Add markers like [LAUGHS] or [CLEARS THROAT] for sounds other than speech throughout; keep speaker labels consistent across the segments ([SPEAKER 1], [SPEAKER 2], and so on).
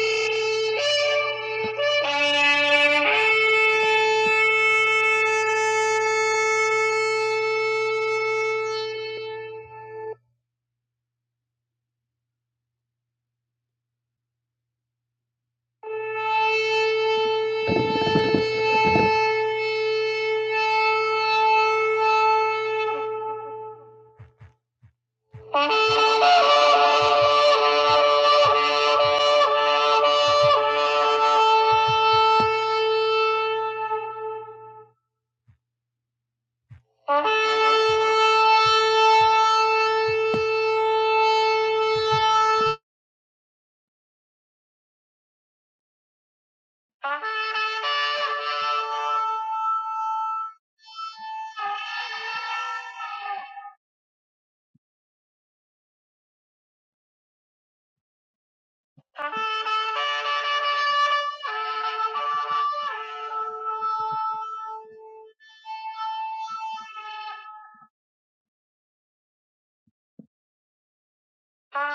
[SPEAKER 1] Thank you. Thank you.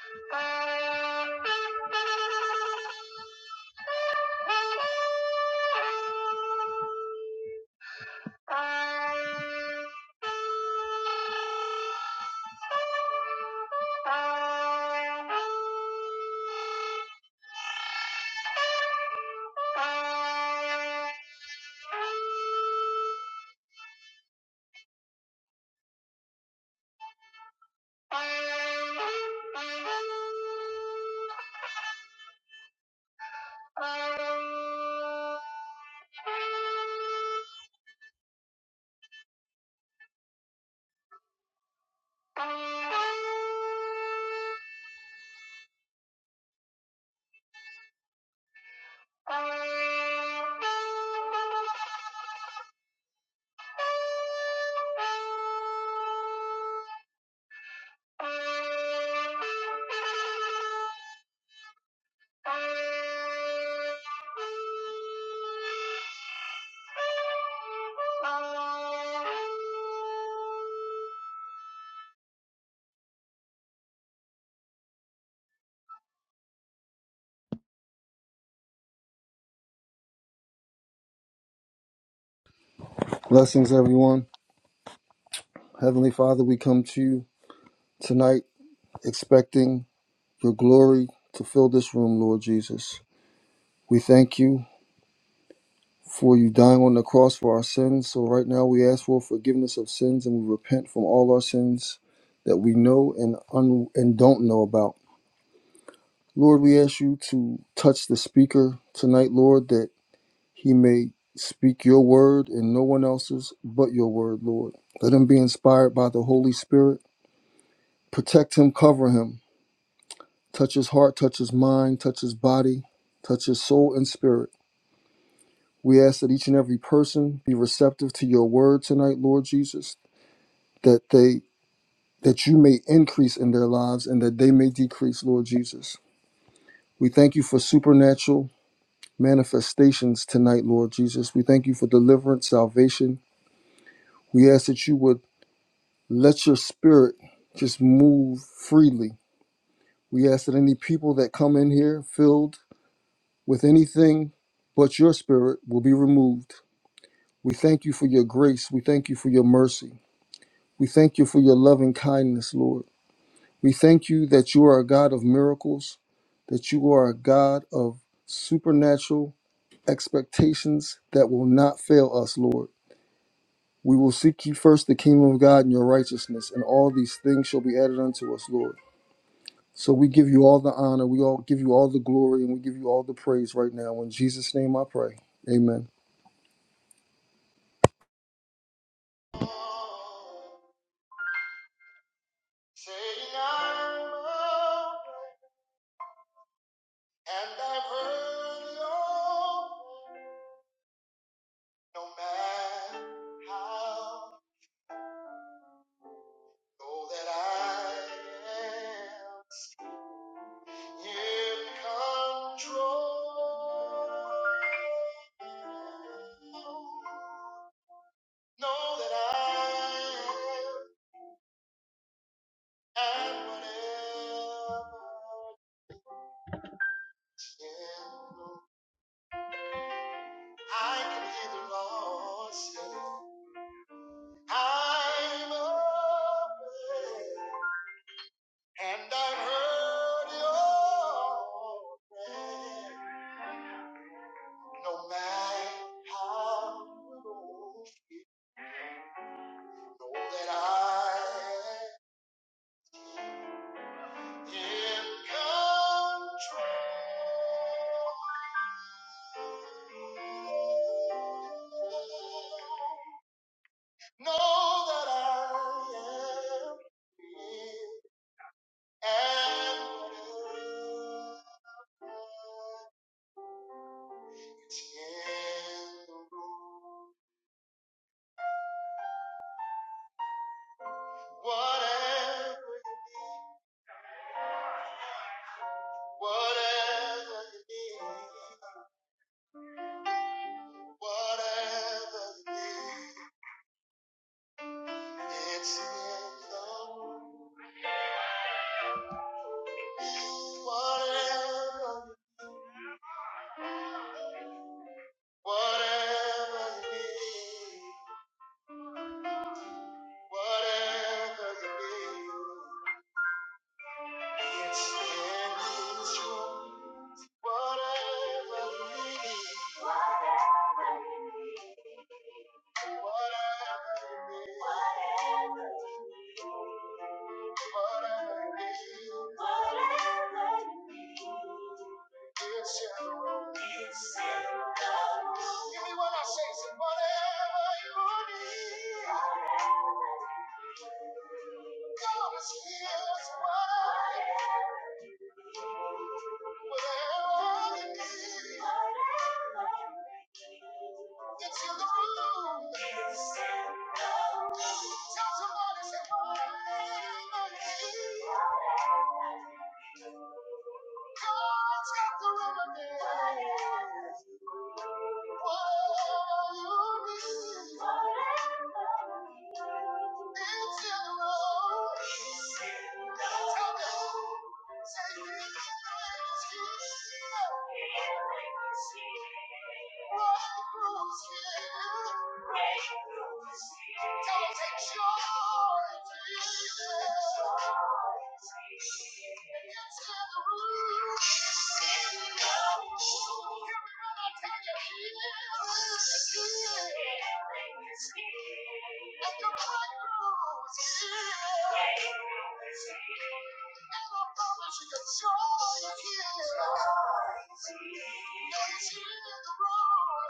[SPEAKER 1] Thank you. Oh.
[SPEAKER 2] Blessings, everyone. Heavenly Father, we come to you tonight expecting your glory to fill this room, Lord Jesus. We thank you for you dying on the cross for our sins. So, right now, we ask for forgiveness of sins and we repent from all our sins that we know and, un- and don't know about. Lord, we ask you to touch the speaker tonight, Lord, that he may speak your word and no one else's but your word, Lord. Let him be inspired by the Holy Spirit. Protect him, cover him Touch his heart, touch his mind, touch his body, touch his soul and spirit. We ask that each and every person be receptive to your word tonight, Lord Jesus, that they that you may increase in their lives and that they may decrease, Lord Jesus. We thank you for supernatural manifestations tonight, Lord Jesus. We thank you for deliverance, salvation. We ask that you would let your spirit just move freely. We ask that any people that come in here filled with anything but your spirit will be removed. We thank you for your grace. We thank you for your mercy. We thank you for your loving kindness, Lord. We thank you that you are a God of miracles, that you are a God of supernatural expectations that will not fail us, Lord. We will seek you first, the kingdom of God and your righteousness, and all these things shall be added unto us, Lord. So we give you all the honor, we all give you all the glory, and we give you all the praise right now. In Jesus' name I pray. Amen.
[SPEAKER 1] saying, I'm a and I've heard it all. No matter how, know that I am in control. Know that I am, and whatever I am, I can hear the Lord say. I'm open and I've heard your prayer. No matter how you go, know that I am in control. Know that I am. in. Whatever you need, whatever you need. Yes, and it's true. Whatever you need, whatever you need, whatever you need, it's your room. I say, whatever you need, tell somebody, say, whatever, tell the remedy, whatever you need. Yes, I know it's here. And I promise you, it's all you hear. Hear the roar.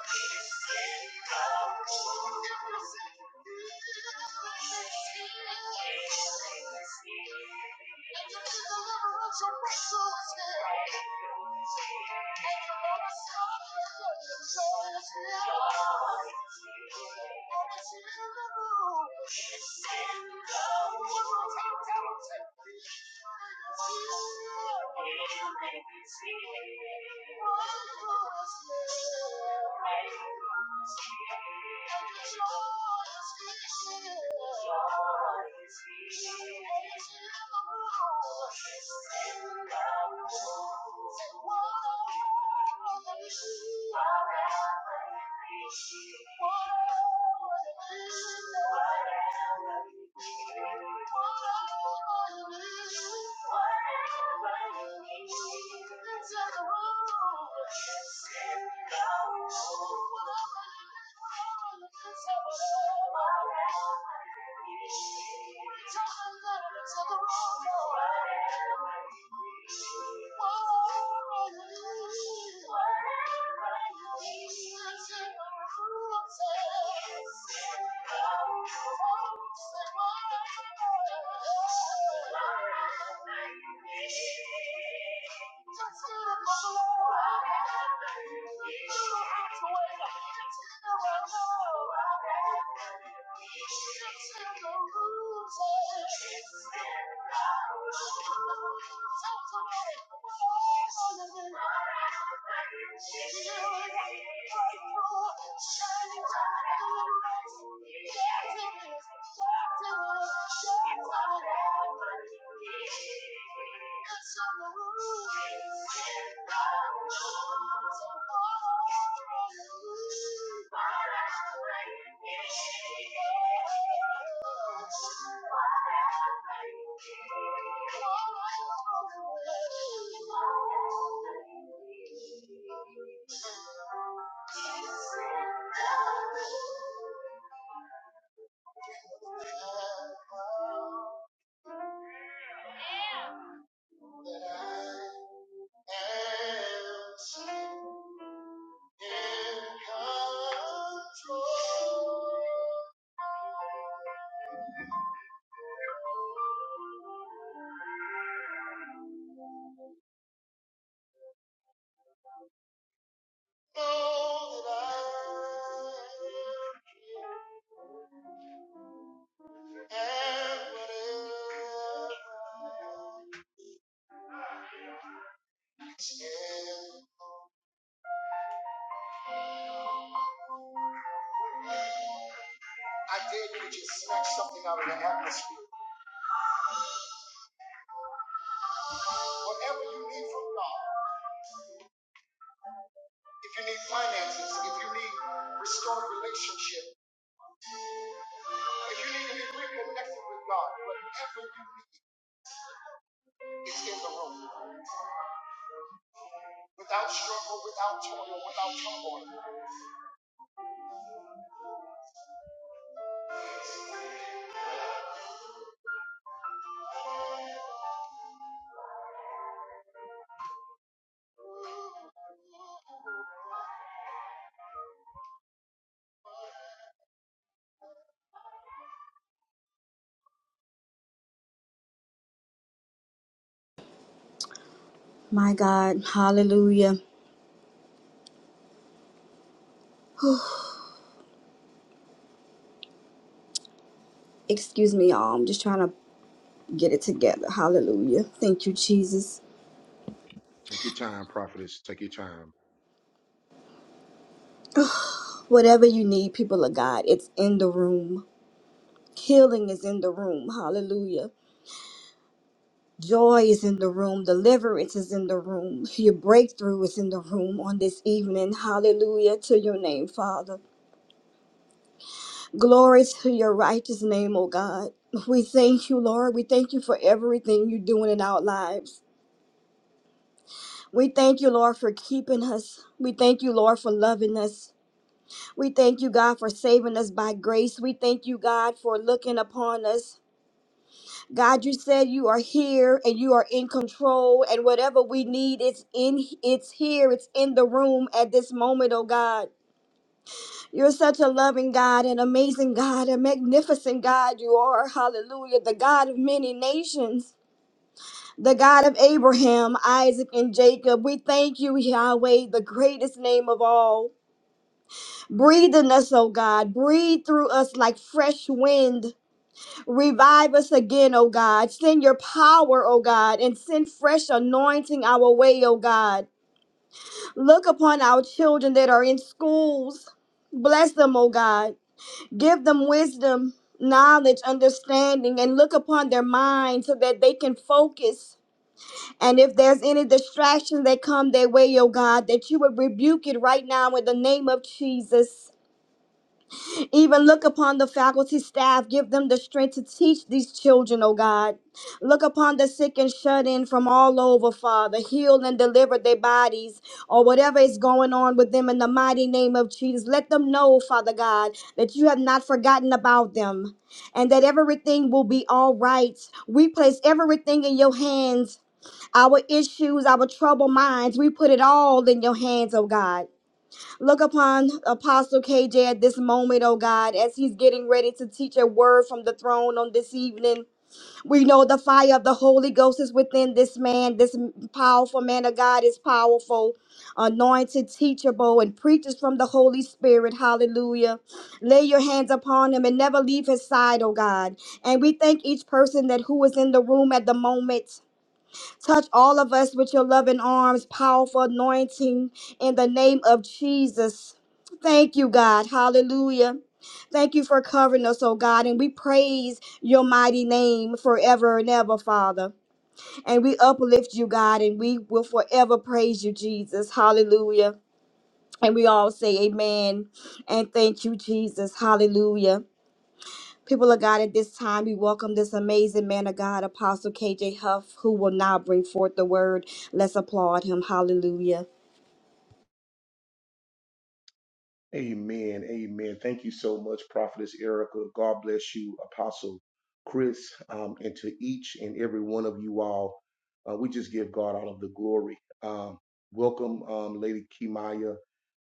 [SPEAKER 1] Thank you. Thank you. Am's in control. Know that I am whatever I am. I dare you to just snatch something out of the atmosphere. Whatever you need from God, if you need finances, if you need restored relationship, if you need to be reconnected with God, whatever you need is in the room. without struggle, without toil, without trouble.
[SPEAKER 3] My God, hallelujah. Excuse me, y'all. I'm just trying to get it together. Hallelujah. Thank you, Jesus.
[SPEAKER 1] Take your time, prophetess. Take your time.
[SPEAKER 3] Whatever you need, people of God, it's in the room. Healing is in the room. Hallelujah. Joy is in the room. Deliverance is in the room. Your breakthrough is in the room on this evening. Hallelujah to your name, Father. Glory to your righteous name, O God. We thank you, Lord. We thank you for everything you're doing in our lives. We thank you, Lord, for keeping us. We thank you, Lord, for loving us. We thank you, God, for saving us by grace. We thank you, God, for looking upon us. God, you said you are here and you are in control, and whatever we need, it's in it's here, it's in the room at this moment, oh God. You're such a loving God, an amazing God, a magnificent God you are. Hallelujah. The God of many nations. the God of Abraham, Isaac, and Jacob. We thank you, Yahweh, the greatest name of all. Breathe in us, O God. Breathe through us like fresh wind. Revive us again, O God. Send your power, O God, and send fresh anointing our way, O God. Look upon our children that are in schools. Bless them, O God. Give them wisdom, knowledge, understanding, and look upon their minds so that they can focus And if there's any distractions that come their way, oh God, that you would rebuke it right now in the name of Jesus. Even look upon the faculty staff, give them the strength to teach these children, oh God. Look upon the sick and shut in from all over, Father. Heal and deliver their bodies or whatever is going on with them in the mighty name of Jesus. Let them know, Father God, that you have not forgotten about them and that everything will be all right. We place everything in your hands our issues, our troubled minds. We put it all in your hands, oh God. Look upon Apostle KJ at this moment, oh God, as he's getting ready to teach a word from the throne on this evening. We know the fire of the Holy Ghost is within this man. This powerful man of God is powerful, anointed, teachable, and preaches from the Holy Spirit. Hallelujah. Lay your hands upon him and never leave his side, oh God. And we thank each person that who is in the room at the moment. Touch all of us with your loving arms, powerful anointing in the name of Jesus. Thank you, God. Hallelujah. Thank you for covering us, oh God, and we praise your mighty name forever and ever, Father. And we uplift you, God, and we will forever praise you, Jesus. Hallelujah. And we all say amen and thank you, Jesus. Hallelujah. People of God, at this time, we welcome this amazing man of God, Apostle KJ Huff, who will now bring forth the word. Let's applaud him. Hallelujah.
[SPEAKER 1] Amen. Amen. Thank you so much, Prophetess Erica. God bless you, Apostle Chris, um, and to each and every one of you all. Uh, we just give God all of the glory. Um, welcome, um, Lady Kimaya,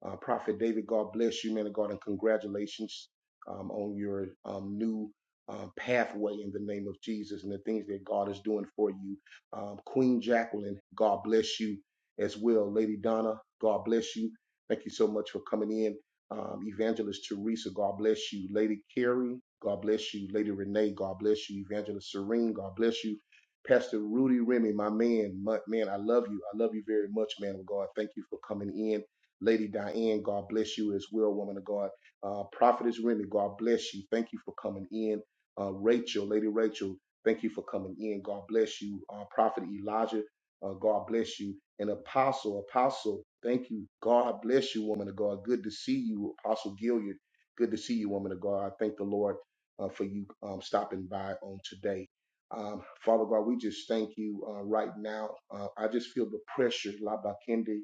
[SPEAKER 1] uh, Prophet David. God bless you, man of God, and congratulations um, on your um, new uh, pathway in the name of Jesus and the things that God is doing for you. Um, Queen Jacqueline, God bless you as well. Lady Donna, God bless you. Thank you so much for coming in um, Evangelist Teresa, God bless you. Lady Carrie, God bless you. Lady Renee, God bless you. Evangelist Serene, God bless you. Pastor Rudy Remy, my man, my, man, I love you. I love you very much, man of God. Thank you for coming in. Lady Diane, God bless you as well, woman of God. Uh, Prophetess Remy, God bless you. Thank you for coming in. Uh, Rachel, Lady Rachel, thank you for coming in. God bless you. Uh, Prophet Elijah, uh, God bless you and Apostle. Apostle, thank you. God bless you, woman of God. Good to see you, Apostle Gilliard. Good to see you, woman of God. I thank the Lord uh, for you um, stopping by on today. Um, Father God, we just thank you uh, right now. Uh, I just feel the pressure. La bakende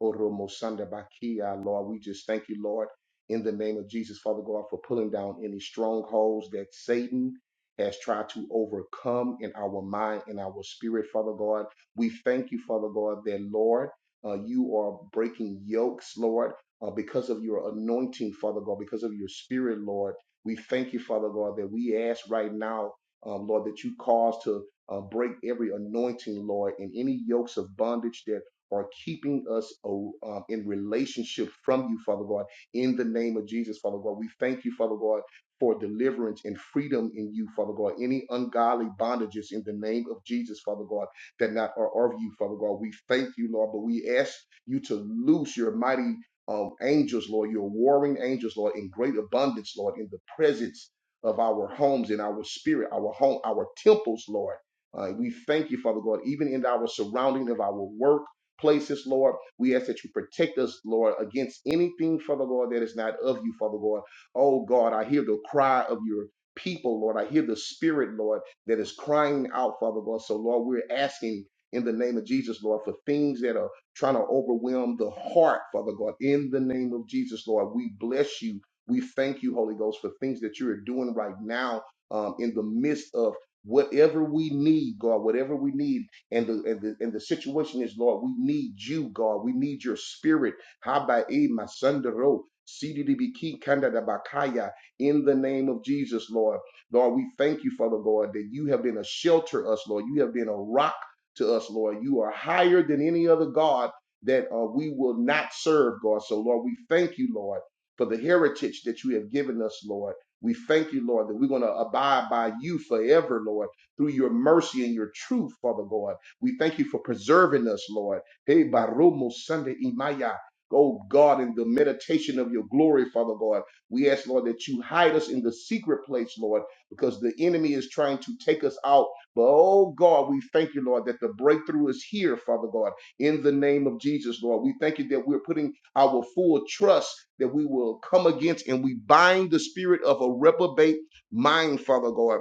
[SPEAKER 1] oromo sanda bakia, Lord. We just thank you, Lord, in the name of Jesus, Father God, for pulling down any strongholds that Satan has tried to overcome in our mind, in our spirit, Father God. We thank you, Father God, that Lord, uh, you are breaking yokes, Lord, uh, because of your anointing, Father God, because of your spirit, Lord. We thank you, Father God, that we ask right now, um, Lord, that you cause to uh, break every anointing, Lord, and any yokes of bondage that are keeping us uh, um, in relationship from you, Father God, in the name of Jesus, Father God. We thank you, Father God, for deliverance and freedom in you, Father God. Any ungodly bondages in the name of Jesus, Father God that not are of you, Father God. We thank you, Lord, but we ask you to loose your mighty um, angels, Lord, your warring angels, Lord, in great abundance, Lord, in the presence of our homes, in our spirit, our home, our temples, Lord. Uh, we thank you, Father God, even in our surrounding of our work places, Lord. We ask that you protect us, Lord, against anything, Father God, that is not of you, Father God. Oh God, I hear the cry of your people, Lord. I hear the spirit, Lord that is crying out, Father God. So, Lord, we're asking in the name of Jesus, Lord, for things that are trying to overwhelm the heart, Father God. In the name of Jesus, Lord, we bless you. We thank you, Holy Ghost, for things that you are doing right now um, in the midst of whatever we need, God, whatever we need. And the, and the and the situation is, Lord, we need you, God. We need your spirit. Habae Masandaro. CDDB Kandadabakaya in the name of Jesus, Lord. Lord, we thank you, Father God, that you have been a shelter to us, Lord. You have been a rock to us, Lord. You are higher than any other God that uh, we will not serve, God. So, Lord, we thank you, Lord, for the heritage that you have given us, Lord. We thank you, Lord, that we're going to abide by you forever, Lord, through your mercy and your truth, Father God. We thank you for preserving us, Lord. Hey, Barumo Sunday Imaya. Oh God, in the meditation of your glory, Father God, we ask, Lord, that you hide us in the secret place, Lord because the enemy is trying to take us out. But oh God, we thank you, Lord, that the breakthrough is here, Father God, in the name of Jesus, Lord. We thank you that we're putting our full trust that we will come against and we bind the spirit of a reprobate mind, Father God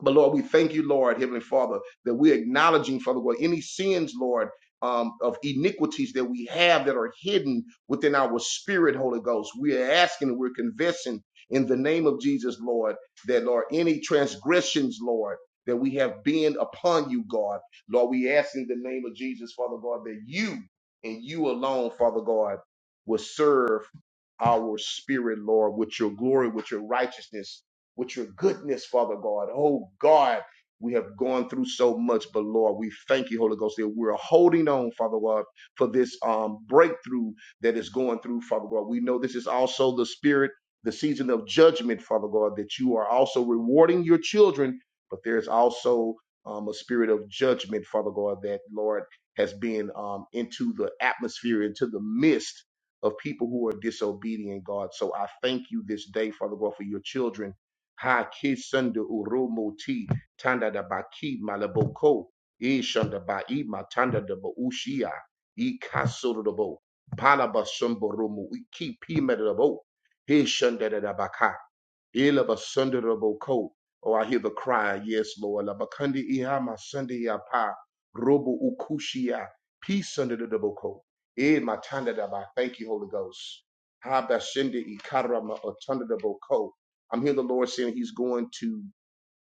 [SPEAKER 1] but Lord, we thank you, Lord, Heavenly Father, that we're acknowledging, Father God, any sins, Lord, um, of iniquities that we have that are hidden within our spirit, Holy Ghost. We are asking and we're confessing in the name of Jesus, Lord, that, Lord, any transgressions, Lord, that we have been upon you, God. Lord, we ask in the name of Jesus, Father God, that you and you alone, Father God, will serve our spirit, Lord, with your glory, with your righteousness with your goodness, Father God. Oh God, we have gone through so much, but Lord, we thank you, Holy Ghost, that we're holding on, Father God, for this um, breakthrough that is going through, Father God. We know this is also the spirit, the season of judgment, Father God, that you are also rewarding your children, but there's also um, a spirit of judgment, Father God, that Lord has been um, into the atmosphere, into the mist of people who are disobedient, God. So I thank you this day, Father God, for your children Ha Kisunda Urumoti Tanda da Baki Malaboko Ishanda Bai Matanda da Baushia E kasoro da bo. Palaba Sumburumu Iki Pima da Bo he shanda da Baka Ilaba sunderable coat. Oh, I hear the cry. Yes, Lord. Labakandi ihama sundi yapa. Robo ukushia. Peace under the double coat. Eh, matanda daba. Thank you, Holy Ghost. Habashindi ikarama otunda double coat. I'm hearing the Lord saying he's going to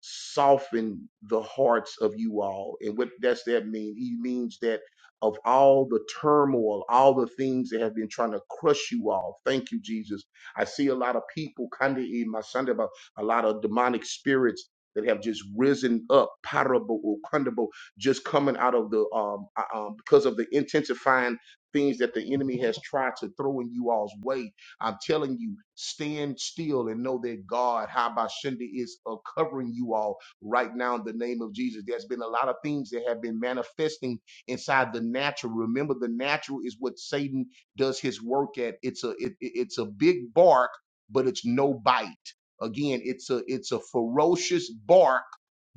[SPEAKER 1] soften the hearts of you all. And what does that mean? He means that of all the turmoil, all the things that have been trying to crush you all. Thank you, Jesus. I see a lot of people kind of in my Sunday about a lot of demonic spirits that have just risen up, parable or kundable, just coming out of the um, uh, um because of the intensifying things that the enemy has tried to throw in you all's way I'm telling you, stand still and know that God, Habashindi, is uh, covering you all right now in the name of Jesus. There's been a lot of things that have been manifesting inside the natural. Remember, the natural is what Satan does his work at. It's a it, it- it's a big bark, but it's no bite. Again, it's a it's a ferocious bark.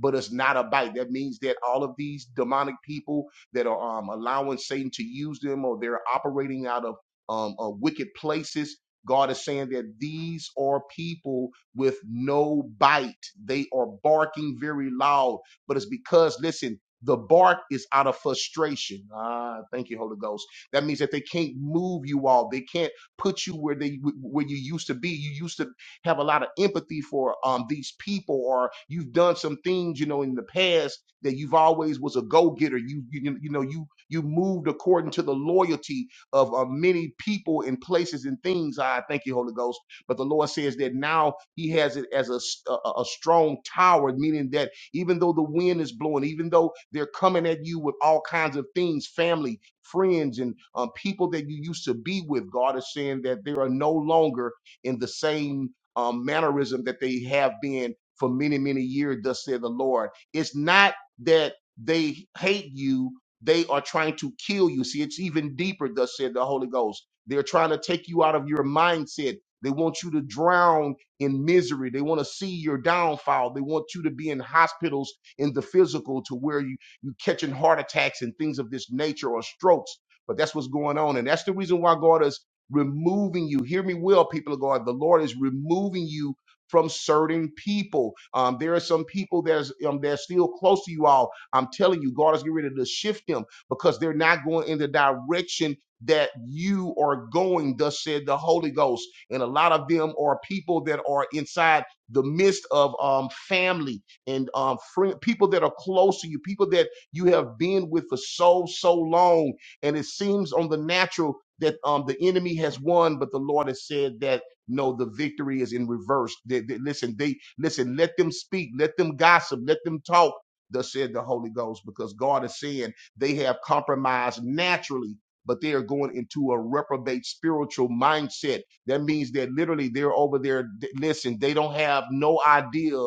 [SPEAKER 1] But it's not a bite. That means that all of these demonic people that are um, allowing Satan to use them, or they're operating out of um, uh, wicked places God is saying that these are people with no bite. They are barking very loud, but it's because, listen, the bark is out of frustration. Ah, thank you, Holy Ghost. That means that they can't move you all. They can't put you where they where you used to be. You used to have a lot of empathy for um these people, or you've done some things, you know, in the past that you've always was a go getter. You, you you know you you moved according to the loyalty of uh, many people and places and things. I thank you, Holy Ghost. But the Lord says that now He has it as a, s- a- a- a strong tower, meaning that even though the wind is blowing, even though they're coming at you with all kinds of things, family, friends, and um, people that you used to be with, God is saying that they are no longer in the same um, mannerism that they have been for many, many years, thus said the Lord. It's not that they hate you they are trying to kill you. See, it's even deeper, thus said the Holy Ghost. They're trying to take you out of your mindset. They want you to drown in misery. They want to see your downfall. They want you to be in hospitals in the physical to where you, you catching heart attacks and things of this nature or strokes. But that's what's going on. And that's the reason why God is removing you. Hear me well, people of God. The Lord is removing you from certain people. Um, there are some people that's um, that's still close to you all I'm telling you, God is getting ready to shift them because they're not going in the direction that you are going, thus said the Holy Ghost. And a lot of them are people that are inside the midst of um, family and um, friend, people that are close to you, people that you have been with for so, so long. And it seems on the natural that um, the enemy has won, but the Lord has said that no, the victory is in reverse. They- they- listen, they listen. Let them speak. Let them gossip. Let them talk thus said the Holy Ghost, because God is saying they have compromised naturally, but they are going into a reprobate spiritual mindset. That means that literally they're over there. th- Listen, they don't have no idea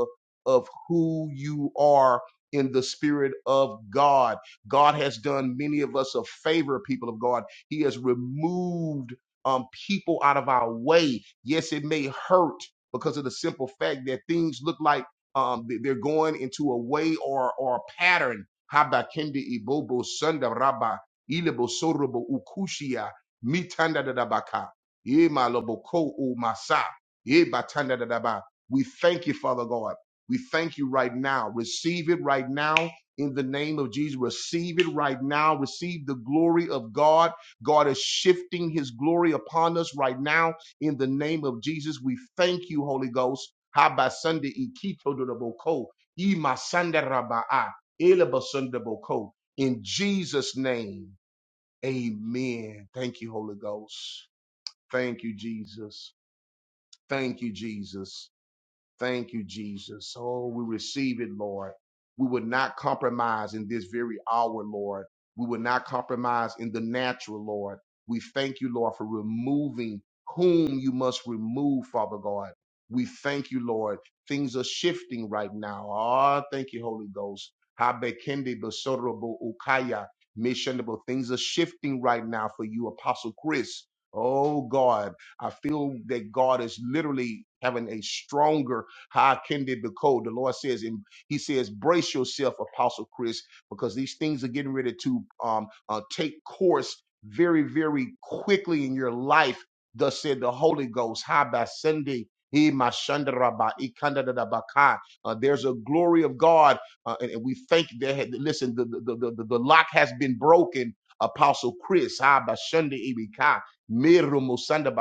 [SPEAKER 1] of who you are in the spirit of God. God has done many of us a favor, people of God. He has removed um, people out of our way. Yes, it may hurt because of the simple fact that things look like um, they- are going into a way or or a pattern. Habakendi ibobo sunda raba ilebo sorobo ukushia mitanda dadabaka ye malobo ko o masa ye batanda dadaba. We thank you, Father God. We thank you right now. Receive it right now in the name of Jesus. Receive it right now. Receive the glory of God. God is shifting His glory upon us right now in the name of Jesus, we thank you, Holy Ghost. Haba Sunday Ikito Dodoboko. Ima Sanda Rabaa. Eleba Sunda In Jesus' name. Amen. Thank you, Holy Ghost. Thank you, Jesus. Thank you, Jesus. Thank you, Jesus. Oh, we receive it, Lord. We would not compromise in this very hour, Lord. We would not compromise in the natural, Lord. We thank you, Lord, for removing whom you must remove, Father God. We thank you, Lord. Things are shifting right now. Ah, thank you, Holy Ghost. Habekende basodorobo ukaya missionable. Things are shifting right now for you, Apostle Chris. Oh God, I feel that God is literally having a stronger how can they be cold? The Lord says, and He says, brace yourself, Apostle Chris, because these things are getting ready to um, uh, take course very, very quickly in your life. Thus said the Holy Ghost. How by Sunday? He my shandaraba, Uh, there's a glory of God, uh, and, and we thank that. Listen, the, the, the, the, the lock has been broken. Apostle Chris, ha ba ibika, miru musanda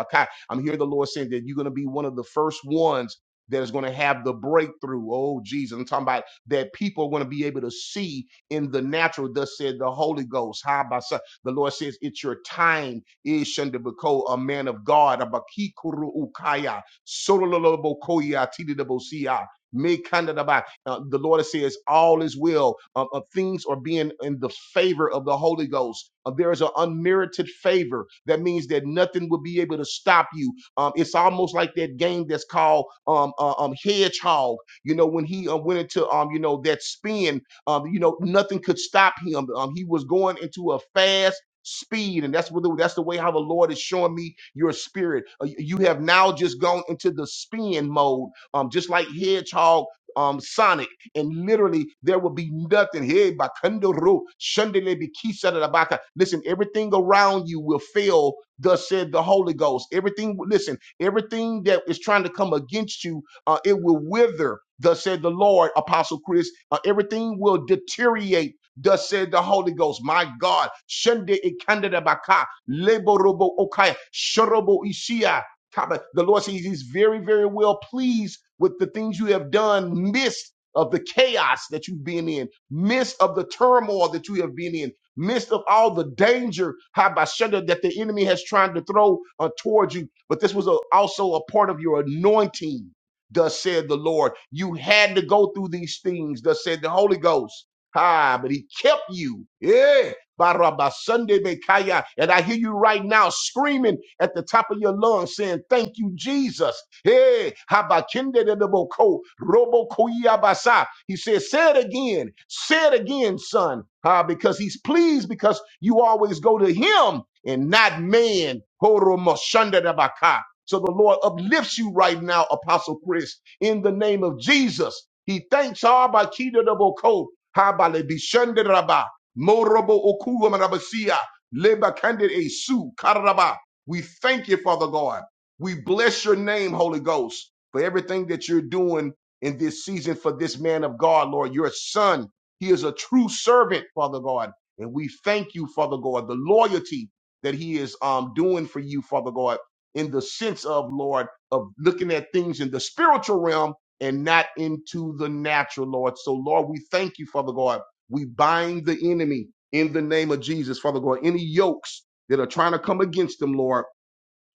[SPEAKER 1] I'm here. The Lord saying that you're going to be one of the first ones that is going to have the breakthrough. Oh, Jesus. I'm talking about that people are going to be able to see in the natural, thus said the Holy Ghost. How by so- the Lord says, It's your time, is Shandabako, a man of God, Abakikuru Ukaya, Sololobokoya, Tididabosia. Me kanda da ba. Uh, the Lord says, All is well. Uh, uh, things are being in the favor of the Holy Ghost. Uh, there is an unmerited favor. That means that nothing will be able to stop you um, it's almost like that game that's called um, uh, um, Hedgehog. You know, when he uh, went into um, you know that spin, um, you know nothing could stop him. Um, he was going into a fast speed and that's what the, that's the way how the lord is showing me your spirit Uh, you have now just gone into the spin mode um just like hedgehog um sonic and literally there will be nothing hey bakandoro shandele bikisa da baka. listen everything around you will fail thus said the Holy Ghost. Everything, listen, everything that is trying to come against you, uh, it will wither, thus said the Lord, Apostle Chris. Uh, everything will deteriorate. Thus said the Holy Ghost, my God, Shende ikandada baka, leborobo okaya, shorobo ishia. Kaba. The Lord says He's very, very well pleased with the things you have done, midst of the chaos that you've been in, midst of the turmoil that you have been in midst of all the danger, Habashada, that the enemy has tried to throw uh, towards you. But this was a- also a part of your anointing, thus said the Lord. You had to go through these things, thus said the Holy Ghost. Ah, but he kept you. Yeah. Barabasande Bekaya. And I hear you right now screaming at the top of your lungs saying, Thank you, Jesus. Hey, Habakinde de Boko, Robo Koyabasa. He says, Say it again, say it again, son, uh, because he's pleased because you always go to him and not man. Horomoshanda de Baka. So the Lord uplifts you right now, Apostle Chris, in the name of Jesus. He thanks Abba Kida de Boko. Habale Bishende Rabba. Morobo okuwa marabasia, leba kandid esu, karaba. We thank you, Father God. We bless your name, Holy Ghost, for everything that you're doing in this season for this man of God, Lord, your son. He is a true servant, Father God. And we thank you, Father God, the loyalty that he is um, doing for you, Father God, in the sense of, Lord, of looking at things in the spiritual realm and not into the natural, Lord. So, Lord, we thank you, Father God we bind the enemy in the name of Jesus, Father God. Any yokes that are trying to come against them, Lord,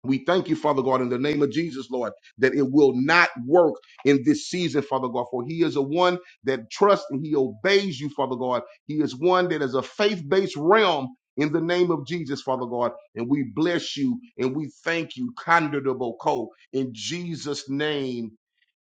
[SPEAKER 1] we thank you, Father God, in the name of Jesus, Lord, that it will not work in this season, Father God, for he is a one that trusts and he obeys you, Father God. He is one that is a faith based realm in the name of Jesus, Father God. And we bless you and we thank you, Condorable Co. In Jesus' name,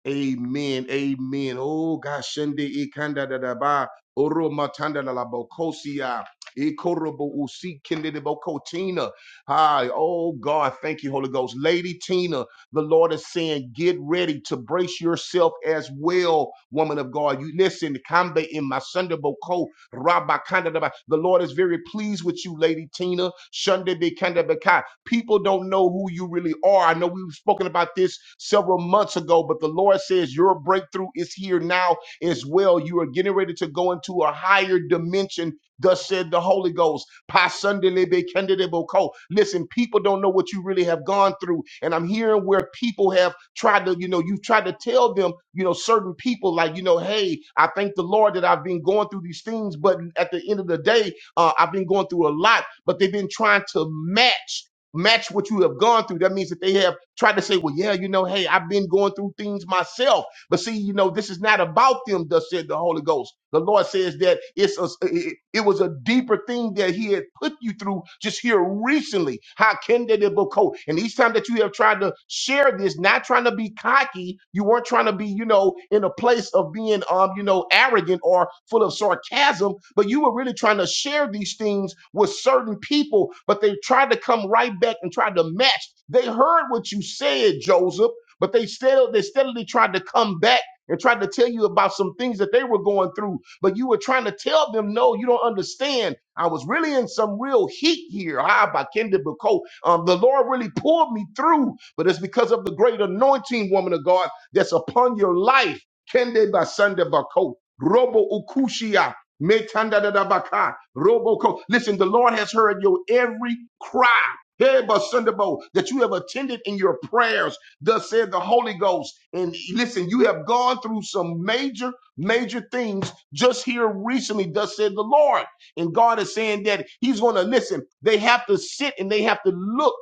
[SPEAKER 1] amen. Amen. Oh, gosh, Shende Ikanda da da ba, Oro Matanda la la Bocosia, Ikorobo Usi Kende de Bocotina. Hi, oh God, thank you, Holy Ghost. Lady Tina, the Lord is saying, get ready to brace yourself as well, woman of God. You listen, Kambe in my Sunday Boko, Rabba Kanda. Daba. The Lord is very pleased with you, Lady Tina. Sunday be Kanda Baka. People don't know who you really are. I know we've spoken about this several months ago, but the Lord says your breakthrough is here now as well. You are getting ready to go into a higher dimension, thus said the Holy Ghost. Pasundelebe kendedebo ko. Listen, people don't know what you really have gone through. And I'm hearing where people have tried to, you know, you've tried to tell them, you know, certain people, like, you know, hey, I thank the Lord that I've been going through these things. But at the end of the day, uh, I've been going through a lot, but they've been trying to match. Match what you have gone through. That means that they have tried to say, well, yeah, you know, hey, I've been going through things myself but see, you know, this is not about them, thus said the Holy Ghost. The Lord says that it's a, it, it was a deeper thing that He had put you through just here recently. How can they go? And each time that you have tried to share this, not trying to be cocky, you weren't trying to be, you know, in a place of being, um, you know, arrogant or full of sarcasm, but you were really trying to share these things with certain people, but they tried to come right back and try to match. They heard what you said, Joseph but they still they steadily tried to come back and tried to tell you about some things that they were going through. But you were trying to tell them, no, you don't understand. I was really in some real heat here. Ah, by Kendra Bako. Um, the Lord really pulled me through, but it's because of the great anointing, woman of God, that's upon your life. Kende Basanda Bako. Robo Ukushia. Metanda Metandadadabaka, Roboko. Listen, the Lord has heard your every cry. Hey, Basundabo, That you have attended in your prayers. Thus said the Holy Ghost. And listen, you have gone through some major, major things just here recently. Thus said the Lord. And God is saying that He's going to listen. They have to sit and they have to look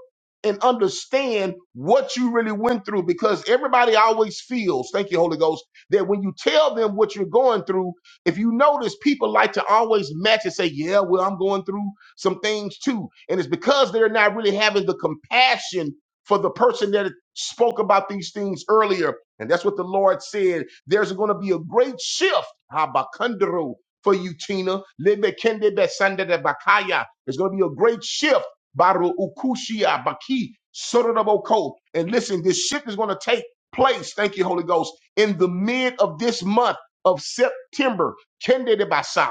[SPEAKER 1] and understand what you really went through because everybody always feels, thank you, Holy Ghost, that when you tell them what you're going through, if you notice, people like to always match and say, Yeah, well, I'm going through some things too. And it's because they're not really having the compassion for the person that spoke about these things earlier. And that's what the Lord said. There's going to be a great shift. Habakkandru, For you, Tina. Lebekende besande de bakaya. There's going to be a great shift. Baru ukushia baki sorodaboko. And listen, this shift is going to take place. Thank you, Holy Ghost. In the mid of this month of September. Kende de basa.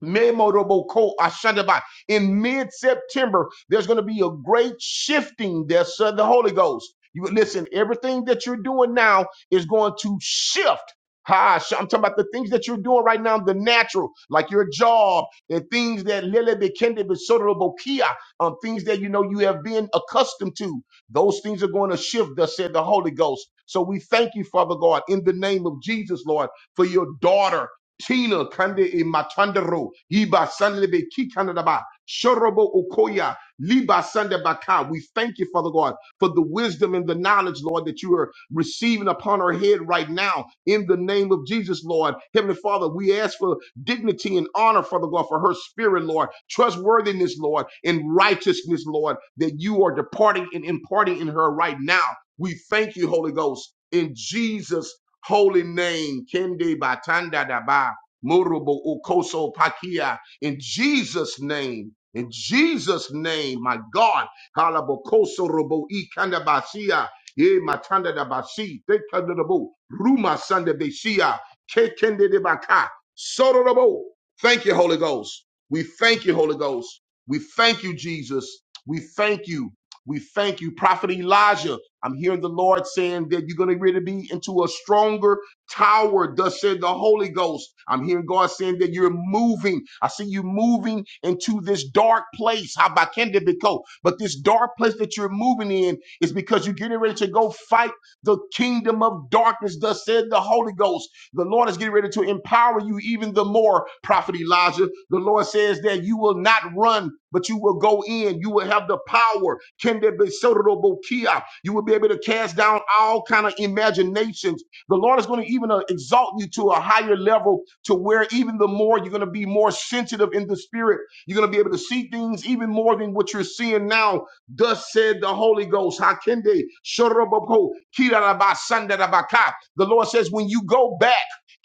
[SPEAKER 1] Memorable Ashandaba. In mid-September, there's going to be a great shifting that's of the Holy Ghost. You listen, everything that you're doing now is going to shift. Ha, sh- I'm talking about the things that you're doing right now, the natural, like your job and things that Lele Bekende Besodorobokia, um, things that you know you have been accustomed to. Those things are going to shift, thus said the Holy Ghost. So we thank you, Father God, in the name of Jesus, Lord, for your daughter. Tina kande e matandero iba sanlebe kikanadaba shorobo okoya liba sandebaka. We thank you, Father God, for the wisdom and the knowledge, Lord, that you are receiving upon our head right now in the name of Jesus, Lord. Heavenly Father, we ask for dignity and honor, Father God, for her spirit, Lord, trustworthiness, Lord, and righteousness, Lord, that you are departing and imparting in her right now. We thank you, Holy Ghost, in Jesus' holy name. Kende batanda daba murubo ukoso pakia in Jesus' name. In Jesus' name, my God. Kalabokoso robo ikanda basia. Ye matanda da basi. Tekanda dabo. Ruma sanda besia. Kekende de baka. Soro robo. Thank you, Holy Ghost. We thank you, Holy Ghost. We thank you, Jesus. We thank you. We thank you, Prophet Elijah. I'm hearing the Lord saying that you're going to really be into a stronger tower, thus said the Holy Ghost. I'm hearing God saying that you're moving. I see you moving into this dark place. How about Kendibiko? But this dark place that you're moving in is because you're getting ready to go fight the kingdom of darkness, thus said the Holy Ghost. The Lord is getting ready to empower you even the more, Prophet Elijah. The Lord says that you will not run, but you will go in. You will have the power. Kende besodoro bokia. You will be able to cast down all kind of imaginations. The Lord is going to even uh, exalt you to a higher level to where even the more you're going to be more sensitive in the spirit. You're going to be able to see things even more than what you're seeing now. Thus said the Holy Ghost. Hakende shorobopo kirarabasandadabaka. The Lord says, when you go back,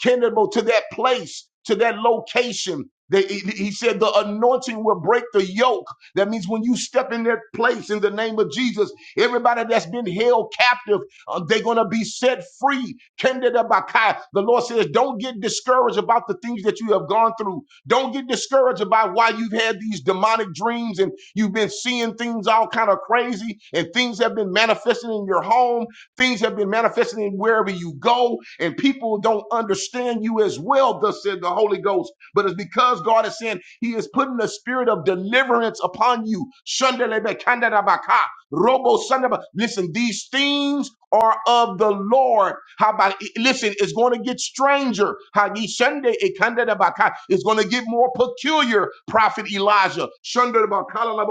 [SPEAKER 1] Kenemo, to that place, to that location. They, he said the anointing will break the yoke. That means when you step in that place in the name of Jesus, everybody that's been held captive, uh, they're going to be set free. Kendada Bakai. The Lord says, don't get discouraged about the things that you have gone through. Don't get discouraged about why you've had these demonic dreams and you've been seeing things all kind of crazy and things have been manifesting in your home Things have been manifesting wherever you go, and people don't understand you as well, thus said the Holy Ghost. But it's because God is saying He is putting a spirit of deliverance upon you. Shandelebekandadabaka. Robo Sunday, Listen, these things are of the Lord. How about listen, it's going to get stranger. How ye Sunday it kinda da ba it's going to get more peculiar, Prophet Elijah. Shunda da ba ka la la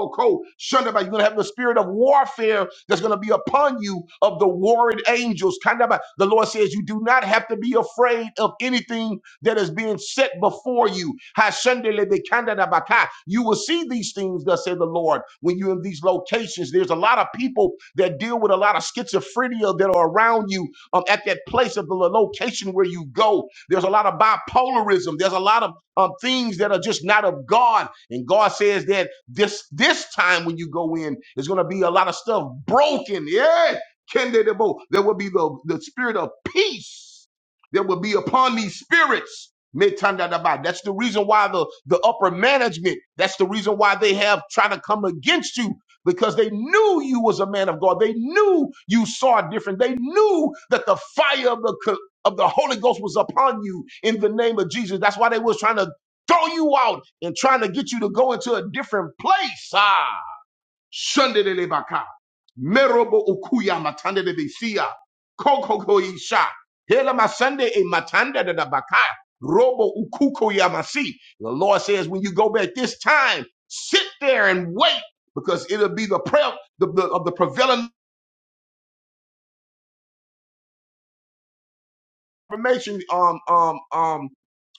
[SPEAKER 1] Shunda ba, You're going to have the spirit of warfare that's going to be upon you of the warring angels. Kinda ba- The Lord says you do not have to be afraid of anything that is being set before you. You will see these things, thus said the Lord, when you're in these locations. There's a lot of people that deal with a lot of schizophrenia that are around you um, at that place of the location where you go. There's a lot of bipolarism. There's a lot of um, things that are just not of God. And God says that this this time when you go in, there's going to be a lot of stuff broken. Yeah. There will be the, the spirit of peace that will be upon these spirits. Metandadaba. That's the reason why the, the upper management, that's the reason why they have tried to come against you because they knew you was a man of God. They knew you saw different. They knew that the fire of the, co- of the Holy Ghost was upon you in the name of Jesus. That's why they was trying to throw you out and trying to get you to go into a different place. Ah, Shandelebaka. Merobo ukuya matande de befia. Kokoko isha. Hela masande e matanda de da baka. Robo ukuko yamasi. The Lord says, when you go back this time, sit there and wait because it'll be the prayer of the, the- of the prevailing. information, um, um, um,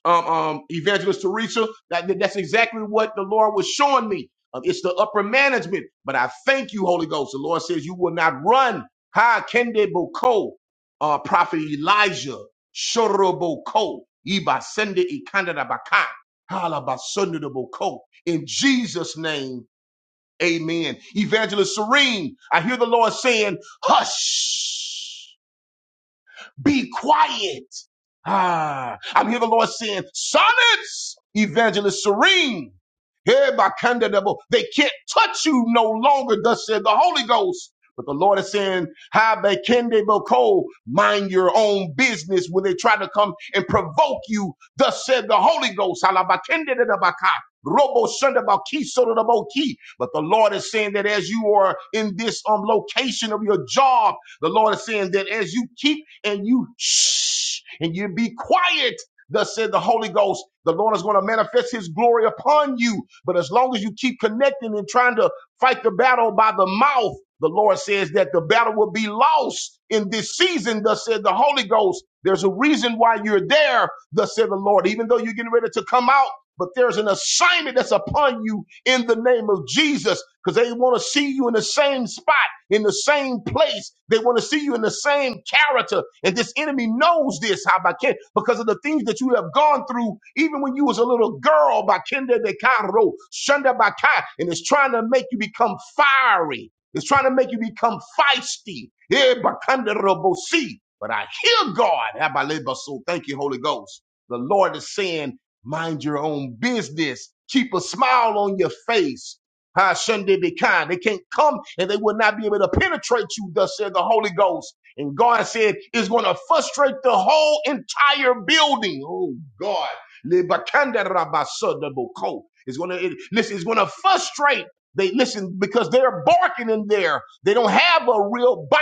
[SPEAKER 1] um, um, Evangelist Teresa. That, that's exactly what the Lord was showing me. Um, it's the upper management. But I thank you, Holy Ghost. The Lord says you will not run. Ha Kende Boko, uh, Prophet Elijah, Shoroboko, Iba Sende Ikanda Baka, Halabasunda Boko. In Jesus' name, amen. Evangelist Serene, I hear the Lord saying, hush. Be quiet. Ah, I'm here the Lord saying, silence, evangelist serene. Here by Candidable, they can't touch you no longer, thus said the Holy Ghost. But the Lord is saying, how they can they call, mind your own business when they try to come and provoke you, thus said the Holy Ghost. But the Lord is saying that as you are in this um, location of your job, the Lord is saying that as you keep and you shh and you be quiet, thus said the Holy Ghost, the Lord is going to manifest his glory upon you. But as long as you keep connecting and trying to fight the battle by the mouth, the Lord says that the battle will be lost in this season, thus said the Holy Ghost. There's a reason why you're there, thus said the Lord, even though you're getting ready to come out. But there's an assignment that's upon you in the name of Jesus because they want to see you in the same spot in the same place. They want to see you in the same character. And this enemy knows this, how by Ken, because of the things that you have gone through, even when you was a little girl, by Kenda de Cairo, Shunda by Kai, and it's trying to make you become fiery. It's trying to make you become feisty. Eh, by Kanda Robo Si. But I hear God. Abba So Thank you, Holy Ghost. The Lord is saying, mind your own business. Keep a smile on your face Ah, Sunday be kind. They can't come and they will not be able to penetrate you, thus said the Holy Ghost. And God said it's going to frustrate the whole entire building. Oh, God. Lebakanda rabasada boko. It's going to, listen, it's going to frustrate. They listen because they're barking in there. They don't have a real bite.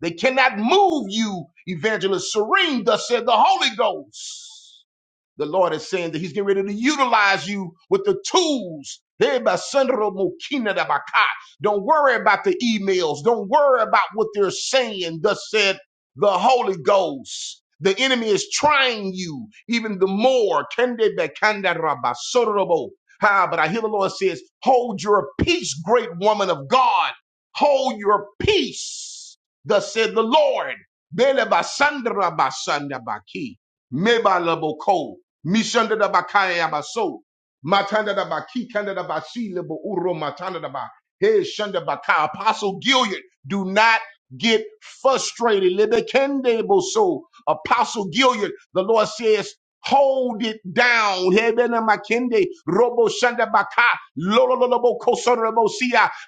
[SPEAKER 1] They cannot move you, Evangelist Serene, thus said the Holy Ghost the Lord is saying that He's getting ready to utilize you with the tools. Hey, Don't worry about the emails. Don't worry about what they're saying. Thus said the Holy Ghost. The enemy is trying you even the more. Kende But I hear the Lord says, Hold your peace, great woman of God. Hold your peace. Thus said the Lord. Bele Basandra Basanda Baki. Mebalabo Mishanda da bakaya baso. Matanda da baki kanda da basi lebo uro matanda da ba. Hey shanda baka. Apostle Gilead, do not get frustrated. Lebe kende boso. Apostle Gilead, the Lord says Hold it down. Hebena makende, robo shanda baka, lolo lolo bo koso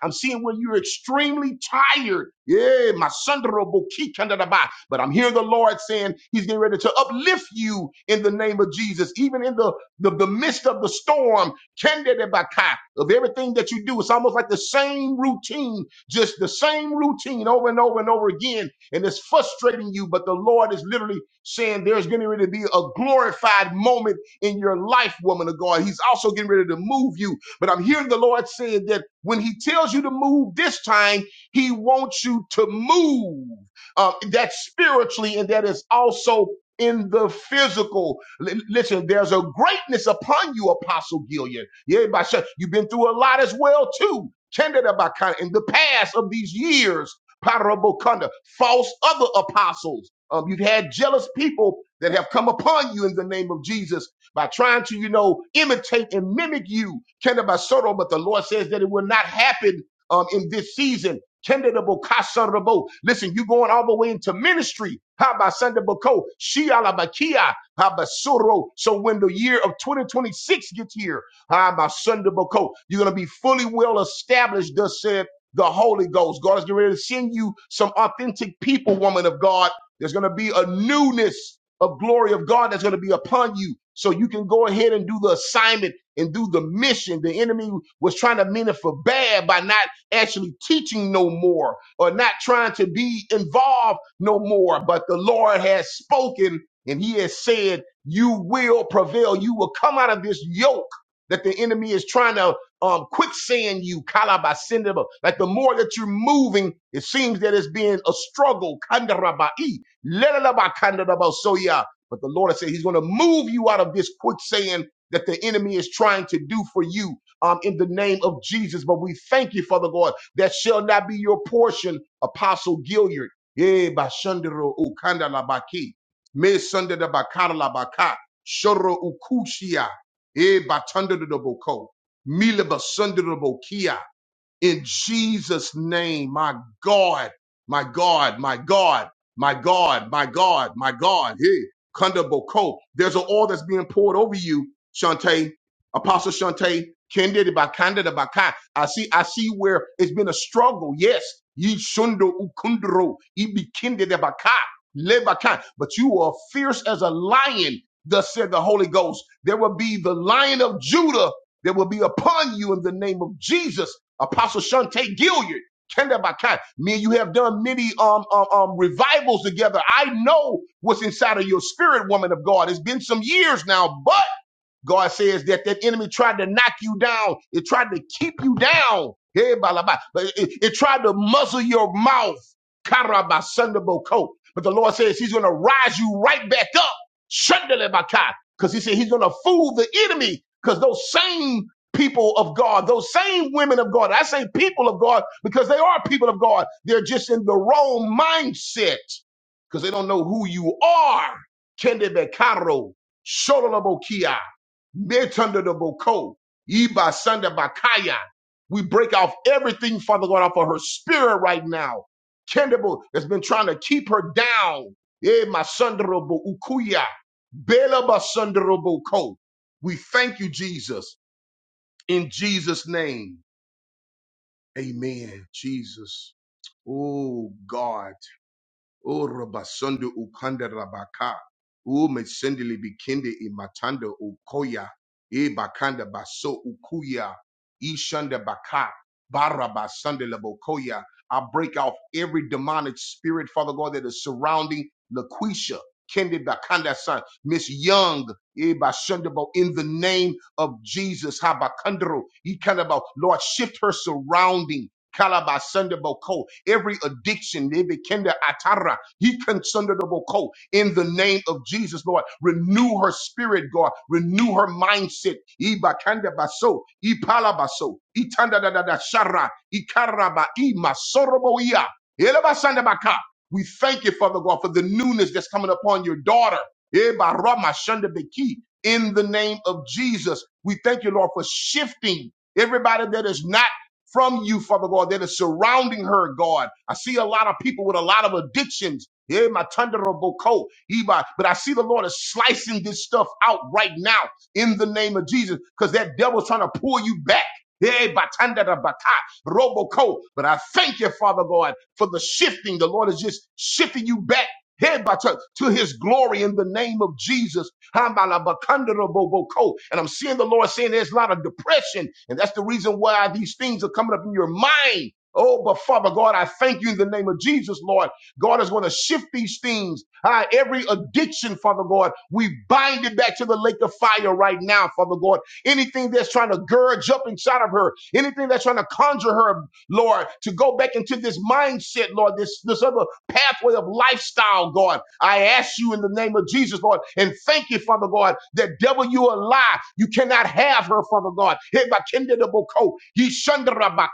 [SPEAKER 1] I'm seeing when you're extremely tired. Yeah, my son robo ki ba. But I'm hearing the Lord saying He's getting ready to uplift you in the name of Jesus, even in the, the, the midst of the storm. Kende de baka, Of everything that you do, it's almost like the same routine, just the same routine over and over and over again and it's frustrating you, but the Lord is literally saying there's getting ready to be a glorified moment in your life, woman of God. He's also getting ready to move you. But I'm hearing the Lord saying that when He tells you to move this time, He wants you to move. Um, that's spiritually, and that is also in the physical. L- listen, there's a greatness upon you, Apostle Gillian. Yeah, by such- you've been through a lot as well too. Tended about kind of in the past of these years, parabokunda, false other apostles. Um, you've had jealous people that have come upon you in the name of Jesus by trying to, you know, imitate and mimic you, Kenda Basoro, but the Lord says that it will not happen um, in this season. Kenda de Bokasa Rabo. Listen, you're going all the way into ministry. Habasanda Boko, Shialabakia, Habasoro. So when the year of 2026 gets here, Habasanda Boko, you're going to be fully well established, thus said the Holy Ghost. God is getting ready to send you some authentic people, woman of God. There's going to be a newness of glory of God that's going to be upon you. So you can go ahead and do the assignment and do the mission. The enemy was trying to mean it for bad by not actually teaching no more or not trying to be involved no more. But the Lord has spoken and he has said, you will prevail. You will come out of this yoke that the enemy is trying to um quicksand you kalabasindaba. Like the more that you're moving, it seems that it's being a struggle. Kandarabai, lelalaba kandarabasoya. But the Lord has said He's going to move you out of this quicksand that the enemy is trying to do for you um, in the name of Jesus. But we thank you, Father God, that shall not be your portion, Apostle Gilliard. Eh, bashandero ukandalabaki. Me sundadabakadalabaka. Shoro ukushia. Eh, batundadaboko. Milabasundarabokia. In Jesus' name, my God, my God, my God, my God, my God, my God. Hey, kunda boko. There's an oil that's being poured over you, Shante, Apostle Shante, Kendida Bakanda de Baka. I see, I see where it's been a struggle. Yes. Ye Shundo Ukundro, Ibi Kendida Baka, Lebaka. But you are fierce as a lion, thus said the Holy Ghost. There will be the lion of Judah that will be upon you in the name of Jesus. Apostle Shante Gilliard. Kendabakai. Me and you have done many um, um, um, revivals together. I know what's inside of your spirit, woman of God. It's been some years now, but. God says that that enemy tried to knock you down. It tried to keep you down. Hey, balaba. But It, it, it tried to muzzle your mouth. Karaba sandaboko. But the Lord says he's going to rise you right back up. Shandalebaka. Because he said he's going to fool the enemy. Because those same people of God, those same women of God, I say people of God because they are people of God. They're just in the wrong mindset because they don't know who you are. Kende bekaro. Shololobokia. Metandaboko, Iba Sanda Bakaya. We break off everything, Father God, off of her spirit right now. Kendable that's been trying to keep her down. Eh, Masandrobo Ukuya. Bela Basandrobo ko. We thank you, Jesus, in Jesus' name. Amen. Jesus. Oh God. O Rabasonde Ukanda Rabaka. O Mesendele Bikinde Imatanda Ukoya. E Bakanda Baso Ukuya. Ishanda Baka. Barabasande Labokoya. I break off every demonic spirit, Father God, that is surrounding Laquisha. Kendi Bakanda son, Miss Young, E Bashandabo, in the name of Jesus, Habakandro, Ikandabo, Lord, shift her surrounding. Kalaba Kalabasandaboko. Every addiction, Nebekenda Atara, he Boko. In the name of Jesus, Lord, renew her spirit, God, renew her mindset. Ibakanda baso, Ipalabaso, Itanda da da da Shara, Ikaraba, Imasoroboia, Elabasandabaka. We thank you, Father God, for the newness that's coming upon your daughter. Ebaramashundabeki. In the name of Jesus, we thank you, Lord, for shifting everybody that is not from you, Father God, that is surrounding her, God. I see a lot of people with a lot of addictions. Yeah, my thunderable coat. Eba. But I see the Lord is slicing this stuff out right now in the name of Jesus because that devil's trying to pull you back. Yeah, batanda da baka, roboco. But I thank you, Father God, for the shifting. The Lord is just shifting you back. Head by to, to his glory in the name of Jesus. Hamalabakandoroboko. And I'm seeing the Lord saying there's a lot of depression, and that's the reason why these things are coming up in your mind. Oh, but Father God, I thank you in the name of Jesus, Lord. God is going to shift these things. Ah, every addiction, Father God, we bind it back to the lake of fire right now, Father God. Anything that's trying to gurge up inside of her, anything that's trying to conjure her Lord, to go back into this mindset, Lord, this, this other pathway of lifestyle, God. I ask you in the name of Jesus, Lord, and thank you, Father God, that devil, you a lie. You cannot have her, Father God. Heba kende de boko, ye shandra baka.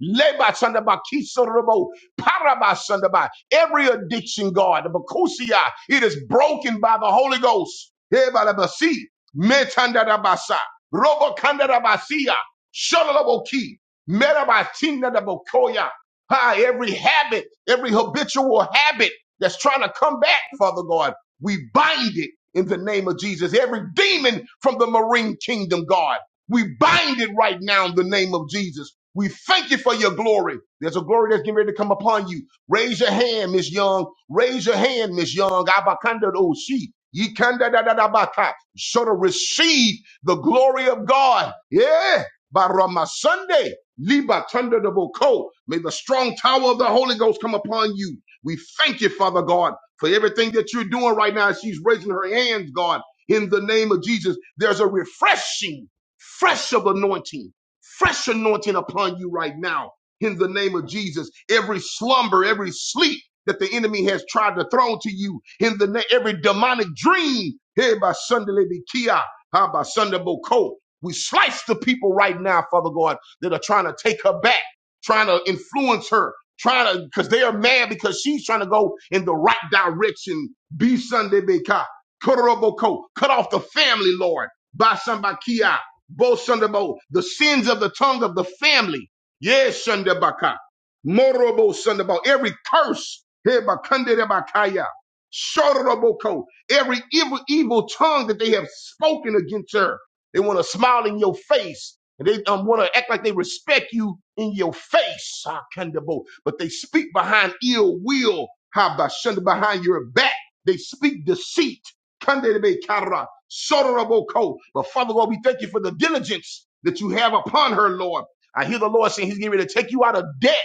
[SPEAKER 1] leba Hebakindedaboko, yishandarabaka, lebasandabakisorobo, parabasandaba. Every addiction, God, the bakusia, it is broken by the Holy Ghost. Heba la basi, metanda da basa, robo Hebalabasi, metandarabasa, robokandarabasiya, shalalaboki. Metabatinadabokoya. Ah, every habit, every habitual habit that's trying to come back, Father God, we bind it in the name of Jesus. Every demon from the marine kingdom, God, we bind it right now in the name of Jesus. We thank you for your glory. There's a glory that's getting ready to come upon you. Raise your hand, Miss Young. Raise your hand, Miss Young. Abakanda do she. Yikanda da da da baka. So to receive the glory of God. Yeah. By Sunday. Liba Tundadabo Ko. May the strong tower of the Holy Ghost come upon you. We thank you, Father God, for everything that you're doing right now. She's raising her hands, God, in the name of Jesus. There's a refreshing, fresh of anointing, fresh anointing upon you right now, in the name of Jesus. Every slumber, every sleep that the enemy has tried to throw to you, in the na- every demonic dream, here by Sunday Kia, how by Sunday Boko. We slice the people right now, Father God that are trying to take her back, trying to influence her, trying to, because they are mad because she's trying to go in the right direction. Be Sunday Beka, Koroboko, cut off the family, Lord, by Sambakia, Bo Sundabo, the sins of the tongue of the family. Yes, Sundabaka, Morobo Sundabo, every curse, Hebakande Bakaya. Shotoroboko, every evil, evil tongue that they have spoken against her. They want to smile in your face. And they um, want to act like they respect you in your face, ah, Kandabo. But they speak behind ill will, Habashanda, behind your back. They speak deceit, Kandebe Kara, Sotoraboko. But Father God, we thank you for the diligence that you have upon her, Lord. I hear the Lord saying he's getting ready to take you out of debt.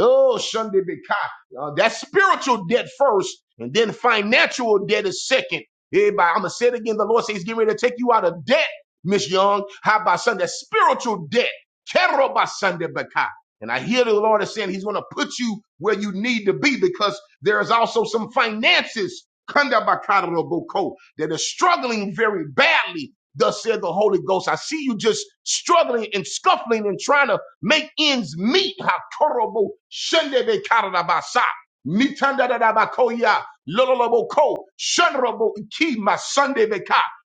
[SPEAKER 1] Oh, Sunday Bika. uh, That's spiritual debt first, and then financial debt is second. Everybody, I'm going to say it again. The Lord says he's getting ready to take you out of debt. Miss Young, how about Sunday? Spiritual debt. Kero ba Sunday Baka. And I hear the Lord is saying He's going to put you where you need to be because there is also some finances, Kanda Bakara Boko, that is struggling very badly. Thus said the Holy Ghost. I see you just struggling and scuffling and trying to make ends meet. Hakorobo Sunday Bekara Basa. Mitanda da da Bakoya. Loloboko. Shunrabo Iki Sunday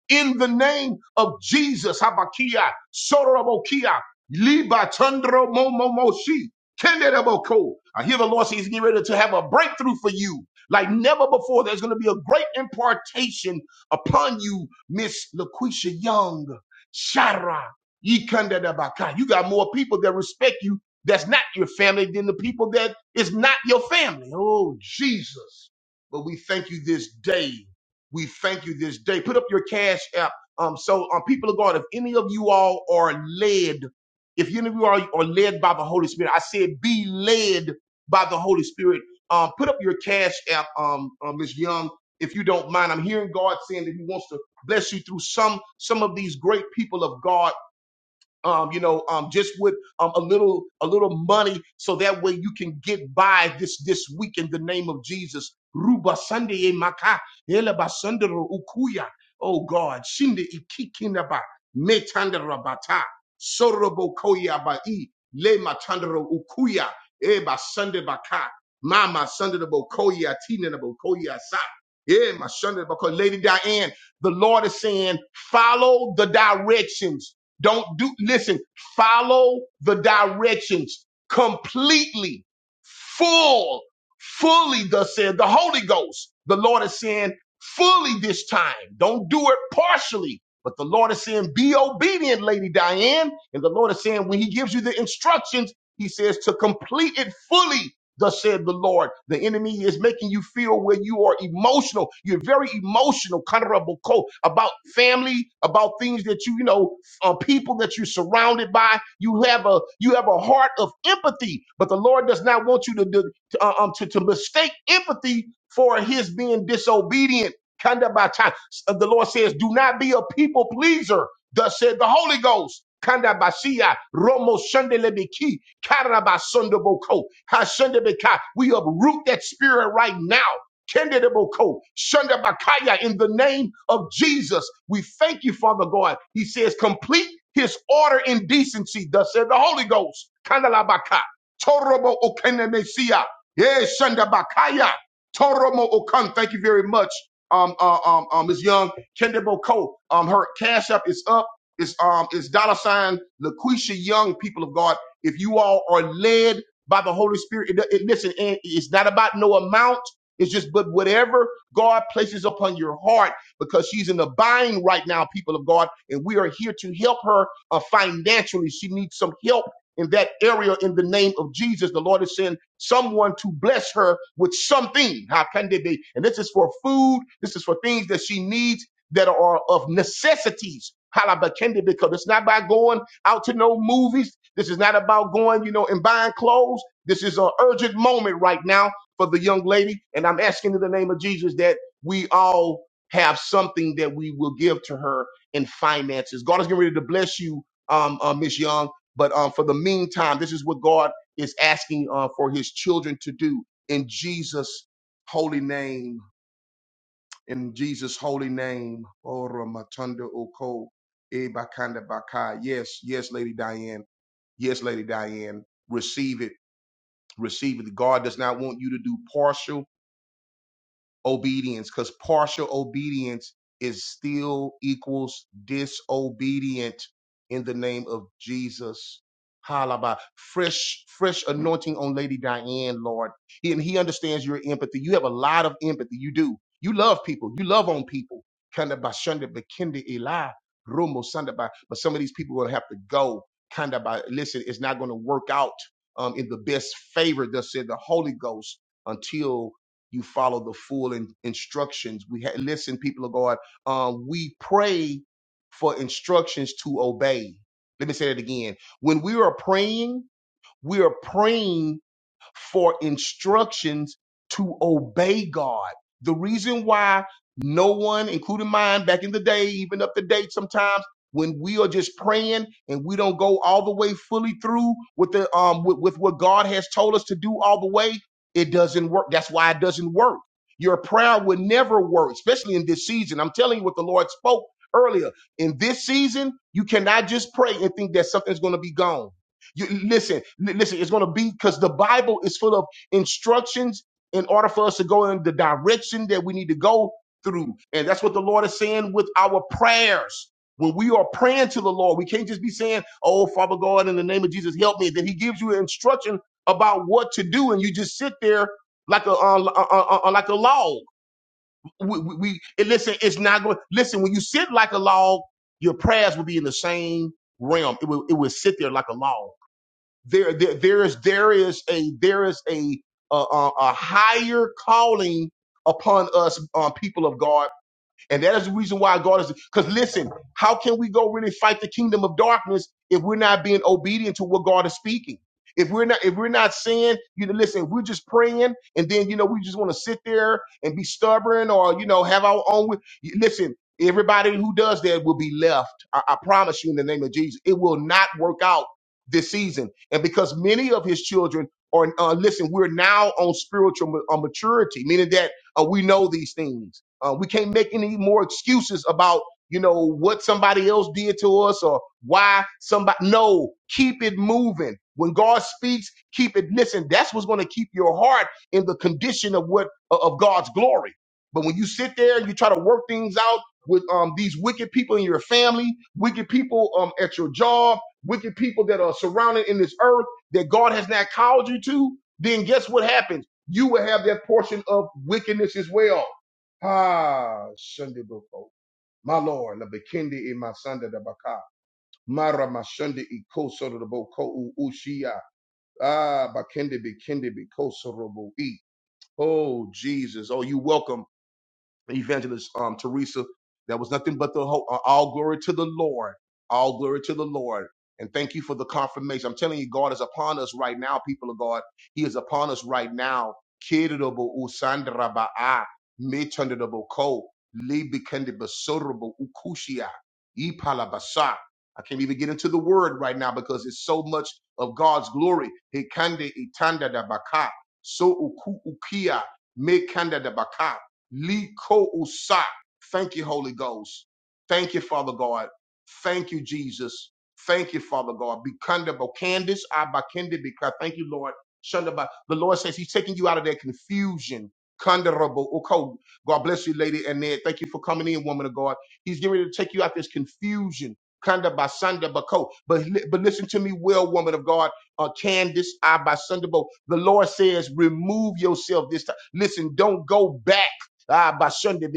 [SPEAKER 1] in the name of Jesus. Habakia, Sorobokia, Liba Tundro Momomoshi, Kendedaboko. I hear the Lord say He's getting ready to have a breakthrough for you. Like never before, there's going to be a great impartation upon you, Miss Laquisha Young, Shara, Yikandedabaka. You got more people that respect you that's not your family than the people that is not your family. Oh, Jesus. But we thank you this day we thank you this day. Put up your cash app. Um, so um, people of God, if any of you all are led, if any of you are, are led by the Holy Spirit, I said be led by the Holy Spirit. Um, put up your cash app, um, uh, Ms. Young, if you don't mind. I'm hearing God saying that He wants to bless you through some some of these great people of God um, you know, um, just with um, a little, a little money, so that way you can get by this this week in the name of Jesus. Ruba Sunday maka ele basandero ukuya. Oh God, shinde ikikinaba metandera bata sorobo koya ba i le matandero ukuya eba Sunday baka mama Sunday bokoya tina koya sa. Yeah, my Sunday because Lady Diane, the Lord is saying, follow the directions don't do, listen, follow the directions completely, full, fully, thus said the Holy Ghost. The Lord is saying, fully this time. Don't do it partially. But the Lord is saying, be obedient, Lady Diane. And the Lord is saying, when He gives you the instructions, He says to complete it fully. Thus said the Lord. The enemy is making you feel where you are emotional. You're very emotional, kind of about family, about things that you, you know, on people that you're surrounded by. You have a you have a heart of empathy, but the Lord does not want you to do, to, uh, um, to, to mistake empathy for His being disobedient. Kinda by time, the Lord says, "Do not be a people pleaser." Thus said the Holy Ghost. Kanda basia romo shande lebeki karaba sondoboko ha shande We uproot that spirit right now. Kendedeboko, Shundabakaya, in the name of Jesus. We thank you, Father God. He says, complete his order in decency, thus said the Holy Ghost. Kandalabaka, Torobo Okenemesia, yes, Shundabakaya, Toromo Okan. Thank you very much, um, uh, um, um, Ms. Young. Kendedeboko, um, her cash up is up. It's, um, it's dollar sign LaQuisha Young, people of God. If you all are led by the Holy Spirit, it, it, listen, it- it's not about no amount. It's just, but whatever God places upon your heart, because she's in the bind right now, people of God, and we are here to help her uh, financially. She needs some help in that area in the name of Jesus. The Lord is saying someone to bless her with something. How can they be? And this is for food. This is for things that she needs that are of necessities. Halabakende, Because it's not by going out to no movies. This is not about going, you know, and buying clothes. This is an urgent moment right now for the young lady. And I'm asking in the name of Jesus that we all have something that we will give to her in finances. God is getting ready to bless you, um, uh, Miss Young. But um, for the meantime, this is what God is asking uh, for His children to do in Jesus' holy name. In Jesus' holy name, Ora Matunda Oko Eh, Bakanda Bakai. Yes, yes, Lady Diane. Yes, Lady Diane. Receive it. Receive it. God does not want you to do partial. obedience because partial obedience is still equals disobedient in the name of Jesus. Halaba. Fresh, fresh anointing on Lady Diane, Lord. He- And he understands your empathy. You have a lot of empathy. You do. You love people. You love on people. Kanda ba shanda ba kende ila, rumo sanda ba. But some of these people will have to go. Kanda ba. Listen, it's not going to work out um, in the best favor, thus said the Holy Ghost, until you follow the full in- instructions. We ha- listen, people of God. Um, we pray for instructions to obey. Let me say that again. When we are praying, we are praying for instructions to obey God. The reason why no one, including mine back in the day, even up to date sometimes, when we are just praying and we don't go all the way fully through with the um with, with what God has told us to do all the way, it doesn't work. That's why it doesn't work. Your prayer would never work, especially in this season. I'm telling you what the Lord spoke earlier. In this season, you cannot just pray and think that something's going to be gone. You listen, li- listen. It's going to be because the Bible is full of instructions in order for us to go in the direction that we need to go through, and that's what the Lord is saying with our prayers. When we are praying to the Lord, we can't just be saying, "Oh, Father God, in the name of Jesus, help me." Then He gives you an instruction about what to do, and you just sit there like a uh, uh, uh, uh, like a log. We, we, we and listen. It's not going. Listen, when you sit like a log, your prayers will be in the same realm. It will it will sit there like a log there, there there is there is a there is a a, a a higher calling upon us um, people of God and that is the reason why God is because listen, how can we go really fight the kingdom of darkness if we're not being obedient to what God is speaking? If we're not if we're not saying, you know, listen, if we're just praying and then you know we just want to sit there and be stubborn or you know have our own wi- you- listen, everybody who does that will be left. I, I promise you in the name of Jesus, it will not work out this season. And because many of his children are uh, listen, we're now on spiritual ma- uh, maturity, meaning that uh, we know these things. Uh, we can't make any more excuses about you know what somebody else did to us or why somebody. No, keep it moving. When God speaks, keep it. Listen, that's what's going to keep your heart in the condition of what of God's glory. But when you sit there and you try to work things out with um, these wicked people in your family, wicked people um, at your job, wicked people that are surrounded in this earth that God has not called you to, then guess what happens? You will have that portion of wickedness as well. Ah, Sunday, Boko. My Lord, la Bekindi in my Sunday the Baka. Mara Mashunde i Kosoto the Boko Ushia. Ah, Bakindi Bikindi Bikosorobo E. Oh, Jesus. Oh, you welcome evangelist um, Teresa. That was nothing but the whole, uh, all glory to the Lord. All glory to the Lord. And thank you for the confirmation. I'm telling you, God is upon us right now, people of God. He is upon us right now. Kirirabo usandra ba'a, mitundabo ko, libikendeba sorobo ukushia, ipalabasa. I can't even get into the word right now because it's so much of God's glory. Hekande itanda da baka, so uku ukia, mekanda da baka. Liko usa. Thank you, Holy Ghost. Thank you, Father God. Thank you, Jesus. Thank you, Father God. Bikunda bokandis abakende bika. Thank you, Lord. Shunda ba- The Lord says He's taking you out of that confusion. Kunda rabo God bless you, Lady Annette. Thank you for coming in, woman of God. He's getting ready to take you out this confusion. Kunda basanda bako. But li- but listen to me, well, woman of God. Uh, Candace, I by bo. The Lord says, remove yourself this time. Listen, don't go back. Ah, by Sunday,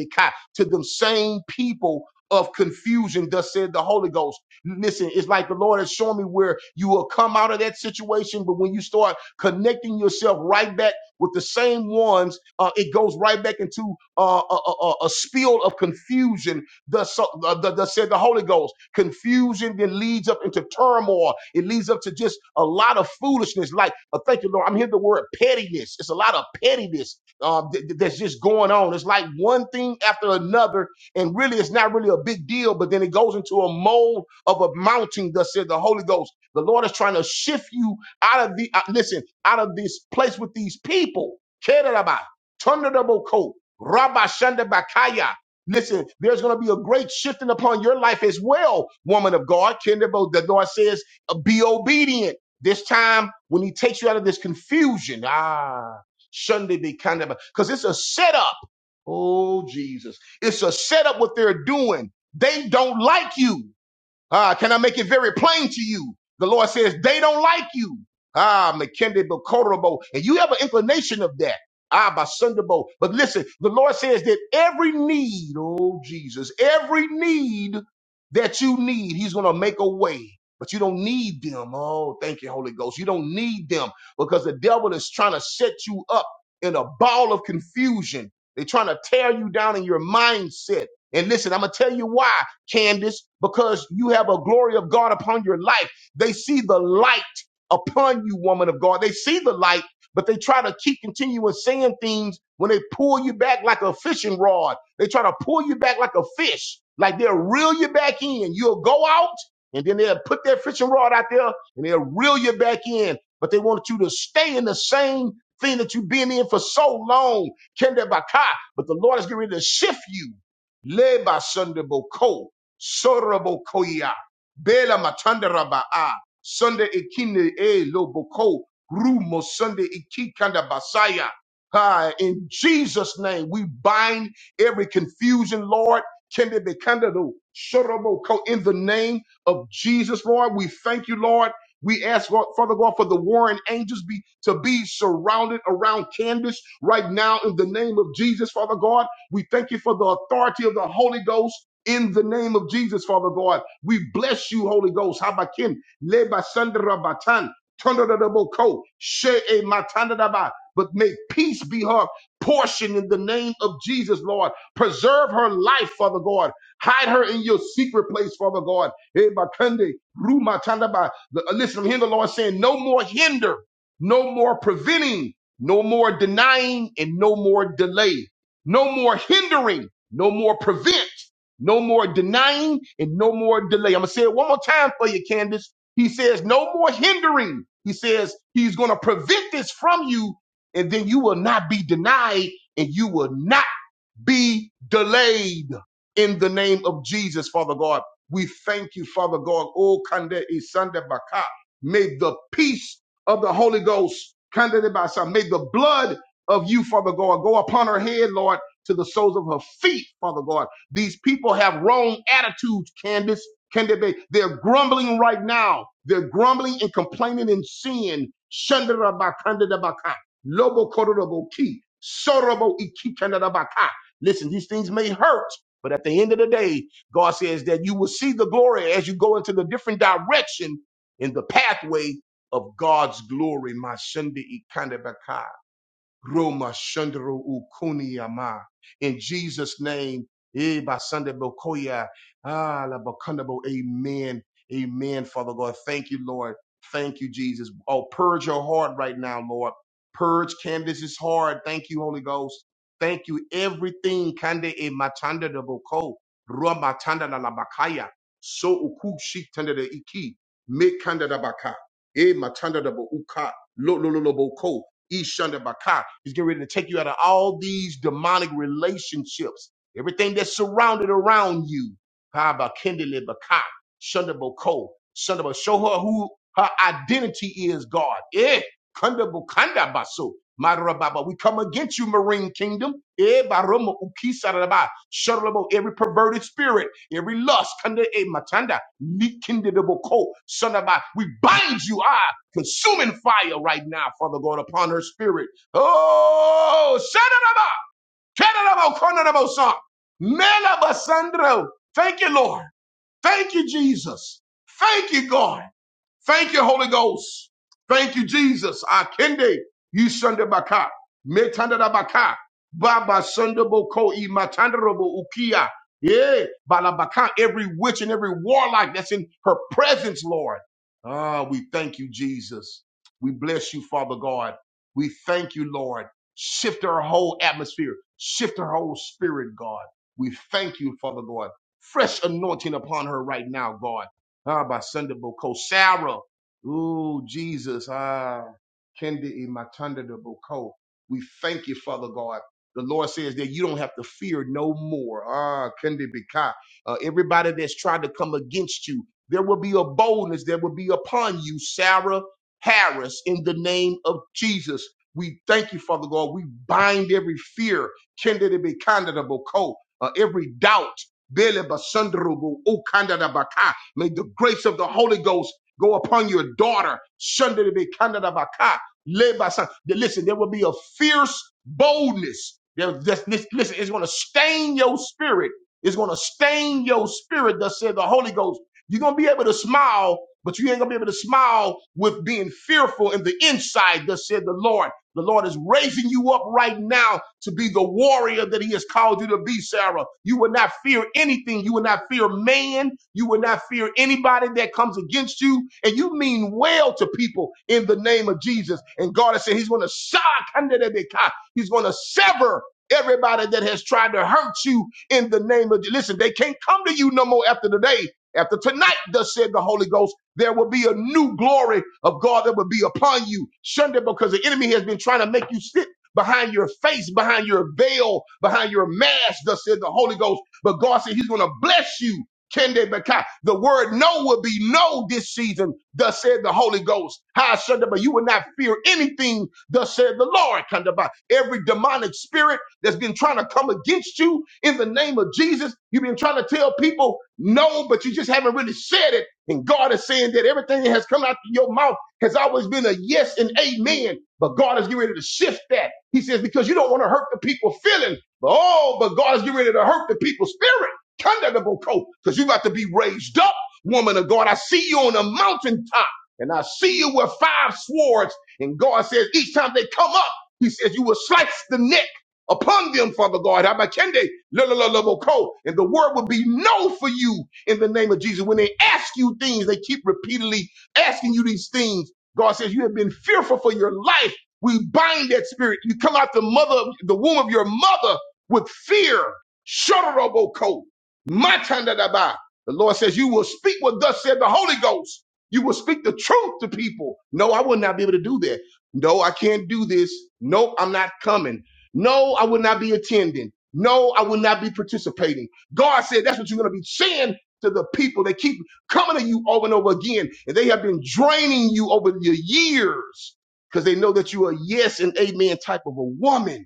[SPEAKER 1] to them same people of confusion, thus said the Holy Ghost. Listen, it's like the Lord has shown me where you will come out of that situation, but when you start connecting yourself right back with the same ones, uh, it goes right back into uh, a, a, a a spiel of confusion. Thus, so- uh, th- thus said the Holy Ghost. Confusion then leads up into turmoil. It leads up to just a lot of foolishness. Like, uh, thank you, Lord. I'm hearing the word pettiness. It's a lot of pettiness um, th- th- that's just going on. It's like one thing after another, and really, it's not really a big deal. But then it goes into a mold of a mounting. Thus said the Holy Ghost. The Lord is trying to shift you out of the uh, listen out of this place with these people. Keraba, Tundaboko, Rabba Shandabakaya. Listen, there's going to be a great shifting upon your life as well, woman of God. Kendabo, the Lord says, uh, be obedient. This time, when He takes you out of this confusion, ah. Shouldn't be kind of because it's a setup. Oh Jesus. It's a setup what they're doing. They don't like you. Ah, can I make it very plain to you? The Lord says they don't like you. Ah, McKendy Bokorobo. And you have an inclination of that. Ah, by Sunderbo. But listen, the Lord says that every need, oh Jesus, every need that you need, He's gonna make a way. But you don't need them. Oh, thank you, Holy Ghost. You don't need them because the devil is trying to set you up in a ball of confusion. They're trying to tear you down in your mindset. And listen, I'm gonna tell you why. Candace, because you have a glory of God upon your life. They see the light upon you, woman of God. They see the light, but they try to keep continuing saying things when they pull you back like a fishing rod. They try to pull you back like a fish, like they'll reel you back in. You'll go out and then they'll put their fishing rod out there and they'll reel you back in. But they want you to stay in the same thing that you've been in for so long. Kende Baka. But the Lord is getting ready to shift you. Led by Sunday Boko. Sorobo koya, Bela Matandaraba'a, Sunday Ikine E Loboko, Rumo Sunday Ikikanda Basaya. Ah, in Jesus' name, we bind every confusion, Lord. Kende Bekandado, shorobo ko in the name of Jesus, Lord. We thank you, Lord. We ask, God, Father God, for the warring angels be to be surrounded around Candace right now in the name of Jesus, Father God. We thank you for the authority of the Holy Ghost in the name of Jesus, Father God. We bless you, Holy Ghost. Habakin, leba sandra batan, tondadaboko, she'e matandadaba. But may peace be her portion in the name of Jesus, Lord. Preserve her life, Father God. Hide her in your secret place, Father God. Eh, bakande, ru matandaba. The- uh, Listen, I'm hearing the Lord saying, no more hinder, no more preventing, no more denying, and no more delay. No more hindering, no more prevent no more denying and no more delay. I'm going to say it one more time for you, Candace. He says, no more hindering. He says, he's going to prevent this from you, and then you will not be denied and you will not be delayed in the name of Jesus, Father God. We thank you, Father God. Oh, Kande Isanda Baka. May the peace of the Holy Ghost, Kande de Basa, may the blood of you, Father God, go upon her head, Lord, to the soles of her feet, Father God. These people have wrong attitudes, Candace. Can they be? They're grumbling right now. They're grumbling and complaining in sin. Shandara Bakanda da Baka. Lobo Korobo Ki. Sorobo Iki kanda da baka. Listen, these things may hurt, but at the end of the day, God says that you will see the glory as you go into the different direction in the pathway of God's glory. My Sunday Roma Shandro Ukuniama. In Jesus' name, eh, by Sunday Bokoya. Ah, la Bakundabo. Amen. Amen, Father God. Thank you, Lord. Thank you, Jesus. Oh, purge your heart right now, Lord. Purge Candace's heart. Thank you, Holy Ghost. Thank you. Everything Kande e Matanda de Boko. Roma Tanda la Bakaya. So Ukushi Tanda de Iki. Me Kanda da Baka. E Matanda de Boka. Lo lo lo lo Boko. Ishanda Baka. He's getting ready to take you out of all these demonic relationships, everything that's surrounded around you. Haba Kendele Baka, Shunda Boko, Shunda Bo- Show her who her identity is, God. Eh, Kanda Bukanda Baso. Marababa. We come against you, Marine Kingdom. Eh, Baroma Ukisaraba. Shudderable. Every perverted spirit, every lust, Kanda E Matanda, Nikindaboko, Son of God. We bind you. Ah, consuming fire right now, Father God, upon her spirit. Oh, Shadaraba, Kedarabo, Kondarabo, Son. Melabasandro. Thank you, Lord. Thank you, Jesus. Thank you, God. Thank you, Holy Ghost. Thank you, Jesus. Akende, you Sunday baka, metanda da baka, baba Sunday boko i matanda robo ukia. Yeah, balabaka, every witch and every warlock that's in her presence, Lord. Ah, we thank you, Jesus. We bless you, Father God. We thank you, Lord. Shift our whole atmosphere. Shift our whole spirit, God. We thank you, Father God. Fresh anointing upon her right now, God. Ah, by Sunday Boko. Sarah. Ooh, Jesus. Ah, Kendi Matanda de Boko. We thank you, Father God. The Lord says that you don't have to fear no more. Ah, Kendi Bika. Uh, everybody that's tried to come against you, there will be a boldness that will be upon you, Sarah Harris, in the name of Jesus. We thank you, Father God. We bind every fear, Kendi Bika, Boko. Uh, every doubt. Bele basundrubu ukandada baka. May the grace of the Holy Ghost go upon your daughter. Shundadabe kandada baka. Leba sun- Listen, there will be a fierce boldness. There, this, this- listen, it's going to stain your spirit. It's going to stain your spirit, thus said the Holy Ghost. You're going to be able to smile, but you ain't going to be able to smile with being fearful in the inside, thus said the Lord. The Lord is raising you up right now to be the warrior that He has called you to be, Sarah. You will not fear anything. You will not fear man. You will not fear anybody that comes against you. And you mean well to people in the name of Jesus. And God has said He's going to shock under the beca- He's going to sever everybody that has tried to hurt you in the name of. Listen, they can't come to you no more after today. After tonight, thus said the Holy Ghost. There will be a new glory of God that will be upon you. Sunday, because the enemy has been trying to make you sit behind your face, behind your veil, behind your mask, thus said the Holy Ghost. But God said he's going to bless you. Kende Baka. The word no will be no this season, thus said the Holy Ghost. Hi, Sunday, but you will not fear anything, thus said the Lord. Kende Baka. Every demonic spirit that's been trying to come against you in the name of Jesus, you've been trying to tell people no, but you just haven't really said it. And God is saying that everything that has come out of your mouth has always been a yes and amen. But God is getting ready to shift that. He says, because you don't want to hurt the people feeling. But oh, but God is getting ready to hurt the people's spirit. Because you got to be raised up, woman of God. I see you on a mountaintop and I see you with five swords. And God says, each time they come up, he says, you will slice the neck upon them, Father God. Abakende, la, la, la, la, bo, And the word will be no for you in the name of Jesus. When they ask you things, they keep repeatedly asking you these things. God says, You have been fearful for your life. We bind that spirit. You come out the mother, the womb of your mother with fear. Shotoroboko. Matandadaba. The Lord says, You will speak what thus said the Holy Ghost. You will speak the truth to people. No, I will not be able to do that. No, I can't do this. No, I'm not coming. No, I will not be attending. No, I will not be participating. God said that's what you're going to be saying to the people. They keep coming to you over and over again, and they have been draining you over your years because they know that you are a yes and amen type of a woman.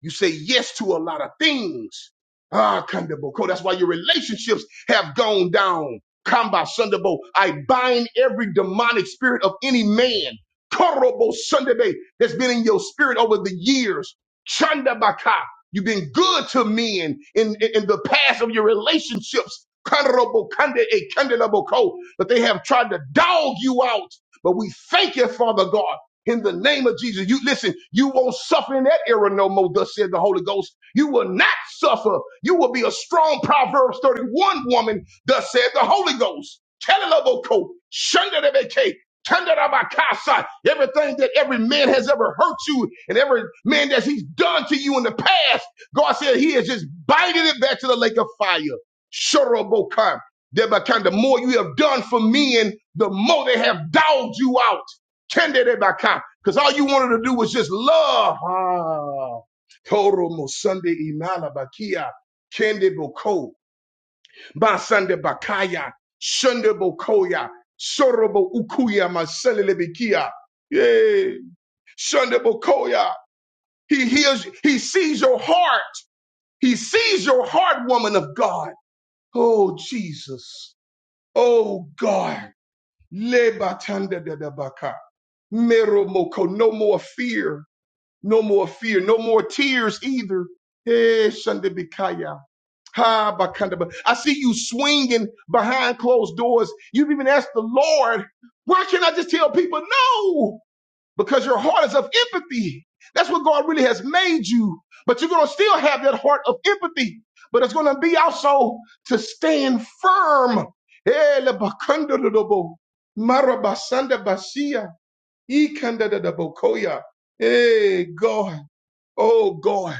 [SPEAKER 1] You say yes to a lot of things. Ah, Kandaboko. That's why your relationships have gone down. Kamba Sundabo. I bind every demonic spirit of any man. Korobo Sundabe that's been in your spirit over the years. Chandabaka. You've been good to men in, in, in the past of your relationships. Korobo Kande E Kandelaboko. But they have tried to dog you out. But we thank you, Father God in the name of Jesus. You listen, you won't suffer in that era no more, thus said the Holy Ghost. You will not suffer. You will be a strong Proverbs 31 woman, thus said the Holy Ghost. Teleloboko, shandarebeke, tandarabakasa. Everything that every man has ever hurt you and every man that he's done to you in the past, God said he is just biting it back to the lake of fire. Shorobokan. Thereby, kind the more you have done for men, the more they have dogged you out. Because all you wanted to do was just love. Ah. Toro mo Sunday imala bakia. Kende boko. Ba Sunday bakaya. Sunday bokoya. Sorobo ukuya maselele bikia. Yay. Sunday bokoya. He hears, he sees your heart. He sees your heart, woman of God. Oh, Jesus. Oh, God. Le batanda da da baka. Mero moko. No more fear No more fear, no more tears either. Hey, Shandibikaya. Ha, Bakandaba. I see you swinging behind closed doors. You've even asked the Lord, why can't I just tell people no? Because your heart is of empathy. That's what God really has made you. But you're going to still have that heart of empathy. But it's going to be also to stand firm. Hey, la Bakandadadabo. Marabasanda Basia. Ikandadadabokoya. Hey, God. Oh God,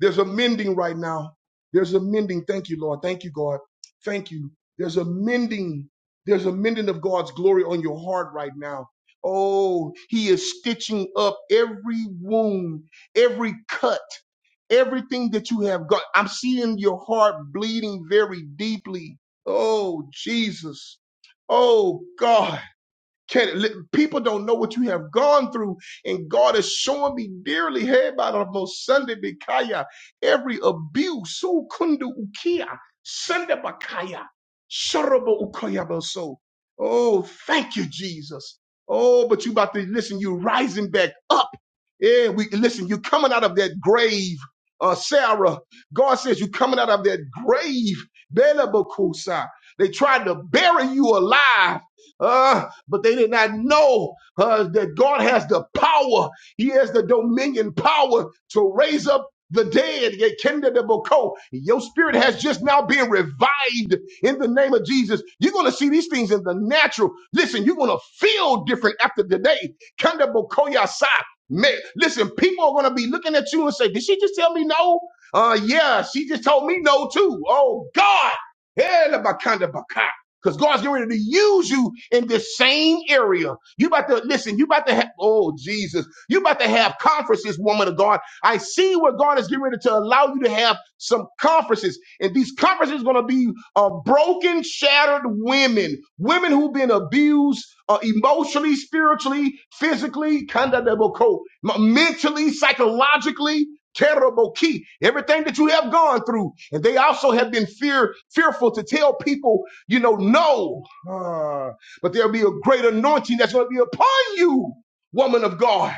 [SPEAKER 1] there's a mending right now. There's a mending. Thank you, Lord. Thank you, God. Thank you. There's a mending. There's a mending of God's glory on your heart right now. Oh, he is stitching up every wound, every cut, everything that you have got. I'm seeing your heart bleeding very deeply. Oh, Jesus. Oh, God. Can, li- people don't know what you have gone through, and God is showing me dearly, hey, by the most Sunday Bikaya, every abuse, so kundu ukia, Sunday Bakaya, Shorobo ukaya so. Oh, thank you, Jesus. Oh, but you about to listen, you rising back up. Yeah, we listen, you coming out of that grave, uh, Sarah. God says you coming out of that grave, Bela Bakusa. They tried to bury you alive. Uh, but they did not know uh, that God has the power. He has the dominion power to raise up the dead. Yea, kinder the boko. Your spirit has just now been revived in the name of Jesus. You're going to see these things in the natural. Listen, you're going to feel different after today. Kinder boko yasa. Man, listen, people are going to be looking at you and say, did she just tell me no? Uh, yeah, she just told me no too. Oh God. Hell, about kind of, because God's getting ready to use you in this same area. You about to listen, you about to have, oh Jesus, you about to have conferences, woman of God. I see where God is getting ready to allow you to have some conferences. And these conferences are going to be uh, broken, shattered women, women who've been abused uh, emotionally, spiritually, physically, kinda double coat, m- mentally, psychologically terrible key everything that you have gone through and they also have been fear fearful to tell people you know, no. Ah, but there'll be a great anointing that's going to be upon you, woman of God.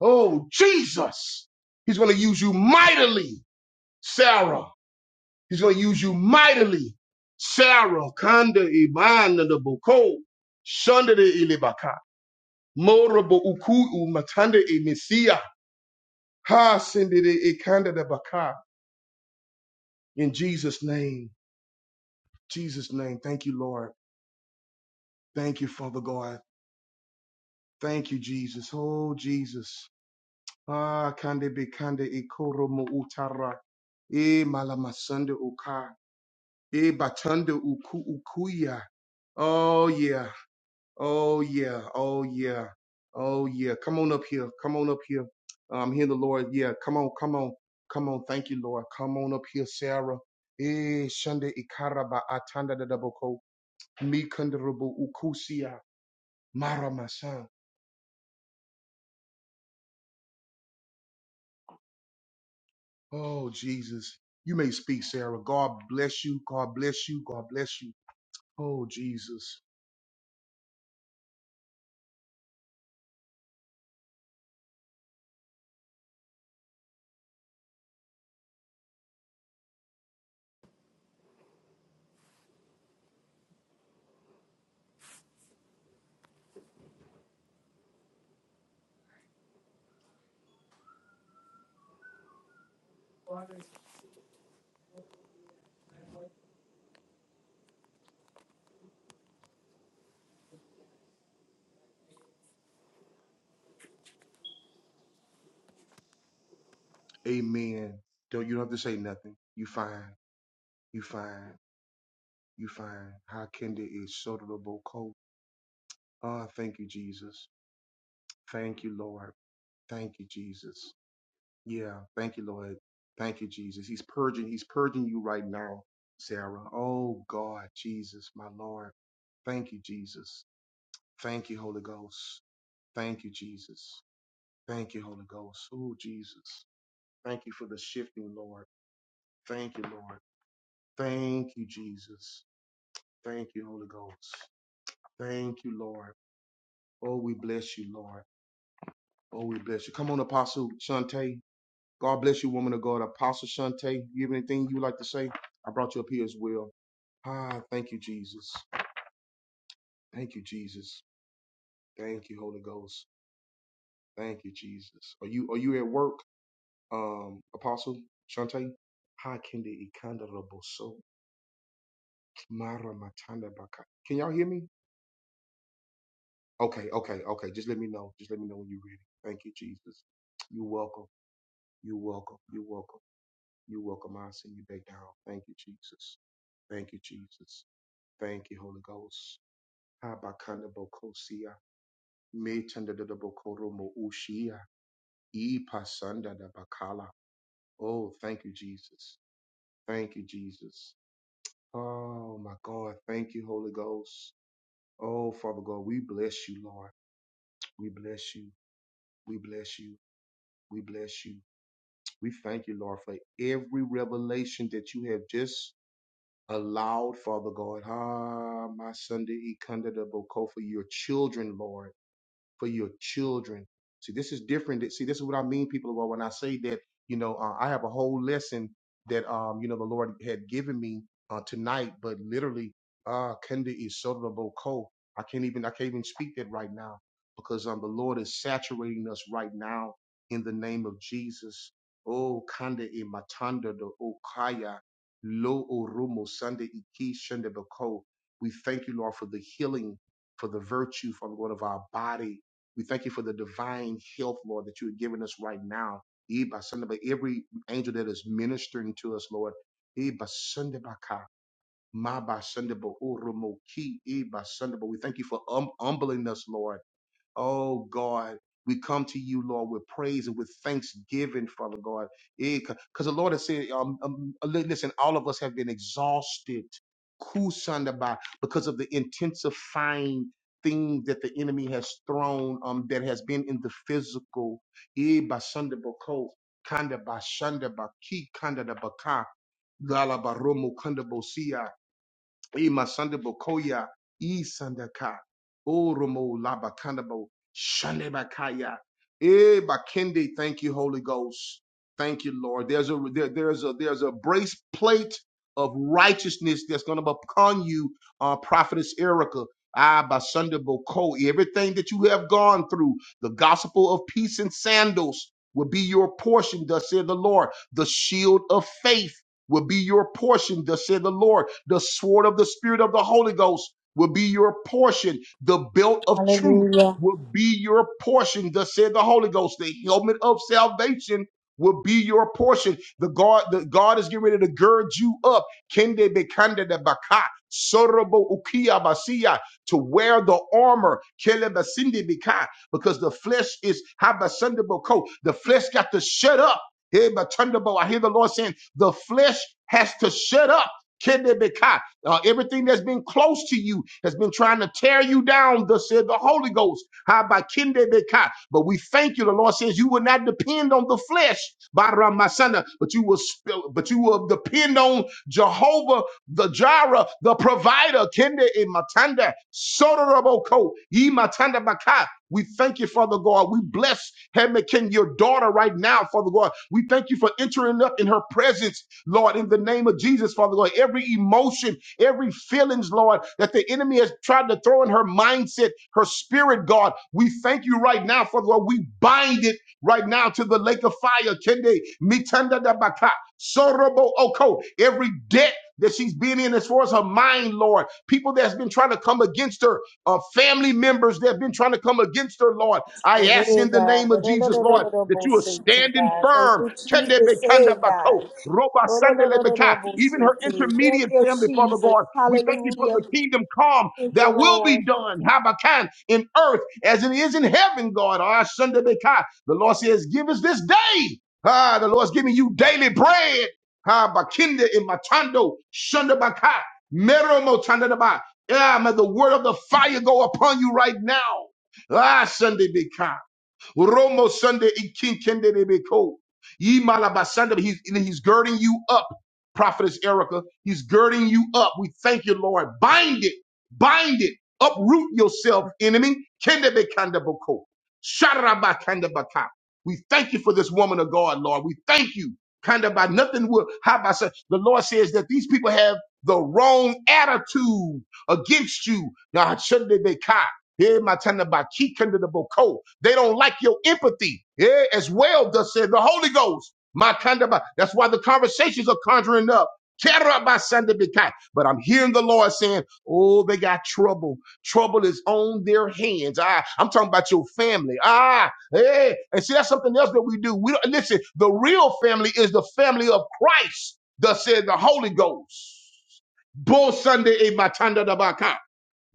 [SPEAKER 1] Oh, Jesus. He's going to use you mightily, Sarah. He's going to use you mightily, Sarah. Kanda ibana the boko. Shanda de ilibaka. Morabo uku matanda e mesia. Ha sende de ikanda de baka. In Jesus' name. Jesus' name. Thank you, Lord. Thank you, Father God. Thank you, Jesus. Oh, Jesus. Ah, kande be kande ikoro mo utara. E malamasande uka. E batande uku ukuya. Oh yeah. Oh yeah. Oh yeah. Oh yeah. Come on up here. Come on up here. I'm hearing the Lord. Yeah. Come on. Come on. Come on. Thank you, Lord. Come on up here, Sarah. E shande ikaraba ba atanda da daboko. Mi kandarabo ukusia. Maramasan. Oh, Jesus. You may speak, Sarah. God bless you. God bless you. God bless you. Oh, Jesus. The praise and with thanksgiving, Father God. Because the Lord has said, um, um, uh, li- listen, all of us have been exhausted, kusanda by because of the intensifying thing that the enemy has thrown um, that has been in the physical. Eh, by Sunday, Kanda by Shanda by Ki Kanda da Baka. Lala Baromo Kanda bo siya. E masande bokoya, e sandaka, o romo labakanabo, shandebakaya. E bakende, thank you, Holy Ghost. Thank you, Lord. There's a there, there's a there's a braceplate of righteousness that's gonna be upon you, uh, prophetess Erica. Ah, Basunda Boko, everything that you have gone through, the gospel of peace and sandals will be your portion, thus said the Lord, the shield of faith will be your portion, thus said the Lord. The sword of the Spirit of the Holy Ghost will be your portion. The belt of truth
[SPEAKER 3] Hallelujah.
[SPEAKER 1] will be your portion, thus said the Holy Ghost. The helmet of salvation will be your portion. The God, the God is getting ready to gird you up. Kende bekande de baka, sorobo ukia basia, to wear the armor. Kele basinde bika, Because the flesh is habasundable The flesh got to shut up. Hey, but turnable. I hear the Lord saying the flesh has to shut up. Kedebeka. Uh, everything that's been close to you has been trying to tear you down, thus said the Holy Ghost. How by Kendebeka? But we thank you. The Lord says you will not depend on the flesh, Bara Masana, but you will but you will depend on Jehovah, the Jireh, the provider, Kende e Matanda, Sotorabo Ko, Matanda Baka. We thank you, Father God. We bless Hemakin, your daughter, right now, Father God. We thank you for entering up in her presence, Lord, in the name of Jesus, Father God. Every emotion, every feelings, Lord, that the enemy has tried to throw in her mindset, her spirit, God. We thank you right now, Father God. We bind it right now to the lake of fire. Kende mitanda da baka, sorobo oko. Every debt that she's been in as far as her mind, Lord. People that's been trying to come against her uh, family members that have been trying to come against her, Lord. I ask
[SPEAKER 3] Hey,
[SPEAKER 1] in the
[SPEAKER 3] God.
[SPEAKER 1] name of Jesus, Lord,
[SPEAKER 3] Hallelujah,
[SPEAKER 1] that you are
[SPEAKER 3] Shit,
[SPEAKER 1] standing
[SPEAKER 3] God. Thank
[SPEAKER 1] firm.
[SPEAKER 3] you, Jesus. Hey,
[SPEAKER 1] Kendebekandabako,
[SPEAKER 3] God.
[SPEAKER 1] robasandelebeka.
[SPEAKER 3] Hallelujah.
[SPEAKER 1] Even
[SPEAKER 3] Shit.
[SPEAKER 1] her
[SPEAKER 3] Thank
[SPEAKER 1] intermediate
[SPEAKER 3] you,
[SPEAKER 1] family, Father
[SPEAKER 3] Jesus.
[SPEAKER 1] God, we thank you for the
[SPEAKER 3] Hallelujah.
[SPEAKER 1] kingdom come
[SPEAKER 3] Thank you,
[SPEAKER 1] that will
[SPEAKER 3] Lord.
[SPEAKER 1] be done, Habakan in earth as it is in heaven, God. Ah, sandebeka. The Lord says, give us this day. Ah, the Lord's giving you daily bread. Ha, bakinda in matando, shundabaka, mero yeah, may the word of the fire go upon you right now. Ah, Sunday be kind. Romo Sunday in King Kende de Beko. Ye Malabasanda, he's, he's girding you up, Prophetess Erica. He's girding you up. We thank you, Lord. Bind it, bind it, uproot yourself, enemy. Kende Bekanda Boko. Sharabakanda Baka. We thank you for this woman of God, Lord. We thank you. Kind of by nothing will how by such. The Lord says that these people have the wrong attitude against you. Now, Sunday Beka. Eh, my tender by key kind of the boko. They don't like your empathy. Yeah, as well Thus said the Holy Ghost. My kind that's why the conversations are conjuring up. Terra by Sunday But I'm hearing the Lord saying, Oh, they got trouble. Trouble is on their hands. Ah, I'm talking about your family. Ah, hey. And see, that's something else that we do. We don't listen, the real family is the family of Christ, thus said the Holy Ghost. Bo Sunday eh, my tanda da baka.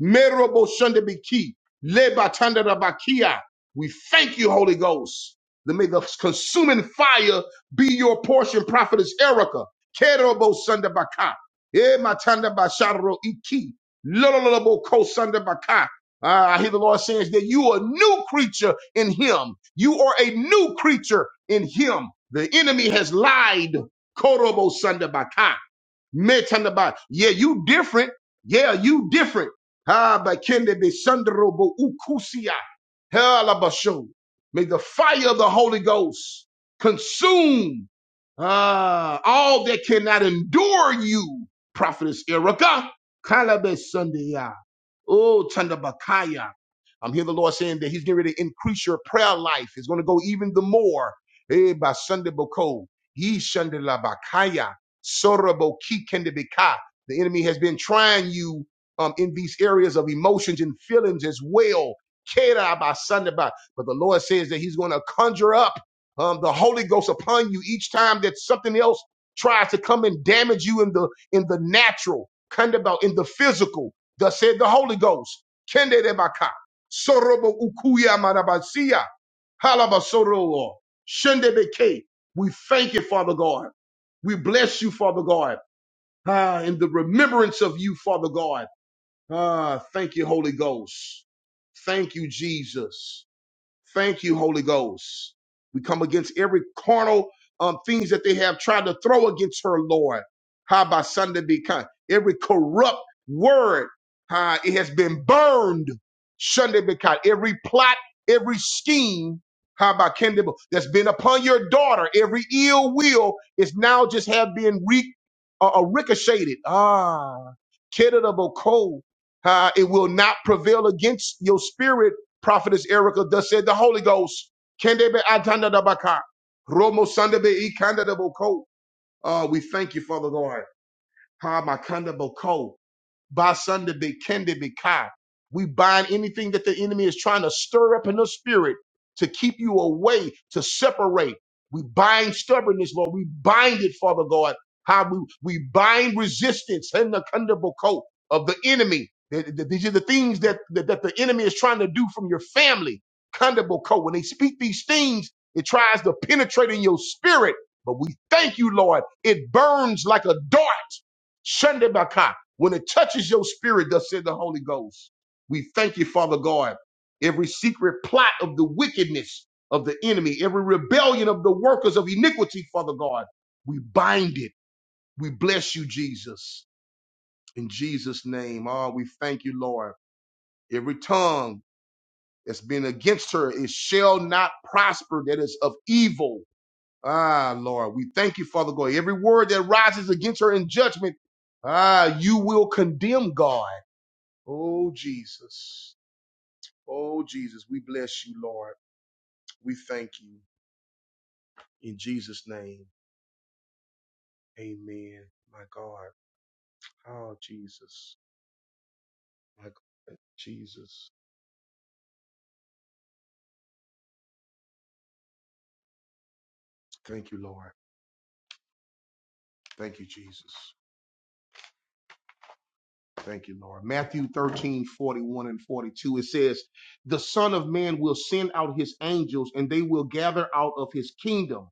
[SPEAKER 1] Merobo Shandabiki, Leba Tandarabakia. We thank you, Holy Ghost. That may the consuming fire be your portion, Prophetess Erica. Kerobo Sandabaka. Eh, Matanda Basharo Iki. Lololobo Ko Sandabaka. Ah, I hear the Lord saying that you are a new creature in Him. You are a new creature in Him. The enemy has lied. Korobo Sandabaka. Metanaba. Yeah, you different. Yeah, you different. Ah, but can they be sunderobo ukusia? Helabasho. May the fire of the Holy Ghost consume ah, all that cannot endure you, Prophetess Erica. Kalabe Sunday. Oh, Tandabakaya. I'm hearing the Lord saying that He's getting ready to increase your prayer life. It's going to go even the more. Eh, by Sunday Boko. Ye Shandalabakaya. Sorabo Kikendabika. The enemy has been trying you um, in these areas of emotions and feelings as well. Kera by Sunday But the Lord says that He's going to conjure up um, the Holy Ghost upon you each time that something else tries to come and damage you in the in the natural, kind of about in the physical. Thus said the Holy Ghost. Kende debaka. Sorobo ukuya marabasia. Halabasoro. Shendebeke. We thank you, Father God. We bless you, Father God. Ah, in the remembrance of you, Father God. Ah, thank you, Holy Ghost. Thank you, Jesus. Thank you, Holy Ghost. We come against every carnal um, things that they have tried to throw against her, Lord. How by Sunday be kind. Every corrupt word, how it has been burned. Sunday be kind. Every plot, every scheme, how by Kendall that's been upon your daughter, every ill will is now just have been re, uh, uh, ricocheted. Ah, Kendall Cole. Uh, it will not prevail against your spirit Prophetess Erica thus said the Holy Ghost. Kendebe atanda da baka. Romo sandebe ikanda da boko. Uh, we thank you, Father God. Ha makanda boko. Basanda be kende be kai. We bind anything that the enemy is trying to stir up in the spirit to keep you away, to separate. We bind stubbornness, Lord. We bind it, Father God. How we, we bind resistance and the condemnable coat of the enemy. Th- th- These are the things that, that, that the enemy is trying to do from your family. Condemnable coat. When they speak these things, it tries to penetrate in your spirit. But we thank you, Lord. It burns like a dart. Sunday when it touches your spirit, thus said the Holy Ghost, we thank you, Father God. Every secret plot of the wickedness of the enemy, every rebellion of the workers of iniquity, Father God, we bind it. We bless you, Jesus. In Jesus' name, ah, we thank you, Lord. Every tongue that's been against her, it shall not prosper. That is of evil. Ah, Lord, we thank you, Father God. Every word that rises against her in judgment, ah, you will condemn God. Thank you, Lord. Thank you, Jesus. Thank you, Lord. Matthew 13 41 and 42, it says, The Son of Man will send out his angels, and they will gather out of his kingdom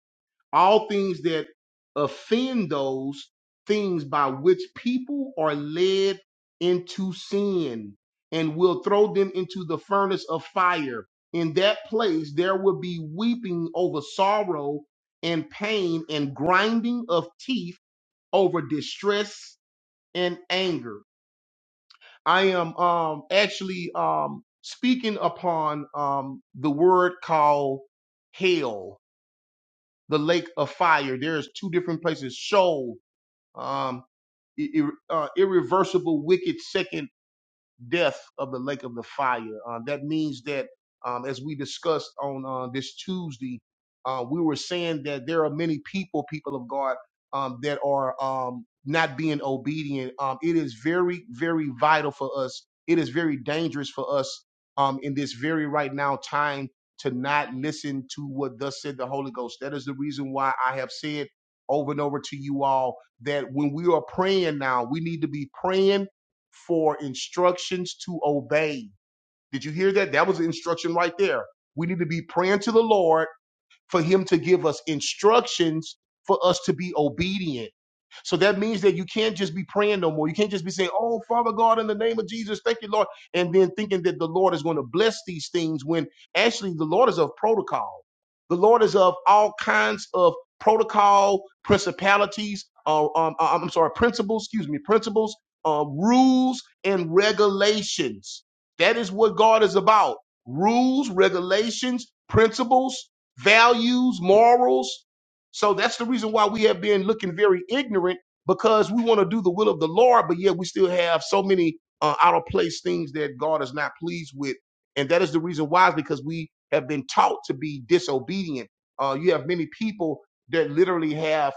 [SPEAKER 1] all things that offend those things by which people are led into sin, and will throw them into the furnace of fire. In that place, there will be weeping over sorrow and pain, and grinding of teeth over distress and anger. I am um, actually um, speaking upon um, the word called hell, the lake of fire. There's two different places: Sheol, um, ir- uh, irreversible, wicked second death of the lake of the fire. Uh, that means that, um, as we discussed on uh, this Tuesday, uh, we were saying that there are many people, people of God, um, that are um, not being obedient. Um, it is very, very vital for us. It is very dangerous for us um, in this very right now time to not listen to what thus said the Holy Ghost. That is the reason why I have said over and over to you all that when we are praying now, we need to be praying for instructions to obey. Did you hear that? That was the instruction right there. We need to be praying to the Lord for him to give us instructions for us to be obedient. So that means that you can't just be praying no more. You can't just be saying, Oh, Father God, in the name of Jesus, thank you, Lord. And then thinking that the Lord is going to bless these things when actually the Lord is of protocol. The Lord is of all kinds of protocol, principalities, uh, um, uh, I'm sorry, principles, excuse me, principles, uh, rules, and regulations. That is what God is about rules, regulations, principles values, morals. So that's the reason why we have been looking very ignorant because we want to do the will of the Lord, but yet we still have so many uh, out of place things that God is not pleased with. And that is the reason why is because we have been taught to be disobedient. Uh, you have many people that literally have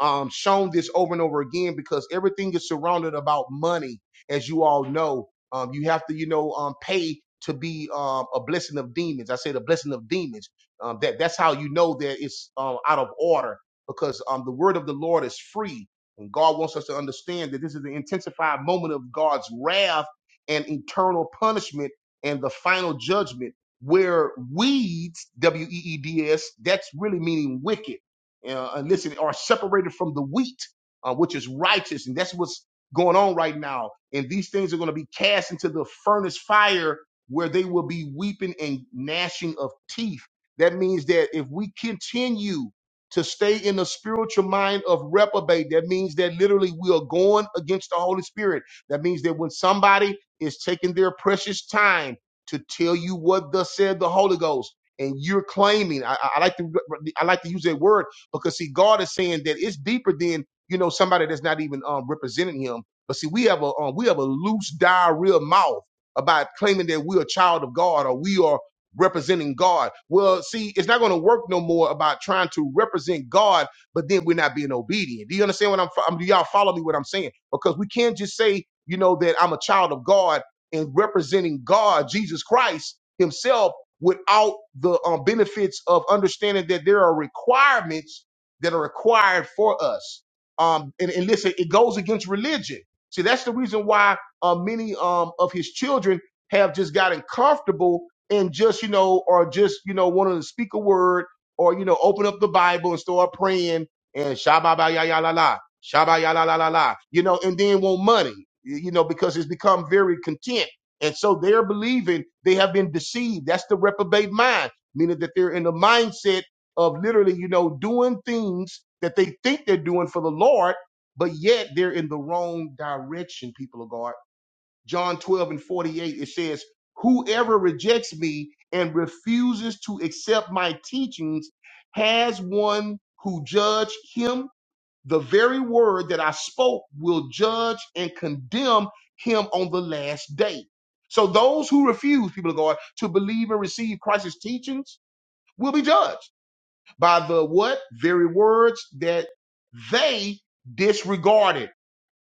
[SPEAKER 1] um, shown this over and over again because everything is surrounded about money, as you all know. Um, you have to, you know, um, pay to be um, a blessing of demons. I say the blessing of demons. Um, that that's how you know that it's um, out of order because um, the word of the Lord is free, and God wants us to understand that this is the intensified moment of God's wrath and eternal punishment and the final judgment where weeds, W E E D S, that's really meaning wicked uh, and listen, are separated from the wheat, uh, which is righteous. And that's what's going on right now. And these things are going to be cast into the furnace fire where they will be weeping and gnashing of teeth. That means that if we continue to stay in the spiritual mind of reprobate, that means that literally we are going against the Holy Spirit. That means that when somebody is taking their precious time to tell you what thus said the Holy Ghost, and you're claiming, I, I I like to, I like to use that word because see, God is saying that it's deeper than you know somebody that's not even um, representing Him. But see, we have a um, we have a loose diarrhea mouth about claiming that we're a child of God or we are representing God. Well, see, it's not going to work no more about trying to represent God, but then we're not being obedient. Do you understand what I'm? I mean, do y'all follow me? What I'm saying? Because we can't just say you know that I'm a child of God and representing God, Jesus Christ Himself without the um, benefits of understanding that there are requirements that are required for us. Um, and, and listen, it goes against religion. See, that's the reason why uh, many um, of his children have just gotten comfortable and just, you know, or just, you know, wanting to speak a word or, you know, open up the Bible and start praying and shabba ba ya ya la la, shabba ya la la la la, you know, and then want money, you know, because it's become very content. And so they're believing they have been deceived. That's the reprobate mind, meaning that they're in the mindset of literally, you know, doing things that they think they're doing for the Lord, but yet they're in the wrong direction, people of God. John 12 and 48, it says, Whoever rejects me and refuses to accept my teachings has one who judge him. The very word that I spoke will judge and condemn him on the last day. So those who refuse, people of God, to believe and receive Christ's teachings will be judged by the what? Very words that they disregarded.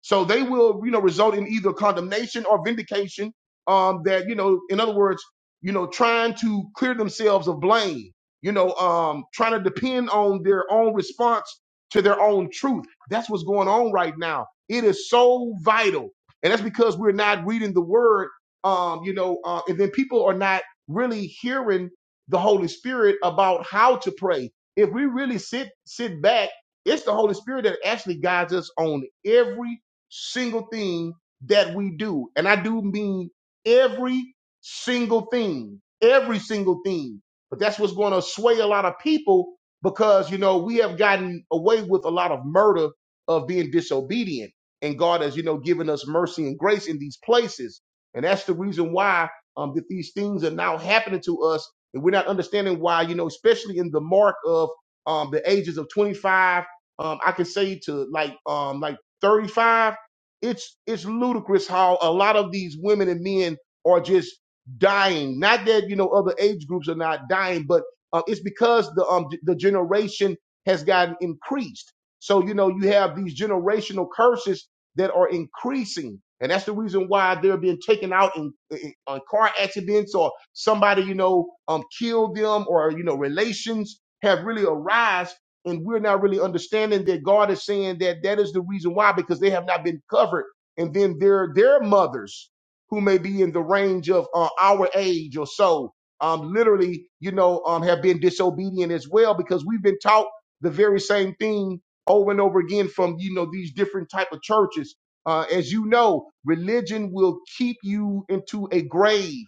[SPEAKER 1] So they will, you know, result in either condemnation or vindication. Um, that you know, in other words, you know, trying to clear themselves of blame. You know, um, trying to depend on their own response to their own truth. That's what's going on right now. It is so vital, and that's because we're not reading the Word. Um, you know, uh, and then people are not really hearing the Holy Spirit about how to pray. If we really sit sit back it's the Holy Spirit that actually guides us on every single thing that we do. And I do mean every single thing, every single thing. But that's what's going to sway a lot of people because, you know, we have gotten away with a lot of murder of being disobedient. And God has, you know, given us mercy and grace in these places. And that's the reason why um, that these things are now happening to us. And we're not understanding why, you know, especially in the mark of um, the ages of 25, um, I can say to like um, like 35 it's it's ludicrous how a lot of these women and men are just dying. Not that you know other age groups are not dying, but uh, it's because the um the generation has gotten increased. So you know you have these generational curses that are increasing, and that's the reason why they're being taken out in, in, on car accidents or somebody you know um killed them or you know relations have really arisen and we're not really understanding that God is saying that that is the reason why because they have not been covered, and then their their mothers who may be in the range of uh, our age or so, um, literally, you know, um, have been disobedient as well because we've been taught the very same thing over and over again from you know these different type of churches. Uh, as you know, religion will keep you into a grave.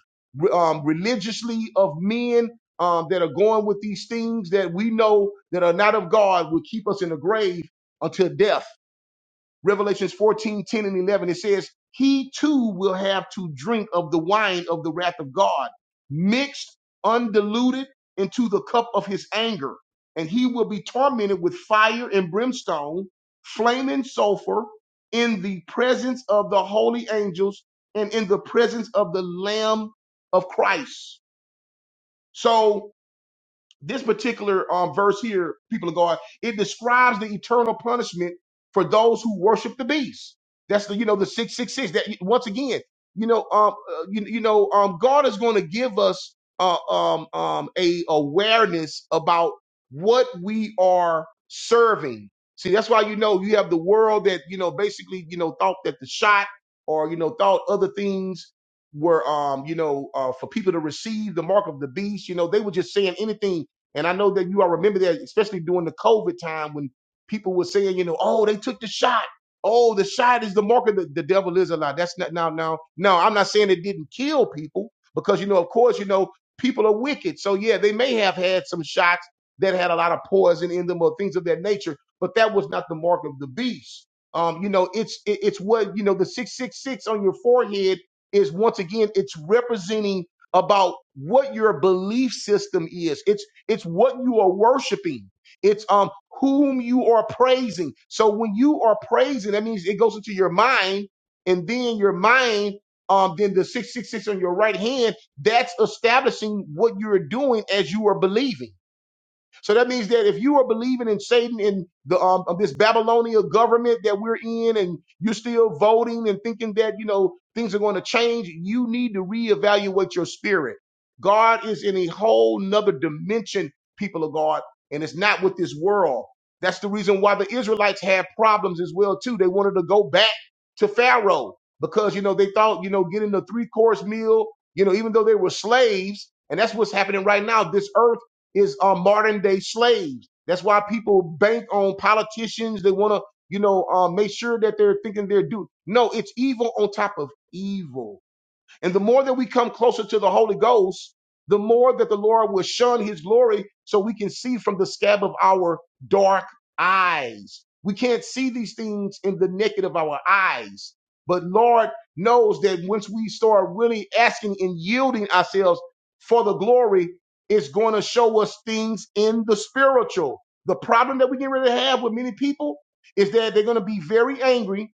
[SPEAKER 1] Um, religiously of men um, that are going with these things that we know that are not of God will keep us in the grave until death. Revelations 14:10 and 11, it says, he too will have to drink of the wine of the wrath of God, mixed, undiluted into the cup of his anger. And he will be tormented with fire and brimstone, flaming sulfur in the presence of the holy angels and in the presence of the lamb of Christ. So this particular um, verse here, people of God, it describes the eternal punishment for those who worship the beast. That's the you know the six six six. That once again, you know, um, uh, you, you know, um, God is going to give us uh, um, um, a awareness about what we are serving. See, that's why you know you have the world that you know basically you know thought that the shot or you know thought other things were um you know uh, for people to receive the mark of the beast you know they were just saying anything and I know that you all remember that, especially during the COVID time when people were saying, you know, oh, they took the shot. Oh, the shot is the mark of the, the devil is a lie. That's not now, now, no, I'm not saying it didn't kill people because, you know, of course, you know, people are wicked. So, yeah, they may have had some shots that had a lot of poison in them or things of that nature, but that was not the mark of the beast. Um, you know, it's it, it's what you know. The six six six on your forehead is once again it's representing about what your belief system is. It's it's what you are worshiping. It's um whom you are praising. So when you are praising, that means it goes into your mind, and then your mind, um, then the six six six on your right hand, that's establishing what you're doing as you are believing. So that means that if you are believing in Satan and the um of this Babylonian government that we're in, and you're still voting and thinking that you know things are going to change, you need to reevaluate your spirit. God is in a whole nother dimension, people of God, and it's not with this world. That's the reason why the Israelites had problems as well too. They wanted to go back to Pharaoh because you know they thought you know getting the three course meal, you know, even though they were slaves, and that's what's happening right now. This earth is uh, modern day slaves. That's why people bank on politicians. They want to, you know, uh, make sure that they're thinking they're due. No, it's evil on top of evil. And the more that we come closer to the Holy Ghost, the more that the Lord will shun his glory so we can see from the scab of our dark eyes. We can't see these things in the naked of our eyes. But Lord knows that once we start really asking and yielding ourselves for the glory, it's going to show us things in the spiritual. The problem that we get ready to have with many people is that they're going to be very angry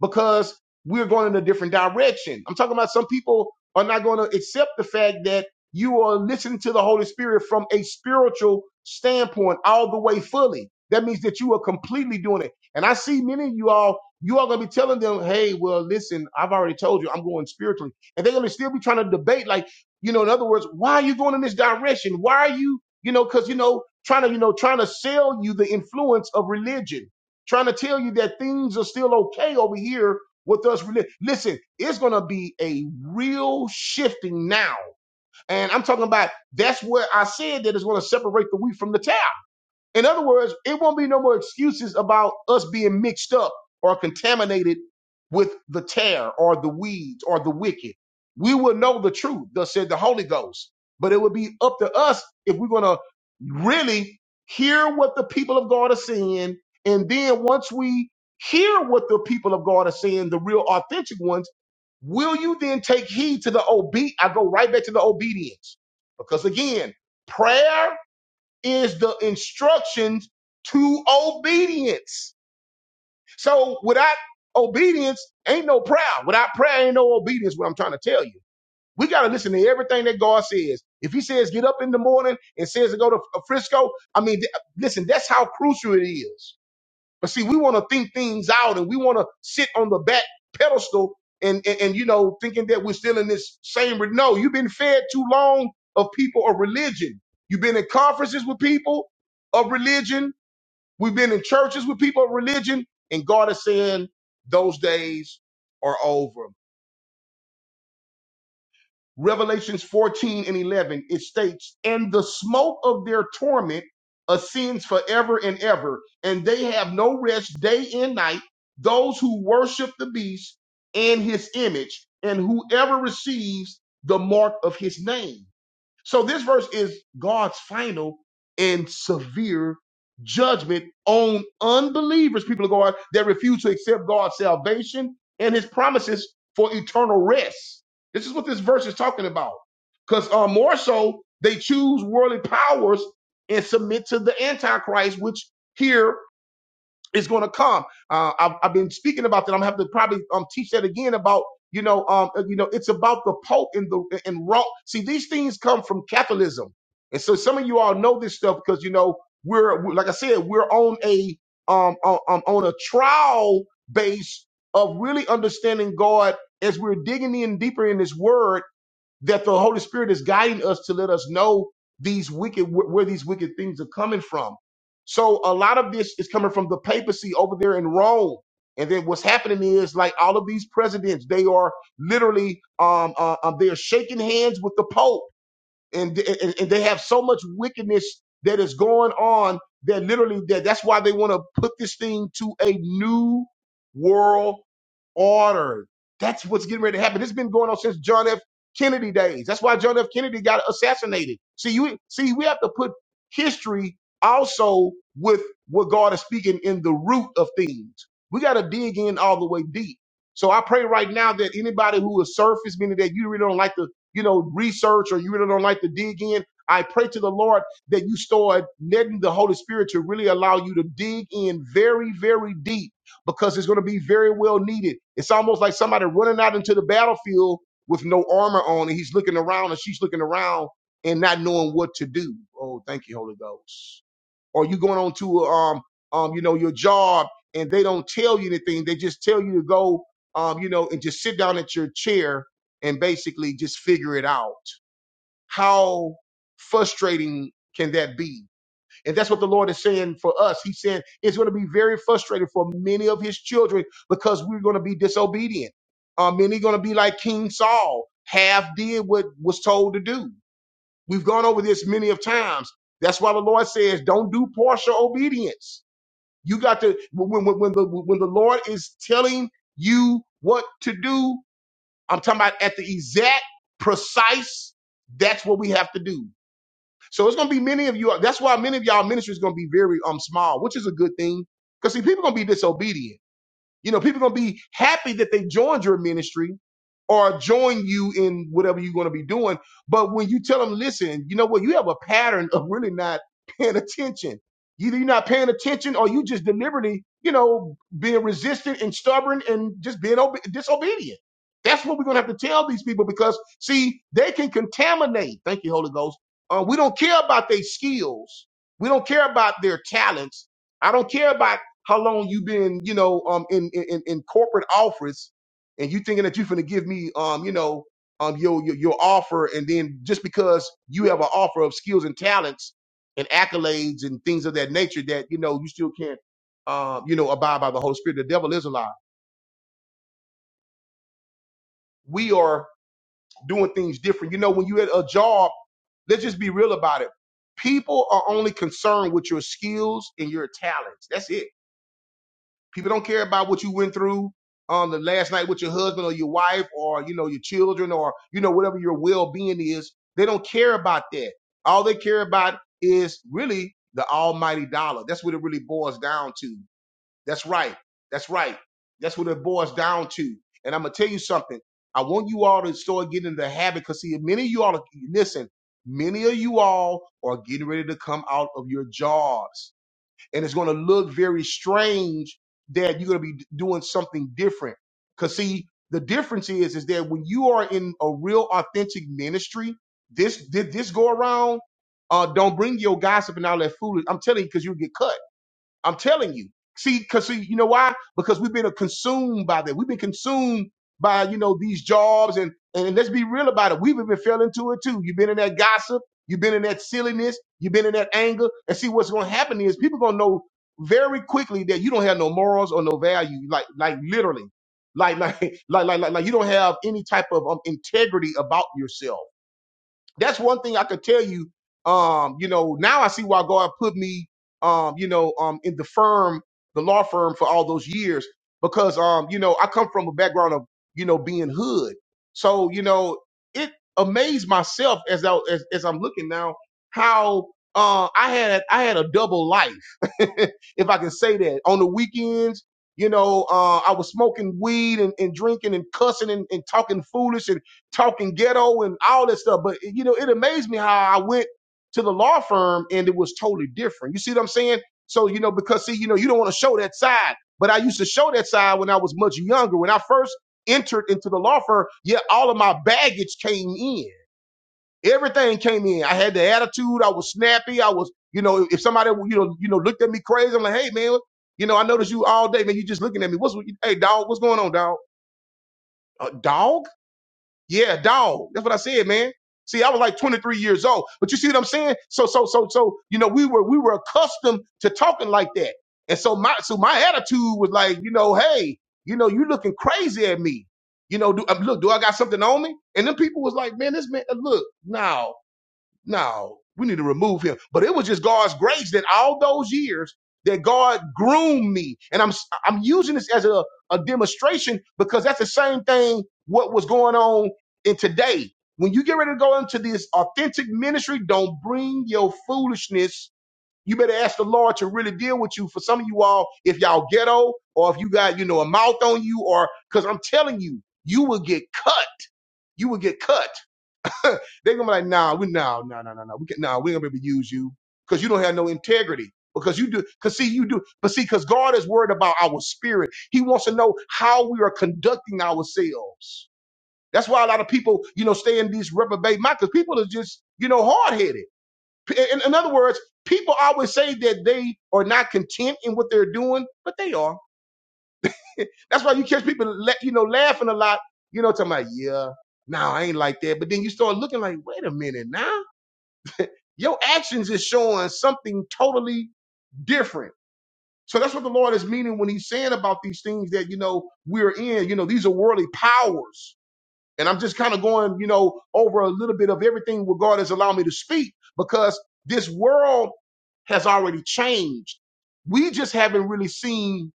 [SPEAKER 1] because we're going in a different direction. I'm talking about some people are not going to accept the fact that you are listening to the Holy Spirit from a spiritual standpoint all the way fully. That means that you are completely doing it. And I see many of you all, you are going to be telling them, hey, well, listen, I've already told you I'm going spiritually. And they're going to still be trying to debate, like, you know, in other words, why are you going in this direction? Why are you, you know, because, you know, trying to, you know, trying to sell you the influence of religion, trying to tell you that things are still okay over here with us. reli- Listen, it's going to be a real shifting now. And I'm talking about that's where I said that it's going to separate the wheat from the tares. In other words, it won't be no more excuses about us being mixed up or contaminated with the tear or the weeds or the wicked. We will know the truth, thus said the Holy Ghost. But it will be up to us if we're going to really hear what the people of God are saying. And then once we hear what the people of God are saying, the real authentic ones, will you then take heed to the obe? I go right back to the obedience. Because again, prayer is the instructions to obedience. So without obedience, ain't no prayer. Without prayer, ain't no obedience. What I'm trying to tell you. We got to listen to everything that God says. If he says get up in the morning and says to go to Frisco, I mean, th- listen, that's how crucial it is. But see, we want to think things out and we want to sit on the back pedestal and, and, and, you know, thinking that we're still in this same. re- No, you've been fed too long of people of religion. You've been in conferences with people of religion. We've been in churches with people of religion. And God is saying those days are over. Revelations 14 and 11, it states, And the smoke of their torment ascends forever and ever, and they have no rest day and night, those who worship the beast and his image, and whoever receives the mark of his name. So this verse is God's final and severe judgment on unbelievers, people of God, that refuse to accept God's salvation and his promises for eternal rest. This is what this verse is talking about. Because uh, more so, they choose worldly powers and submit to the Antichrist, which here it's going to come. Uh, I've, I've been speaking about that. I'm going to have to probably um, teach that again about you know um uh, you know it's about the Pope and the and Rome. See, these things come from Catholicism, and so some of you all know this stuff because you know we're, we're like I said we're on a um on, um, on a trial base of really understanding God as we're digging in deeper in His Word that the Holy Spirit is guiding us to let us know these wicked wh- where these wicked things are coming from. So a lot of this is coming from the papacy over there in Rome. And then what's happening is like all of these presidents, they are literally um, uh, um they are shaking hands with the Pope and, and and they have so much wickedness that is going on that literally that that's why they want to put this thing to a new world order. That's what's getting ready to happen. It's been going on since John F. Kennedy days. That's why John F. Kennedy got assassinated. See, you see, we have to put history also with what God is speaking in the root of things. We got to dig in all the way deep. So I pray right now that anybody who is surface, meaning that you really don't like the you know, research or you really don't like to dig in, I pray to the Lord that you start letting the Holy Spirit to really allow you to dig in very, very deep because it's going to be very well needed. It's almost like somebody running out into the battlefield with no armor on and he's looking around and she's looking around and not knowing what to do. Oh, thank you, Holy Ghost or you going on to um um you know your job and they don't tell you anything. They just tell you to go um you know and just sit down at your chair and basically just figure it out. How frustrating can that be? And that's what the Lord is saying for us. He's saying it's going to be very frustrating for many of his children because we're going to be disobedient. Um, many going to be like King Saul, half did what was told to do. We've gone over this many of times. That's why the Lord says, don't do partial obedience. You got to when when, when the when the Lord is telling you what to do, I'm talking about at the exact precise. That's what we have to do. So it's gonna be many of you. That's why many of y'all ministry is gonna be very um small, which is a good thing. Because see, people gonna be disobedient. You know, people are gonna be happy that they joined your ministry or join you in whatever you're gonna be doing. But when you tell them, listen, you know what, you have a pattern of really not paying attention. Either you're not paying attention or you just deliberately, you know, being resistant and stubborn and just being obe- disobedient. That's what we're gonna have to tell these people because see, they can contaminate. Thank you, Holy Ghost. Uh, we don't care about their skills. We don't care about their talents. I don't care about how long you been, you know, um, in in in corporate office, and you thinking that you're gonna give me, um, you know, um, your, your your offer, and then just because you have an offer of skills and talents and accolades and things of that nature, that you know you still can't, um, you know, abide by the Holy Spirit. The devil is a lie. We are doing things different. You know, when you at a job, let's just be real about it. People are only concerned with your skills and your talents. That's it People don't care about what you went through on the last night with your husband or your wife or you know your children or you know whatever your well-being is. They don't care about that. All they care about is really the almighty dollar. That's what it really boils down to. That's right. That's right. That's what it boils down to. And I'm gonna tell you something. I want you all to start getting into the habit because see, many of you all listen. Many of you all are getting ready to come out of your jobs and it's going to look very strange that you're going to be doing something different. Because see, the difference is is that when you are in a real authentic ministry, this did this go around. Uh, don't bring your gossip and all that foolish. I'm telling you, because you get cut. I'm telling you. See, because see, you know why? Because we've been consumed by that. We've been consumed by you know these jobs, and and let's be real about it. We've even fell into it too. You've been in that gossip. You've been in that silliness. You've been in that anger. And see, what's going to happen is people going to know very quickly that you don't have no morals or no value. Like like literally, like like [LAUGHS] like like like, like you don't have any type of um, integrity about yourself that's one thing I could tell you. Um, you know, now I see why God put me, um, you know, um, in the firm, the law firm for all those years because, um, you know, I come from a background of, you know, being hood. So, you know, it amazed myself as I, as, as I'm looking now how, uh, I had, I had a double life, [LAUGHS] if I can say that on the weekends. You know, uh, I was smoking weed and, and drinking and cussing and, and talking foolish and talking ghetto and all that stuff. But you know, it amazed me how I went to the law firm and it was totally different. You see what I'm saying? So you know, because see, you know, you don't want to show that side. But I used to show that side when I was much younger. When I first entered into the law firm, yeah, all of my baggage came in. Everything came in. I had the attitude. I was snappy. I was, you know, if somebody, you know, you know, looked at me crazy, I'm like, hey man, you know, I noticed you all day, man. You just looking at me. What's, hey dog, what's going on, dog? Uh, dog? Yeah, dog. That's what I said, man. See, I was like 23 years old. But you see what I'm saying? So, so, so, so, you know, we were we were accustomed to talking like that. And so my so my attitude was like, you know, hey, you know, you looking crazy at me. You know, do um, look, do I got something on me? And then people was like, man, this man, uh, look, no. No, we need to remove him. But it was just God's grace that all those years that God groomed me. And I'm I'm using this as a, a demonstration because that's the same thing what was going on in today. When you get ready to go into this authentic ministry, don't bring your foolishness. You better ask the Lord to really deal with you. For some of you all, if y'all ghetto or if you got, you know, a mouth on you or because I'm telling you, you will get cut. You will get cut. [LAUGHS] they are gonna be like, nah, we nah, nah, nah, nah, nah. We can nah, we ain't gonna be able to use you because you don't have no integrity. Because you do, because see, you do, but see, because God is worried about our spirit. He wants to know how we are conducting ourselves. That's why a lot of people, you know, stay in these reprobate minds because people are just, you know, hard headed. In, in other words, people always say that they are not content in what they're doing, but they are. That's why you catch people, la- you know, laughing a lot, you know, talking about, yeah, no, I ain't like that. But then you start looking like, wait a minute, now. Your actions is showing something totally different. So that's what the Lord is meaning when he's saying about these things that, you know, we're in. You know, these are worldly powers. And I'm just kind of going, you know, over a little bit of everything where God has allowed me to speak because this world has already changed. We just haven't really seen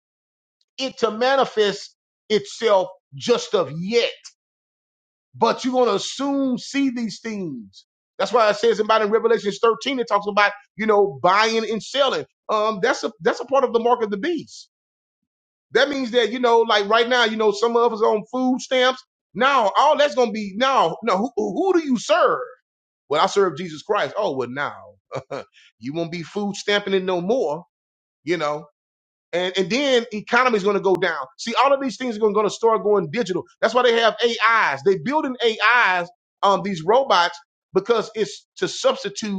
[SPEAKER 1] it to manifest itself just of yet but you're going to soon see these things. That's why it says about in Revelation 13, it talks about, you know, buying and selling. Um, that's a that's a part of the mark of the beast. That means that, you know, like right now, you know, some of us on food stamps. Now, all that's gonna be now, no, who, who do you serve? Well, I serve Jesus Christ. Oh, well, now [LAUGHS] you won't be food stamping it no more, you know and and then economy is going to go down. See, all of these things are going to start going digital. That's why they have AIs. They building AIs on these robots because it's to substitute.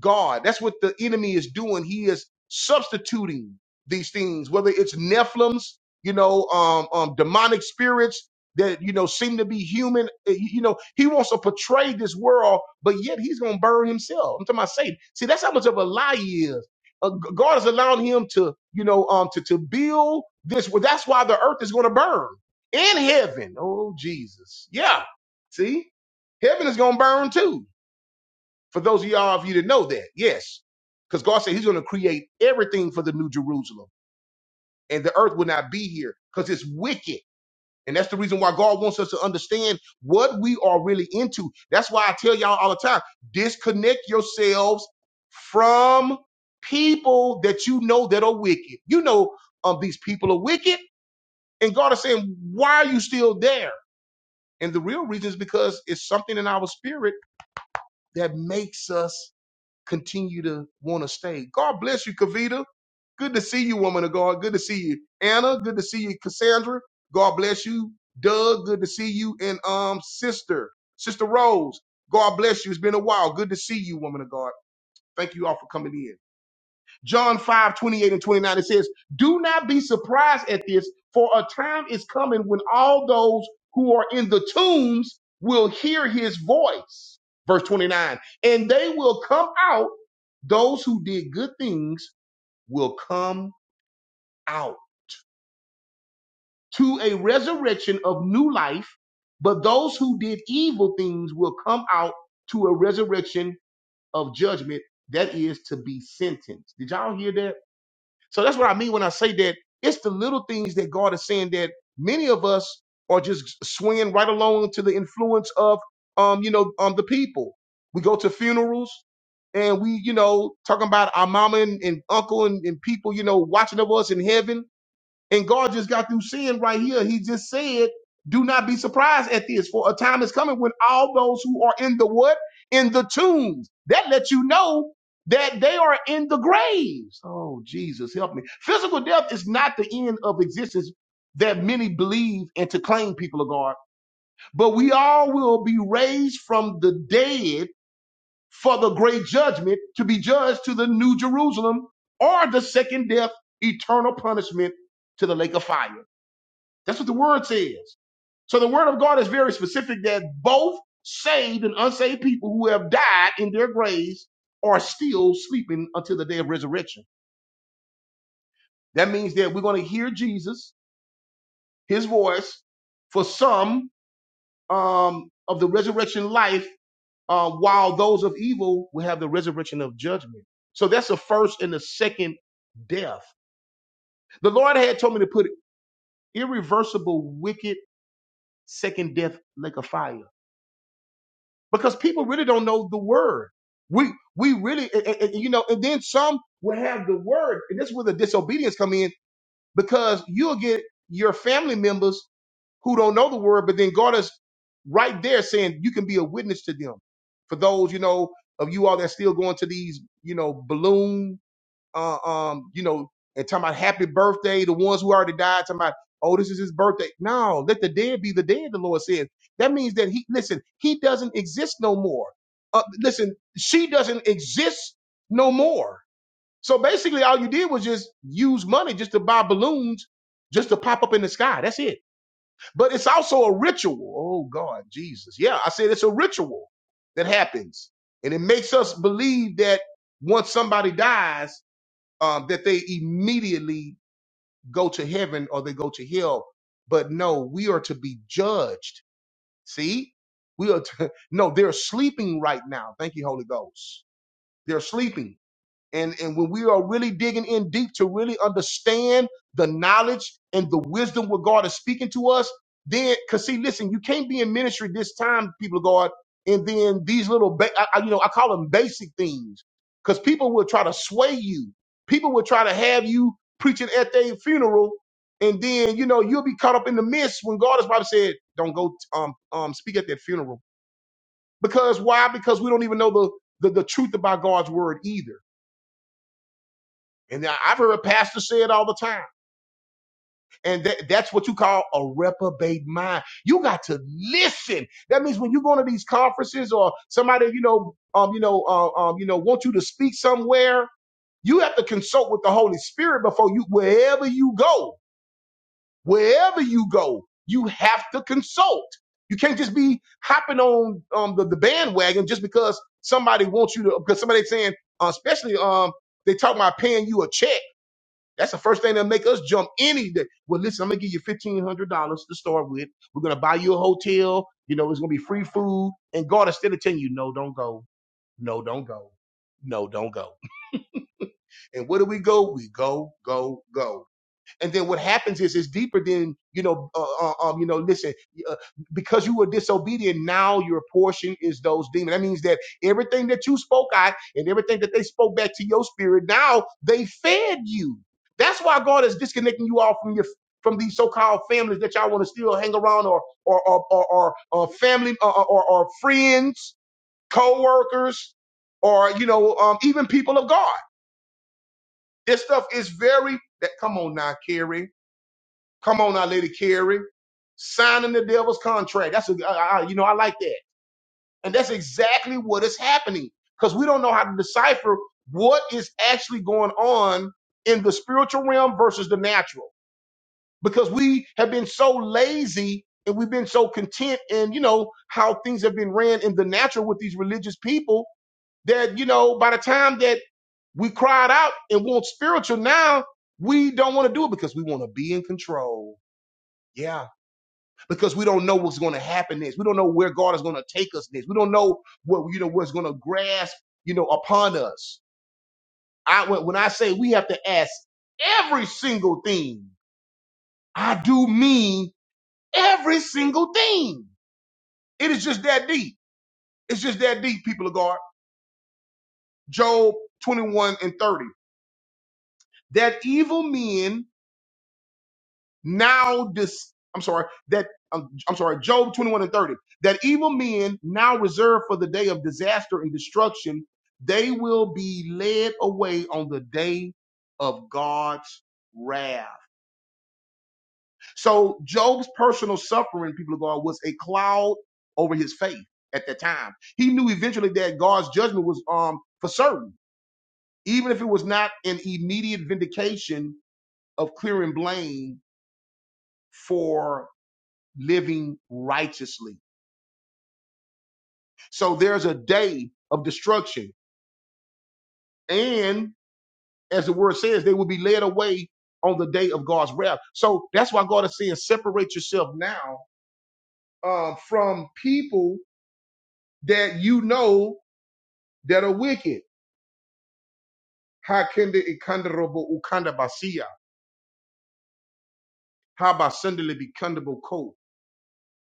[SPEAKER 1] God. That's what the enemy is doing. He is substituting these things, whether it's Nephilims, you know, um, um, demonic spirits that, you know, seem to be human. Uh, You you know, he wants to portray this world, but yet he's going to burn himself. I'm talking about Satan. See, that's how much of a lie he is. Uh, G- God is allowing him to, you know, um, to, to build this. Well, that's why the earth is going to burn in heaven. Oh, Jesus. Yeah. See, heaven is going to burn too for those of y'all of you that know that, yes. Because God said he's going to create everything for the new Jerusalem. And the earth will not be here because it's wicked. And that's the reason why God wants us to understand what we are really into. That's why I tell y'all all the time disconnect yourselves from people that you know that are wicked. You know um, these people are wicked. And God is saying, why are you still there? And the real reason is because it's something in our spirit that makes us continue to want to stay. God bless you, Kavita. Good to see you, woman of God. Good to see you, Anna. Good to see you, Cassandra. God bless you, Doug. Good to see you, and um, sister, sister Rose. God bless you. It's been a while. Good to see you, woman of God. Thank you all for coming in. John 5 28 and 29, it says, Do not be surprised at this, for a time is coming when all those who are in the tombs will hear his voice. Verse 29, and they will come out. Those who did good things will come out to a resurrection of new life, but those who did evil things will come out to a resurrection of judgment that is to be sentenced. Did y'all hear that? So that's what I mean when I say that it's the little things that God is saying that many of us are just swinging right along to the influence of, um, you know, um, the people. We go to funerals and we, you know, talking about our mama and, and uncle and, and people, you know, watching of us in heaven and God just got through saying right here, He just said, Do not be surprised at this, for a time is coming when all those who are in the what? In the tombs. That lets you know that they are in the graves. Oh, Jesus, help me. Physical death is not the end of existence that many believe and to claim people of God, but we all will be raised from the dead for the great judgment to be judged to the new Jerusalem or the second death, eternal punishment to the lake of fire. That's what the word says. So the word of God is very specific that both saved and unsaved people who have died in their graves are still sleeping until the day of resurrection. That means that we're going to hear Jesus, his voice, for some um, of the resurrection life, uh, while those of evil will have the resurrection of judgment. So that's the first and the second death. The Lord had told me to put irreversible, wicked, second death like a fire. because people really don't know the word. We we really and- and- and, you know, and then some will have the word, and this is where the disobedience come in because you'll get your family members who don't know the word, but then God is right there saying you can be a witness to them. For those you know of you all that's still going to these you know balloon uh, um, you know, and talking about happy birthday, the ones who already died, talking about, oh, this is his birthday. No, let the dead be the dead, the Lord says. That means that he, listen, he doesn't exist no more. Uh, listen, she doesn't exist no more. So basically, all you did was just use money just to buy balloons just to pop up in the sky. That's it. But it's also a ritual. Oh, God, Jesus. Yeah, I said it's a ritual that happens. And it makes us believe that once somebody dies, um, that they immediately go to heaven or they go to hell. But no, we are to be judged. See, we are to, [LAUGHS] no, they're sleeping right now. Thank you, Holy Ghost. They're sleeping and and when we are really digging in deep to really understand the knowledge and the wisdom where God is speaking to us, then because see, listen, you can't be in ministry this time, people of God, and then these little, ba- I, I- you know, I call them basic things, because people will try to sway you. People will try to have you preaching at their funeral, and then you know you'll be caught up in the midst when God has probably said, "Don't go um um speak at that funeral," because why? Because we don't even know the the, the truth about God's word either. And I- I've heard pastors say it all the time. And that, that's what you call a reprobate mind. You got to listen. That means when you go to these conferences or somebody, you know, um, you know, uh, um, you know, want you to speak somewhere, you have to consult with the Holy Spirit before you, wherever you go, wherever you go, you have to consult. You can't just be hopping on um, the, the bandwagon just because somebody wants you to, because somebody saying, uh, especially um, they talk about paying you a check that's the first thing that'll make us jump any day. Well, listen, I'm gonna give you fifteen hundred dollars to start with. We're gonna buy you a hotel. You know, it's gonna be free food. And God is still telling you, no, don't go. No, don't go. No, don't go. And where do we go? We go, go, go. And then what happens is it's deeper than you know. Uh, uh, um, you know, listen, uh, because you were disobedient, now your portion is those demons. That means that everything that you spoke out and everything that they spoke back to your spirit, now they fed you. That's why God is disconnecting you all from your from these so-called families that y'all want to still hang around or or or or, or, or family or, or or friends, co-workers, or you know, um, even people of God. This stuff is very that come on now, Carrie. Come on now, Lady Carrie. Signing the devil's contract. That's, a, I, I- you know, I like that. And that's exactly what is happening because we don't know how to decipher what is actually going on in the spiritual realm versus the natural because we have been so lazy and we've been so content in, you know, how things have been ran in the natural with these religious people that, you know, by the time that we cried out and want spiritual now, we don't want to do it because we want to be in control. Yeah because we don't know what's going to happen next. We don't know where God is going to take us next. We don't know what you know what's going to grasp you know upon us. I when when I say we have to ask every single thing, I do mean every single thing. It is just that deep. It's just that deep, people of God. Job 21 and 30. That evil men now this I'm sorry that um, I'm sorry Job 21 and 30 that evil men now reserved for the day of disaster and destruction they will be led away on the day of God's wrath. So Job's personal suffering people of God was a cloud over his faith at that time. He knew eventually that God's judgment was um for certain even if it was not an immediate vindication of clearing blame for living righteously. So there's a day of destruction. And as the word says, they will be led away on the day of God's wrath. So that's why God is saying, separate yourself now uh, from people that you know that are wicked.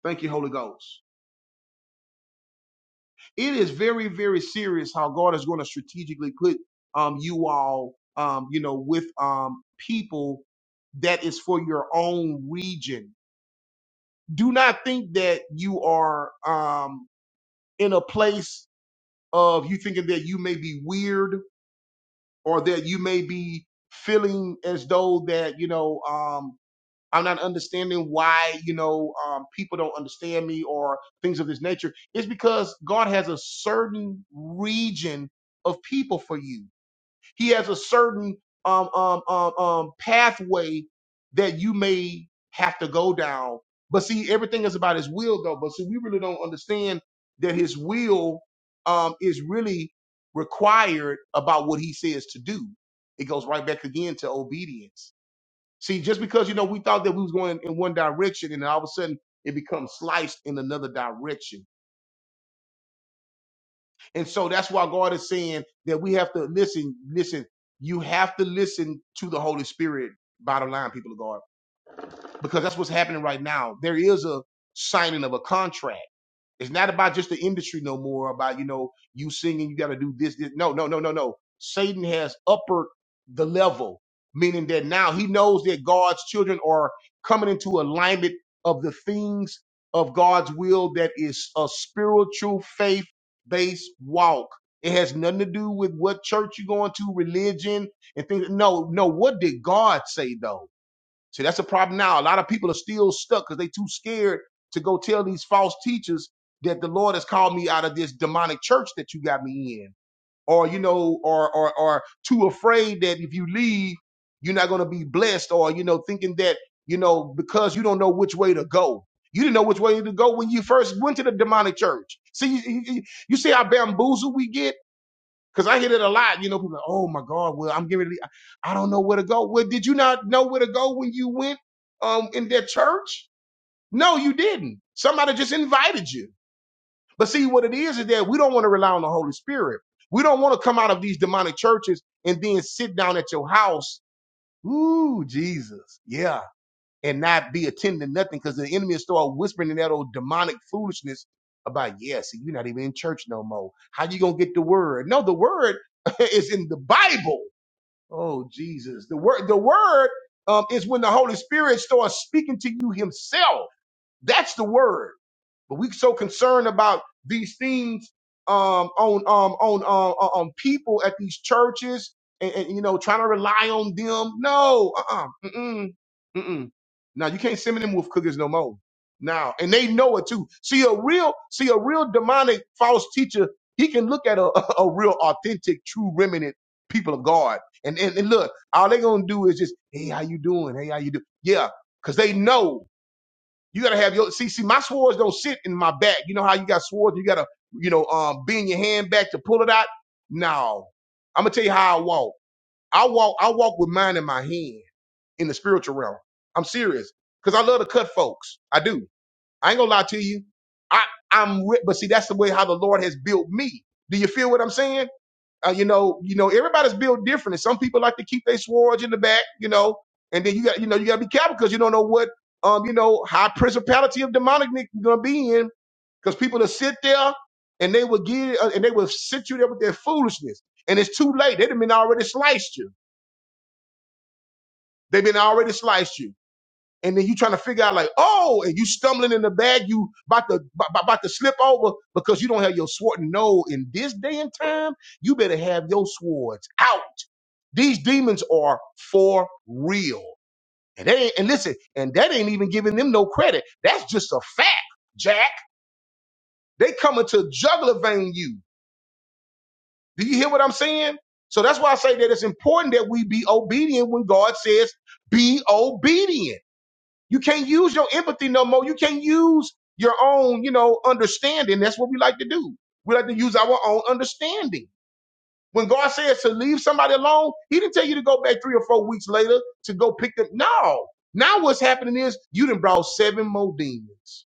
[SPEAKER 1] Thank you, Holy Ghost. it is very very serious how god is going to strategically put um you all um you know with um people that is for your own region do not think that you are um in a place of you thinking that you may be weird or that you may be feeling as though that you know um I'm not understanding why, you know, um, people don't understand me or things of this nature. It's because God has a certain region of people for you. He has a certain um, um, um, um, pathway that you may have to go down. But see, everything is about His will, though. But see, we really don't understand that His will um, is really required about what He says to do. It goes right back again to obedience See, just because you know we thought that we was going in one direction, and then all of a sudden it becomes sliced in another direction, and so that's why God is saying that we have to listen. Listen, you have to listen to the Holy Spirit. Bottom line, people of God, because that's what's happening right now. There is a signing of a contract. It's not about just the industry no more. About you know you singing, you got to do this, this. No, no, no, no, no. Satan has uppered the level, meaning that now he knows that God's children are coming into alignment of the things of God's will that is a spiritual faith based walk. It has nothing to do with what church you're going to, religion, and things. No, no. What did God say though? See, that's a problem now. A lot of people are still stuck because they too scared to go tell these false teachers that the Lord has called me out of this demonic church that you got me in. Or, you know, or or or too afraid that if you leave, you're not gonna be blessed, or you know, thinking that, you know, because you don't know which way to go. You didn't know which way to go when you first went to the demonic church. See, you, you, you see how bamboozled we get? Cause I hear it a lot, you know, people like, oh my God, well, I'm getting ready. I don't know where to go. Well, did you not know where to go when you went um in their church? No, you didn't. Somebody just invited you. But see what it is is that we don't want to rely on the Holy Spirit. We don't want to come out of these demonic churches and then sit down at your house. Ooh, Jesus. Yeah and not be attending to nothing because the enemy will start whispering in that old demonic foolishness about, yeah, see, you're not even in church no more. How you gonna get the word? No, the word [LAUGHS] is in the Bible. Oh Jesus. The word the word um, is when the Holy Spirit starts speaking to you himself. That's the word. But we so concerned about these things um, on um, on on on people at these churches, and, and you know, trying to rely on them. No, uh, uh-uh, mm, mm, mm. Now you can't send me them with cookies no more. Now, and they know it too. See a real, see a real demonic false teacher. He can look at a, [LAUGHS] a real authentic, true remnant people of God, and and, and look, all they gonna do is just, hey, how you doing? Hey, how you do? Yeah, because they know you gotta have your see, see, my swords don't sit in my back. You know how you got swords, you gotta, you know, um bend your hand back to pull it out? No. I'm gonna tell you how I walk. I walk, I walk with mine in my hand in the spiritual realm. I'm serious. Cause I love to cut folks. I do. I ain't gonna lie to you. I, I'm, wi- but see, that's the way how the Lord has built me. Do you feel what I'm saying? Uh, you know, you know, everybody's built different, and some people like to keep their swords in the back, you know. And then you got, you know, you got to be careful because you don't know what, um, you know, high principality of demonic you're gonna be in, because people will sit there and they will get, uh, and they will sit you there with their foolishness, and it's too late. They've been already sliced you. They've been already sliced you. And then you trying to figure out like, oh, and you stumbling in the bag, you about to b- b- about to slip over because you don't have your sword. No, in this day and time, you better have your swords out These demons are for real. And they ain't, and listen, and that ain't even giving them no credit. That's just a fact, Jack. They coming to juggler vein you. Do you hear what I'm saying? So that's why I say that it's important that we be obedient when God says be obedient. You can't use your empathy no more. You can't use your own, you know, understanding. That's what we like to do. We like to use our own understanding. When God says to leave somebody alone, He didn't tell you to go back three or four weeks later to go pick them. No. Now what's happening is you done brought seven more demons.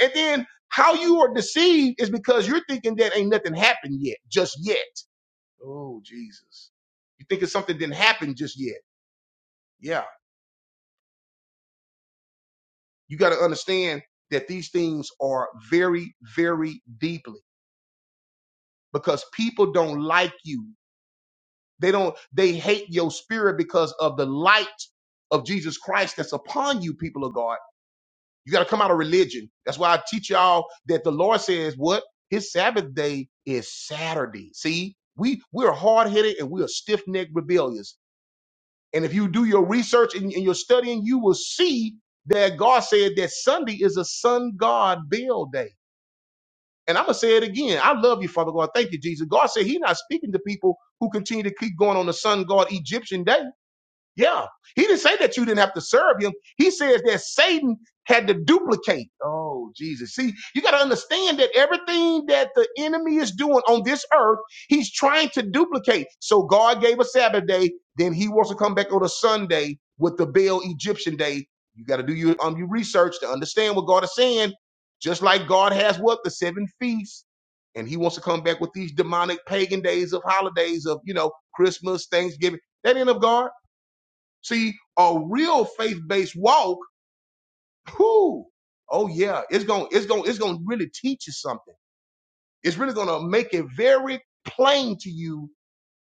[SPEAKER 1] And then how you are deceived is because you're thinking that ain't nothing happened yet, just yet. Oh, Jesus. You thinking something didn't happen just yet. Yeah. You got to understand that these things are very, very deeply because people don't like you. They don't, they hate your spirit because of the light of Jesus Christ that's upon you, people of God. You got to come out of religion. That's why I teach y'all that the Lord says what? His Sabbath day is Saturday. See, we we're hard headed and we are stiff necked rebellious. And if you do your research and, and your studying, you will see that God said that Sunday is a sun God bill day. And I'm gonna say it again. I love you, Father God. Thank you, Jesus. God said He's not speaking to people who continue to keep going on the sun God Egyptian day. Yeah. He didn't say that you didn't have to serve him. He says that Satan had to duplicate. Oh, Jesus. See, you got to understand that everything that the enemy is doing on this earth, he's trying to duplicate. So God gave a Sabbath day, then he wants to come back on a Sunday with the Baal Egyptian day. You got to do your um your research to understand what God is saying. Just like God has what? The seven feasts. And he wants to come back with these demonic pagan days of holidays of, you know, Christmas, Thanksgiving. That ain't of God. See, a real faith-based walk, whoo, oh yeah, it's going it's going it's going to really teach you something. It's really going to make it very plain to you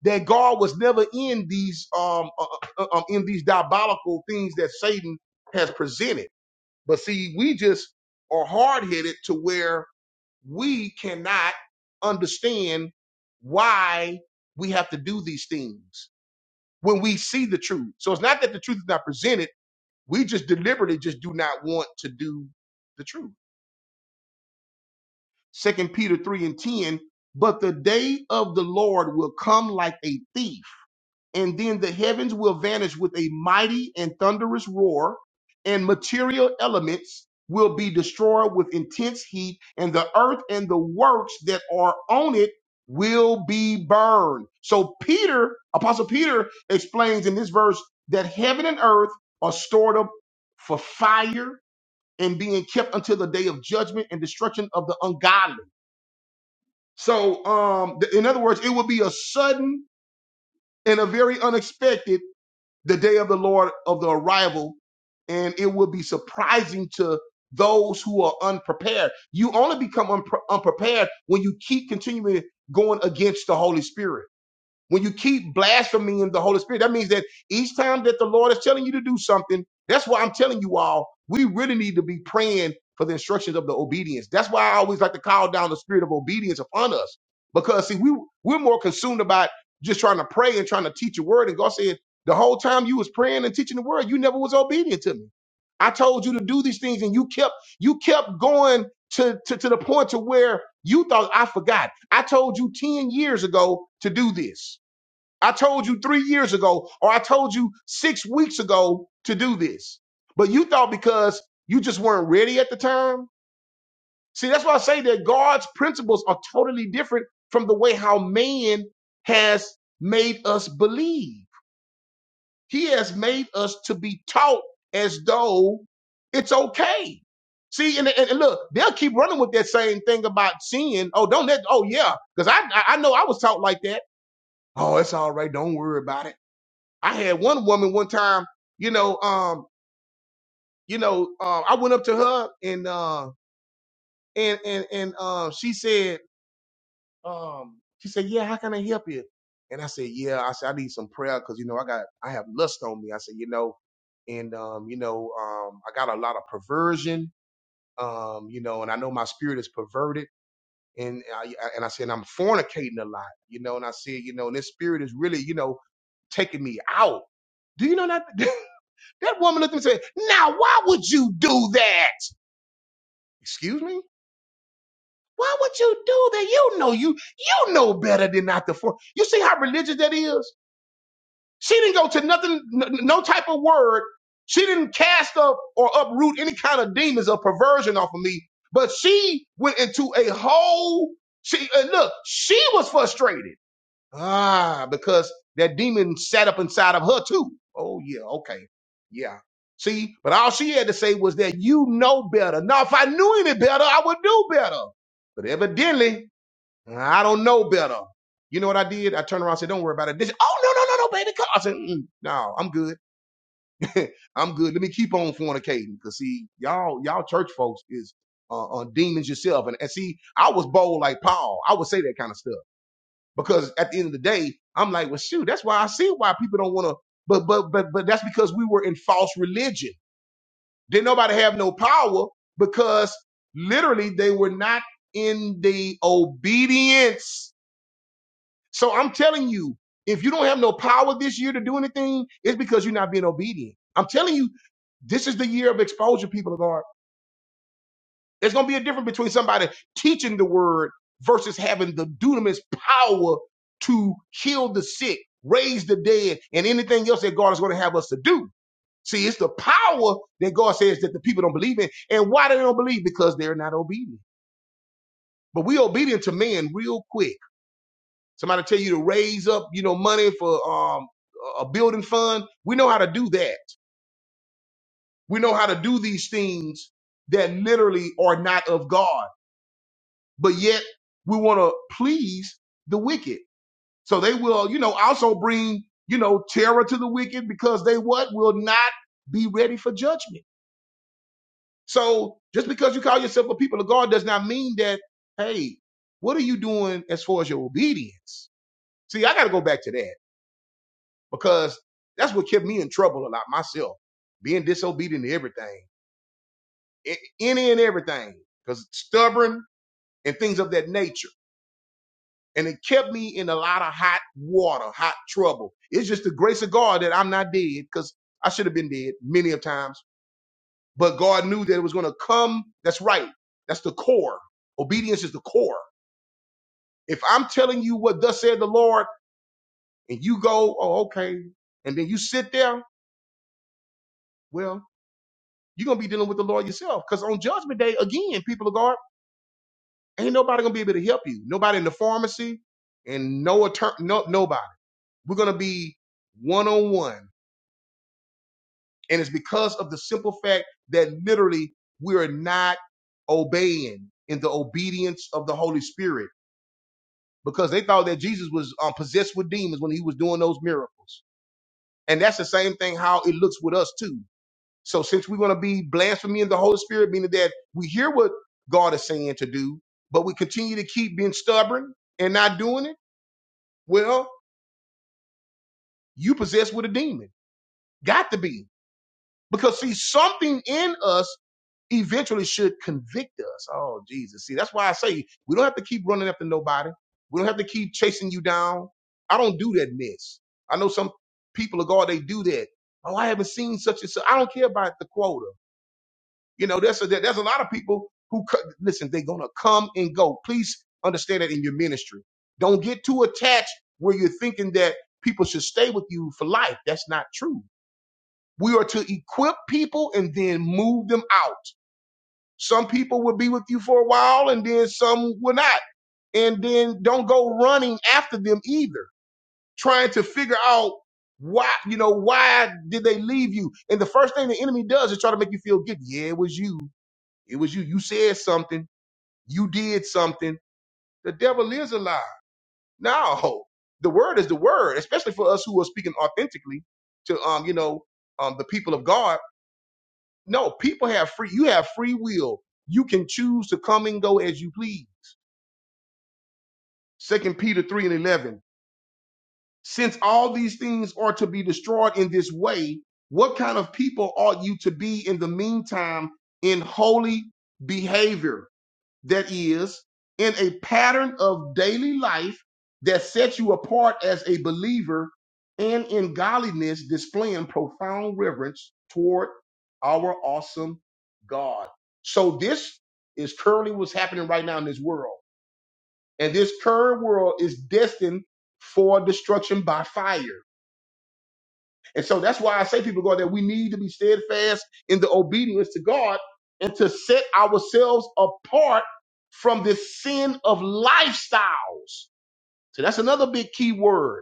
[SPEAKER 1] that God was never in these um, uh, uh, uh, um in these diabolical things that Satan has presented. But see, we just are hard-headed to where we cannot understand why we have to do these things when we see the truth. So it's not that the truth is not presented We just deliberately just do not want to do the truth. Second Peter 3 and 10, but the day of the Lord will come like a thief, and then the heavens will vanish with a mighty and thunderous roar, and material elements will be destroyed with intense heat, and the earth and the works that are on it will be burned. So Peter, Apostle Peter explains in this verse that heaven and earth are stored up for fire and being kept until the day of judgment and destruction of the ungodly. So, um, th- in other words, it will be a sudden and a very unexpected the day of the Lord of the arrival, and it will be surprising to those who are unprepared. You only become unpre- unprepared when you keep continuing going against the Holy Spirit. When you keep blaspheming the Holy Spirit, that means that each time that the Lord is telling you to do something, that's why I'm telling you all, we really need to be praying for the instructions of the obedience. That's why I always like to call down the spirit of obedience upon us. Because see, we we're more consumed about just trying to pray and trying to teach a word. And God said, the whole time you was praying and teaching the word, you never was obedient to me. I told you to do these things, and you kept you kept going to, to, to the point to where you thought I forgot. I told you 10 years ago to do this. I told you three years ago, or I told you six weeks ago to do this. But you thought because you just weren't ready at the time. See, that's why I say that God's principles are totally different from the way how man has made us believe. He has made us to be taught as though it's okay. See, and, and, and look, they'll keep running with that same thing about sin. Oh, don't let, oh, yeah, because I, I I know I was taught like that. Oh, it's all right. Don't worry about it. I had one woman one time, you know, um, you know, uh, I went up to her and uh, and and and uh, she said, um, she said, yeah, how can I help you? And I said, yeah, I said I need some prayer because you know I got I have lust on me. I said, you know, and um, you know, um, I got a lot of perversion, um, you know, and I know my spirit is perverted. And I, and I said I'm fornicating a lot, you know. And I said, you know, and this spirit is really, you know, taking me out. Do you know that? [LAUGHS] That woman looked at me and said, Now, why would you do that? Excuse me? Why would you do that? You know you you know better than not to form. You see how religious that is? She didn't go to nothing, n- no type of word. She didn't cast up or uproot any kind of demons or perversion off of me. But she went into a whole. She and look, she was frustrated. Ah, because that demon sat up inside of her too. Oh yeah, okay. Yeah. See, but all she had to say was that you know better. Now, if I knew any better, I would do better. But evidently, I don't know better. You know what I did? I turned around and said, Don't worry about it. This, oh, no, no, no, no, baby. Come. I said, "Mm, No, I'm good. [LAUGHS] I'm good. Let me keep on fornicating. Because, see, y'all, y'all church folks is uh, uh, demons yourself. And, and see, I was bold like Paul. I would say that kind of stuff. Because at the end of the day, I'm like, well, shoot, that's why I see why people don't want to. But but but but that's because we were in false religion. Didn't nobody have no power because literally they were not in the obedience. So I'm telling you, if you don't have no power this year to do anything, it's because you're not being obedient. I'm telling you, this is the year of exposure, people of God. There's going to be a difference between somebody teaching the word versus having the dunamis power to heal the sick, raise the dead, and anything else that God is going to have us to do. See, it's the power that God says that the people don't believe in. And why do they don't believe? Because they're not obedient. But we obedient to man real quick. Somebody tell you to raise up, you know, money for um, a a building fund. We know how to do that. We know how to do these things that literally are not of God. but yet we want to please the wicked. So they will, you know, also bring, you know, terror to the wicked because they what will not be ready for judgment. So just because you call yourself a people of God does not mean that, hey, what are you doing as far as your obedience? See, I got to go back to that because that's what kept me in trouble a lot myself, being disobedient to everything, any and everything, because stubborn and things of that nature. and it kept me in a lot of hot water, hot trouble. It's just the grace of God that I'm not dead because I should have been dead many of times. But God knew that it was going to come. That's right. That's the core. Obedience is the core. If I'm telling you what thus said the Lord and you go, oh, okay. And then you sit there, well, you're going to be dealing with the Lord yourself. Because on judgment day, again, people of God, ain't nobody going to be able to help you. Nobody in the pharmacy and no attorney, no, nobody. We're going to be one on one And it's because of the simple fact that literally we're not obeying in the obedience of the Holy Spirit because they thought that Jesus was um, possessed with demons when he was doing those miracles. And that's the same thing how it looks with us too. So since we're going to be blasphemy the Holy Spirit, meaning that we hear what God is saying to do, but we continue to keep being stubborn and not doing it, well, you possessed with a demon. Got to be. Because see, something in us eventually should convict us. Oh, Jesus. See, that's why I say we don't have to keep running after nobody. We don't have to keep chasing you down. I don't do that mess. I know some people of God, they do that. Oh, I haven't seen such and such. I don't care about the quota. You know, there's a, there's a lot of people who, co- listen, they're going to come and go. Please understand that in your ministry. Don't get too attached where you're thinking that people should stay with you for life. That's not true. We are to equip people and then move them out. Some people will be with you for a while and then some will not. And then don't go running after them either, trying to figure out why, you know, why did they leave you? And the first thing the enemy does is try to make you feel guilty. Yeah, it was you. It was you. You said something. You did something. The devil is a lie. No, the word is the word, especially for us who are speaking authentically to, um, you know, um, the people of God. No, people have free, you have free will. You can choose to come and go as you please Second Peter 3 and 11. Since all these things are to be destroyed in this way, what kind of people ought you to be in the meantime in holy behavior? That is, in a pattern of daily life that sets you apart as a believer and in godliness, displaying profound reverence toward our awesome God. So, this is currently what's happening right now in this world and this current world is destined for destruction by fire. And so that's why I say people go that we need to be steadfast in the obedience to God and to set ourselves apart from this sin of lifestyles. So that's another big key word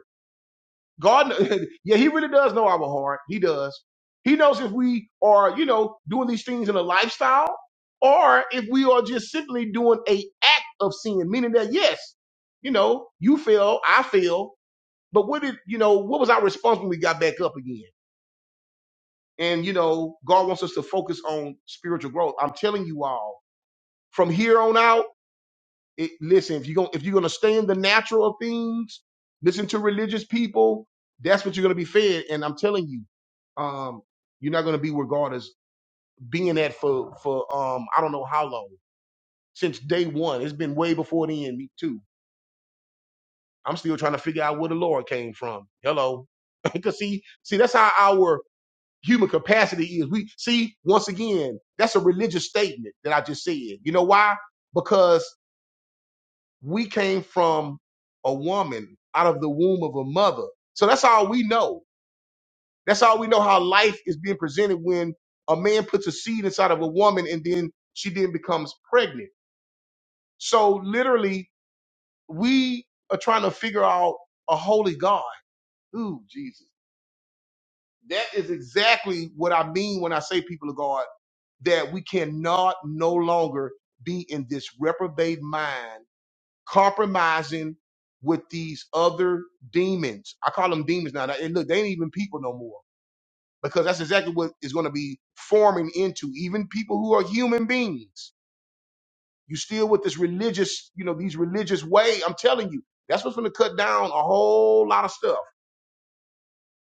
[SPEAKER 1] God, [LAUGHS] yeah, he really does know our heart. He does. He knows if we are, you know, doing these things in a lifestyle or if we are just simply doing a act of sin, meaning that, yes, you know, you fail, I fail, but what did, you know, what was our response when we got back up again? And, you know, God wants us to focus on spiritual growth. I'm telling you all from here on out. It, listen, if you are going if you're gonna stay in the natural of things, listen to religious people. That's what you're gonna be fed. And I'm telling you, um, you're not gonna be regarded as being that for for um I don't know how long since day one. It's been way before the end. Me too. I'm still trying to figure out where the Lord came from. Hello, [LAUGHS] because see, see that's how our human capacity is. We see once again that's a religious statement that I just said. You know why? Because. we came from a woman out of the womb of a mother. So that's all we know. That's all we know how life is being presented when a man puts a seed inside of a woman and then she then becomes pregnant. So literally, we are trying to figure out a holy God. Ooh, Jesus. That is exactly what I mean when I say people of God that we cannot no longer be in this reprobate mind compromising with these other demons. I call them demons now. And look, they ain't even people no more because that's exactly what is going to be forming into even people who are human beings. You still with this religious, you know, these religious way. I'm telling you, that's what's going to cut down a whole lot of stuff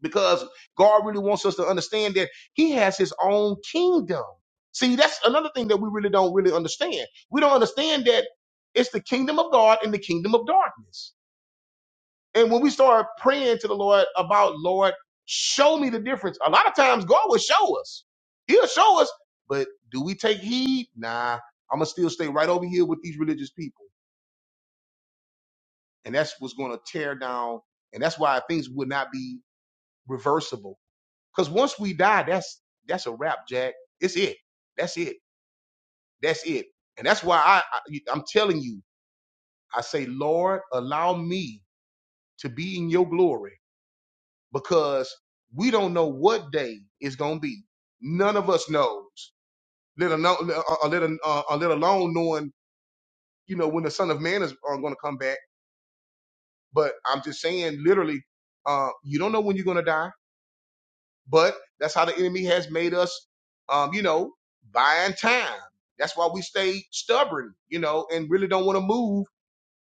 [SPEAKER 1] because God really wants us to understand that He has His own kingdom. See, that's another thing that we really don't really understand. We don't understand that it's the kingdom of God and the kingdom of darkness. And when we start praying to the Lord about, Lord, show me the difference, a lot of times God will show us. He'll show us, but do we take heed? Nah, I'm going to still stay right over here with these religious people. And that's what's going to tear down. And that's why things would not be reversible. Because once we die, that's that's a wrap, Jack. It's it. That's it. That's it. And that's why I, I I'm telling you, I say, Lord, allow me to be in your glory because we don't know what day it's gonna be. None of us knows. Let alone, uh, uh, let, uh, uh, let alone knowing, you know, when the Son of Man is uh, gonna come back. But I'm just saying, literally, uh, you don't know when you're gonna die. But that's how the enemy has made us, um, you know, buying time. That's why we stay stubborn, you know, and really don't want to move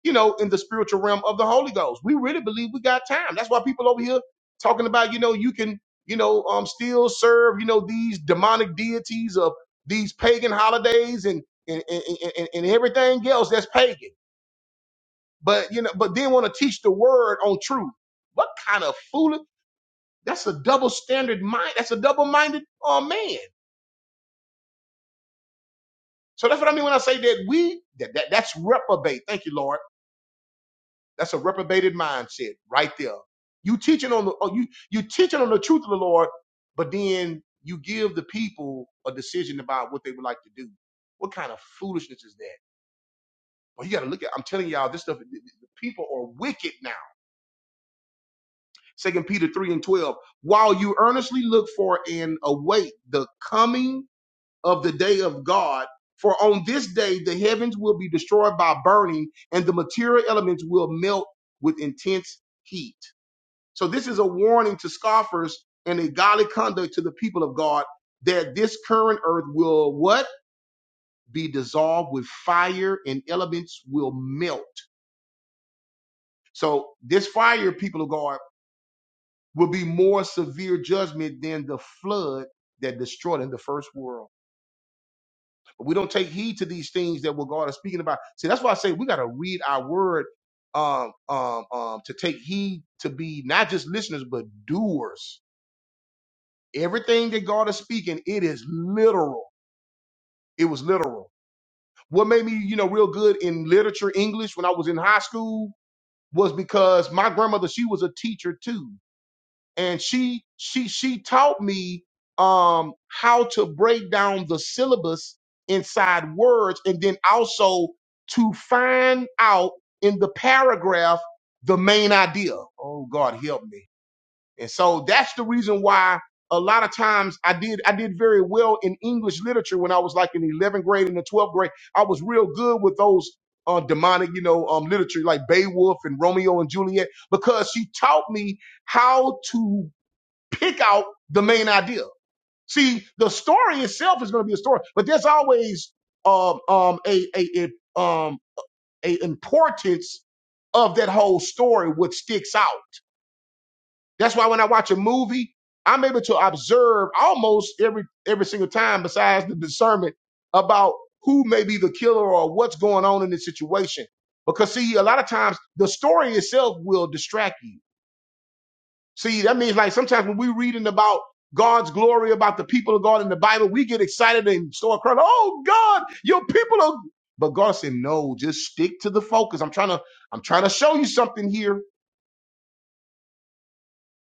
[SPEAKER 1] you know, in the spiritual realm of the Holy Ghost. We really believe we got time. That's why people over here talking about, you know, you can, you know, um, still serve, you know, these demonic deities of these pagan holidays and and, and, and, and everything else that's pagan. But you know, but then want to teach the word on truth. What kind of fool? That's a double standard mind. That's a double minded uh, man. So that's what I mean when I say that we that, that that's reprobate. Thank you, Lord That's a reprobated mindset right there. You teaching on the oh, you you teaching on the truth of the Lord, but then you give the people a decision about what they would like to do. What kind of foolishness is that? Well, you got to look at. I'm telling y'all, this stuff. The the people are wicked now. Second Peter three and twelve. While you earnestly look for and await the coming of the day of God, for on this day the heavens will be destroyed by burning, and the material elements will melt with intense heat So this is a warning to scoffers and a godly conduct to the people of God that this current earth will what? Be dissolved with fire and elements will melt. So this fire, people of God, will be more severe judgment than the flood that destroyed in the first world. But we don't take heed to these things that what God is speaking about. See, that's why I say we got to read our word um, um, um, to take heed to be not just listeners, but doers Everything that God is speaking, it is literal. It was literal. What made me, you know, real good in literature English when I was in high school was because my grandmother, she was a teacher too. And she she she taught me um how to break down the syllabus inside words and then also to find out in the paragraph the main idea. Oh God help me. And so that's the reason why a lot of times I did I did very well in English literature when I was like in the 11th grade and the 12th grade. I was real good with those uh, demonic, you know, um, literature like Beowulf and Romeo and Juliet because she taught me how to pick out the main idea. See, the story itself is going to be a story, but there's always um, um, a, a, a, um, a importance of that whole story, what sticks out. That's why when I watch a movie, I'm able to observe almost every every single time, besides the discernment about who may be the killer or what's going on in the situation. Because see, a lot of times the story itself will distract you. See, that means like sometimes when we're reading about God's glory, about the people of God in the Bible, we get excited and start crying, "Oh God, your people are." But God said, "No, just stick to the focus. I'm trying to, I'm trying to show you something here."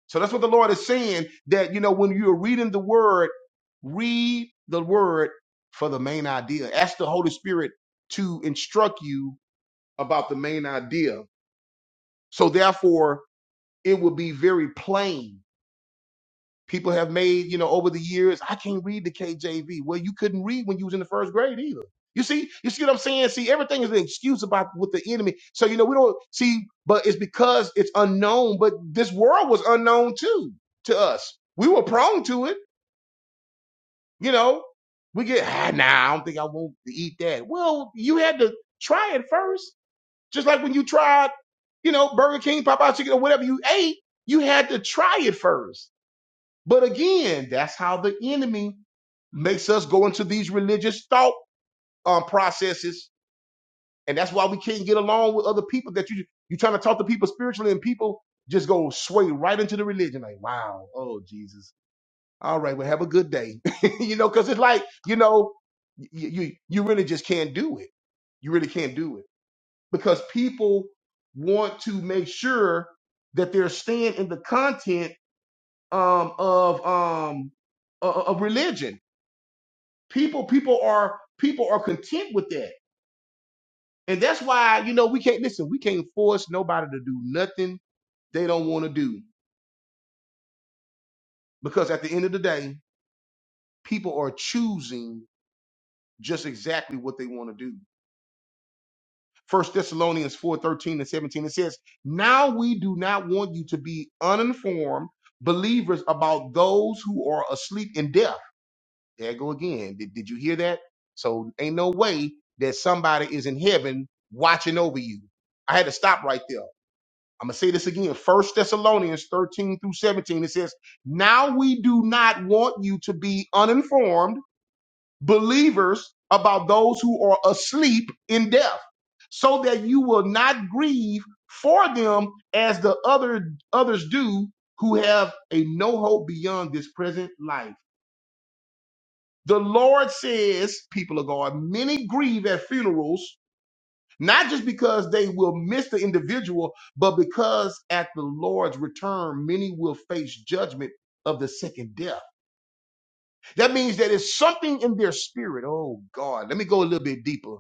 [SPEAKER 1] So that's what the Lord is saying that, you know, when you're reading the word, read the word for the main idea. Ask the Holy Spirit to instruct you about the main idea. So therefore, it will be very plain people have made, you know, over the years. I can't read the KJV. Well, you couldn't read when you was in the first grade either. You see, you see what I'm saying? See, everything is an excuse about with the enemy. So, you know, we don't see, but it's because it's unknown, but this world was unknown too to us. We were prone to it, you know. We get, ah, nah, I don't think I want to eat that. Well, you had to try it first. Just like when you tried, you know, Burger King, Popeye chicken, or whatever you ate, you had to try it first. But again, that's how the enemy makes us go into these religious thought um, processes, and that's why we can't get along with other people. That you you trying to talk to people spiritually, and people just go sway right into the religion. Like, wow, oh Jesus, all right, well have a good day, [LAUGHS] you know, because it's like you know, you, you you really just can't do it. You really can't do it because people want to make sure that they're staying in the content um, of um, o- o- of religion people people are people are content with that and that's why you know we can't listen we can't force nobody to do nothing they don't want to do because at the end of the day people are choosing just exactly what they want to do first thessalonians four thirteen 13 and 17 it says now we do not want you to be uninformed believers about those who are asleep in death There go again. Did, did you hear that? So ain't no way that somebody is in heaven watching over you. I had to stop right there. I'm gonna say this again. First Thessalonians 13 through 17. It says, Now we do not want you to be uninformed believers about those who are asleep in death, so that you will not grieve for them as the other others do who have a no hope beyond this present life. The Lord says people of God, many grieve at funerals, not just because they will miss the individual, but because at the Lord's return, many will face judgment of the second death. That means that it's something in their spirit. Oh God, let me go a little bit deeper.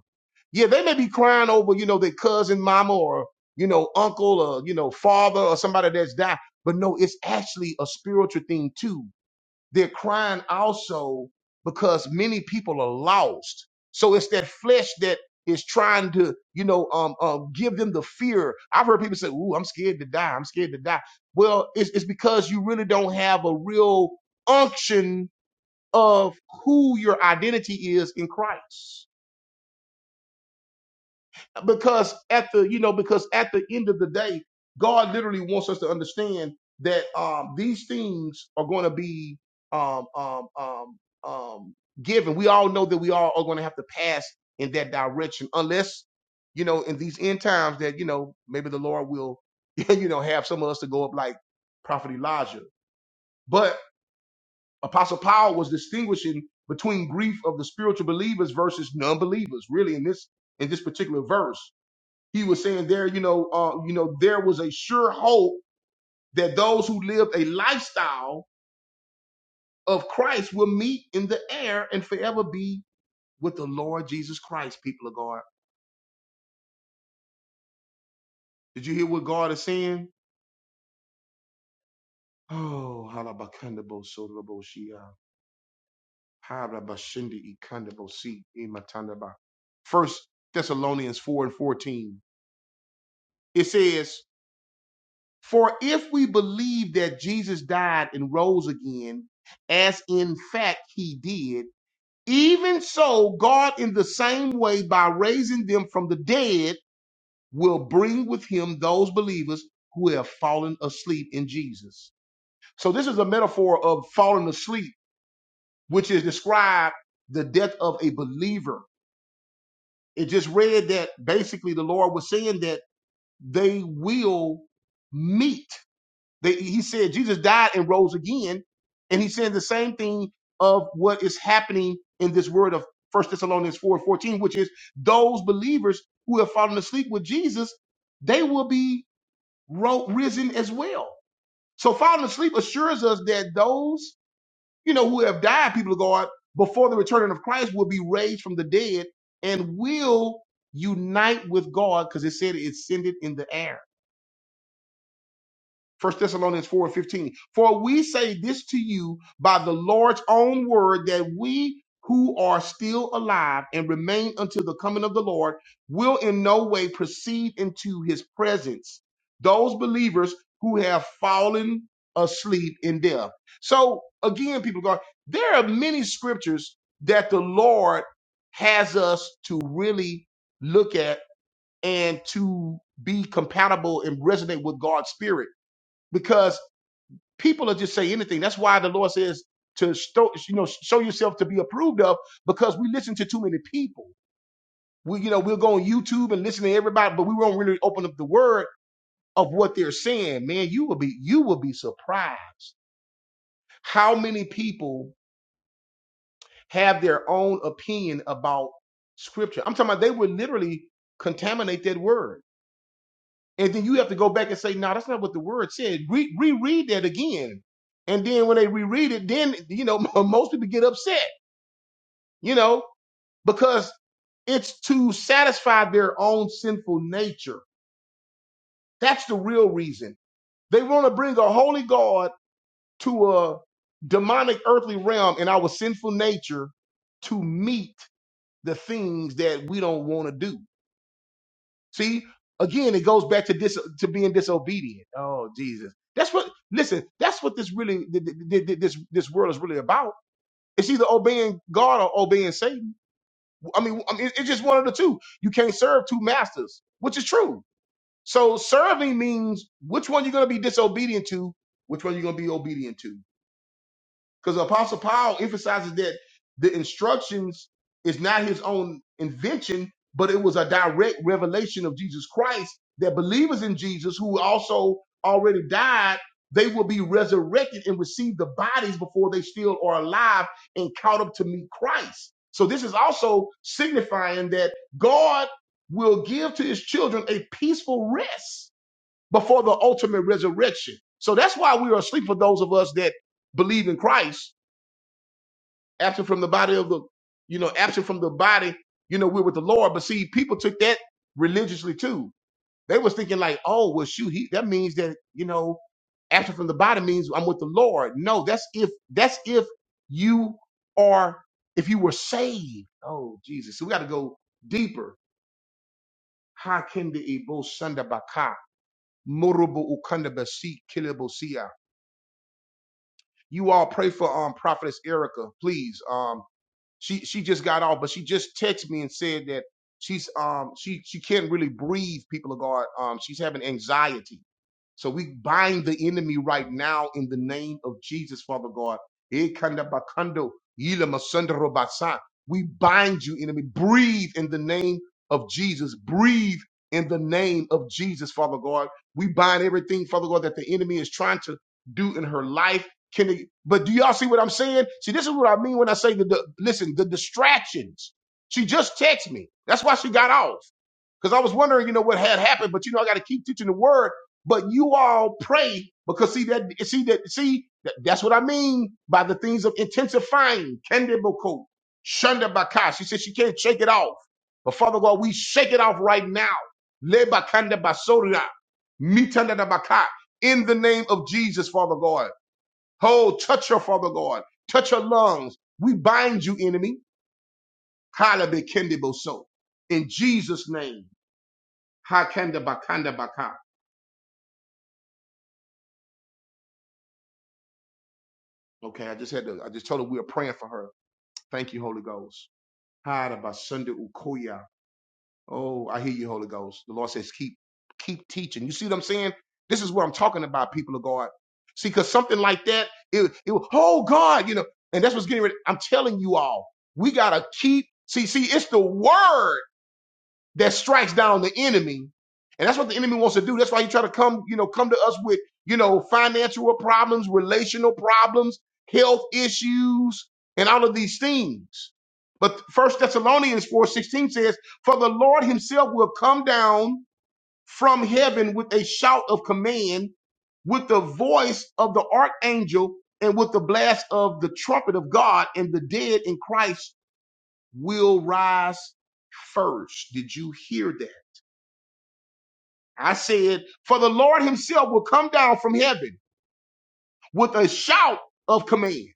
[SPEAKER 1] Yeah, they may be crying over, you know, their cousin, mama, or, you know, uncle, or, you know, father, or somebody that's died. But no, it's actually a spiritual thing too they're crying also because many people are lost. So it's that flesh that is trying to, you know, um, um, give them the fear. I've heard people say, "Ooh, I'm scared to die. I'm scared to die." Well, it's, it's because you really don't have a real unction of who your identity is in Christ because at the you know because at the end of the day god literally wants us to understand that um these things are going to be um um um um given we all know that we all are going to have to pass in that direction unless you know in these end times that you know maybe the lord will [LAUGHS] you know have some of us to go up like prophet elijah but apostle paul was distinguishing between grief of the spiritual believers versus non-believers really in this in this particular verse he was saying there, you know, uh, you know, there was a sure hope that those who lived a lifestyle of Christ will meet in the air and forever be with the Lord Jesus Christ, people of God. Did you hear what God is saying? Oh, halabakandabo sodoroboshia, harabashindi ikandabosi imatandaba. First Thessalonians 4 and 14. It says, For if we believe that Jesus died and rose again, as in fact he did, Even so, God, in the same way, by raising them from the dead, will bring with him those believers who have fallen asleep in Jesus. So, this is a metaphor of falling asleep, which is described the death of a believer. It just read that basically the Lord was saying that they will meet They, he said Jesus died and rose again, and he's saying the same thing of what is happening in this word of First Thessalonians four fourteen, which is those believers who have fallen asleep with Jesus, they will be ro- risen as well. So falling asleep assures us that those you know who have died, people of God, before the returning of Christ, will be raised from the dead and will unite with God, because it said it ascended in the air. First Thessalonians 4 and 15. For we say this to you by the Lord's own word that we who are still alive and remain until the coming of the Lord will in no way proceed into his presence. Those believers who have fallen asleep in death. So again, people go, there are many scriptures that the Lord has us to really look at and to be compatible and resonate with God's spirit because people will just say anything. That's why the Lord says to show, you know show yourself to be approved of because we listen to too many people. We you know we'll go on YouTube and listen to everybody, but we won't really open up the word of what they're saying. Man, you will be you will be surprised how many people have their own opinion about scripture. I'm talking about they would literally contaminate that word And then you have to go back and say, no, nah, that's not what the word said. Re- reread that again. And then when they reread it, then, you know, [LAUGHS] most people get upset, you know, because it's to satisfy their own sinful nature. That's the real reason. They want to bring a holy God to a demonic earthly realm in our sinful nature to meet the things that we don't want to do. See, again, it goes back to dis- to being disobedient. Oh, Jesus, that's what. Listen, that's what this really th- th- th- this this world is really about. It's either obeying God or obeying Satan. I mean, I mean, it's just one of the two. You can't serve two masters, which is true. So serving means which one you're going to be disobedient to, which one you're going to be obedient to. Because Apostle Paul emphasizes that the instructions is not his own invention, but it was a direct revelation of Jesus Christ that believers in Jesus who also already died, they will be resurrected and receive the bodies before they still are alive and caught up to meet Christ. So this is also signifying that God will give to his children a peaceful rest before the ultimate resurrection. So that's why we are asleep for those of us that believe in Christ absent from the body of the, you know, absent from the body, you know, we're with the Lord. But see, people took that religiously too. They was thinking like, oh, well, shoot, he, that means that, you know, absent from the body means I'm with the Lord. No, that's if, that's if you, if you were saved. Oh, Jesus. So we got to go deeper. Ha kende ebo sanda baka, morobo ukanda basi kilebo siya. You all pray for um prophetess Erica, please. um. She she just got off, but she just texted me and said that she's um she she can't really breathe. People of God, um she's having anxiety. So we bind the enemy right now in the name of Jesus, Father God. Eh, kanda bakando, yila masanda robasa. We bind you, enemy. Breathe in the name of Jesus. Breathe in the name of Jesus, Father God. We bind everything, Father God, that the enemy is trying to do in her life can they, but do y'all see what I'm saying? See, this is what I mean when I say the, the listen, the distractions. She just texted me. That's why she got off. Because I was wondering, you know, what had happened, but you know, I got to keep teaching the word. But you all pray because see that, see that, see, that, that's what I mean by the things of intensifying. Kendiboko, Shunda Baka. She said she can't shake it off. But Father God, we shake it off right now. Le Bakanda Basoria, Mitanda Baka. In the name of Jesus, Father God. Oh, touch her, Father God. Touch her lungs. We bind you, enemy. Hala be so. In Jesus' name. Ha kanda ba kanda Okay, I just had to, I just told her we are praying for her. Thank you, Holy Ghost. Hada ba ukoya. Oh, I hear you, Holy Ghost. The Lord says, keep, keep teaching. You see what I'm saying? This is what I'm talking about, people of God. See, because something like that, it, it, oh God, you know, and that's what's getting ready. I'm telling you all, we gotta keep, see, see, it's the word that strikes down the enemy. And that's what the enemy wants to do. That's why he try to come, you know, come to us with, you know, financial problems, relational problems, health issues, and all of these things. But First Thessalonians 4:16 says, "For the Lord himself will come down from heaven with a shout of command, with the voice of the archangel, and with the blast of the trumpet of God, and the dead in Christ will rise first." Did you hear that? I said, For the Lord himself will come down from heaven with a shout of command,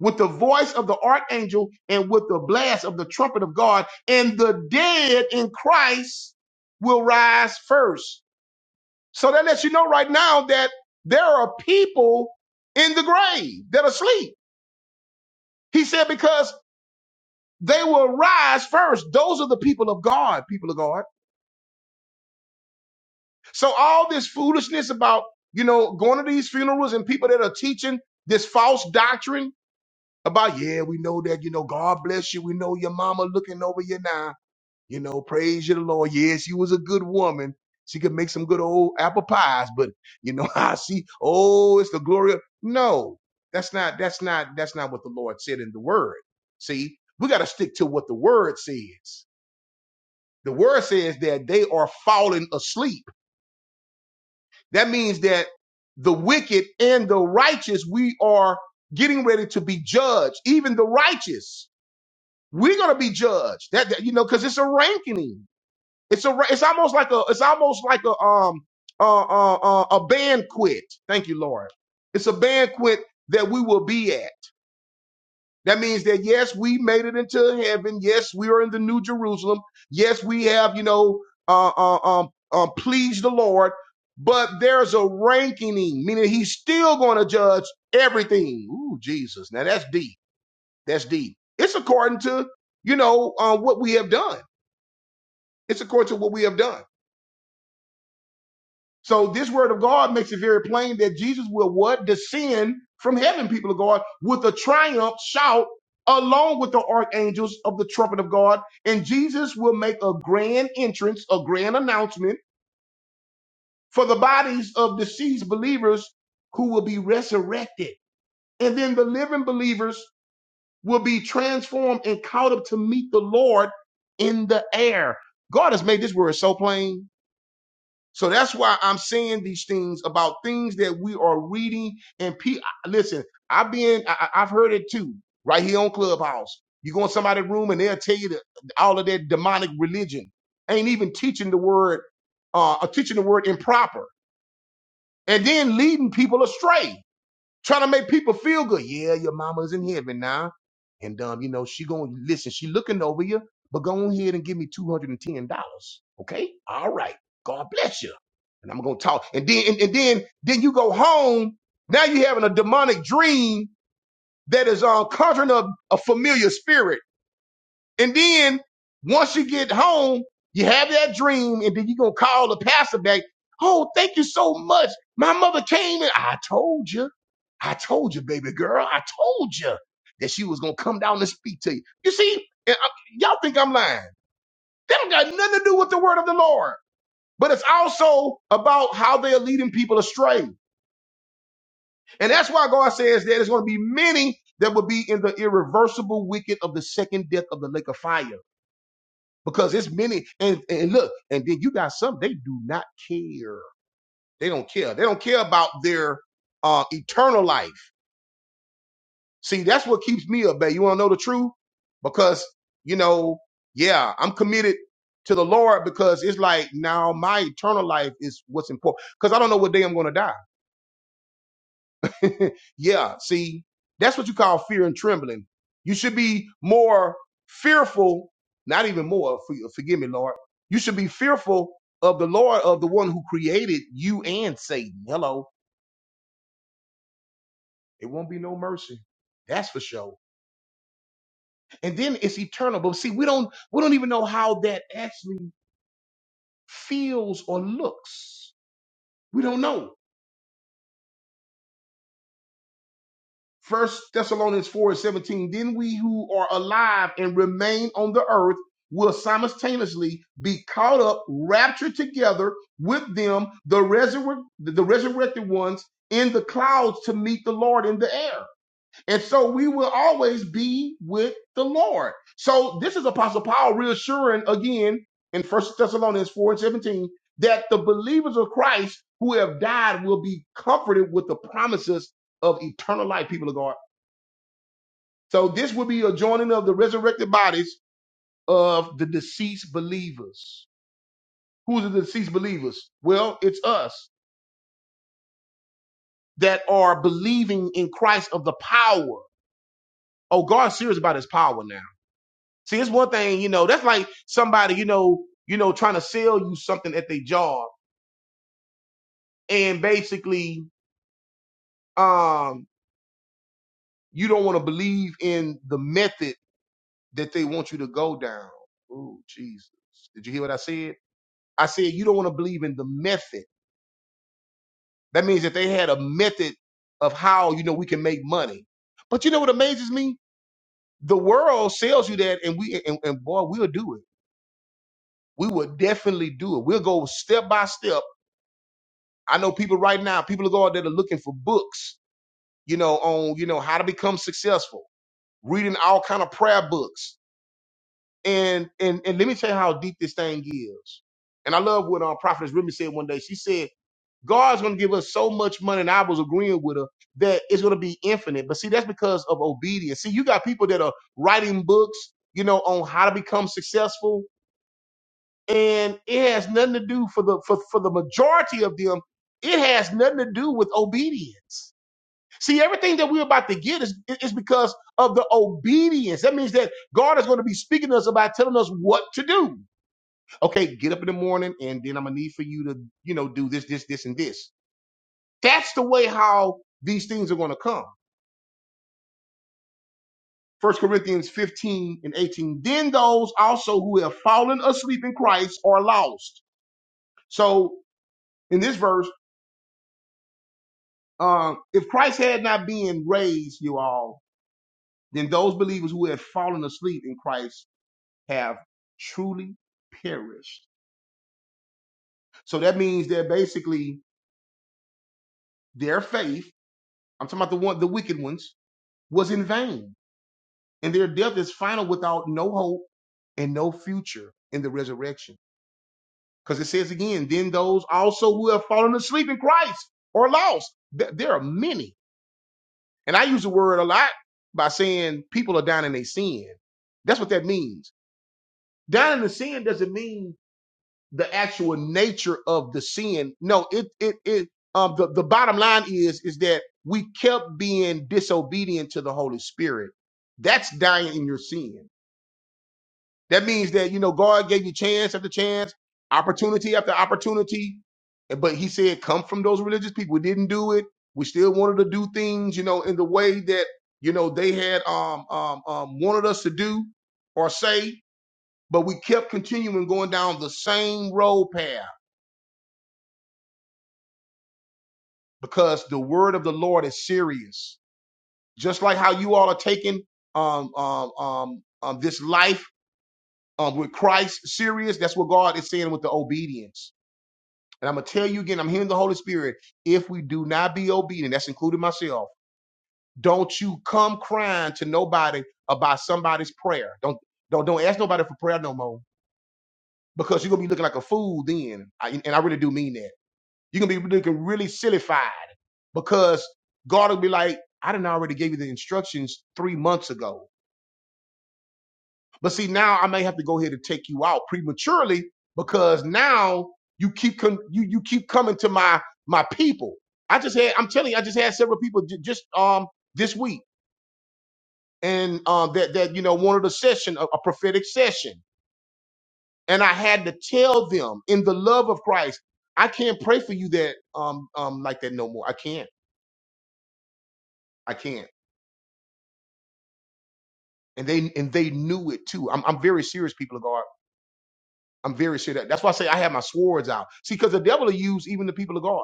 [SPEAKER 1] with the voice of the archangel, and with the blast of the trumpet of God, and the dead in Christ will rise first. So that lets you know right now that there are people in the grave that are asleep. He said, Because they will rise first. Those are the people of God, people of God. So all this foolishness about, you know, going to these funerals and people that are teaching this false doctrine about, yeah, we know that, you know, God bless you. We know your mama looking over you now. You know, praise you the Lord. Yeah, she was a good woman. She could make some good old apple pies, but you know, [LAUGHS] I see, oh, it's the glory of no. That's not that's not that's not what the Lord said in the word. See, we gotta stick to what the word says. The word says that they are falling asleep. That means that the wicked and the righteous, we are getting ready to be judged. Even the righteous, we're going to be judged. That, that- you know, because it's a ranking. It's a. ra- It's almost like a. It's almost like a um uh, uh, uh, a banquet. Thank you, Lord. It's a banquet that we will be at. That means that yes, we made it into heaven. Yes, we are in the New Jerusalem. Yes, we have you know uh, uh, um, um, pleased the Lord. But there's a ranking, meaning He's still going to judge everything. Ooh, Jesus! Now that's deep. That's deep. It's according to you know uh, what we have done. It's according to what we have done. So this word of God makes it very plain that Jesus will what? Descend from heaven, people of God, with a triumph shout along with the archangels of the trumpet of God. And Jesus will make a grand entrance, a grand announcement for the bodies of deceased believers who will be resurrected. And then the living believers will be transformed and caught up to meet the Lord in the air. God has made this word so plain So that's why I'm saying these things about things that we are reading. And pe- listen, I've been, I, I- I've heard it too, right here on Clubhouse. You go in somebody's room and they'll tell you that all of that demonic religion ain't even teaching the word, uh, or teaching the word improper, and then leading people astray trying to make people feel good. Yeah, your mama's in heaven now. And um, you know, she gonna listen, she looking over you, but go ahead and give me $210. Okay? All right. God bless you. And I'm gonna talk. And then and, and then then you go home. Now you having a demonic dream that is um conjuring up a familiar spirit. And then once you get home, you have that dream, and then you're gonna call the pastor back. Oh, thank you so much. My mother came and I told you. I told you, baby girl. I told you that she was gonna come down and speak to you. You see, and I- y'all think I'm lying. That don't got nothing to do with the word of the Lord. But it's also about how they are leading people astray. And that's why God says that there's going to be many that will be in the irreversible wicked of the second death of the lake of fire. because it's many and, and look and then you got some they do not care they don't care they don't care about their uh eternal life see that's what keeps me up babe you want to know the truth because you know yeah i'm committed to the lord because it's like now my eternal life is what's important because i don't know what day i'm going to die [LAUGHS] yeah, see, that's what you call fear and trembling. You should be more fearful, not even more, for- forgive me, Lord. You should be fearful of the Lord, of the one who created you and Satan. Hello. It won't be no mercy. That's for sure. And then it's eternal. But see, we don't we don't even know how that actually feels or looks. We don't know. First Thessalonians 4 and 17, then we who are alive and remain on the earth will simultaneously be caught up, raptured together with them, the, resurre- the resurrected ones, in the clouds to meet the Lord in the air. And so we will always be with the Lord. So this is Apostle Paul reassuring again in First Thessalonians 4 and 17 that the believers of Christ who have died will be comforted with the promises of eternal life, people of God so this will be a joining of the resurrected bodies of the deceased believers. Who's the deceased believers? Well, it's us that are believing in Christ of the power. Oh, God's serious about his power now. See, it's one thing, you know, that's like somebody, you know, you know, trying to sell you something at their job. And basically, um, you don't want to believe in the method that they want you to go down. Oh, Jesus. Did you hear what I said? I said you don't want to believe in the method That means that they had a method of how you know we can make money. But you know what amazes me? The world sells you that, and we and, and boy, we'll do it. We will definitely do it. We'll go step by step. I know people right now. People are going out there that are looking for books. You know, on you know how to become successful. Reading all kind of prayer books. And and and let me tell you how deep this thing is. And I love what our prophetess Remy said one day. She said God's going to give us so much money, and I was agreeing with her that it's going to be infinite. But see, that's because of obedience. See, you got people that are writing books, you know, on how to become successful, and it has nothing to do for the for, for the majority of them. It has nothing to do with obedience. See, everything that we're about to get is is because of the obedience. That means that God is going to be speaking to us about telling us what to do. Okay, get up in the morning, and then I'm gonna need for you to, you know, do this, this, this, and this that's the way how these things are going to come. First Corinthians 15 and 18. Then those also who have fallen asleep in Christ are lost. So in this verse, um, if Christ had not been raised, you all, then those believers who have fallen asleep in Christ have truly perished. So that means that basically their faith, I'm talking about the one, the wicked ones, was in vain. And their death is final without no hope and no future in the resurrection. Because it says again, then those also who have fallen asleep in Christ or lost. Th- there are many. And I use the word a lot by saying people are down in their sin. That's what that means. Down in the sin doesn't mean the actual nature of the sin. No, it it it um the, the bottom line is is that we kept being disobedient to the Holy Spirit. That's dying in your sin. That means that, you know, God gave you chance after chance, opportunity after opportunity. And- But he said, come from those religious people. We didn't do it. We still wanted to do things, you know, in the way that, you know, they had um, um, um, wanted us to do or say, but we kept continuing going down the same road path because the word of the Lord is serious. Just like how you all are taking um, um, um, um, this life um, with Christ serious, that's what God is saying with the obedience. And I'm gonna tell you again, I'm hearing the Holy Spirit. If we do not be obedient, that's including myself, don't you come crying to nobody about somebody's prayer. Don't don't don't ask nobody for prayer no more because you're gonna be looking like a fool then. I, and I really do mean that. You're gonna be looking really sillified because God will be like, I didn't already gave you the instructions three months ago. But see, now I may have to go ahead and take you out prematurely because now you keep con- you you keep coming to my my people. I just had I'm telling you, I just had several people j- just um this week and um that that you know wanted a session, a, a prophetic session, and I had to tell them in the love of Christ, I can't pray for you that um um like that no more. I can't, I can't. And they and they knew it too. I'm I'm very serious, people of God. I'm very serious. That's why I say I have my swords out. See, because the devil will use even the people of God.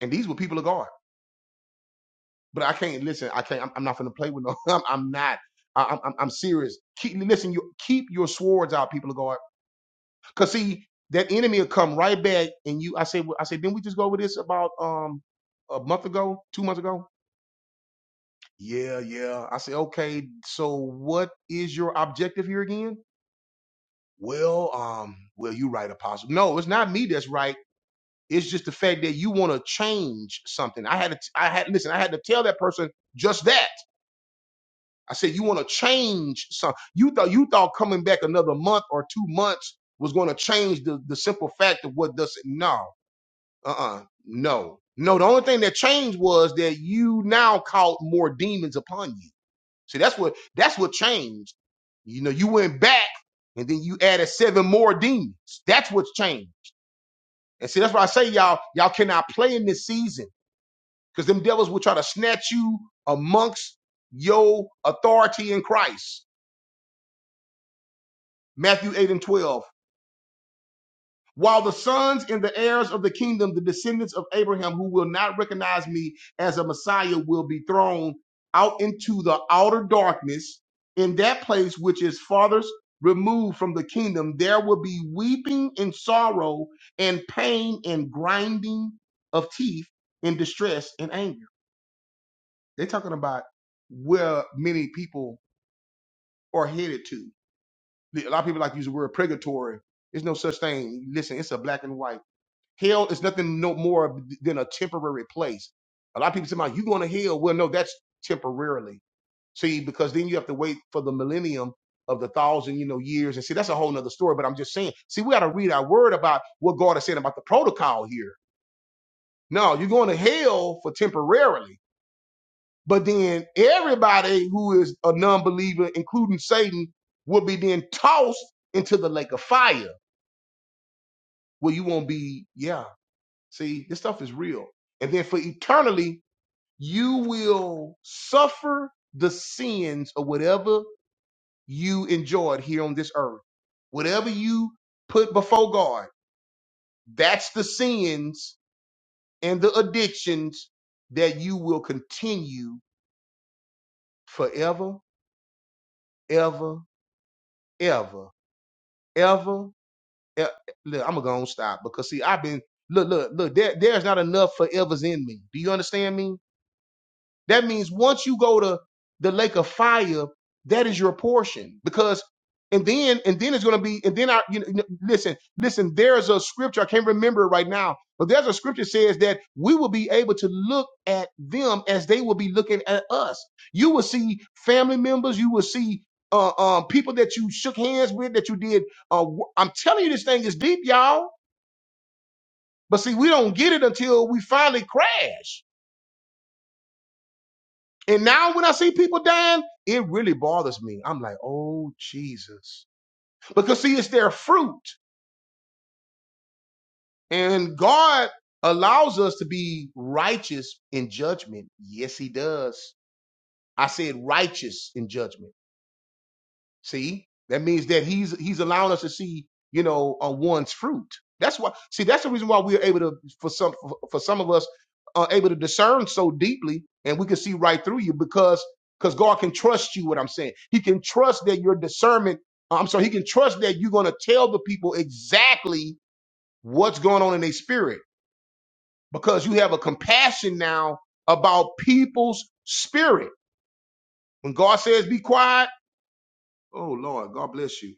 [SPEAKER 1] and these were people of God. But I can't listen. I can't. I'm, I'm not going to play with no. [LAUGHS] I'm, I'm not. I, I'm, I'm serious. Keep listen. You keep your swords out, people of God. Cause see that enemy will come right back, and you. I said. I said. Didn't we just go over this about um a month ago, two months ago? Yeah, yeah. I said, okay. So what is your objective here again? Well, um, well, you right, Apostle. No, it's not me that's right. It's just the fact that you want to change something. I had to. I had listen. I had to tell that person just that. I said, you want to change some. You thought you thought coming back another month or two months was going to change the, the simple fact of what does it. No, uh-uh, no, no. The only thing that changed was that you now caught more demons upon you. See, that's what that's what changed. You know, you went back and then you added seven more demons. That's what's changed. And see, that's why I say y'all y'all cannot play in this season because them devils will try to snatch you amongst your authority in Christ. Matthew 8 and 12. While the sons and the heirs of the kingdom, the descendants of Abraham who will not recognize me as a Messiah will be thrown out into the outer darkness. In that place, which is farthest removed from the kingdom, there will be weeping and sorrow and pain and grinding of teeth and distress and anger. They're talking about where many people are headed to. A lot of people like to use the word purgatory. There's no such thing. Listen, it's a black and white. Hell is nothing no more than a temporary place. A lot of people say, "Man, you going to hell?" Well, no, that's temporarily. See, because then you have to wait for the millennium of the thousand, you know, years, and see that's a whole nother story. But I'm just saying, see, we got to read our word about what God is saying about the protocol here. No, you're going to hell for temporarily, but then everybody who is a non-believer, including Satan, will be then tossed into the lake of fire, where you won't be. Yeah, see, this stuff is real, and then for eternally you will suffer the sins of whatever you enjoyed here on this earth. Whatever you put before God, that's the sins and the addictions that you will continue forever, ever, ever, ever. e- Look, I'm gonna go and stop because see, I've been look, look, look. There, there's not enough forevers in me. Do you understand me? That means once you go to the lake of fire, that is your portion. Because and then and then it's going to be and then I you know, you know, listen listen. There's a scripture I can't remember it right now, but there's a scripture that says that we will be able to look at them as they will be looking at us. You will see family members. You will see. Uh, um, people that you shook hands with, that you did. Uh, wo- I'm telling you, this thing is deep, y'all. But see, we don't get it until we finally crash. And now when I see people dying, it really bothers me. I'm like, oh, Jesus. Because see, it's their fruit. And God allows us to be righteous in judgment. Yes, He does. I said righteous in judgment. See, that means that he's he's allowing us to see, you know, uh, one's fruit. That's why. See, that's the reason why we're able to, for some for for some of us, are able to discern so deeply, and we can see right through you because because God can trust you. What I'm saying, He can trust that your discernment. uh, I'm sorry, He can trust that you're going to tell the people exactly what's going on in their spirit because you have a compassion now about people's spirit. When God says, "Be quiet," oh Lord, God bless you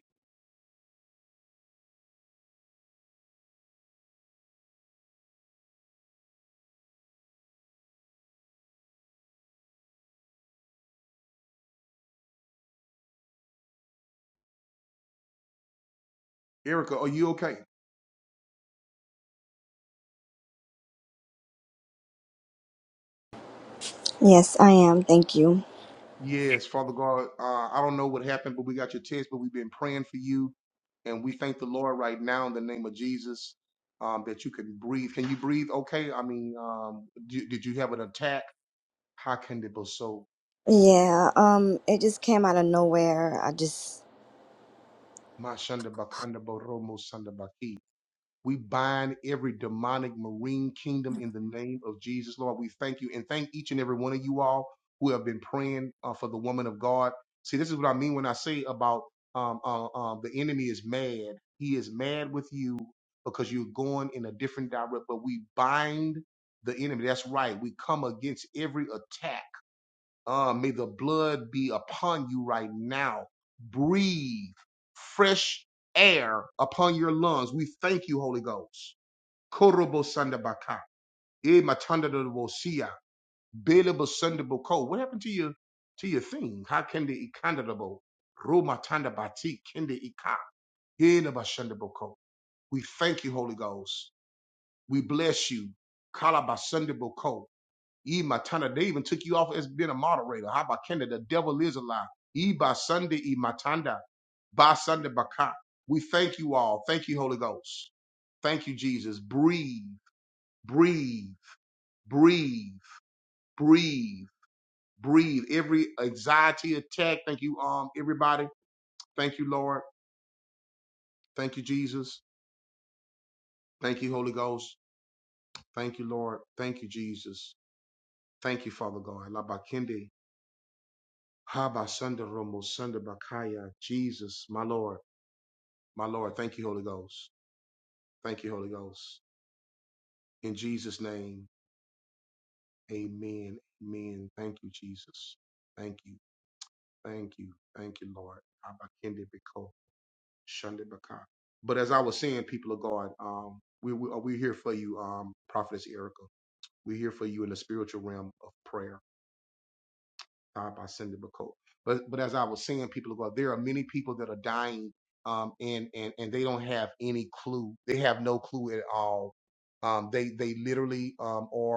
[SPEAKER 3] Yes, I am. Thank you.
[SPEAKER 1] Lord, uh, I don't know what happened, but we got your text, but we've been praying for you. And we thank the Lord right now in the name of Jesus um, that you can breathe. Can you breathe okay? I mean, um, did, did you have an attack? How can it be so?
[SPEAKER 3] Yeah, um, it just came out of nowhere. I just
[SPEAKER 1] Ma shanda ba kanda sanda ba We bind every demonic marine kingdom in the name of Jesus, Lord. We thank you and thank each and every one of you all who have been praying uh, for the woman of God. See, this is what I mean when I say about um, uh, um, the enemy is mad. He is mad with you because you're going in a different direction, but we bind the enemy. That's right. We come against every attack uh, may the blood be upon you right now. Breathe fresh air upon your lungs. We thank you, Holy Ghost. Korobo sandabaka. Eh, matanda do bo siya. Bele bo sanda bo ko. What happened to your to your thing? How can the ikandabo? Roma tanda bati kende ika. Eh, na ba shanda bo We thank you, Holy Ghost. We bless you. Kalabasandaboko. E my tana. They even took you off as being a moderator. How about Kenda? The devil is a lie. Ye by Sunday, E my tanda. By Sunday, baka. We thank you all. Thank you, Holy Ghost. Thank you, uh,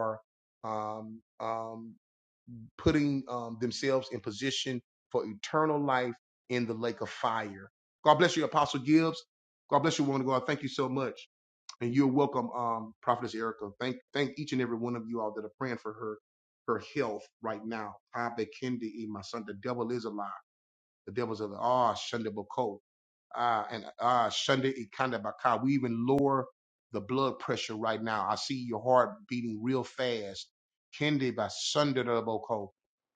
[SPEAKER 1] our um, condition. Kenda, ye my son. The devil is a lie. The devil's a lie. Ah, Sunday, bako. Ah, and ah, Sunday, E ikanda baka. We even lower the blood pressure right now. I see your heart beating real fast. Kendi by Sunday, bako.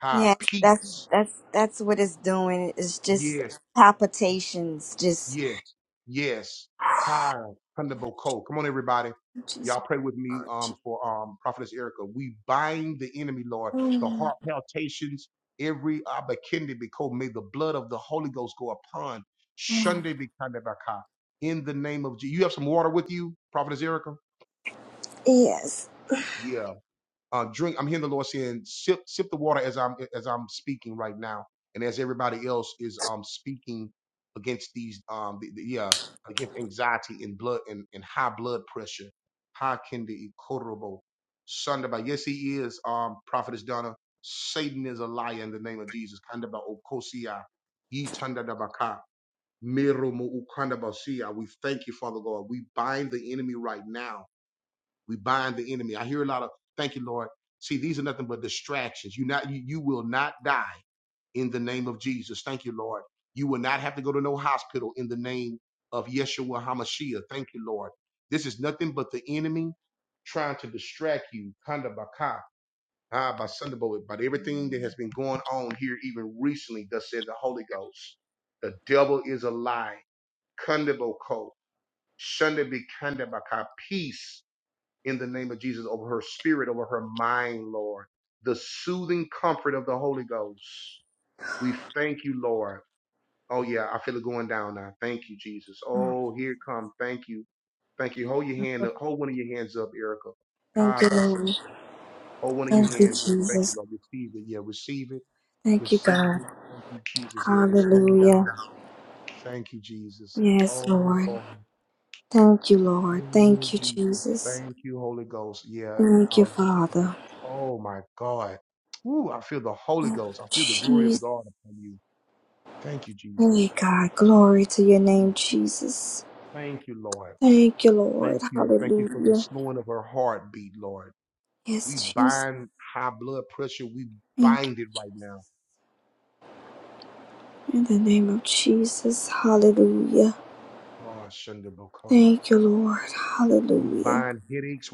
[SPEAKER 1] Ah,
[SPEAKER 3] Yes, that's
[SPEAKER 1] peace.
[SPEAKER 3] that's that's what it's doing. It's just
[SPEAKER 1] Yes,
[SPEAKER 3] palpitations, just
[SPEAKER 1] Yes, yes. Higher, Thunderbolt Code. Come on, everybody.
[SPEAKER 3] Jesus,
[SPEAKER 1] Y'all pray with me um, for um, Prophetess Erica. We bind, Lord, the
[SPEAKER 3] Mm,
[SPEAKER 1] heart palpitations, everyone.
[SPEAKER 3] mm.
[SPEAKER 1] Shandabaka. In the name of Jesus. You have some water with you, Prophetess Erica?
[SPEAKER 3] Yes.
[SPEAKER 1] Now, and that is um, speaking against these, um, the, uh, against anxiety. Ha ha kinda ikorabo. Shandaba. Yes, he is, um, Prophetess Donna. Satan is a liar in the name of Jesus. Kandaba okosia. Ye Mirumu ukanda Basia, We thank you, Father God. We bind the enemy right now. We bind the enemy. I hear a lot of thank you, Lord. See, these are nothing but distractions. You not you, you will not die in the name of Jesus. Thank you, Lord. You will not have to go to no hospital in the name of Yeshua Hamashiach. Thank you, Lord. This is me trying you. Ah, ah, but everything that has been on here even recently, thus said the Holy Ghost. The devil is a lie. Kundako, Shundabika, peace spirit, over her mind, Lord. The soothing comfort of the Holy Ghost. We thank you, Lord. I feel it going down now. Thank you, Jesus. Oh, here it come. Thank you. Thank you. Hold your hand up. Hold one of your hands up, Erica.
[SPEAKER 3] Thank
[SPEAKER 1] Hi,
[SPEAKER 3] you,
[SPEAKER 1] by
[SPEAKER 3] Lord.
[SPEAKER 1] Sunday. Hold one of your
[SPEAKER 3] Thank you,
[SPEAKER 1] hands up. Thank you,
[SPEAKER 3] Jesus.
[SPEAKER 1] Lord. Receive it. Yeah, receive it.
[SPEAKER 3] Thank you,
[SPEAKER 1] Receive
[SPEAKER 3] God.
[SPEAKER 1] it. Thank you, Jesus. Yeah, it's slowing
[SPEAKER 3] Hallelujah.
[SPEAKER 1] down. Thank you.
[SPEAKER 3] Yes,
[SPEAKER 1] Oh,
[SPEAKER 3] Lord. Thank you, Lord.
[SPEAKER 1] dear
[SPEAKER 3] Thank you,
[SPEAKER 1] Jesus.
[SPEAKER 3] Jesus.
[SPEAKER 1] Thank you, Holy Ghost. Yeah.
[SPEAKER 3] Thank you,
[SPEAKER 1] Oh,
[SPEAKER 3] Father.
[SPEAKER 1] oh my God. Ooh, I feel the Holy
[SPEAKER 3] Thank
[SPEAKER 1] Ghost.
[SPEAKER 3] you,
[SPEAKER 1] I feel the glory of
[SPEAKER 3] Jesus.
[SPEAKER 1] God.
[SPEAKER 3] Hey, God. Glory to your
[SPEAKER 1] you
[SPEAKER 3] name, Jesus.
[SPEAKER 1] think
[SPEAKER 3] Thank you, Lord.
[SPEAKER 1] think
[SPEAKER 3] Hallelujah.
[SPEAKER 1] we
[SPEAKER 3] Yes, Jesus.
[SPEAKER 1] bind high blood
[SPEAKER 3] Thank you. In the name of Jesus, hallelujah.
[SPEAKER 1] pressure,
[SPEAKER 3] Thank you, Lord, hallelujah.
[SPEAKER 1] headaches,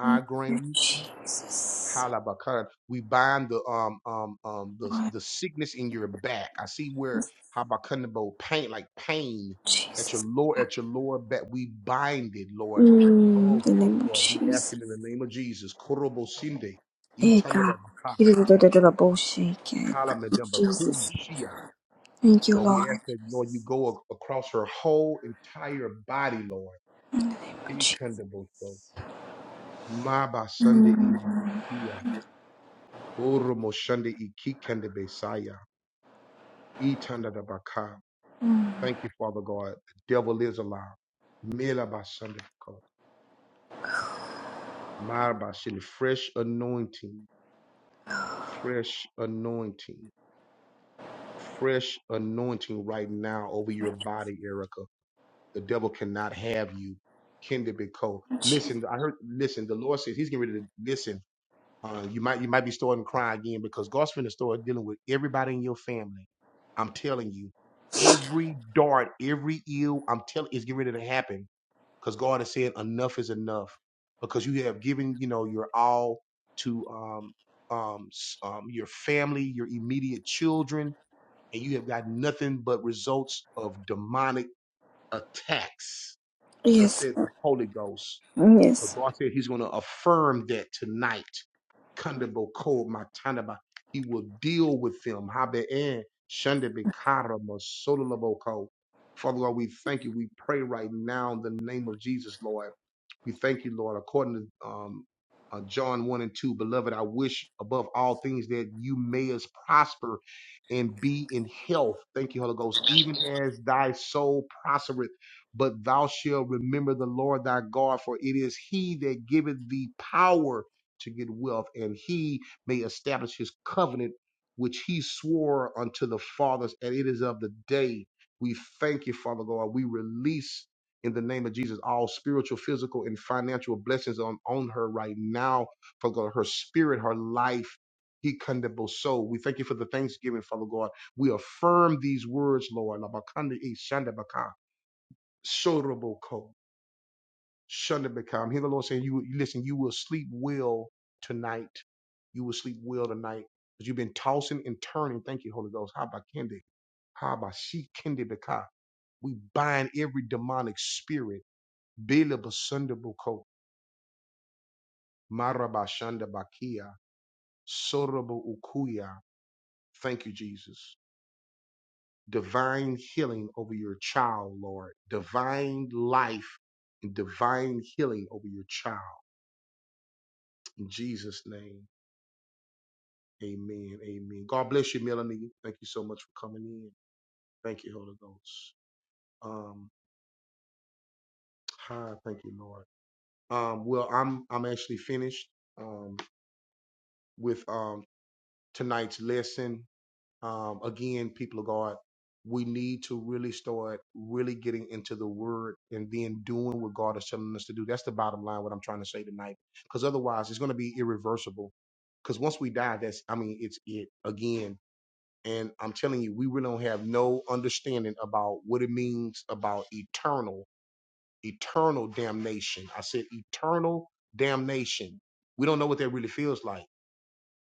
[SPEAKER 3] Thank you, Jesus.
[SPEAKER 1] halabakara. We bind the um um um the
[SPEAKER 3] Lord
[SPEAKER 1] the sickness in your back. I see where habakanabo pain like pain at your
[SPEAKER 3] Jesus.
[SPEAKER 1] lower at your lower back. We bind it, Lord.
[SPEAKER 3] Mm, in
[SPEAKER 1] Oh
[SPEAKER 3] the
[SPEAKER 1] Father
[SPEAKER 3] name of
[SPEAKER 1] God, we ask
[SPEAKER 3] Jesus.
[SPEAKER 1] it in the name of Jesus. Korobo sinde,
[SPEAKER 3] Hey, God.
[SPEAKER 1] itandabaka, halamedamba,
[SPEAKER 3] Jesus.
[SPEAKER 1] Shia.
[SPEAKER 3] Thank you,
[SPEAKER 1] Lord, we ask
[SPEAKER 3] Lord.
[SPEAKER 1] that Lord you go ac- across her whole entire body, Lord.
[SPEAKER 3] In the name of Jesus.
[SPEAKER 1] Ikandabo. Maba Sunday Eba Bia. Oro Moshande Ikikande Besaya. Itanda da Baka. Thank you, Father God. The devil is alive. Mela ba Sunday God. Marba Sunday Fresh anointing. Fresh anointing. Fresh anointing right now over your body, Erica. The devil cannot have you. Kende Beko. Listen, I heard, listen, the Lord says he's getting ready to listen. Uh, you might you might be starting to cry again because God's finna start dealing with everybody in your family. I'm telling you, every dart, every ill, I'm telling is getting ready to happen because God is saying enough is enough because you have given you know your all to um um s- um your family, your immediate children, and you have got nothing but results of demonic attacks. Thus
[SPEAKER 3] Yes.
[SPEAKER 1] said the Holy Ghost. But
[SPEAKER 3] Yes.
[SPEAKER 1] God said He's going to affirm that tonight Kandabo Ko Matanaba. He will deal with them. Habe'en Shandebe Karama Sololabo Ko. Father God, we thank you. We pray right now in the name of Jesus, Lord. We thank you, Lord. According to um, uh, John 1 and 2, beloved, I wish above all things that you may us prosper and be in health. Thank you, Holy Ghost, even as thy soul prospereth. But thou shalt remember the Lord thy God, for it is he that giveth thee power to get wealth, and he may establish his covenant which he swore unto the fathers, and it is of the day. We thank you, Father God. We release in the name of Jesus all spiritual, physical, and financial blessings on, on her right now, Father God, her spirit, her life. He condemnable soul. We thank you for the thanksgiving, Father God. We affirm these words, Lord. Labakandi ishanda baka, sorobo Shunda become. Hear the Lord saying, "You listen. You will sleep well tonight. You will sleep well tonight because you've been tossing and turning. Thank you, Holy Ghost. How about Kendi? How she Kendi Beka? We bind every demonic spirit. Bila basunda buko. Maraba shunda bakia. Soraba ukuya. Thank you, Jesus. Divine healing over your child, Lord. Divine life and divine healing over your child. In Jesus' Amen. Amen. God bless you, Melanie. Thank you so much for coming in. Thank you, Holy Ghost. Um, hi, thank you, Lord. Um, well, I'm I'm actually finished um with um tonight's lesson. Um, again, people of God, we need to really start really getting into the word and then doing what God is telling us to do. That's the bottom line, what I'm trying to say tonight. Because otherwise it's gonna be irreversible. Because once we die, that's I mean, it's it again And I'm telling you, we really don't have no understanding about what it means about eternal, eternal damnation. I said eternal damnation. We don't know what that really feels like.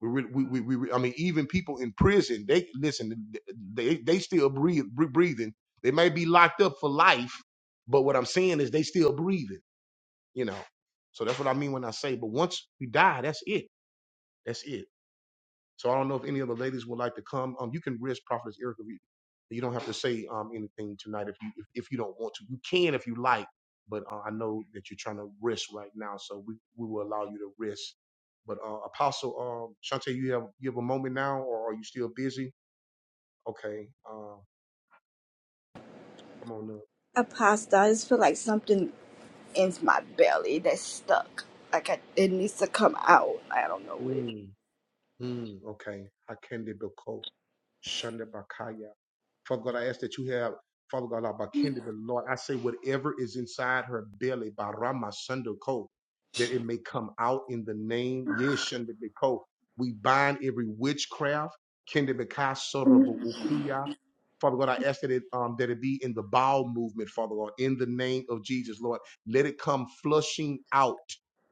[SPEAKER 1] We, really, we, we, we, I mean, even people in prison, they listen, they, they still breathe, breathing. They may be locked up for life, but what I'm saying is they still breathing, you know. So that's what I mean when I say, but once you die, that's it. That's it. So I don't know if any of the ladies would like to come. Um, you can risk Prophetess Erica. You you don't have to say um anything tonight if you if, if you don't want to. You can if you like, but uh, I know that you're trying to risk right now, so we, we will allow you to risk. But uh, Apostle um Shante, you have you have a moment now, or are you still busy? Okay, uh, come on up.
[SPEAKER 3] Apostle, I just feel like something in my belly that's stuck. Like I, it needs to come out. I don't know what it is.
[SPEAKER 1] Mm, mm, okay. Hakende Bako, Shanda Bakaya. Father God, I ask that you have, Father God, Abakindi, the Lord, I say whatever is inside her belly, Barama Sundoko, that it may come out in the name, Yeshandiko. We bind every witchcraft, Kendibika Sorobo Ukuya. Father God, I ask that it um, that it be in the bowel movement, Father God, in the name of Jesus, Lord. Let it come flushing out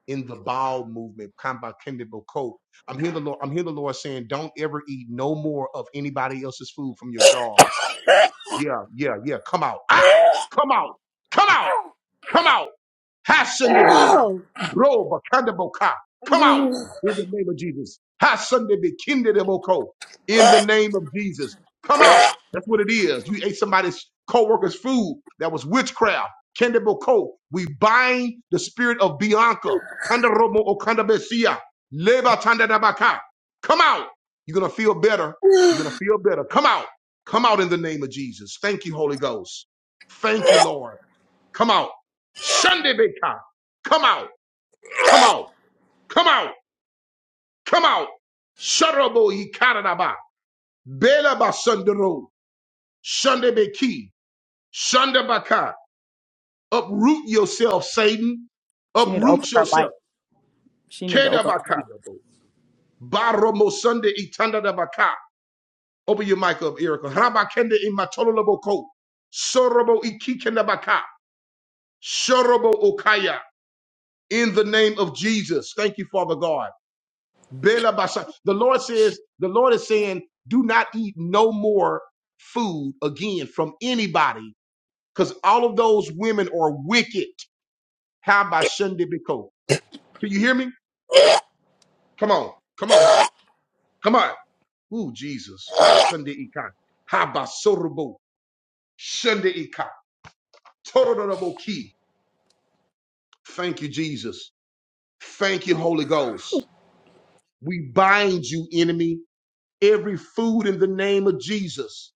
[SPEAKER 1] in the bowel movement. Kamba Kendiboko. I'm here the Lord, I'm here the Lord saying, don't ever eat no more of anybody else's food from your jar yeah, yeah, yeah. Come out. Ah! Come out. Come out. Come out. Hasten to become.
[SPEAKER 3] Ow!
[SPEAKER 1] Roba kandaboka. Come out in the name of Jesus. Hasten to be kindedaboko. In the name of Jesus. Come out. That's what it is. You ate somebody's co-worker's food. That was witchcraft. Kendaboko. We bind the spirit of Bianca. Kandaromo o kandabesia. Leba tandadabaka. Come out. You're gonna feel better. You're gonna feel better. Come out. Come out in the name of Jesus. Thank you, Holy Ghost. Thank you, Lord. Come out. Sunday Beka. Come out. Come out. Come out. Come out. Sharabo Ikaranaba. Bela Basundaro. Sunday Beki. Sunday Baka. Uproot yourself, Satan.
[SPEAKER 4] She need to open
[SPEAKER 1] Uproot
[SPEAKER 4] her
[SPEAKER 1] yourself.
[SPEAKER 4] mic. She need to
[SPEAKER 1] Keda
[SPEAKER 4] open her mic.
[SPEAKER 1] Bakarabo. Baromo Sunday Itanda Baka. Open your mic up, Erica. Rabakende Imatoloboko. Sorobo Ikikenda Baka. Sorobo Okaya. In the name of Jesus. Thank you, Father God. Bela basa- The Lord says, the Lord is saying, do not eat no more food again from anybody, because all of those women are wicked. How about Sunday Biko? Can you hear me? Come on, come on, come on. Ooh, Jesus. Ha Sunday Ikan. Ha Basorobo. Sunday Ikan. Torororobo Ki. Thank you, Jesus. Thank you, Holy Ghost. We bind you, enemy, every food in the name of Jesus.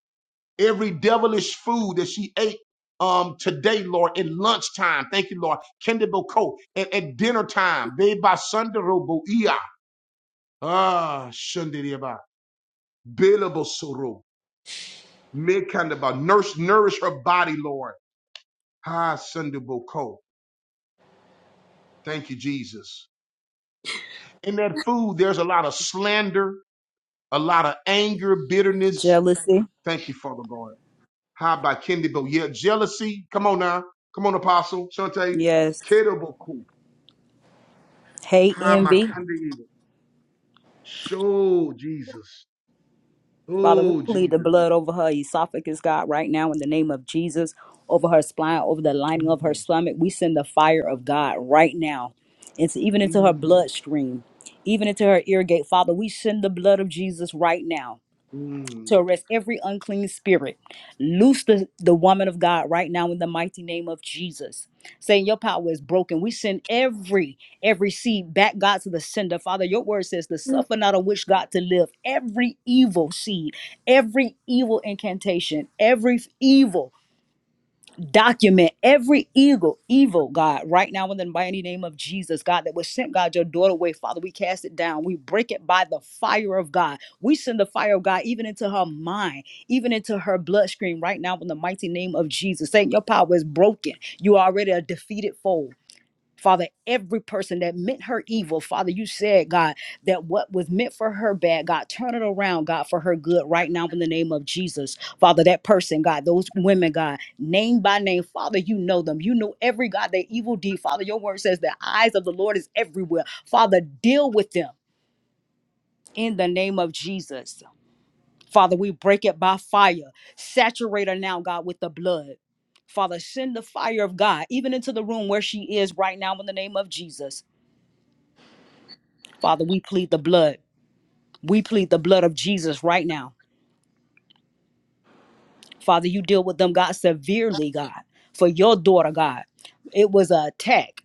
[SPEAKER 1] every devilish food that she ate um today, Lord, in lunchtime. Thank you, Lord. Kendebo boko and at dinner time. Beba Sandero Boia. Ah, Shandiriba. Bilabo Soro. Mekandaba. Nourish, nourish her body, Lord. Ah, Sandebo Ko. Thank you, Jesus. In that food, there's a lot of slander, a lot of anger, bitterness.
[SPEAKER 4] Jealousy.
[SPEAKER 1] Thank you, Father God. How about Kendebo? Yeah, jealousy. Come on now. Come on, Apostle. Shante.
[SPEAKER 4] Yes.
[SPEAKER 1] Kedabo
[SPEAKER 4] Hate,
[SPEAKER 1] Ha
[SPEAKER 4] envy.
[SPEAKER 1] makande. Show Jesus.
[SPEAKER 4] Father, we
[SPEAKER 1] Oh
[SPEAKER 4] plead the
[SPEAKER 1] Jesus.
[SPEAKER 4] blood over her esophagus, God, right now in the name of Jesus, over her spine, over the lining of her
[SPEAKER 1] Mm,
[SPEAKER 4] stomach. We send the fire of God right now. It's even into her bloodstream, even into her ear gate. Father, we send the blood of Jesus right now. to arrest every unclean spirit. Loose the, the woman of God right now in the mighty name of Jesus. Saying your power is broken. We send every, every seed back, God, to the sender. Father, your word says to suffer not a wish God to live. Every evil seed, every evil incantation, every evil document every evil, evil God right now in the mighty name of Jesus, God, that was sent, God, your daughter away. Father, we cast it down. We break it by the fire of God. We send the fire of God even into her mind, even into her bloodstream right now in the mighty name of Jesus. Saying your power is broken. You are already a defeated foe. Father, every person that meant her evil, Father, you said, God, that what was meant for her bad, God, turn it around, God, for her good right now in the name of Jesus. Father, that person, God, those women, God, name by name, Father, you know them. You know every God, their evil deed. Father, your word says the eyes of the Lord is everywhere. Father, deal with them in the name of Jesus. Father, we break it by fire. Saturate her now, God, with the blood. Father, send the fire of God even into the room where she is right now in the name of Jesus. Father, we plead the blood. We plead the blood of Jesus right now. Father, you deal with them, God, severely, God, for your daughter, God. It was an attack.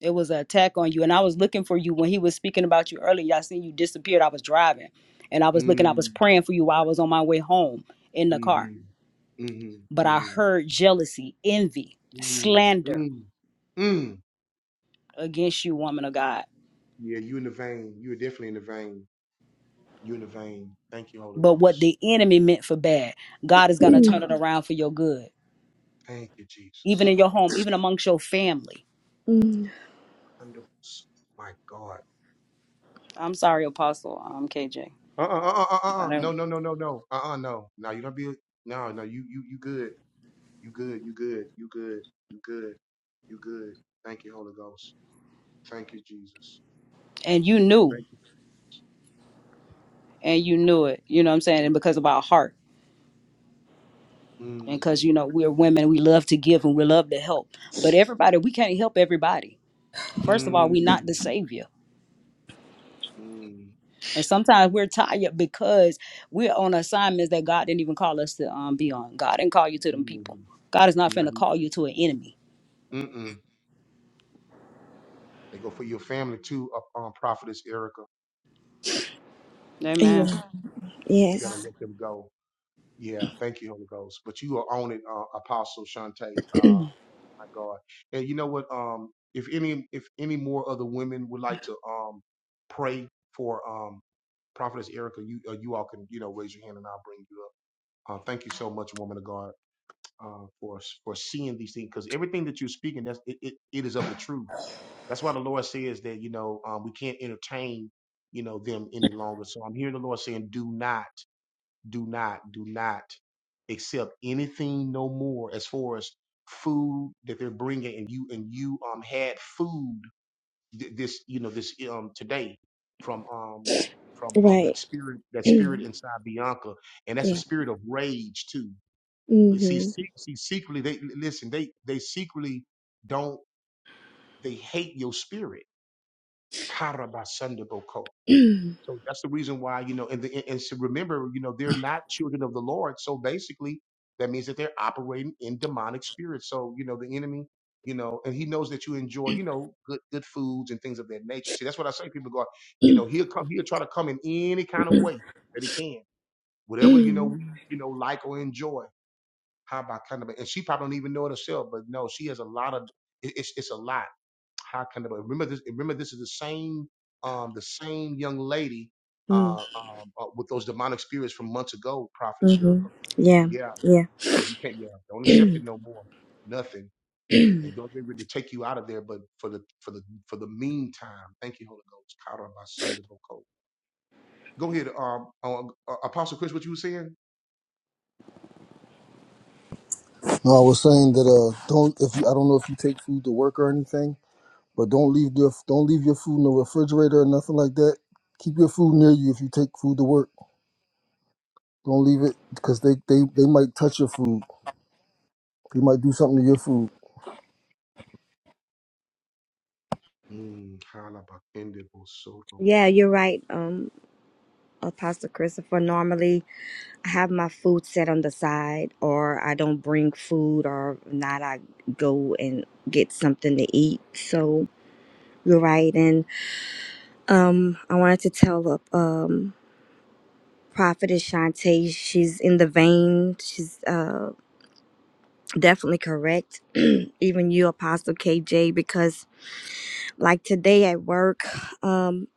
[SPEAKER 4] It was an attack on you. And I was looking for you when he was speaking about you earlier. I seen you disappeared. I was driving and I was looking, I was praying for you while I was on my way home in the car. But I heard jealousy, envy, slander against you, woman of God. But what the enemy meant for bad, God is going to turn it around for your good, even in your home, even amongst your family
[SPEAKER 3] [CLEARS THROAT]
[SPEAKER 4] I'm sorry, Apostle, um, KJ. I don't, and you knew, and you knew it. You know what I'm saying? And because of our heart, and because you know we're women, we love to give and we love to help. But everybody, we can't help everybody. First of all, we're not the savior, and sometimes we're tired because we're on assignments that God didn't even call us to um, be on. God didn't call you to them people. God is not
[SPEAKER 1] nah,
[SPEAKER 4] finna call you to an enemy.
[SPEAKER 1] Mm-mm. They go for your family too, uh, um, prophetess Erica.
[SPEAKER 3] Mm.
[SPEAKER 4] Amen.
[SPEAKER 1] You gotta
[SPEAKER 3] Yes.
[SPEAKER 1] let them go. Yeah, thank you, Holy Ghost. But you are on it, uh, Apostle Shante. Uh, my God. And you know what? Um, if any, if any more other women would like to um pray for um prophetess Erica, you uh, you all can you know raise your hand and I'll bring you up. Uh, thank you so much, woman of God. uh, for for seeing these things because everything that you're speaking that's it, it, it is of the truth that's why the lord says that you know um, we can't entertain you know them any longer so i'm hearing the lord saying do not do not do not accept anything no more as far as food that they're bringing and you and you um had food th- this you know this um today from um from um that
[SPEAKER 3] Right.
[SPEAKER 1] spirit
[SPEAKER 3] [CLEARS THROAT]
[SPEAKER 1] that
[SPEAKER 3] yeah.
[SPEAKER 1] spirit inside bianca and that's a spirit of rage too see,
[SPEAKER 3] Mhm.
[SPEAKER 1] see, see secretly they listen they they secretly don't they hate your spirit Karabasandaboko. so that's the reason why you know and the, and and so remember you know they're not children of the lord so basically that means that they're operating in demonic spirits so you know the enemy you know and he knows that you enjoy you know good good foods and things of that nature see that's what i say people go you know he'll come he'll try to come in any kind of way that he can whatever you know we you know like or enjoy Haba Kandaba. And she probably don't even know it herself, but no, she has a lot of it- it's it's a lot. How Kandaba. Remember this remember this is the same um the same young lady
[SPEAKER 3] Mm.
[SPEAKER 1] uh um uh, with those demonic spirits from months ago, Prophetess Erica.
[SPEAKER 3] Mhm. Yeah.
[SPEAKER 1] Yeah,
[SPEAKER 3] Yeah.
[SPEAKER 1] you you can't yeah, don't accept it no more. Nothing. And God be ready to take you out of there, but for the for the for the meantime, thank you, Holy Ghost. Kara by Sunday Boko. Go ahead, um, uh, uh, Apostle Chris, what you were saying?
[SPEAKER 2] No, I was saying that uh, don't if you, I don't know if you take food to work or anything, but don't leave your don't leave your food in the refrigerator or nothing like that. Keep your food near you if you take food to work. Don't leave it because they, they they might touch your food. They might do something to your food.
[SPEAKER 1] Mm, Hala Bakende Bosoro.
[SPEAKER 3] Yeah, you're right. Um Apostle Christopher, normally I have my food set on the side or I don't bring food or if not I go and get something to eat. So you're right. And um I wanted to tell uh, um Prophetess Shantae, she's in the vein. She's uh definitely correct. [CLEARS THROAT] Even you, Apostle KJ, because Like today at work, um,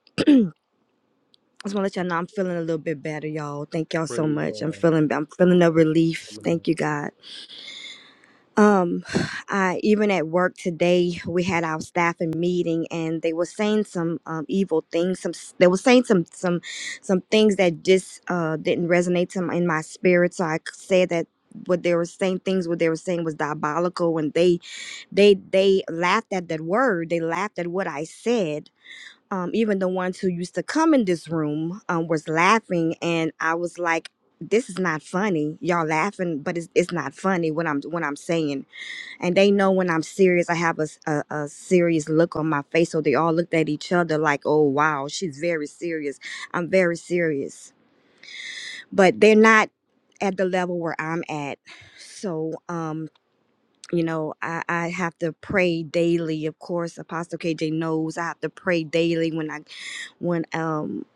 [SPEAKER 3] I just want to let y'all know I'm feeling a little bit better, y'all. Thank y'all so
[SPEAKER 1] Praise
[SPEAKER 3] much. I'm
[SPEAKER 1] God.
[SPEAKER 3] feeling I'm feeling a relief. Thank you, God. Um, I even at work today, we had our staffing meeting, and they were saying some um, evil things. Some s- they were saying some some some things that just uh, didn't resonate to my, in my spirit. So I c- said that what they were saying things what they were saying was diabolical and they they they laughed at that word they laughed at what i said um, even the ones who used to come in this room um, was laughing and i was like this is not funny y'all laughing but it's, it's not funny what i'm what i'm saying and they know when i'm serious i have a, s- a- a serious look on my face so they all looked at each other like oh wow she's very serious i'm very serious but they're not at the level where i'm at so um, you know, I, I have to pray daily. Of course, Apostle KJ knows I have to pray daily when I when um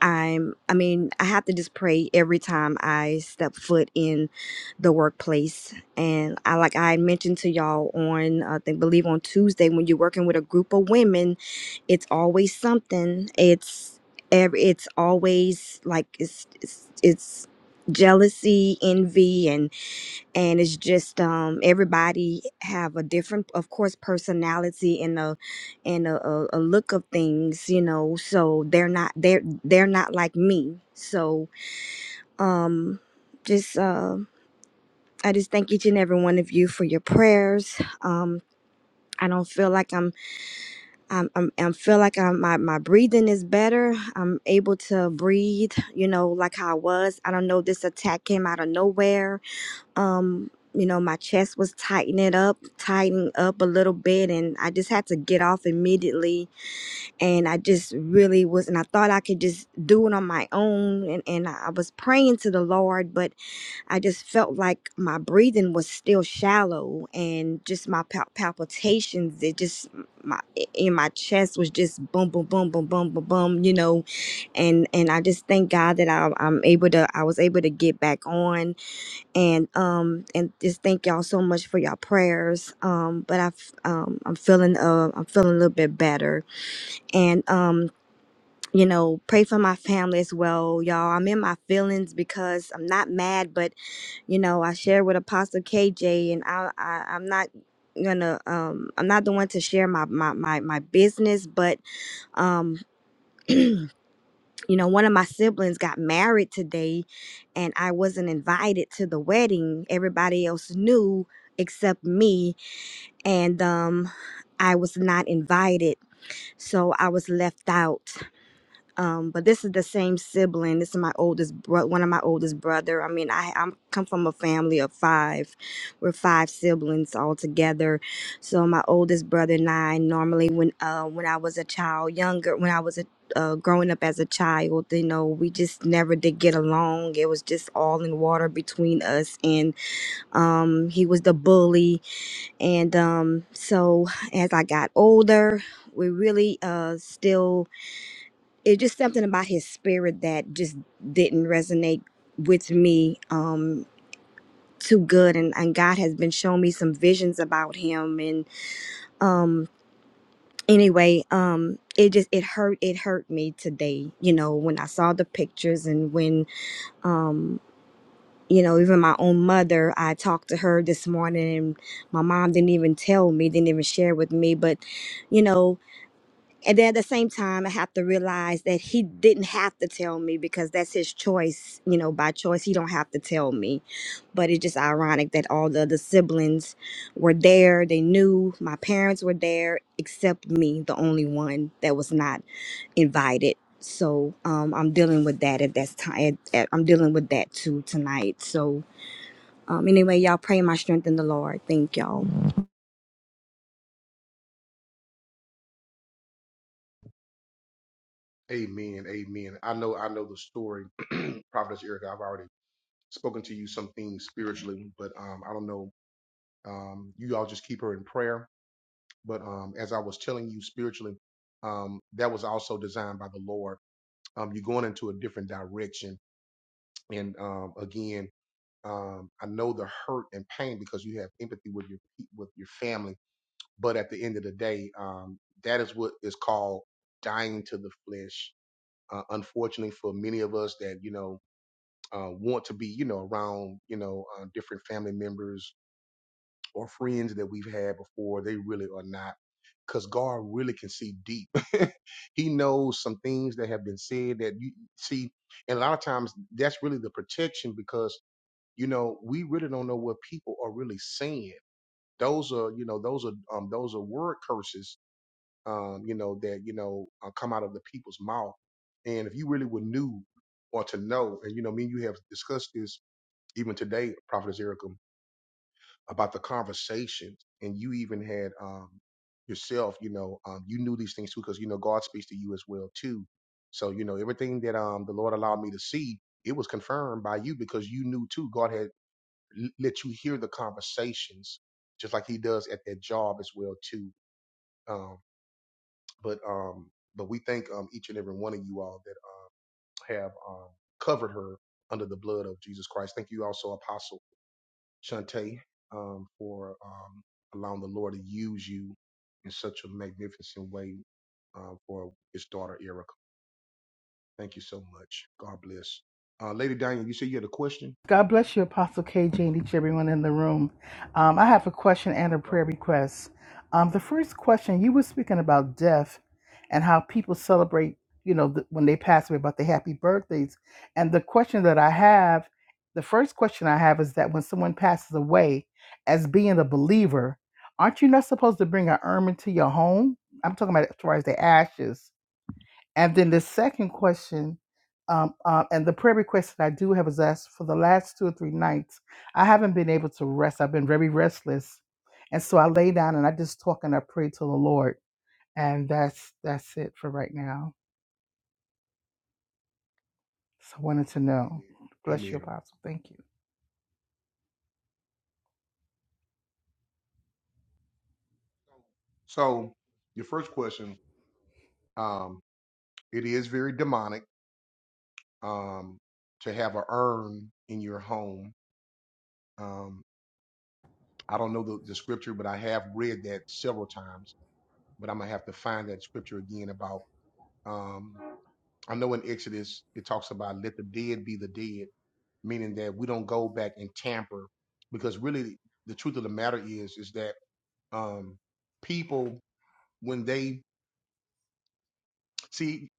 [SPEAKER 3] I'm I mean, I have to just pray every time I step foot in the workplace. And I like I mentioned to y'all on I think believe on Tuesday when you're working with a group of women, it's always something. It's every it's always like it's it's, it's jealousy, envy and and it's just um everybody have a different of course personality and a and a, a, a look of things you know so they're not they're they're not like me so um just uh i just thank each and every one of you for your prayers um I don't feel like I'm, I'm, I'm, I feel like I'm, my, my breathing is better. I'm able to breathe, you know, like how I was. I don't know, this attack came out of nowhere um you know my chest was tightening up tightening up a little bit and i just had to get off immediately and i just really was and i thought i could just do it on my own and, and i was praying to the lord but i just felt like my breathing was still shallow and just my pal- palpitations it just my in my chest was just boom boom boom boom boom boom boom you know and and i just thank god that I, i'm able to i was able to get back on and um and just thank y'all so much for y'all prayers um but i've um i'm feeling uh i'm feeling a little bit better and um you know pray for my family as well y'all i'm in my feelings because i'm not mad but you know i share with apostle kj and i, I i'm not gonna um i'm not the one to share my my my, my business but um [CLEARS THROAT] you know, one of my siblings got married today and I wasn't invited to the wedding. Everybody else knew except me and um I was not invited. So I was left out um but this is the same sibling this is my oldest bro- one of my oldest brother i mean i i'm come from a family of five we're five siblings all together so my oldest brother and i normally when uh when i was a child younger when i was a uh, growing up as a child, you know, we just never did get along. It was just all in water between us, and um, he was the bully. And um, so, as I got older, we really uh, still it's just something about his spirit that just didn't resonate with me um too good and, and God has been showing me some visions about him and um anyway um it just it hurt it hurt me today you know when I saw the pictures and when um you know even my own mother I talked to her this morning and my mom didn't even tell me didn't even share with me but you know. And then at the same time, I have to realize that he didn't have to tell me because that's his choice. You know, by choice, he don't have to tell me. But it's just ironic that all the other siblings were there. They knew my parents were there, except me, the only one that was not invited. So um, I'm dealing with that at that time. At, at, I'm dealing with that too tonight. So um, anyway, y'all pray my strength in the Lord. Thank y'all.
[SPEAKER 1] Amen. Amen. I know I know the story, [CLEARS THROAT] Prophetess Erica. I've already spoken to you some things spiritually, but um I don't know. Um you all just keep her in prayer. But um as I was telling you spiritually, um that was also designed by the Lord. Um you're going into a different direction. And um again, um I know the hurt and pain because you have empathy with your pe- with your family, but at the end of the day, um that is what is called dying to the flesh. Uh, unfortunately for many of us that, you know, uh, want to be, you know, around, you know, uh, different family members or who we've had before. They really are not, because God really can see deep. [LAUGHS] He knows some things that have been said that you see, and a lot of that protection us, you know, they don't know people are really saying. Those are um, those are word curses, uh, people's mouth and or so discuss this even conversation, and you even had um, yourself, you know, knew these two. It was [LAUGHS] conversations to, um, but covered her. um, for um, allowing you, if it's your daughter, Erica. Thank you much. Yes. Uh,
[SPEAKER 5] God bless you, Apostle KJ, and each and everyone in the room. Um, I have a question and a prayer request. Um, the first question you were speaking about death and how people celebrate, you know, the, when they pass away, about their happy birthdays. And the question that I have, the first question I have is that when someone passes away, as being a believer, aren't you not supposed to bring an urn into your home? I'm talking about as far as the ashes and then the second question, um, uh, and the prayer request that I do have is asked for the last two or three nights, I haven't been able to rest. I've been very restless, and so I lay down and I just talk and I pray to the Lord, and that's that's it for right now. So I wanted to know. Bless you,
[SPEAKER 1] amen.
[SPEAKER 5] Apostle. Thank you.
[SPEAKER 1] So, your first question, um, it is very demonic um, to have a urn in your home. Um, I don't know the, the scripture, but I have read that several times. But I'm gonna have to find that scripture again about. Um, I know in Exodus it talks about let the dead be the dead, meaning that we don't go back and tamper, because really the truth of the matter is is that um, people when they see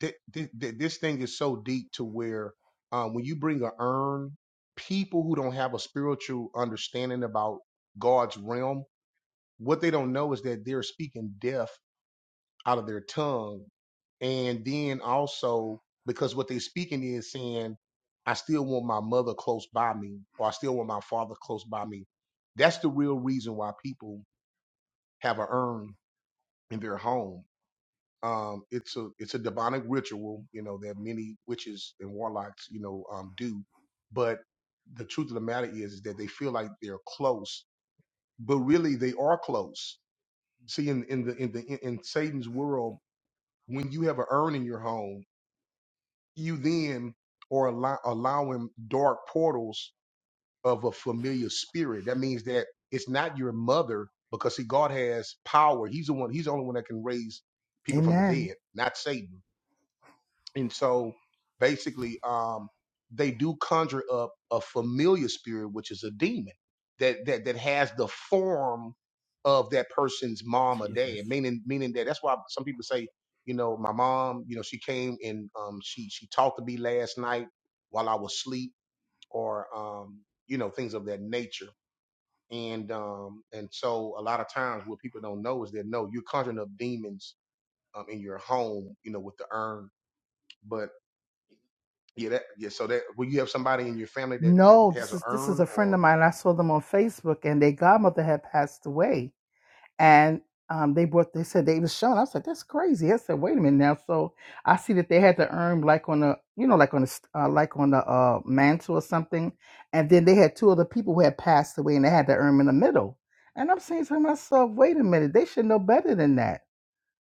[SPEAKER 1] th- th- th- this thing is so deep to where um, when you bring a urn, people who don't have a spiritual understanding about God's realm, what they don't know is that they're speaking death out of their tongue, and then also because what they're speaking is and I still close by me or I still want close by me. That's the real reason why people have a urn in their home. Um, it's a warlock, too, but the truth of the matter is, is that they feel like they're close but really they are close. See, in, in the in the in, in Satan's world, when you have an urn in your home, you then are allow, allowing dark portals of a familiar spirit. That means that it's not your mother, because see, God has power. He's the one. He's the only one that can raise people from the
[SPEAKER 5] Amen.
[SPEAKER 1] dead, not Satan. And so basically, um, they do conjure up a familiar spirit, which is a demon that that that has the form of that person's mom or
[SPEAKER 5] Jesus.
[SPEAKER 1] dad. Meaning, meaning that that's why some people say, you know, my mom, you know, she came and um, she she talked to me last night while I was asleep, or um, you know, things of that nature. And um, and so a lot of times what people don't know is that no, you're conjuring up demons um, in your home, you know, with the urn. Yeah, that, yeah. So that when you have somebody in your family that, that
[SPEAKER 5] No,
[SPEAKER 1] has
[SPEAKER 5] this
[SPEAKER 1] an
[SPEAKER 5] is this is
[SPEAKER 1] urn,
[SPEAKER 5] a friend
[SPEAKER 1] or
[SPEAKER 5] of mine. I saw them on Facebook, and their godmother had passed away and um, they brought they said they was shown. I was like, that's crazy. I said, wait a minute now. So I see that they had the urn like on the you know like on the uh, like on the uh, mantle or something, and then they had two other people who had passed away, and they had the urn in the middle. And I'm saying to myself, wait a minute, they should know better than that.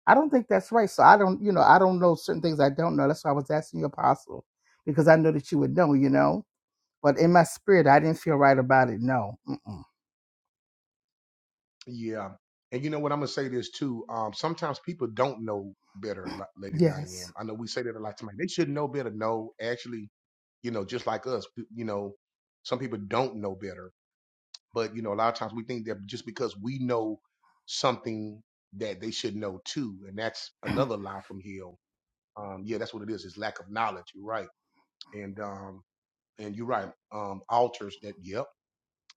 [SPEAKER 5] I don't think that's right. So I don't, you know, I don't know certain things I don't know. That's why I was asking you, Apostle, because I know that you would know, you know. But in my spirit, I didn't feel right about it. No.
[SPEAKER 1] yeah, and you know what? I'm gonna say this too. Um, sometimes people don't know better, La- Lady Diane.
[SPEAKER 5] Yes.
[SPEAKER 1] I know we say that a lot. Somebody they should know better. No, actually, you know, just like us, p- you know, some people don't know better. But you know, a lot of times we think that just because we know something that they should know too, and that's another lie from hell. Um, yeah, that's what it is. It's lack of knowledge. You're right, and um, and you're right. Um, altars that. Yep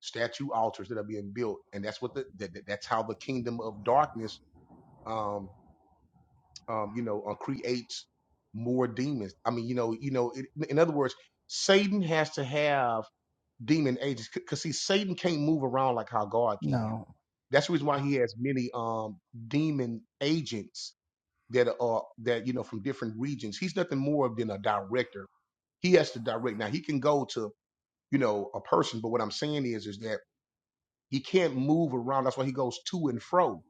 [SPEAKER 1] statue altars that are being built, and that's what the that, that- that's how the kingdom of darkness, um, um, you know, uh, creates more demons. I mean, you know, you know, it, in other words, Satan has to have demon agents because see, Satan can't move around like how God can.
[SPEAKER 5] No.
[SPEAKER 1] That's the reason why he has many um demon agents that are that you know from different regions. He's nothing more than a director. He has to direct. Now he can go to you know a person, but what I'm saying is is that He can't move around. That's why he goes to and fro,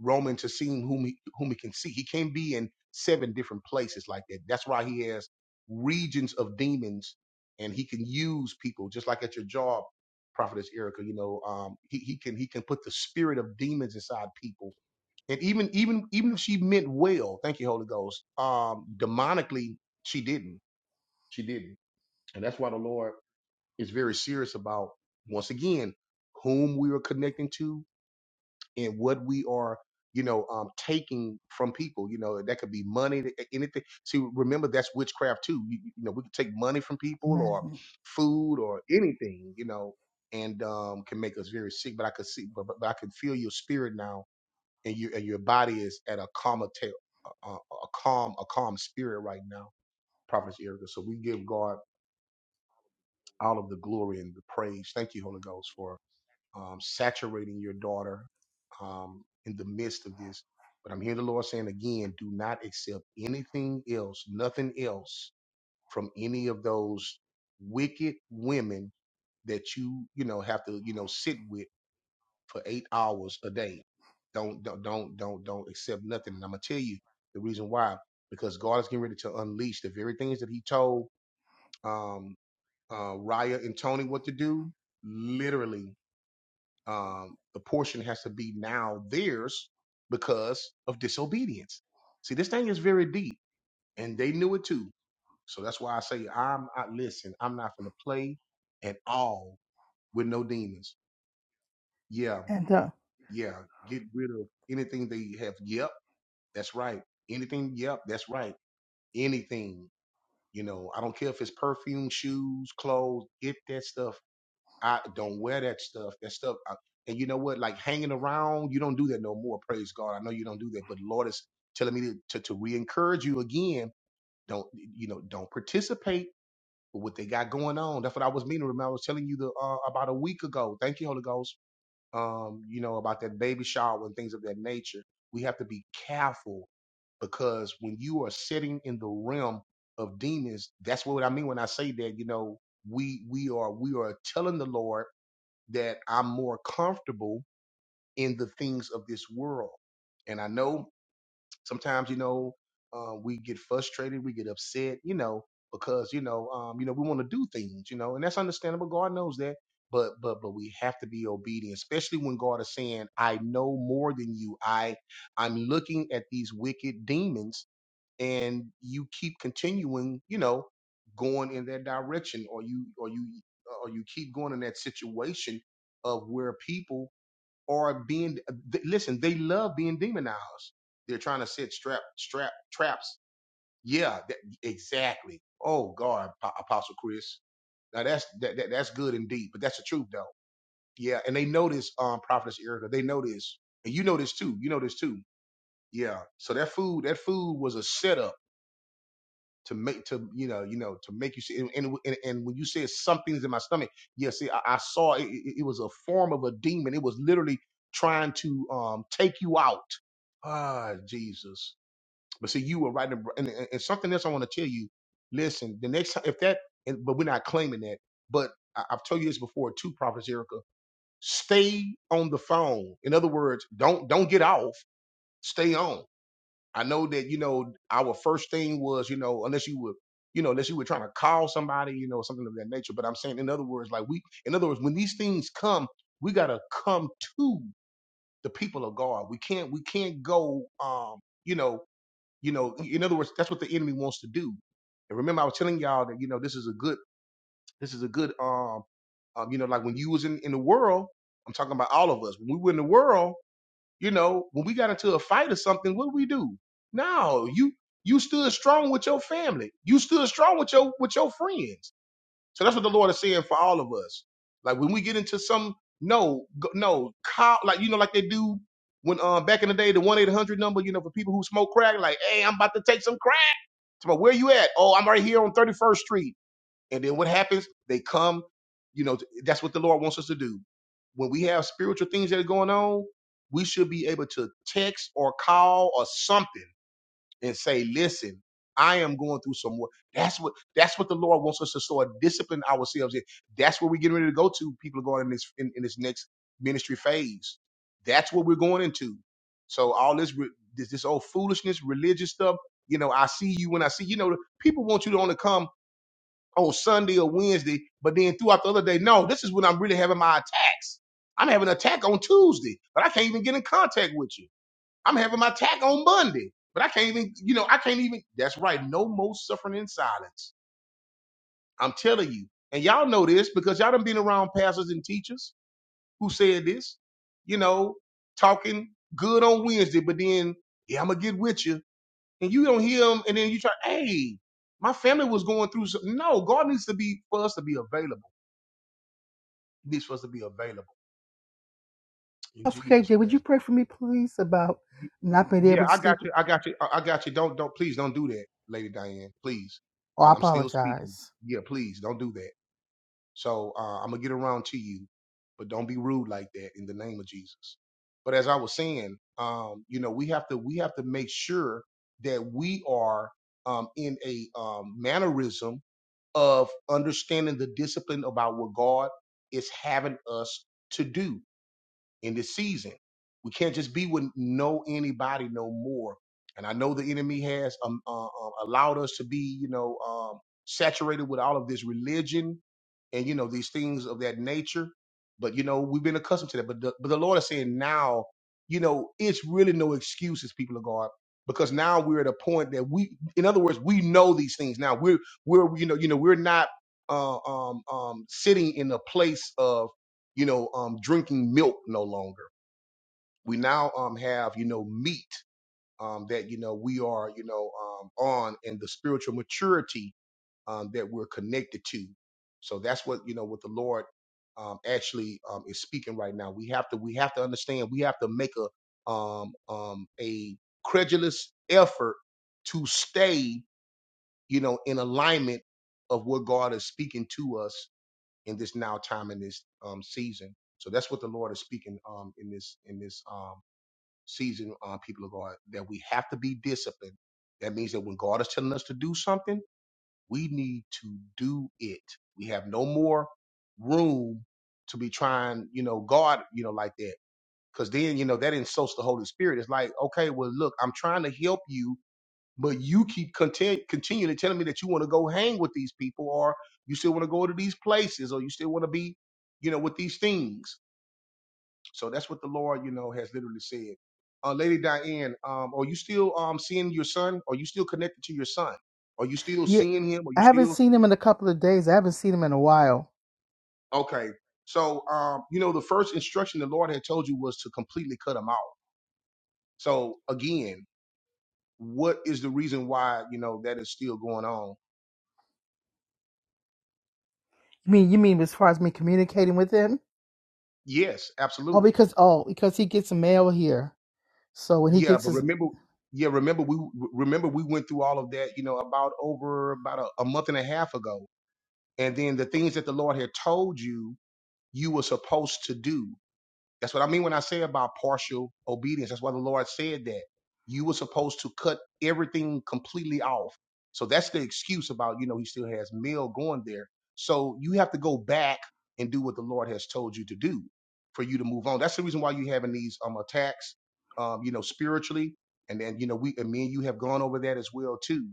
[SPEAKER 1] roaming to see whom he whom he can see. He can't be in seven different places like that. That's why he has regions of demons, and he can use people just like at your job, Prophetess Erica. You know, um, he he can he can put the spirit of demons inside people, and even even even if she meant well, thank you, Holy Ghost. Um, demonically, she didn't. She didn't, and that's why the Lord is very serious about once again whom we are connecting to in what we are you know um taking from people you know that could be money th- anything see remember that's witchcraft too you, you know we can take money from people or
[SPEAKER 5] Amen.
[SPEAKER 1] food or anything you know and um can make us very sick but i could see but, but, but i can feel your spirit now and your and your body is at a calm a, a a calm a calm spirit right now prophetess erica so we give god all of the glory and the praise thank you holy ghost for um saturating your daughter um, in the midst of this. But I'm hearing the Lord saying again, do not accept anything else, nothing else from any of those wicked women that you, you know, have to, you know, sit with for eight hours a day. Don't, don't, don't, don't, don't accept nothing. And I'm gonna tell you the reason why, because God is getting ready to unleash the very things that He told um, uh, Raya and Tony what to do. Literally, um, the portion has to be now theirs because of disobedience. See, this thing is very deep, and they knew it too. So that's why I say I'm. I listen. I'm not gonna play at all with no demons. Yeah,
[SPEAKER 5] And uh,
[SPEAKER 1] yeah. Get rid of anything they have. Yep, that's right. Anything. Yep, that's right. Anything. You know, I don't care if it's perfume, shoes, clothes. Get that stuff I don't wear that stuff. That stuff. I, and you know what? Like hanging around, you don't do that no more. Praise God. I know you don't do that, but Lord is telling me to to, to re-encourage you again. Don't you know? Don't participate with what they got going on. That's what I was meaning. Remember, I was telling you the uh, about a week ago. Thank you, Holy Ghost. Um, you know about that baby shower and things of that nature. We have to be careful because when you are sitting in the realm of demons, that's what I mean when I say that. You know, we we are we are telling the Lord that I'm more comfortable in the things of this world. And I know sometimes, you know, uh, we get frustrated, we get upset, you know, because you know, um, you know, we want to do things, you know, and that's understandable. God knows that, but but but we have to be obedient, especially when God is saying, "I know more than you. I I'm looking at these wicked demons." and you keep continuing, you know, going in that direction, or you or you or you keep going in that situation of where people are being. th- Listen, they love being demonized. They're trying to set strap strap traps. Yeah, that, exactly. Oh God, Pa- Apostle Chris. Now that's that, that that's good and deep, but that's the truth though. Yeah, and they know this, um, Prophetess Erica. They know this, and you know this too. You know this too. Yeah. So that food, that food was a setup to make to you know you know to make you see and and, and and when you said something's in my stomach yes, yeah see i, I saw it, it it was a form of a demon it was literally trying to um take you out ah jesus but see you were right in, and, and and something else i want to tell you listen the next time if that and, but we're not claiming that but I, i've told you this before too prophet erica stay on the phone in other words don't don't get off stay on I know that you know our first thing was you know unless you were you know unless you were trying to call somebody you know something of that nature. But I'm saying in other words, like we in other words when these things come, we gotta come to the people of God. We can't we can't go um you know you know in other words that's what the enemy wants to do. And remember I was telling y'all that you know this is a good this is a good um um you know like when you was in in the world. I'm talking about all of us when we were in the world you know, when we got into a fight or something, what do we do? No, you you stood strong with your family. You stood strong with your with your friends. So that's what the Lord is saying for all of us. Like when we get into some no go- no call like you know like they do when um back in the day the one eight hundred number you know for people who smoke crack like hey I'm about to take some crack. But where you at? Oh I'm right here on thirty first Street. And then what happens? They come, you know, that's what the Lord wants us to do. When we have spiritual things that are going on, we should be able to text or call or something and say, listen, I am going through some work. That's what that's what the Lord wants us to sort of discipline ourselves in. That's where we're getting ready to go to. People are going in this in, in this next ministry phase. That's what we're going into. So all this re- this this old foolishness, religious stuff, you know, I see you when I see you know, people want you to only come on Sunday or Wednesday, but then throughout the other day, no, this is when I'm really having my attacks. I'm having an attack on Tuesday, but I can't even get in contact with you. I'm having my attack on Monday, but I can't even, you know, I can't even. That's right, no more suffering in silence. I'm telling you. And y'all know this because y'all done been around pastors and teachers who said this, you know, talking good on Wednesday, but then, yeah, I'm going to get with you. And you don't hear them, and then you try, hey, my family was going through some. No, God needs to be for us to be available. This for us to be available in
[SPEAKER 5] Pastor
[SPEAKER 1] Jesus'
[SPEAKER 5] KJ, would you
[SPEAKER 1] name.
[SPEAKER 5] pray for me, please, about not being
[SPEAKER 1] Yeah,
[SPEAKER 5] able to
[SPEAKER 1] I got
[SPEAKER 5] sleep?
[SPEAKER 1] you. I got you. I I got you. Don't don't please don't do that, Lady Diane. Please,
[SPEAKER 5] Oh, I
[SPEAKER 1] I'm, I'm still speaking.
[SPEAKER 5] apologize.
[SPEAKER 1] Yeah, please don't do that. So uh, I'm gonna get around to you, but don't be rude like that in the name of Jesus. But as I was saying, um, you know, we have to we have to make sure that we are um, in a um, mannerism of understanding the discipline about what God is having us to do in this season. We can't just be with no anybody no more. And I know the enemy has um, uh, uh, allowed us to be, you know, um, saturated with all of this religion and you know these things of that nature. But you know we've been accustomed to that. But the, but the Lord is saying now, you know, it's really no excuses, people of God, because now we're at a point that we, in other words, we know these things now. We're we're you know you know we're not uh, um um sitting in a place of you know, um, drinking milk no longer. We now um, have, you know, meat um, that, you know, we are, you know, um, on and the spiritual maturity um, that we're connected to. So that's what, you know, what the Lord um, actually um, is speaking right now. We have to, we have to understand, we have to make a, um, um, a credulous effort to stay, you know, in alignment of what God is speaking to us in this now time in this um, season. So that's what the Lord is speaking um, in this in this um, season, uh, people of God, that we have to be disciplined. That means that when God is telling us to do something, we need to do it. We have no more room to be trying, you know, God, you know, like that. Because then, you know, that insults the Holy Spirit. It's like, okay, well, look, I'm trying to help you but you keep continu- continually telling me that you want to go hang with these people or you still want to go to these places or you still want to be you know with these things so that's what the lord you know has literally said uh, lady diane um, are you still um, seeing your son are you still connected to your son are you still
[SPEAKER 5] Yeah,
[SPEAKER 1] seeing him are you
[SPEAKER 5] I haven't
[SPEAKER 1] still
[SPEAKER 5] seen him in a couple of days. I haven't seen him in a while.
[SPEAKER 1] okay so um, you know the first instruction the lord had told you was to completely cut him off so again what is the reason why you know that is still going on
[SPEAKER 5] You mean you mean as far as me communicating with him?
[SPEAKER 1] yes
[SPEAKER 5] Oh,
[SPEAKER 1] absolutely
[SPEAKER 5] because oh, because he gets mail here. So when he
[SPEAKER 1] Yeah,
[SPEAKER 5] gets
[SPEAKER 1] but
[SPEAKER 5] his
[SPEAKER 1] remember, yeah, remember we remember we went through all of that, you know, about over about a, a month and a half ago. And then the things that the Lord had told you you were supposed to do. That's what I mean when I say about partial obedience. That's why the Lord said that you were supposed to cut everything completely off. So that's the excuse about, you know, he still has meal going there. So you have to go back and do what the Lord has told you to do for you to move on. That's the reason why you're having these um attacks, um, you know, spiritually. And then, you know, we and me and you have gone over that as well too.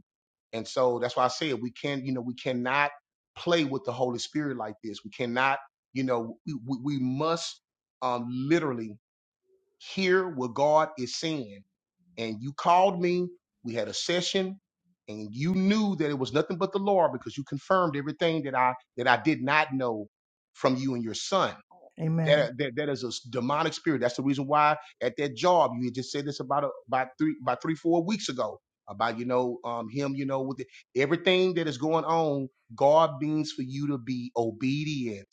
[SPEAKER 1] And so that's why I said we can, you know, we cannot play with the Holy Spirit like this. We cannot, you know, we, we we must uh, literally hear what God is saying. And you called me, we had a session, and you knew that it was nothing but the Lord because you confirmed everything that I that I did not know from you and your son.
[SPEAKER 5] Amen.
[SPEAKER 1] That, that that is a demonic spirit. That's the reason why at that job you had just said this about a, about three about three four weeks ago about you know um him you know with the, everything that is going on. God means for you to be obedient,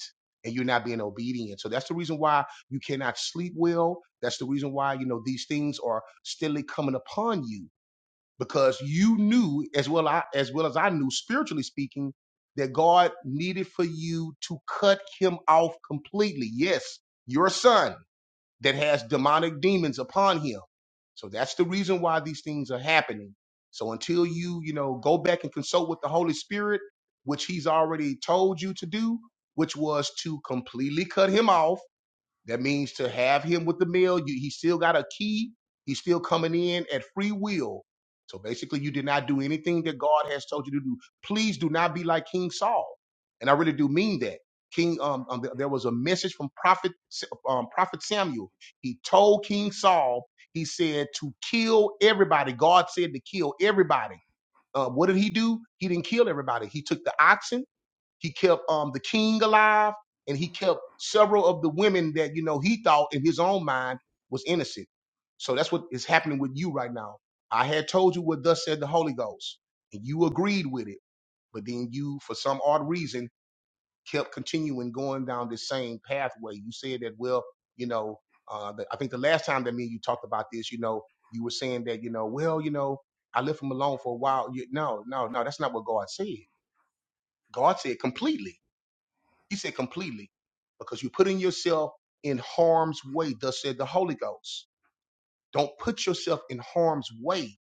[SPEAKER 1] and you're not being obedient. So that's the reason why you cannot sleep well. That's the reason why you know these things are steadily coming upon you because you knew as well I, as well as I knew spiritually speaking that God needed for you to cut him off completely. Yes, your son that has demonic demons upon him. So that's the reason why these things are happening. So until you, you know, go back and consult with the Holy Spirit, which he's already told you to do, which was to completely cut him off that means to have him with the meal, you, he still got a key. He's still coming in at free will. So basically, you did not do anything that God has told you to do. Please do not be like King Saul. And I really do mean that. King, um, um, th- there was a message from Prophet, S- um, Prophet Samuel. He told King Saul, he said to kill everybody. God said to kill everybody. Uh, what did he do? He didn't kill everybody. He took the oxen. He kept um, the king alive, and he kept several of the women that you know he thought in his own mind was innocent. So that's what is happening with you right now. I had told you what thus said the Holy Ghost, and you agreed with it, but then you, for some odd reason, kept continuing going down this same pathway. You said that, well, you know, uh, the, I think the last time that me and you talked about this, you know, you were saying that, you know, well, you know, I left him alone for a while. You, no, no, no, that's not what God said. God said completely. He said completely, because you're putting yourself in harm's way, thus said the Holy Ghost. Don't put yourself in harm's way,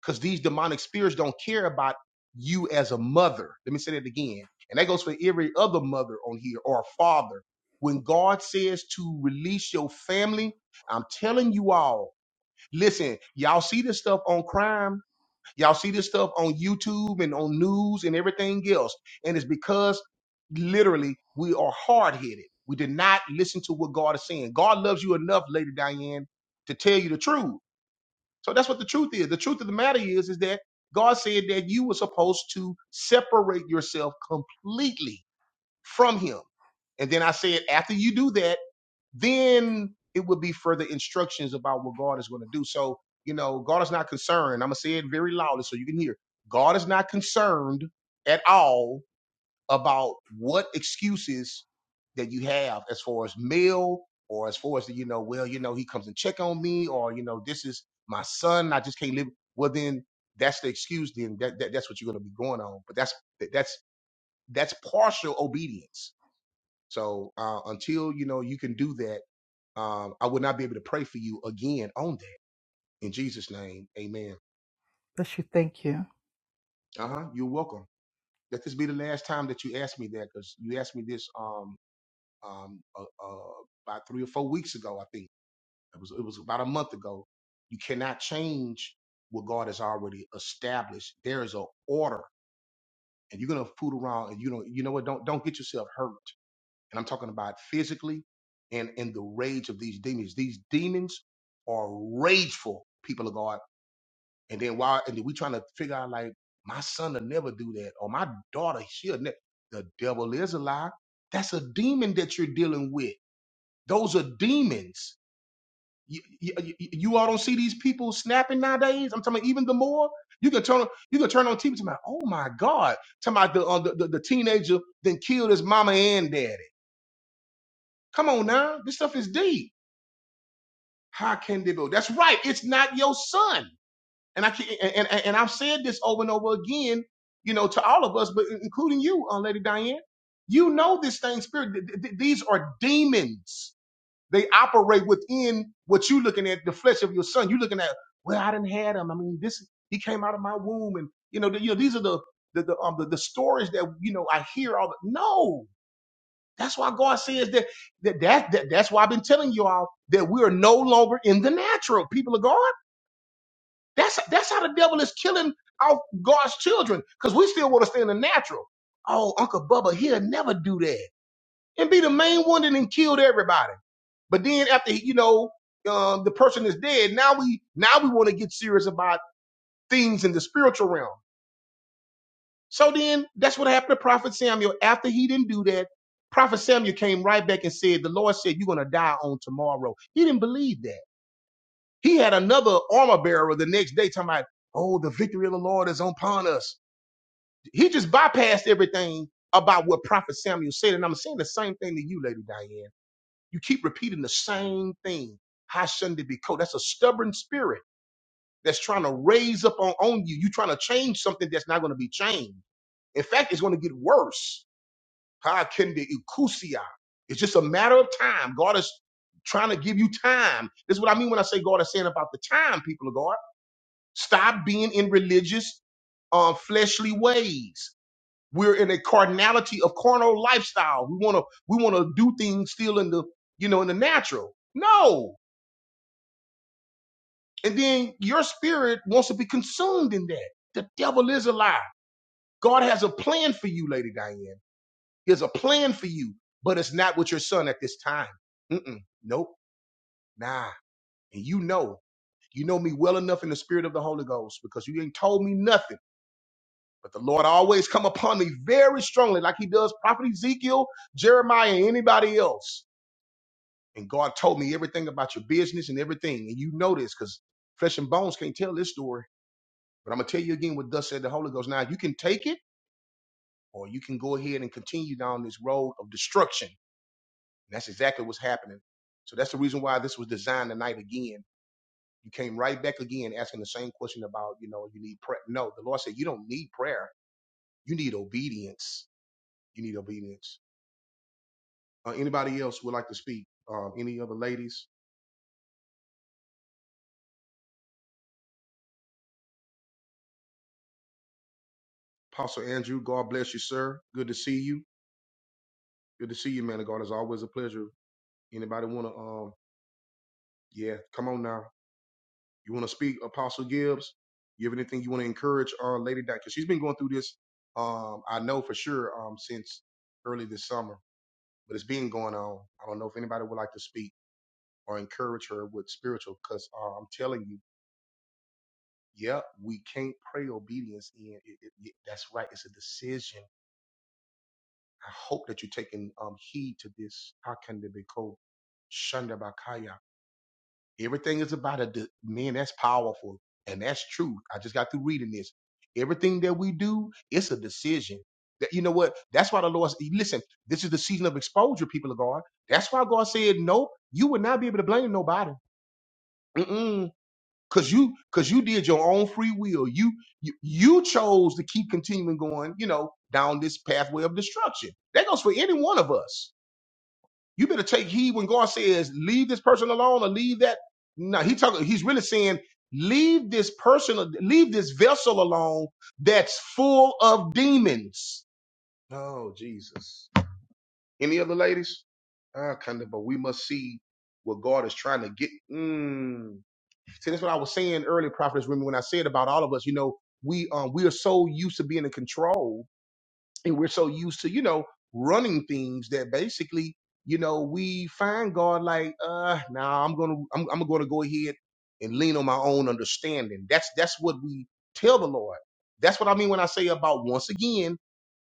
[SPEAKER 1] because these demonic spirits don't care about you as a mother. Let me say that again. And that goes for every other mother on here or a father. When God says to release your family, I'm telling you all, listen, y'all see this stuff on crime Y'all see this stuff on YouTube and on news and everything else. And it's because literally we are hard headed. We did not listen to what God is saying. God loves you enough, Lady Diane, to tell you the truth. So that's what the truth is. The truth of the matter is, is that God said that you were supposed to separate yourself completely from Him. And then I said, after you do that then it would be further instructions about what God is going to do. So, you know, God is not concerned. I'm going to say it very loudly so you can hear. God is not concerned at all about what excuses that you have as far as male or as far as, the, you know, well, you know, he comes and check on me or, you know, this is my son. I just can't live. Well, then that's the excuse. Then that, that that's what you're going to be going on. But that's, that's, that's partial obedience. So uh, until, you know, you can do that um, I would not be able to pray for you again on that. In Jesus' name, amen.
[SPEAKER 5] Bless you. Thank you.
[SPEAKER 1] Uh huh. You're welcome. Let this be the last time that you ask me that because you asked me this um, um, uh, uh, about three or four weeks ago, I think. It was, it was about a month ago. You cannot change what God has already established. There is a order, and you're gonna fool around, and you know, you know what? Don't don't get yourself hurt. And I'm talking about physically, and in the rage of these demons. These demons are rageful people of God And then while And then we trying to figure out like my son will never do that, or my daughter she'll never. The devil is a lie. That's a demon that you're dealing with. Those are demons. You, you, you you all don't see these people snapping nowadays. I'm talking about even the more you can turn on- you can turn on TV. Talking about oh my god, talking about the, uh, the the the teenager then killed his mama and daddy. Come on now, this stuff is deep. How can they go? That's right. It's not your son. And I can, and, and and I've said this over and over again, you know, to all of us, but including you, uh, Lady Diane. You know this thing, spirit. th- th- th- these are demons. They operate within what you looking at, the flesh of your son. You looking at, well, I didn't have him. I mean, this he came out of my womb, and you know, the, you know, these are the the the, um, the the stories that you know I hear all. The, no, that's why God says that that, that that that's why I've been telling you all that we are no longer in the natural people of God. That's that's how the devil is killing our God's children because we still want to stay in the natural. Oh, Uncle Bubba, he'll never do that and be the main one that then killed everybody. But then after he- you know um, the person is dead, now we now we want to get serious about things in the spiritual realm. So then that's what happened to Prophet Samuel. After he didn't do that, Prophet Samuel came right back and said, "The Lord said you're gonna die on tomorrow." He didn't believe that. He had another armor bearer the next day talking about, oh, the victory of the Lord is upon us. He just bypassed everything about what Prophet Samuel said. And I'm saying the same thing to you, Lady Diane. You keep repeating the same thing. How shouldn't it be called? That's a stubborn spirit that's trying to raise up on, on you. You're trying to change something that's not going to be changed. In fact, it's going to get worse. How can the Ikusia? It's just a matter of time. God is trying to give you time. This is what I mean when I say God is saying about the time, people of God. Stop being in religious um, fleshly ways. We're in a carnality of carnal lifestyle. We want to we want to do things still in the you know in the natural. No, and then your spirit wants to be consumed in that. The devil is a lie. God has a plan for you, Lady Diane. He has a plan for you, but it's not with your son at this time. Mm-mm, nope, nah. And you know, you know me well enough in the spirit of the Holy Ghost because you ain't told me nothing But the Lord always come upon me very strongly, like he does Prophet Ezekiel, Jeremiah, and anybody else. And God told me everything about your business and everything. And you know this because flesh and bones can't tell this story. But I'm going to tell you again what thus said the Holy Ghost. Now, you can take it or you can go ahead and continue down this road of destruction. And that's exactly what's happening. So that's the reason why this was designed tonight again. You came right back again asking the same question about, you know, you need prayer. No, the Lord said you don't need prayer. You need obedience. You need obedience. Uh, anybody else would like to speak? Um, any other ladies? Apostle Andrew, God bless you, sir. Good to see you. Good to see you, man of God. It's always a pleasure. Anybody want to? Um, yeah, come on now. You want to speak, Apostle Gibbs? You have anything you want to encourage uh, Lady Di? Because she's been going through this. Um, I know for sure um, since early this summer, but it's been going on. I don't know if anybody would like to speak or encourage her with spiritual. Because uh, I'm telling you, yeah, we can't pray obedience in. It, it, it- that's right. It's a decision I hope that you're taking um, heed to this. How can they be called? Shandabakaya. Everything is about a de- man. That's powerful and that's true. I just got through reading this. Everything that we do, it's a decision. That you know what? That's why the Lord. Listen, this is the season of exposure. People of God. That's why God said, "No, you would not be able to blame nobody." Mm-mm. Cause you, cause you did your own free will. You, you, you chose to keep continuing going. You know, down this pathway of destruction. That goes for any one of us you better take heed when God says, leave this person alone or leave that. No, he talking, he's really saying, leave this person, leave this vessel alone that's full of demons. Oh, Jesus. Any other ladies? Ah, kind of, but we must see what God is trying to get. Mm. See, that's what I was saying earlier, Prophetess Remy, when I said about all of us, you know, we um we are so used to being in control and we're so used to you know running things that basically you know we find god like uh nah i'm gonna i'm, I'm gonna go ahead and lean on my own understanding that's that's what we tell the lord that's what i mean when i say about once again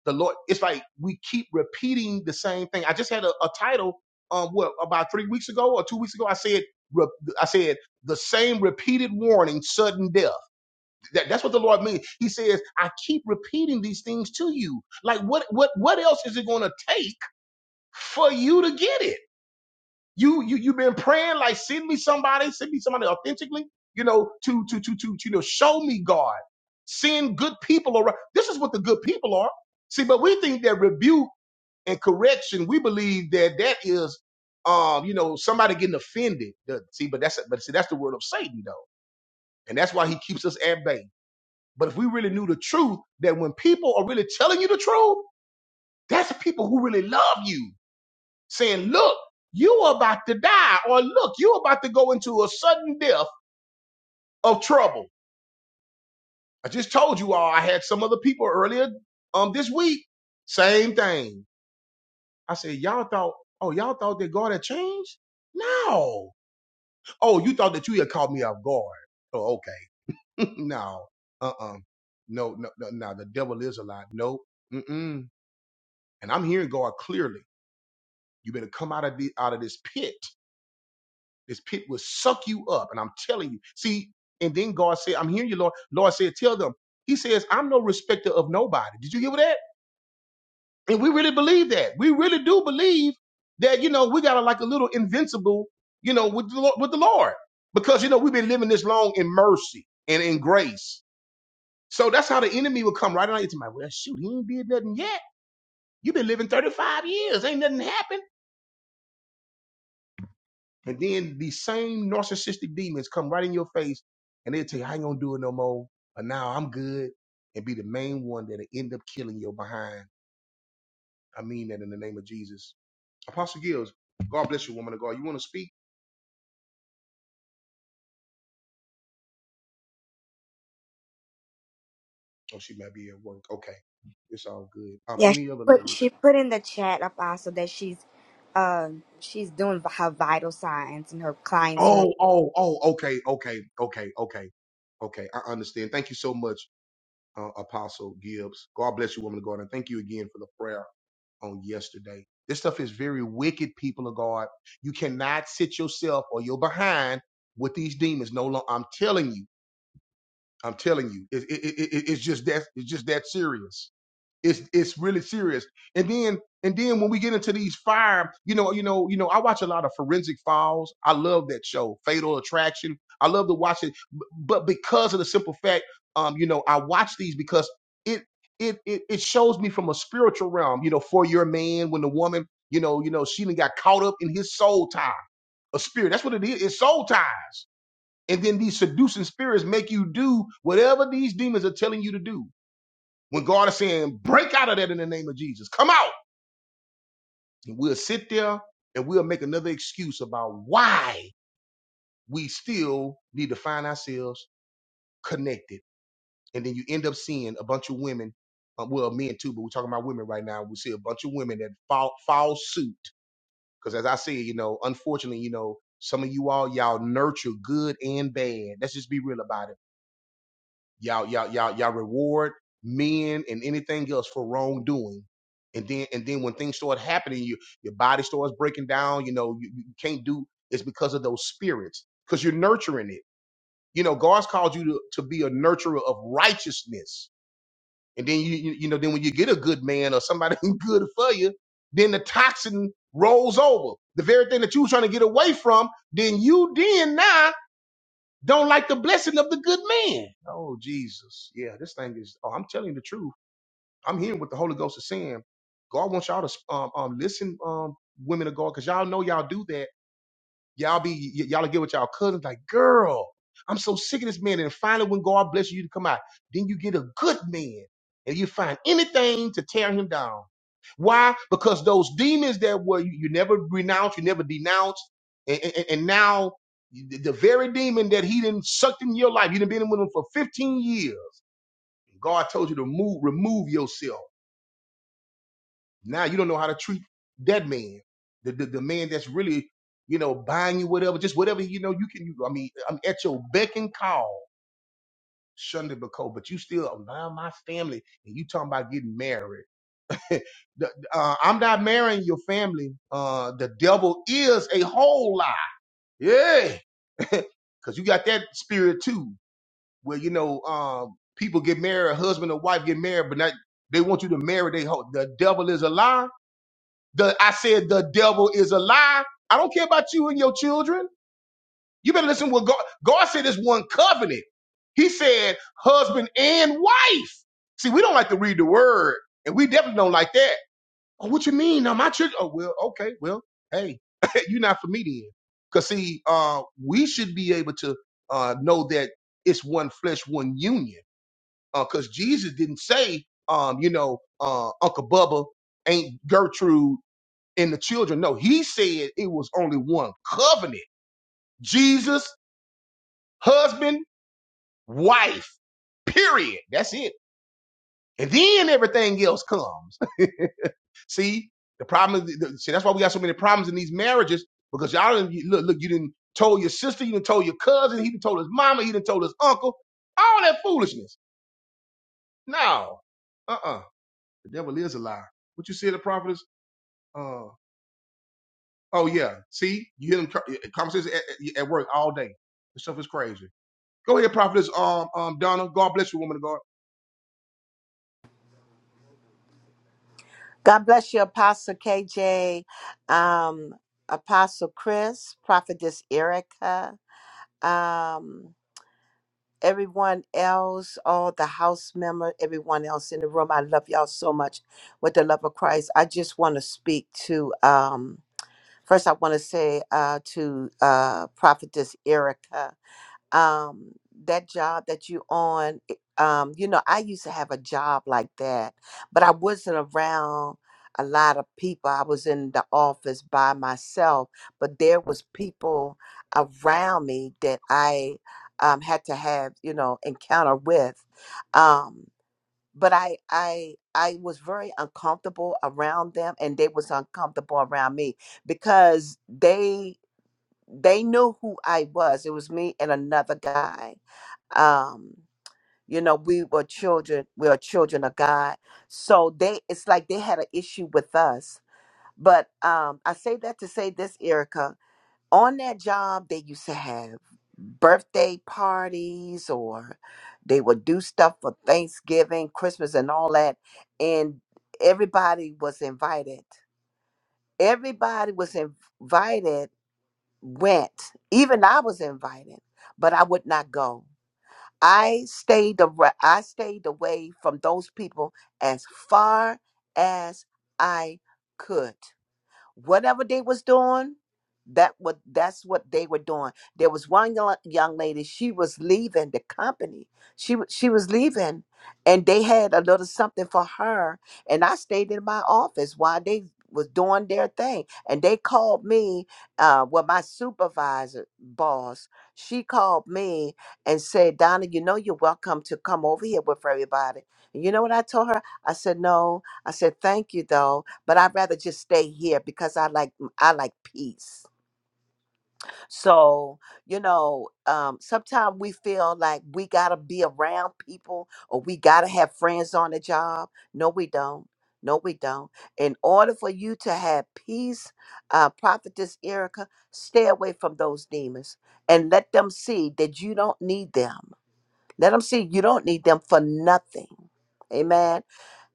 [SPEAKER 1] the lord it's like we keep repeating the same thing i just had a, a title um what about three weeks ago or two weeks ago i said re- i said the same repeated warning sudden death that, that's what the Lord means. He says, I keep repeating these things to you. Like what what what else is it gonna take for you to get it? You you you've been praying like send me somebody, send me somebody authentically, you know, to to to to you know, show me God. Send good people around. This is what the good people are. See, but we think that rebuke and correction, we believe that that is um, you know, somebody getting offended. The- See, but that's but see, that's the word of Satan though. And that's why he keeps us at bay. But if we really knew the truth, that when people are really telling you the truth, that's the people who really love you, saying, look, you are about to die, or look, you're about to go into a sudden death of trouble. I just told you all I had some other people earlier um this week. Same thing. I said, Y'all thought, oh, y'all thought that God had changed? No. Oh, you thought that you had caught me off guard. Oh, okay. [LAUGHS] no. Uh-uh. No, no, no, no. The devil is a lie. Nope. Mm-mm. And I'm hearing God clearly. You better come out of the out of this pit. This pit will suck you up. And I'm telling you. See, and then God said, I'm hearing you, Lord. Lord said, tell them. He says, I'm no respecter of nobody. Did you hear that? And we really believe that. We really do believe that, you know, we got a, like a little invincible, you know, with the, Lord- with the Lord. Because, you know, we've been living this long in mercy and in grace. So that's how the enemy will come right on into my, well, shoot, he ain't did nothing yet. You've been living 35 years. Ain't nothing happened And then these same narcissistic demons come right in your face and they'll tell you, I ain't gonna do it no more. But now I'm good and be the main one that'll end up killing your behind. I mean that in the name of Jesus. Apostle Gills, God bless you, woman of God. You wanna speak? Oh, she might be at work. Okay. It's all good. Um,
[SPEAKER 3] Yeah, she
[SPEAKER 1] any other
[SPEAKER 3] put
[SPEAKER 1] ladies?
[SPEAKER 3] she put in the chat up also that she's um she's doing her vital signs in her client's room.
[SPEAKER 1] Oh, oh, oh, okay, okay, okay, okay, okay. I understand. Thank you so much, uh, Apostle Gibbs. God bless you, woman of God, and thank you again for the prayer. on yesterday. This stuff is very wicked, people of God. You cannot sit yourself or your behind with these demons. No longer, I'm telling you, I'm telling you, it, it, it, it- it's just that it's just that serious. It's it's really serious. And then and then when we get into these fire, you know, you know, you know, I watch a lot of forensic files. I love that show, Fatal Attraction. I love to watch it, b- but because of the simple fact, um, you know, I watch these because it it it, it shows me from a spiritual realm. You know, for your man, when the woman, you know, you know, she done got caught up in his soul tie, a spirit. That's what it is. It's soul ties. And then these seducing spirits make you do whatever these demons are telling you to do when God is saying, break out of that in the name of Jesus, come out. And we'll sit there and we'll make another excuse about why we still need to find ourselves connected. And then you end up seeing a bunch of women, uh, well, men too, but we're talking about women right now. We see a bunch of women that fall, fall suit. Because as I said, you know, unfortunately, you know, some of you all, y'all nurture good and bad. Let's just be real about it Y'all, y'all, y'all, y'all reward men and anything else for wrongdoing. And then, and then when things start happening, you your body starts breaking down. You know, you, you can't do. It's because of those spirits, because you're nurturing it. You know, God's called you to, to be a nurturer of righteousness. And then you, you you know, then when you get a good man or somebody [LAUGHS] who's good for you, then the toxin rolls over. The very thing that you were trying to get away from, then you then now don't like the blessing of the good man. Oh, Jesus. Yeah, this thing is, oh, I'm telling you the truth. I'm hearing what the Holy Ghost is saying. God wants y'all to um, um, listen, um, women of God, because y'all know y'all do that Y'all be y- y'all get with y'all cousins like, girl, I'm so sick of this man. And finally, when God bless you to come out, then you get a good man, and you find anything to tear him down. Why? Because those demons that were you, you never renounced, you never denounced, and, and, and now the the very demon that he didn't sucked in your life, you done been with him for 15 years. God told you to move, remove yourself. Now you don't know how to treat that man, the the, the man that's really you know buying you whatever, just whatever you know you can. You, I mean, I'm at your beck and call, Shunda Bako, but you still around my family, and you talking about getting married. [LAUGHS] The- uh, I'm not marrying your family. Uh, the devil is a whole lie. Yeah, [LAUGHS] because you got that spirit too, where you know um, people get married, husband and wife get married, but not they want you to marry. They ho- the devil is a lie the I said the devil is a lie. I don't care about you and your children. You better listen to what God God said is one covenant. He said husband and wife. See, we don't like to read the word, and we definitely don't like that. Oh, what you mean? Now my children. Oh, well, okay, well, hey, [LAUGHS] you're not for me then. Cause see, uh, we should be able to uh, know that it's one flesh, one union. Uh, Cause Jesus didn't say, um, you know, uh, Uncle Bubba ain't Gertrude and the children. No, he said it was only one covenant. Jesus, husband, wife, period. That's it. And then everything else comes. [LAUGHS] see, the problem is, the- see, that's why we got so many problems in these marriages because y'all didn't, look, look, you didn't told your sister, you didn't told your cousin, he didn't told his mama, he didn't told his uncle, all that foolishness. No, uh-uh. The devil is a liar. What you said, the prophet uh, oh yeah, see, you hear them co- conversations at, at at work all day. This stuff is crazy. Go ahead, prophetess um, um, Donna. God bless you, woman of God.
[SPEAKER 6] God bless you, Apostle KJ, um, Apostle Chris, Prophetess Erica, um, everyone else, all the house member, everyone else in the room. I love y'all so much with the love of Christ. I just want to speak to, um, first, I want to say uh, to uh, Prophetess Erica um that job that you on it- um you know i used to have a job like that but i wasn't around a lot of people i was in the office by myself but there was people around me that i um, had to have you know encounter with um but i i i was very uncomfortable around them and they was uncomfortable around me because they they knew who i was it was me and another guy um you know we were children we are children of god so they it's like they had an issue with us but um i say that to say this erica on that job they used to have birthday parties or they would do stuff for thanksgiving christmas and all that and everybody was invited everybody was invited went even i was invited but i would not go I stayed ar- I stayed away from those people as far as I could whatever they was doing that what that's what they were doing there was one young, young lady she was leaving the company she wa- she was leaving and they had a little something for her and i stayed in my office while they was doing their thing and they called me uh well my supervisor boss she called me and said donna you know you're welcome to come over here with everybody and you know what i told her i said no i said thank you though but I'd rather just stay here because I like I like peace. So you know, um, sometimes we feel like we gotta be around people or we gotta have friends on the job. No, we don't. No, we don't. In order for you to have peace, uh, prophetess Erica, stay away from those demons and let them see that you don't need them. Let them see you don't need them for nothing. Amen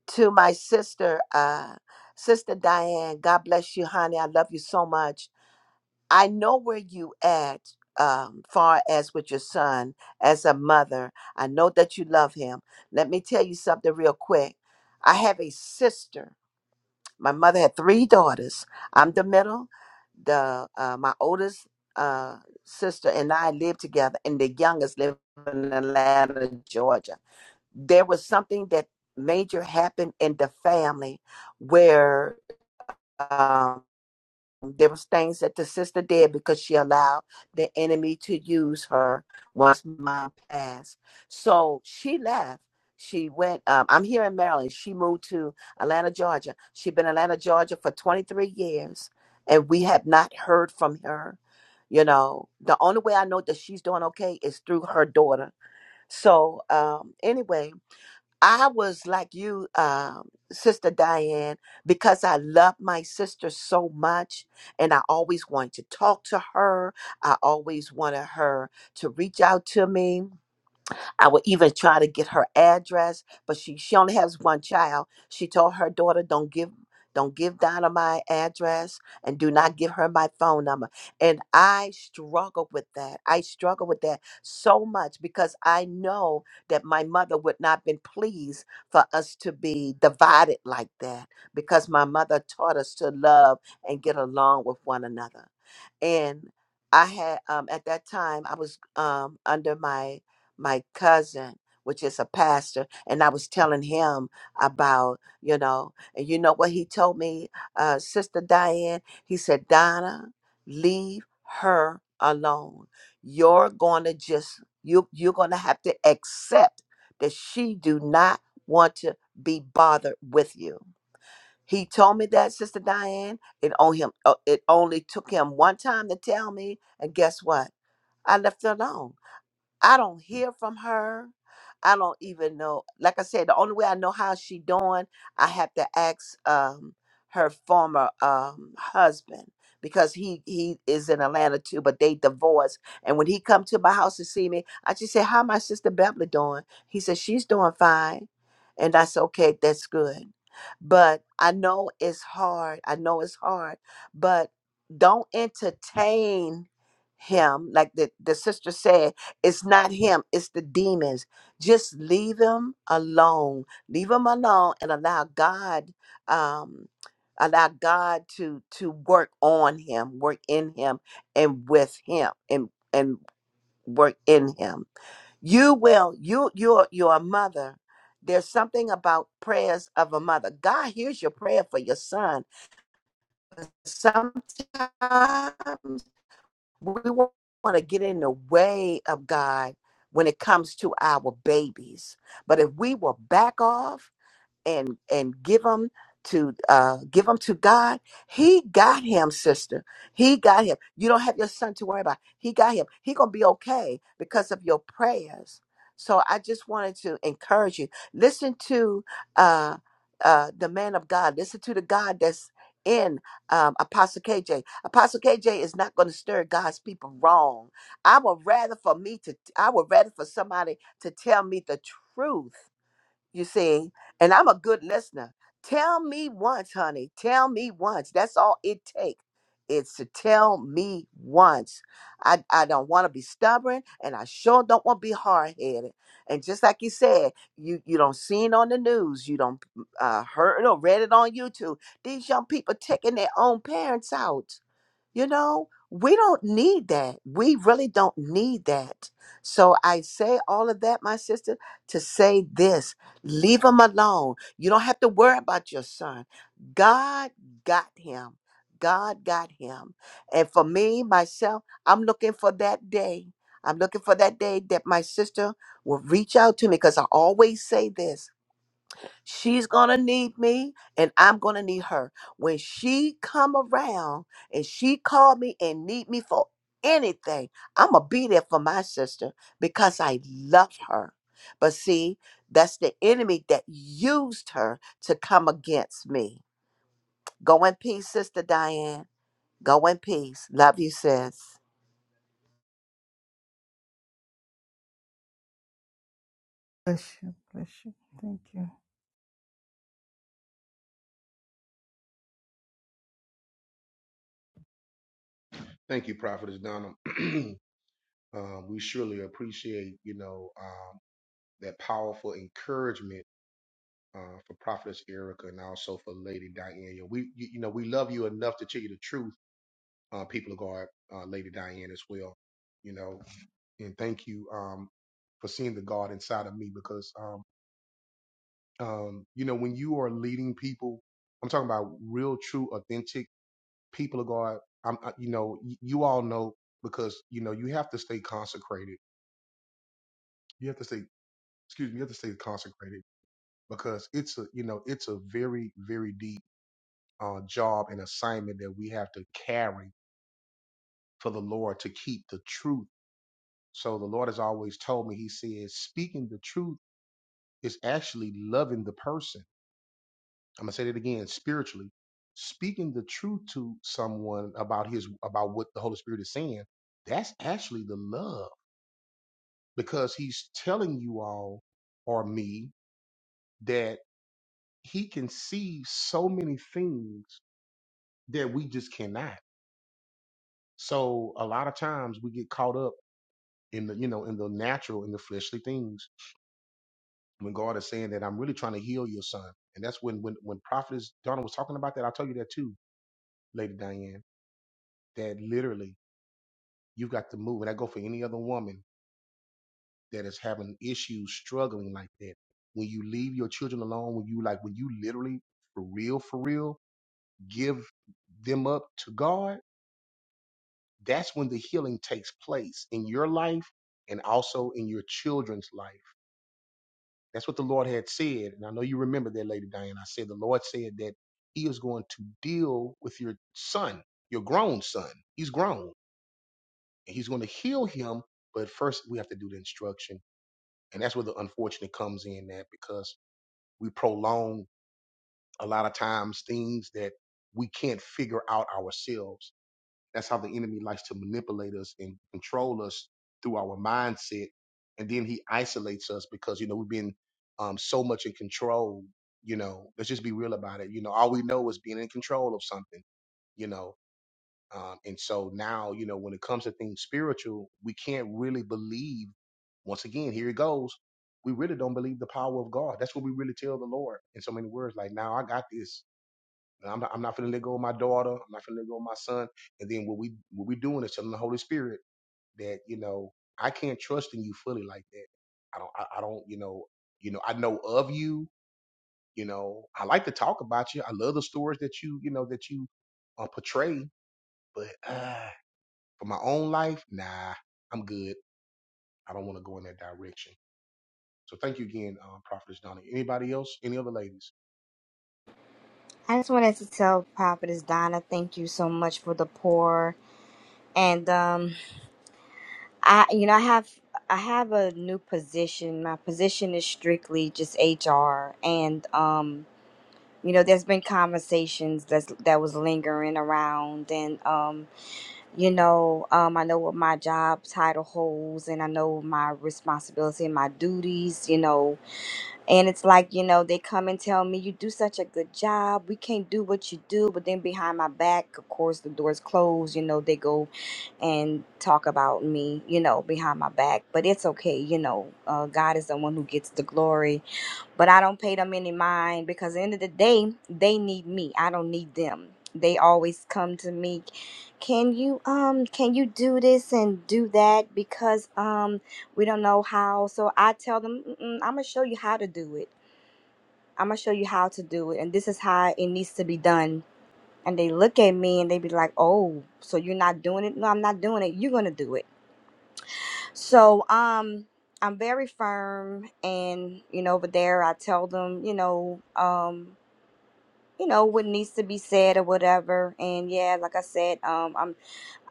[SPEAKER 6] to my sister, uh, sister Diane. God bless you, honey. I love you so much. I know where you at, um, far as with your son as a mother. I know that you love him. Let me tell you something real quick. I have a sister. My mother had three daughters. I'm the middle. The uh, my oldest uh, sister and I live together, and the youngest live in Atlanta, Georgia there was something that major happened in the family where um, there was things that the sister did because she allowed the enemy to use her once mom passed so she left she went um, i'm here in maryland she moved to atlanta georgia she'd been in atlanta georgia for 23 years and we have not heard from her you know the only way i know that she's doing okay is through her daughter so um anyway I was like you, um, Sister Diane, because I love my sister so much, and I always wanted to talk to her. I always wanted her to reach out to me I would even try to get her address, but she she only has one child. She told her daughter, "Don't give." Don't give Donna my address and do not give her my phone number. And I struggled with that. I struggled with that so much because I know that my mother would not been pleased for us to be divided like that because my mother taught us to love and get along with one another. And I had um, at that time I was um, under my my cousin, which is a pastor, and I was telling him about, you know, and you know what he told me, uh, Sister Diane? He said, Donna, leave her alone. You're gonna just you you're gonna have to accept that she do not want to be bothered with you. He told me that, Sister Diane. It only him. uh, It only took him one time to tell me, and guess what? I left it alone. I don't hear from her. I don't even know. Like I said, the only way I know how she doing, I have to ask um her former um husband because he he is in Atlanta too, but they divorced. And when he come to my house to see me, I just say, "How my sister Beverly doing?" He said, "She's doing fine," and I said, "Okay, that's good." But I know it's hard. I know it's hard, but don't entertain him like the the sister said it's not him, it's the demons. Just leave him alone. Leave him alone and allow God um allow God to to work on him, work in him and with him and and work in him. You will you you're you're a mother. There's something about prayers of a mother. God hears your prayer for your son. Sometimes we want to get in the way of God when it comes to our babies. But if we will back off and and give them to uh give them to God. He got him, sister. He got him. You don't have your son to worry about. He got him. He gonna be okay because of your prayers. So I just wanted to encourage you. Listen to uh uh the man of God. Listen to the God that's in um, Apostle KJ. Apostle KJ is not going to stir God's people wrong. I would rather for me to, I would rather for somebody to tell me the truth you see, and I'm a good listener. Tell me once, honey. Tell me once. That's all it takes. It's to tell me once. I, I don't want to be stubborn and I sure don't want to be hard headed. And just like you said, you, you don't see it on the news, you don't uh, heard or read it on YouTube. These young people taking their own parents out you know, we don't need that. We really don't need that. So I say all of that, my sister, to say this leave him alone. You don't have to worry about your son. God got him. God got him. And for me, myself, I'm looking for that day. I'm looking for that day that my sister will reach out to me because I always say this She's gonna need me and I'm gonna need her. When she come around and she call me and need me for anything, I'ma be there for my sister because I love her. But see, that's the enemy that used her to come against me. Go in peace, Sister Diane. Go in peace. Love you, sis.
[SPEAKER 5] Bless you. Bless you. Thank you.
[SPEAKER 1] Thank you, prophetess Donna. [CLEARS THROAT] you know, um, that powerful encouragement uh, for prophetess Erica and also for Lady Diana. We, you, you know, we love you enough to tell you the truth, uh, people of God, uh, Lady Diana, as well. You know, and thank you um, for seeing the God inside of me because, um, um, you know, when you are leading people, I'm talking about real, true, authentic people are going, I'm, I- you know, y- you all know because, you know, you have to stay consecrated. You have to stay, excuse me, you have to stay consecrated because it's a, you know, it's a very, very deep uh, job and assignment that we have to carry for the Lord to keep the truth. So the Lord has always told me, He says, speaking the truth is actually loving the person. I'm gonna say that again, spiritually. Speaking the truth to someone about his about what the Holy Spirit is saying, that's actually the love because he's telling you all or me that he can see so many things that we just cannot. So a lot of times we get caught up in the, you know, in the natural, in the fleshly things when God is saying that I'm really trying to heal your son. And that's when, when, when prophetess Donna was talking about that, I'll tell you that too, Lady Diane, that literally you've got to move. And I go for any other woman that is having issues, struggling like that. When you leave your children alone, when you like, when you literally for real, for real give them up to God, that's when the healing takes place in your life and also in your children's life. That's what the Lord had said. And I know you remember that, Lady Diane. I said the Lord said that He is going to deal with your son, your grown son. He's grown and He's going to heal him. But first, we have to do the instruction. And that's where the unfortunate comes in that because we prolong a lot of times things that we can't figure out ourselves That's how the enemy likes to manipulate us and control us through our mindset. And then he isolates us because, you know, we've been um, so much in control. You know, let's just be real about it. You know, all we know is being in control of something, you know. Um, and so now, you know, when it comes to things spiritual, we can't really believe, once again, here it goes. We really don't believe the power of God. That's what we really tell the Lord in so many words. Like, now I got this and I'm not, I'm not finna let go of my daughter. I'm not gonna let go of my son. And then what we what we doing is telling the Holy Spirit that you know I can't trust in you fully like that. I don't. I, I don't. You know. You know. I know of you. You know. I like to talk about you. I love the stories that you. You know that you uh, portray. But uh, for my own life, nah. I'm good. I don't want to go in that direction. So thank you again, um, Prophetess Donna. Anybody else? Any other ladies?
[SPEAKER 3] I just wanted to tell Prophetess Donna, thank you so much for the pour. And um I you know I have I have a new position. My position is strictly just HR and um you know there's been conversations that's that was lingering around and um you know um, i know what my job title holds and i know my responsibility and my duties you know and it's like you know they come and tell me you do such a good job we can't do what you do but then behind my back of course the door's closed you know they go and talk about me you know behind my back but it's okay you know uh, god is the one who gets the glory but I don't pay them any mind because at the end of the day, they need me. I don't need them. They always come to me, can you um can you do this and do that because um we don't know how. So I tell them "Mm-mm, I'm gonna show you how to do it. I'm gonna show you how to do it, and this is how it needs to be done. And they look at me and they be like, oh, so you're not doing it? No, I'm not doing it. You're gonna do it. So um. I'm very firm and you know over there I tell them, you know, um you know what needs to be said or whatever and yeah like i said um i'm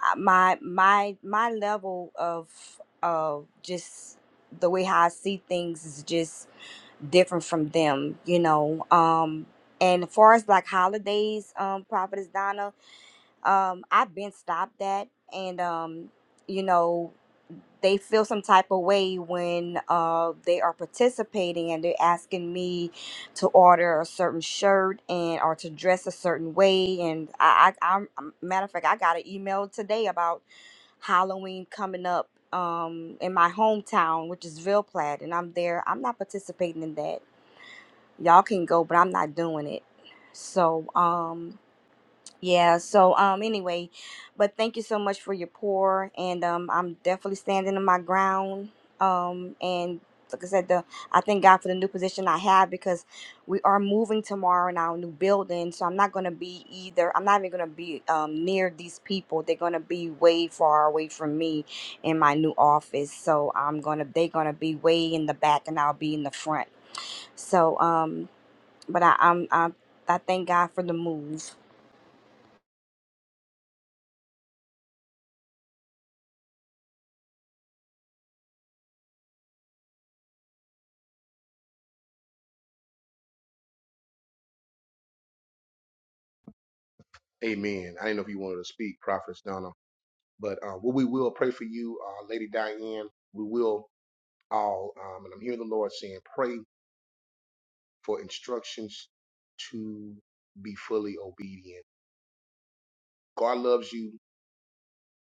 [SPEAKER 3] I- my my my level of of just the way how i see things is just different from them you know um and as far as like holidays um prophetess donna um, I've been stopped at, and um, you know, they feel some type of way when uh, they are participating and they're asking me to order a certain shirt and or to dress a certain way. And I, I I'm I'm- matter of fact, I got an email today about Halloween coming up um in my hometown, which is Ville Platte, and I'm there. I'm not participating in that. Y'all can go, but I'm not doing it. So um yeah, so um anyway, but thank you so much for your pour and um I'm definitely standing on my ground. Um and like I said, the I thank God for the new position I have because we are moving tomorrow in our new building. So I'm not gonna be either I'm not even gonna be um near these people. They're gonna be way far away from me in my new office. So I'm gonna they're gonna be way in the back and I'll be in the front. So um but I, I'm I I thank God for the move.
[SPEAKER 1] Amen. I didn't know if you wanted to speak, Prophetess Donna. But um, what we will pray for you, uh, Lady Diane. We will all, um, and I'm hearing the Lord saying, pray for instructions to be fully obedient. God loves you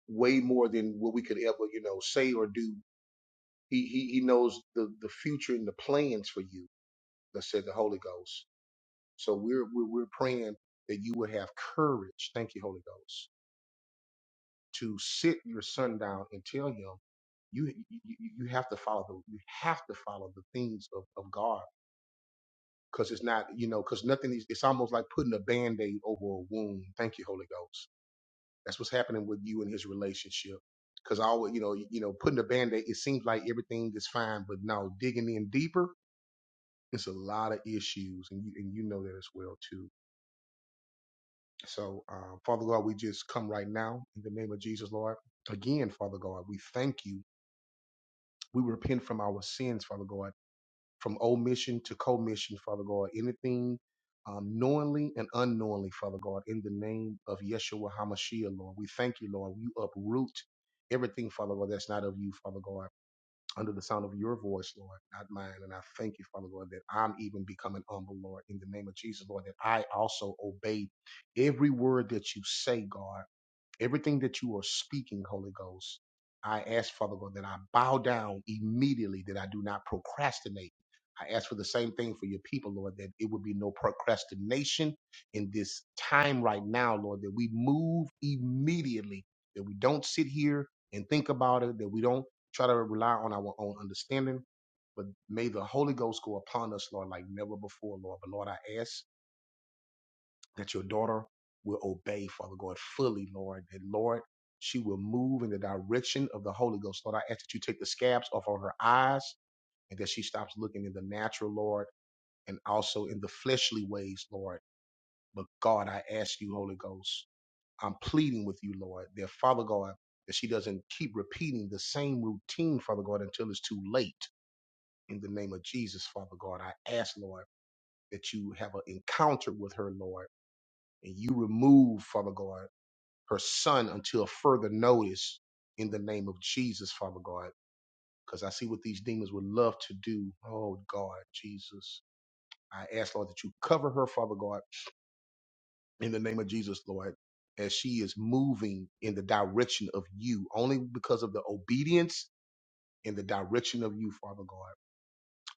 [SPEAKER 1] way more than what we could ever, you know, say or do. He He, he knows the the future and the plans for you. That said, the Holy Ghost. So we're we're, we're praying that you would have courage. Thank you, Holy Ghost, to sit your son down and tell him you you, you you have to follow the you have to follow the things of, of God because it's not, you know, because nothing is, it's almost like putting a band aid over a wound. Thank you, Holy Ghost. That's what's happening with you and his relationship. Because I always, you know, you know, putting a band aid, it seems like everything is fine, but no, digging in deeper, it's a lot of issues, and you and you know that as well too. So, um, Father God, we just come right now in the name of Jesus, Lord. Again, Father God, we thank you. We repent from our sins, Father God from omission to commission, Father God. Anything um, knowingly and unknowingly, Father God, in the name of Yeshua HaMashiach, Lord. We thank you, Lord. You uproot everything, Father God, that's not of you, Father God, under the sound of your voice, Lord, not mine. And I thank you, Father God, that I'm even becoming humble, Lord, in the name of Jesus, Lord, that I also obey every word that you say, God. Everything that you are speaking, Holy Ghost, I ask, Father God, that I bow down immediately, that I do not procrastinate. I ask for the same thing for your people, Lord, that it would be no procrastination in this time right now, Lord, that we move immediately, that we don't sit here and think about it, that we don't try to rely on our own understanding, but may the Holy Ghost go upon us, Lord, like never before, Lord. But Lord, I ask that your daughter will obey, Father God, fully, Lord. And Lord, she will move in the direction of the Holy Ghost. Lord, I ask that you take the scabs off of her eyes and that she stops looking in the natural, Lord, and also in the fleshly ways, Lord. But God, I ask you, Holy Ghost, I'm pleading with you, Lord, that Father God, that she doesn't keep repeating the same routine, Father God, until it's too late. In the name of Jesus, Father God, I ask, Lord, that you have an encounter with her, Lord, and you remove, Father God. her son until further notice in the name of Jesus, Father God. Because I see what these demons would love to do. Oh, God, Jesus. I ask, Lord, that you cover her, Father God, in the name of Jesus, Lord, as she is moving in the direction of you, only because of the obedience in the direction of you, Father God.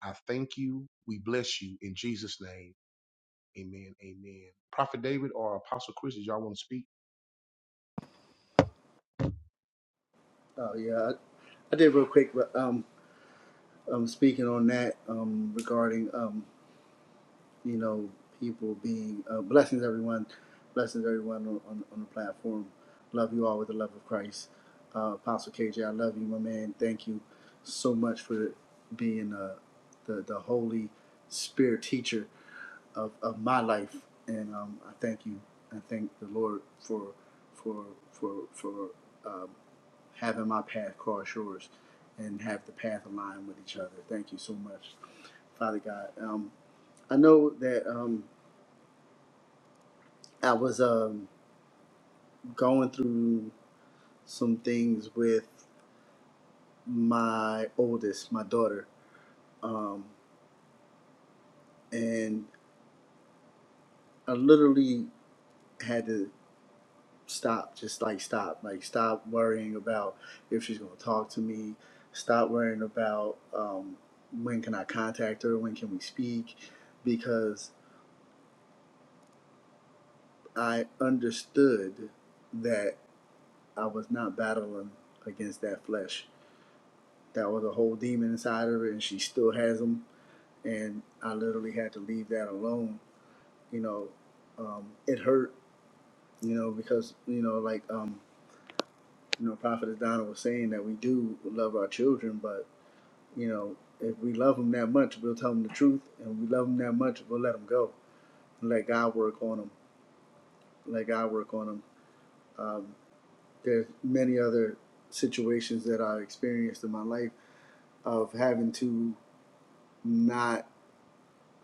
[SPEAKER 1] I thank you. We bless you in Jesus' name. Amen. Amen. Prophet David or Apostle Chris, did y'all want to speak?
[SPEAKER 7] Oh yeah, I, I did real quick. But um, um, speaking on that um, regarding um, you know, people being uh, blessings, everyone, blessings, everyone on, on, on the platform. Love you all with the love of Christ. Uh, Apostle KJ, I love you, my man. Thank you so much for being uh, the the Holy Spirit teacher of, of my life, and um, I thank you. I thank the Lord for for for for. Um, having my path cross yours and have the path align with each other. Thank you so much, Father God. Um, I know that um, I was um, going through some things with my oldest, my daughter, um, and I literally had to stop, just like stop, like stop worrying about if she's going to talk to me, stop worrying about um, when can I contact her, when can we speak, because I understood that I was not battling against that flesh. That was a whole demon inside of her, and she still has them. And I literally had to leave that alone. You know, um, it hurt. You know, because you know, like um, you know, Prophet Donna was saying that we do love our children, but you know, if we love them that much, we'll tell them the truth, and if we love them that much, we'll let them go, and let God work on them, let God work on them. Um, There's many other situations that I experienced in my life of having to not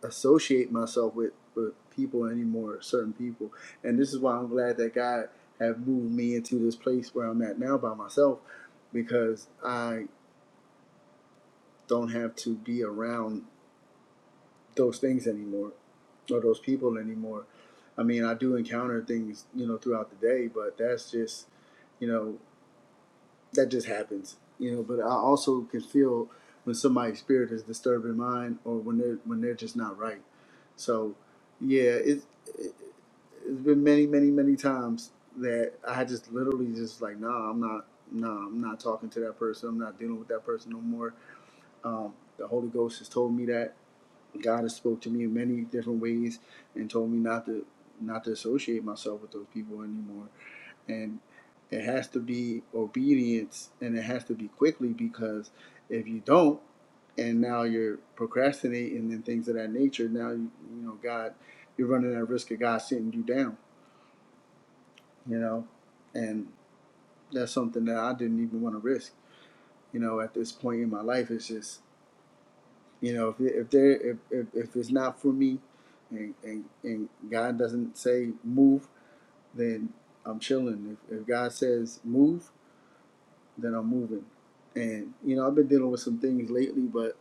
[SPEAKER 7] associate myself with, with people anymore, certain people. And this is why I'm glad that God have moved me into this place where I'm at now by myself because I don't have to be around those things anymore or those people anymore. I mean, I do encounter things, you know, throughout the day, but that's just, you know, that just happens, you know. But I also can feel when somebody's spirit is disturbing mine, or when they're when they're just not right. So, yeah, it, it it's been many, many, many times that I just literally just like, nah, I'm not, nah, I'm not talking to that person. I'm not dealing with that person no more. Um, the Holy Ghost has told me that God has spoke to me in many different ways and told me not to not to associate myself with those people anymore and it has to be obedience and it has to be quickly because if you don't and now you're procrastinating and things of that nature now you, you know god you're running that risk of god sitting you down you know and that's something that i didn't even want to risk you know at this point in my life it's just you know if, if there if, if, if it's not for me and, and and god doesn't say move then i'm chilling if, if god says move that I'm moving. And you know, I've been dealing with some things lately, but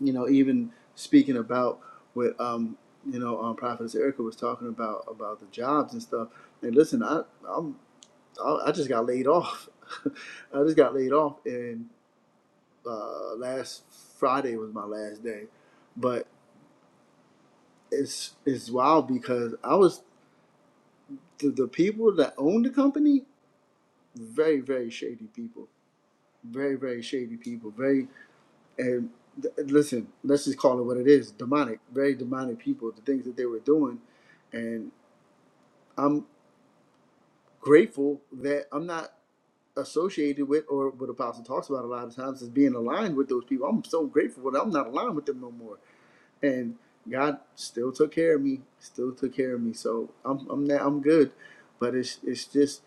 [SPEAKER 7] you know, even speaking about what um you know um Prophetess Erica was talking about about the jobs and stuff. And listen, I I'm I I just got laid off. [LAUGHS] I just got laid off, and uh, last Friday was my last day. But it's it's wild because I was the, the people that owned the company very very shady people, very very shady people, very and th- listen, let's just call it what it is demonic, very demonic people, the things that they were doing. And I'm grateful that I'm not associated with, or what Apostle talks about a lot of times, is being aligned with those people. I'm so grateful that I'm not aligned with them no more and God still took care of me, still took care of me. So I'm I'm not, I'm good, but it's it's just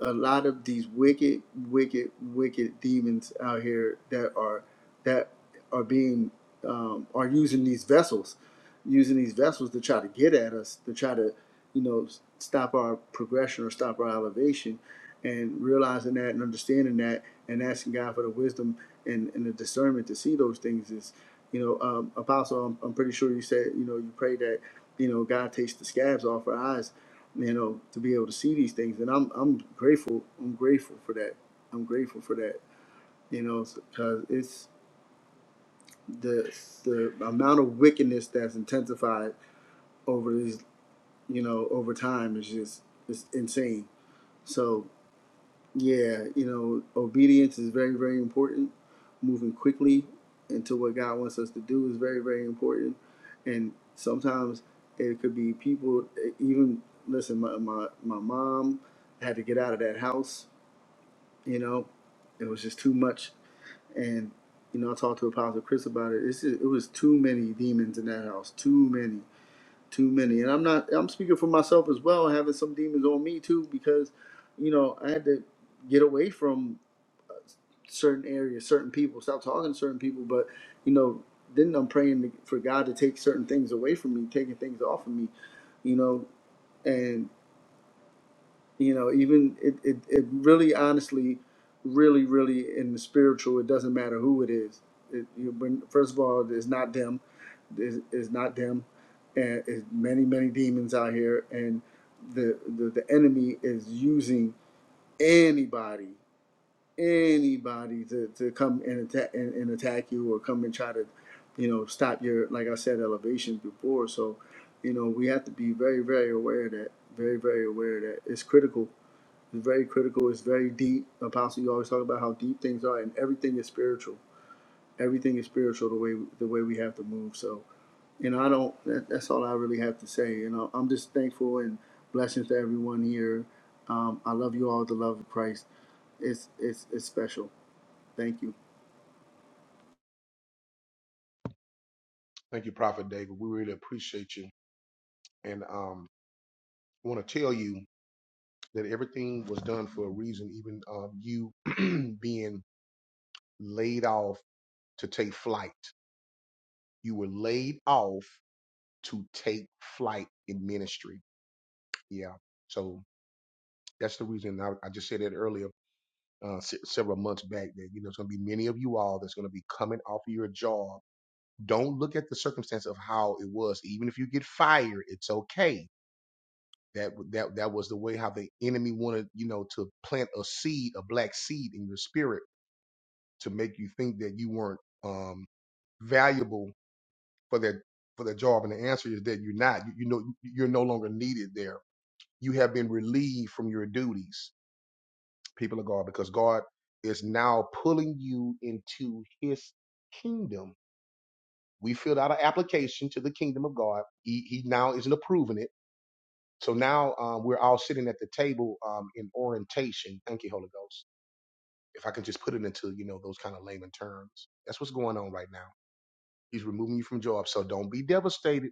[SPEAKER 7] a lot of these wicked, wicked, wicked demons out here that are that are being um, are using these vessels using these vessels to try to get at us, to try to, you know, stop our progression or stop our elevation. And realizing that and understanding that and asking God for the wisdom and, and the discernment to see those things is, you know, um, Apostle, I'm, I'm pretty sure you said, you know, you pray that, you know, God takes the scabs off our eyes, you know, to be able to see these things. And I'm, I'm grateful. I'm grateful for that. I'm grateful for that, you know, because it's the, the amount of wickedness that's intensified over these, you know, over time is just it's insane. So yeah, you know, obedience is very, very important. Moving quickly into what God wants us to do is very, very important. And sometimes it could be people. Even listen, my my, my mom had to get out of that house. You know, it was just too much. And you know, I talked to Apostle Chris about it. It's just, it was too many demons in that house. Too many too many. And I'm not I'm speaking for myself as well, having some demons on me too, because, you know, I had to get away from certain areas, certain people, stop talking to certain people. But, you know, then I'm praying to, for God to take certain things away from me, taking things off of me, you know, and you know, even it, it, it really honestly, really, really in the spiritual, it doesn't matter who it is. It, you, when, first of all, it's not them is, is not them, and is many many demons out here, and the, the the enemy is using anybody anybody to, to come and attack and, and attack you or come and try to you know stop your like I said elevation before. So you know we have to be very very aware of that very very aware of that it's critical. It's very critical. It's very deep. Apostle, you always talk about how deep things are, and everything is spiritual. Everything is spiritual. The way the way we have to move. So you know, I don't. That, that's all I really have to say. You know, I'm just thankful and blessings to everyone here. Um, I love you all with the love of Christ. It's it's it's special. Thank you.
[SPEAKER 1] Thank you, Prophet David. We really appreciate you. And um, want to tell you that everything was done for a reason, even um, you [CLEARS THROAT] being laid off to take flight. You were laid off to take flight in ministry. Yeah. So that's the reason I, I just said that earlier, uh, se- several months back, that, you know, it's going to be many of you all that's going to be coming off of your job. Don't look at the circumstance of how it was. Even if you get fired, it's okay that that that was the way how the enemy wanted you know to plant a seed a black seed in your spirit to make you think that you weren't um, valuable for that for that job. And the answer is that you're not. You, you know, you're no longer needed there. You have been relieved from your duties, people of God, because God is now pulling you into His kingdom. We filled out an application to the kingdom of God. He, he now isn't approving it. So now um, we're all sitting at the table um, in orientation. Thank you, Holy Ghost. If I can just put it into you know those kind of layman terms, that's what's going on right now He's removing you from jobs. So don't be devastated.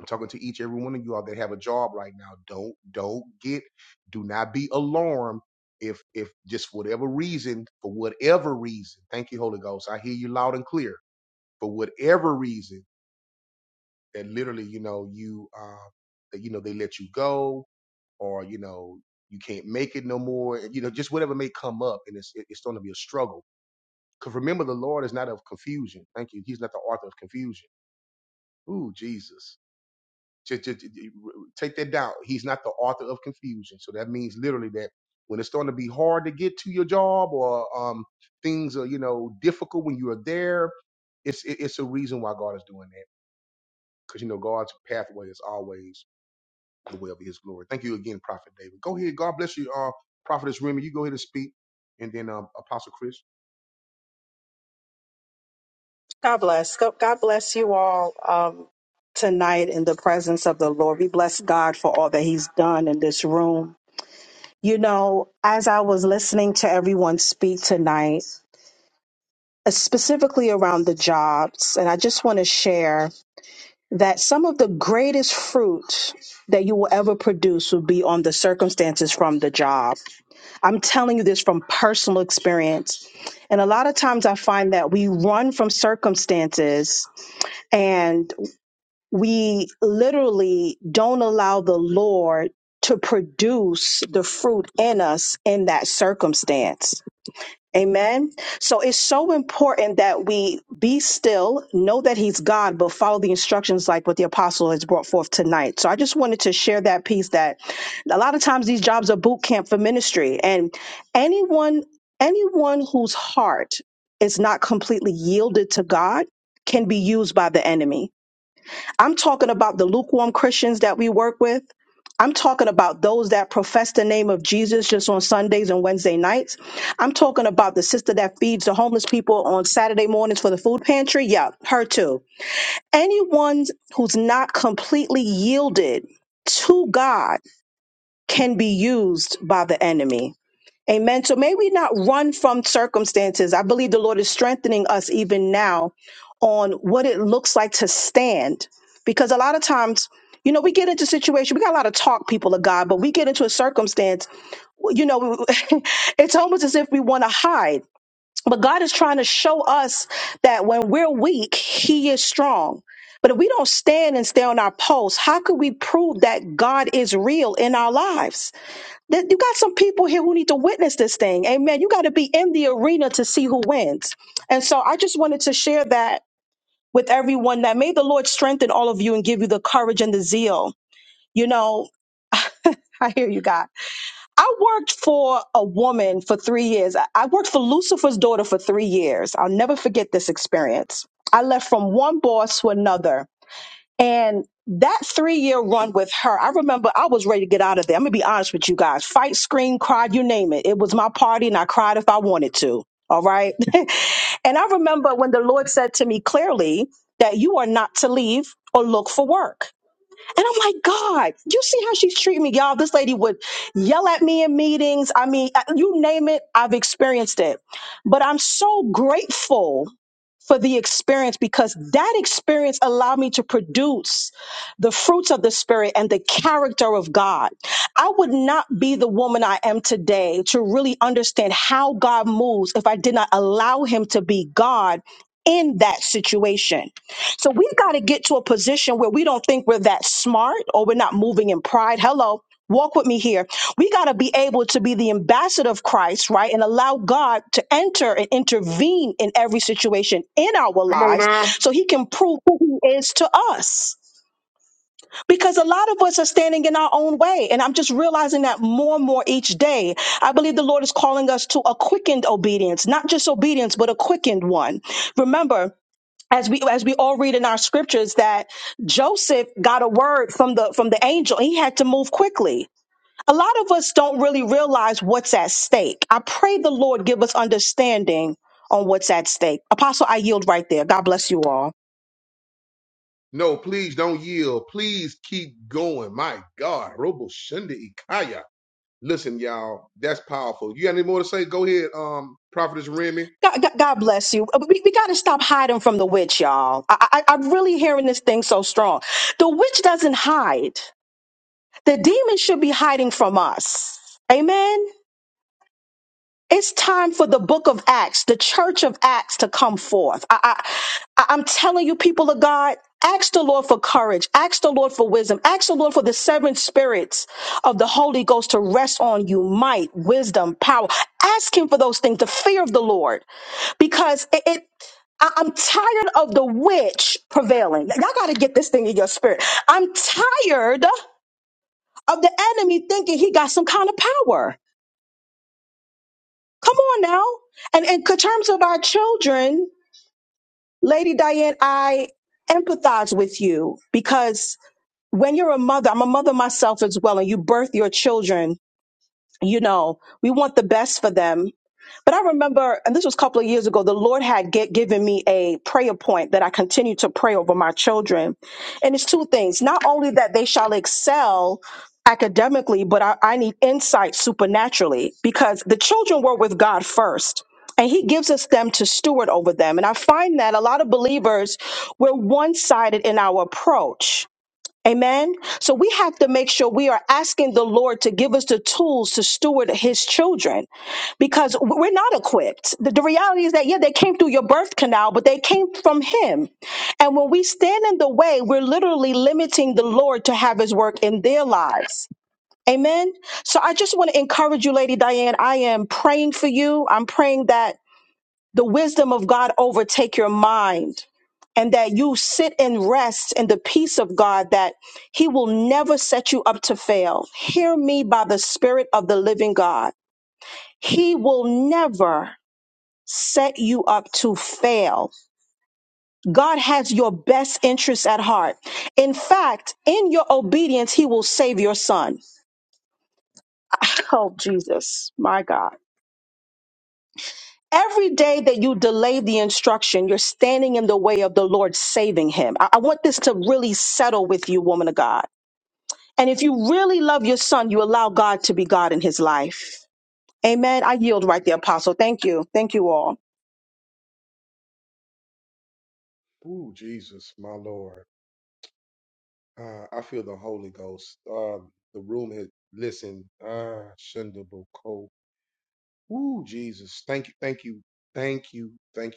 [SPEAKER 1] I'm talking to each every one of you all that have a job right now. Don't don't get do not be alarmed if if just whatever reason, for whatever reason, thank you, Holy Ghost. I hear you loud and clear. For whatever reason that literally, you know, you uh that you know they let you go or you know you can't make it no more. You know, just whatever may come up and it's it's gonna be a struggle. Because remember the Lord is not of confusion. Thank you. He's not the author of confusion. Ooh, Jesus. Just, just, take that down. He's not the author of confusion. So that means literally that when it's starting to be hard to get to your job or um, things are, you know, difficult when you are there, it's it, it's a reason why God is doing that. Because you know God's pathway is always the way of His glory. Thank you again, Prophet David. Go ahead. God bless you, uh, Prophetess Remy. You go ahead and speak, and then um, Apostle Chris.
[SPEAKER 8] God bless. Go- God bless you all um, tonight in the presence of the Lord. We bless God for all that He's done in this room. You know, as I was listening to everyone speak tonight, uh, specifically around the jobs, and I just want to share that some of the greatest fruit that you will ever produce will be on the circumstances from the job. I'm telling you this from personal experience. And a lot of times I find that we run from circumstances and. we literally don't allow the Lord to produce the fruit in us in that circumstance. Amen. So it's so important that we be still, know that He's God, but follow the instructions like what the apostle has brought forth tonight. So I just wanted to share that piece that a lot of times these jobs are boot camp for ministry. And anyone, anyone whose heart is not completely yielded to God can be used by the enemy I'm talking about the lukewarm Christians that we work with. I'm talking about those that profess the name of Jesus just on Sundays and Wednesday nights. I'm talking about the sister that feeds the homeless people on Saturday mornings for the food pantry. Yeah, her too. Anyone who's not completely yielded to God can be used by the enemy. Amen. So may we not run from circumstances. I believe the Lord is strengthening us even now on what it looks like to stand. Because a lot of times, you know, we get into situation. We got a lot of talk, people of God, but we get into a circumstance. You know, [LAUGHS] it's almost as if we want to hide. But God is trying to show us that when we're weak, He is strong. But if we don't stand and stay on our post, how could we prove that God is real in our lives? That- You got some people here who need to witness this thing. Amen. You got to be in the arena to see who wins. And so I just wanted to share that with everyone that may the Lord strengthen all of you and give you the courage and the zeal. You know, [LAUGHS] I hear you, God. I worked for a woman for three years. I I worked for Lucifer's daughter for three years. I'll never forget this experience. I left from one boss to another and that three year run with her, I remember I was ready to get out of there. I'm gonna be honest with you guys. Fight, scream, cry, you name it. It was my party and I cried if I wanted to. All right. [LAUGHS] and I remember when the Lord said to me clearly that you are not to leave or look for work. And I'm like, God, you see how she's treating me. Y'all, this lady would yell at me in meetings. I mean, uh, you name it, I've experienced it. But I'm so grateful for the experience because that experience allowed me to produce the fruits of the spirit and the character of God. I would not be the woman I am today to really understand how God moves if I did not allow him to be God in that situation. So we've got to get to a position where we don't think we're that smart or we're not moving in pride. Hello Walk with me here. We got to be able to be the ambassador of Christ, right? And allow God to enter and intervene in every situation in our lives so he can prove who he is to us. Because a lot of us are standing in our own way. And I'm just realizing that more and more each day. I believe the Lord is calling us to a quickened obedience, not just obedience, but a quickened one. Remember, as we as we all read in our scriptures that Joseph got a word from the from the angel. He had to move quickly a lot of us don't really realize what's at stake. I pray the Lord give us understanding on what's at stake. Apostle, I yield right there. God bless you all.
[SPEAKER 1] No, please don't yield. Please keep going. My God, Robo Shunda Ikaya. Listen, y'all, that's powerful. You got any more to say? Go ahead, um, Prophetess Remy.
[SPEAKER 8] God, God, God bless you. Uh, We, we got to stop hiding from the witch, y'all. I, I, I'm really hearing this thing so strong. The witch doesn't hide, the demon should be hiding from us. Amen. It's time for the book of Acts, the church of Acts to come forth. I, I, I- I'm telling you, people of God, ask the Lord for courage. Ask the Lord for wisdom. Ask the Lord for the seven spirits of the Holy Ghost to rest on you might, wisdom, power. Ask Him for those things, the fear of the Lord, because it, it I- I'm tired of the witch prevailing. Y'all got to get this thing in your spirit. I'm tired of the enemy thinking he got some kind of power. Come on now. And in c- terms of our children, Lady Diane, I empathize with you because when you're a mother, I'm a mother myself as well, and you birth your children, you know, we want the best for them. But I remember, and this was a couple of years ago, the Lord had get, given me a prayer point that I continue to pray over my children. And it's two things not only that they shall excel academically, but I, I need insight supernaturally because the children were with God first. And he gives us them to steward over them. And I find that a lot of believers, we're one sided in our approach Amen. So we have to make sure we are asking the Lord to give us the tools to steward his children because we're not equipped. The, the reality is that, yeah, they came through your birth canal, but they came from him. And when we stand in the way, we're literally limiting the Lord to have his work in their lives. Amen. So I just want to encourage you, Lady Diane. I am praying for you. I'm praying that the wisdom of God overtake your mind and that you sit and rest in the peace of God that he will never set you up to fail. Hear me by the spirit of the living God. He will never set you up to fail. God has your best interests at heart. In fact, in your obedience, he will save your son. [LAUGHS] Oh, Jesus, my God. Every day that you delay the instruction, you're standing in the way of the Lord saving him. I, I want this to really settle with you, woman of God. And if you really love your son, you allow God to be God in his life. Amen. I yield right there, Apostle. Thank you. Thank you all.
[SPEAKER 1] Ooh, Jesus, my Lord. Uh, I feel the Holy Ghost. Uh, the room has listen. Ah, Shundable Cole. Ooh, Jesus. Thank you, thank you, thank you, thank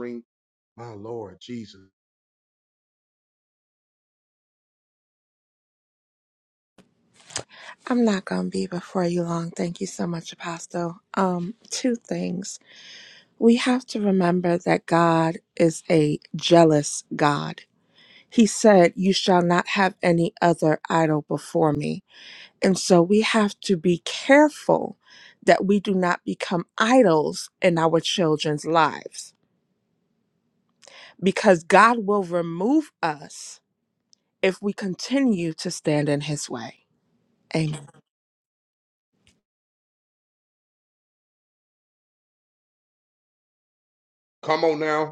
[SPEAKER 1] you.
[SPEAKER 9] I'm not going to be before you long. Thank you so much, Apostle. Um, two things. We have to remember that God is a jealous God. He said, You shall not have any other idol before me. And so we have to be careful that we do not become idols in our children's lives because God will remove us if we continue to stand in his way. Amen.
[SPEAKER 1] Come on now.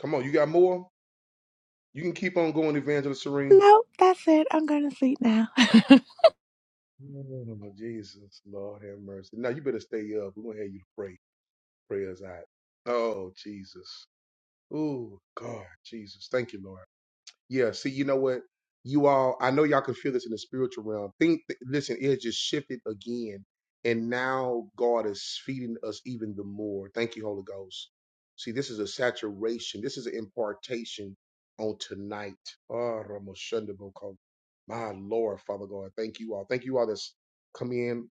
[SPEAKER 1] Come on, you got more? You can keep on going, Evangelist Serene.
[SPEAKER 9] Nope, that's it. I'm going to sleep now.
[SPEAKER 1] Oh, Jesus, Lord have mercy. Now you better stay up. We're gonna have you to pray. Pray us out. Oh, Jesus. Ooh, God, Jesus. Thank you, Lord. Yeah. See, you know what? You all, I know y'all can feel this in the spiritual realm. Think, listen, it has just shifted again. And now God is feeding us even the more. Thank you, Holy Ghost. See, this is a saturation. This is an impartation on tonight. Ah, Ramoshandaboko. My Lord, Father God. Thank you all. Thank you all that's come in.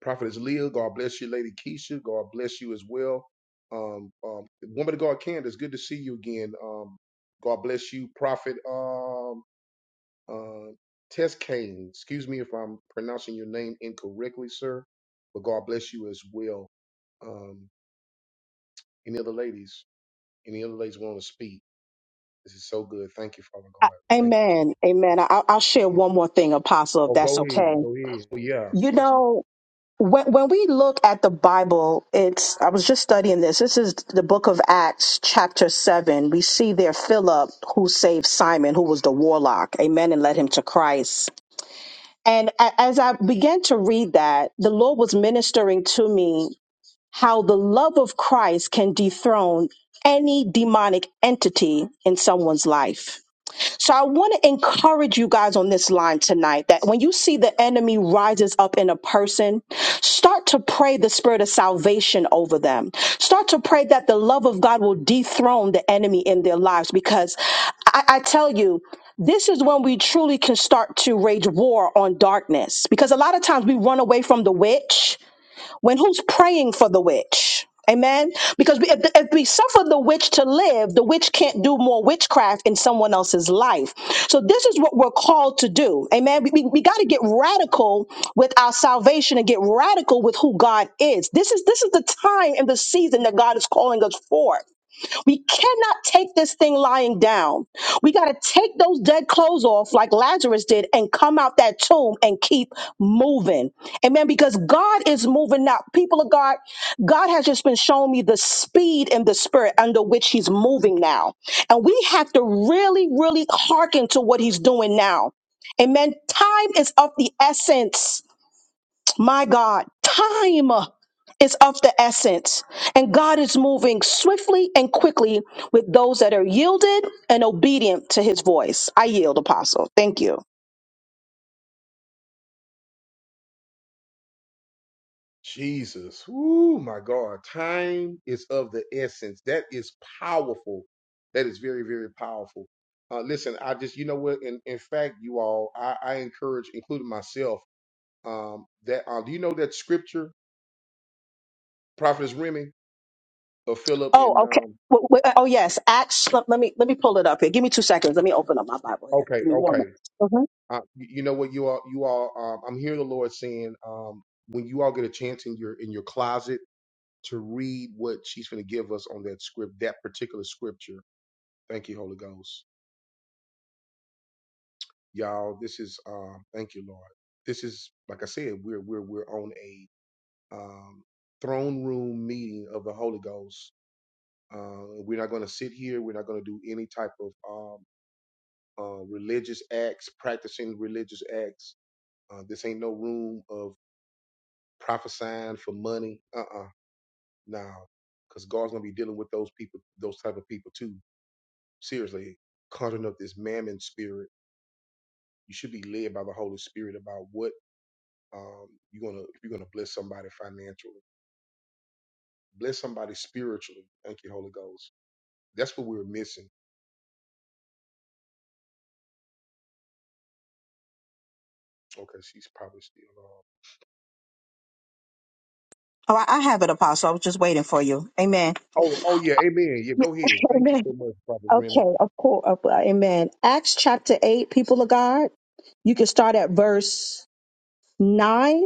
[SPEAKER 1] Prophetess Leah, God bless you. Lady Keisha, God bless you as well. Um, um, woman of God, Candace, good to see you again. Um, God bless you, Prophet um, uh, Tess Kane. Excuse me if I'm pronouncing your name incorrectly, sir, but God bless you as well. Um, any other ladies? Any other ladies want to speak? This is so good. Thank you, Father
[SPEAKER 8] I-
[SPEAKER 1] God. Thank you.
[SPEAKER 8] Amen. Amen. I, I'll I'll share one more thing, Apostle, if
[SPEAKER 1] Oh,
[SPEAKER 8] that's
[SPEAKER 1] go ahead.
[SPEAKER 8] okay.
[SPEAKER 1] Oh, yeah.
[SPEAKER 8] You know, when, when we look at the Bible, it's I was just studying this. This is the book of Acts, chapter seven. We see there Philip who saved Simon, who was the warlock, amen, and led him to Christ. And a- as I began to read that, the Lord was ministering to me how the love of Christ can dethrone any demonic entity in someone's life so I want to encourage you guys on this line tonight that when you see the enemy rises up in a person, start to pray the spirit of salvation over them. Start to pray that the love of God will dethrone the enemy in their lives because I, I tell you, this is when we truly can start to wage war on darkness because a lot of times we run away from the witch when who's praying for the witch amen because we- if, if we suffer the witch to live the witch can't do more witchcraft in someone else's life so this is what we're called to do amen we, we, we got to get radical with our salvation and get radical with who god is this is this is the time and the season that god is calling us for we cannot take this thing lying down. We got to take those dead clothes off like Lazarus did and come out that tomb and keep moving. Amen. Because God is moving now. People of God, God has just been showing me the speed and the spirit under which He's moving now. And we have to really, really hearken to what He's doing now. Amen. Time is of the essence. My God, time is of the essence, and God is moving swiftly and quickly with those that are yielded and obedient to his voice. I yield, apostle. Thank you.
[SPEAKER 1] Jesus. Woo, my God. Time is of the essence. That is powerful. That is very, very powerful. Uh, listen, I just, you know what? In, in fact, you all, I, I encourage, including myself, um, that, uh, do you know that scripture, Prophetess Remy of Philip
[SPEAKER 8] Oh,
[SPEAKER 1] and,
[SPEAKER 8] okay.
[SPEAKER 1] um,
[SPEAKER 8] W- w- Oh yes, Acts. Let let me let me pull it up here. Give me two seconds. Let me open up my Bible here.
[SPEAKER 1] okay,
[SPEAKER 8] Give me one.
[SPEAKER 1] okay.
[SPEAKER 8] moment. Mhm.
[SPEAKER 1] Uh, you, you know what you all, you all, um, I'm hearing the Lord saying, um, when you all get a chance in your, in your closet to read what she's going to give us on that script, that particular scripture. Thank you, Holy Ghost y'all. This is um, thank you, Lord. This is like I said, we're we're we're on a um, throne room meeting of the Holy Ghost. Uh, we're not going to sit here. We're not going to do any type of um, uh, religious acts, practicing religious acts. Uh, this ain't no room of prophesying for money. Uh-uh, no, because God's going to be dealing with those people, those type of people too. Seriously, conjuring up this mammon spirit. You should be led by the Holy Spirit about what Um, you're gonna if you're gonna bless somebody financially, bless somebody spiritually. Thank you, Holy Ghost. That's what we're missing. Okay, she's probably still on.
[SPEAKER 8] All right, I have it, Apostle. I was just waiting for you. Amen.
[SPEAKER 1] Oh, oh yeah, amen. Yeah,
[SPEAKER 8] Yeah,
[SPEAKER 1] go ahead.
[SPEAKER 8] [LAUGHS]
[SPEAKER 1] Thank you
[SPEAKER 8] Amen.
[SPEAKER 1] so much, Prophet Remy.
[SPEAKER 8] Okay, of course. of- uh, Amen. Acts chapter 8, people of God. You can start at verse 9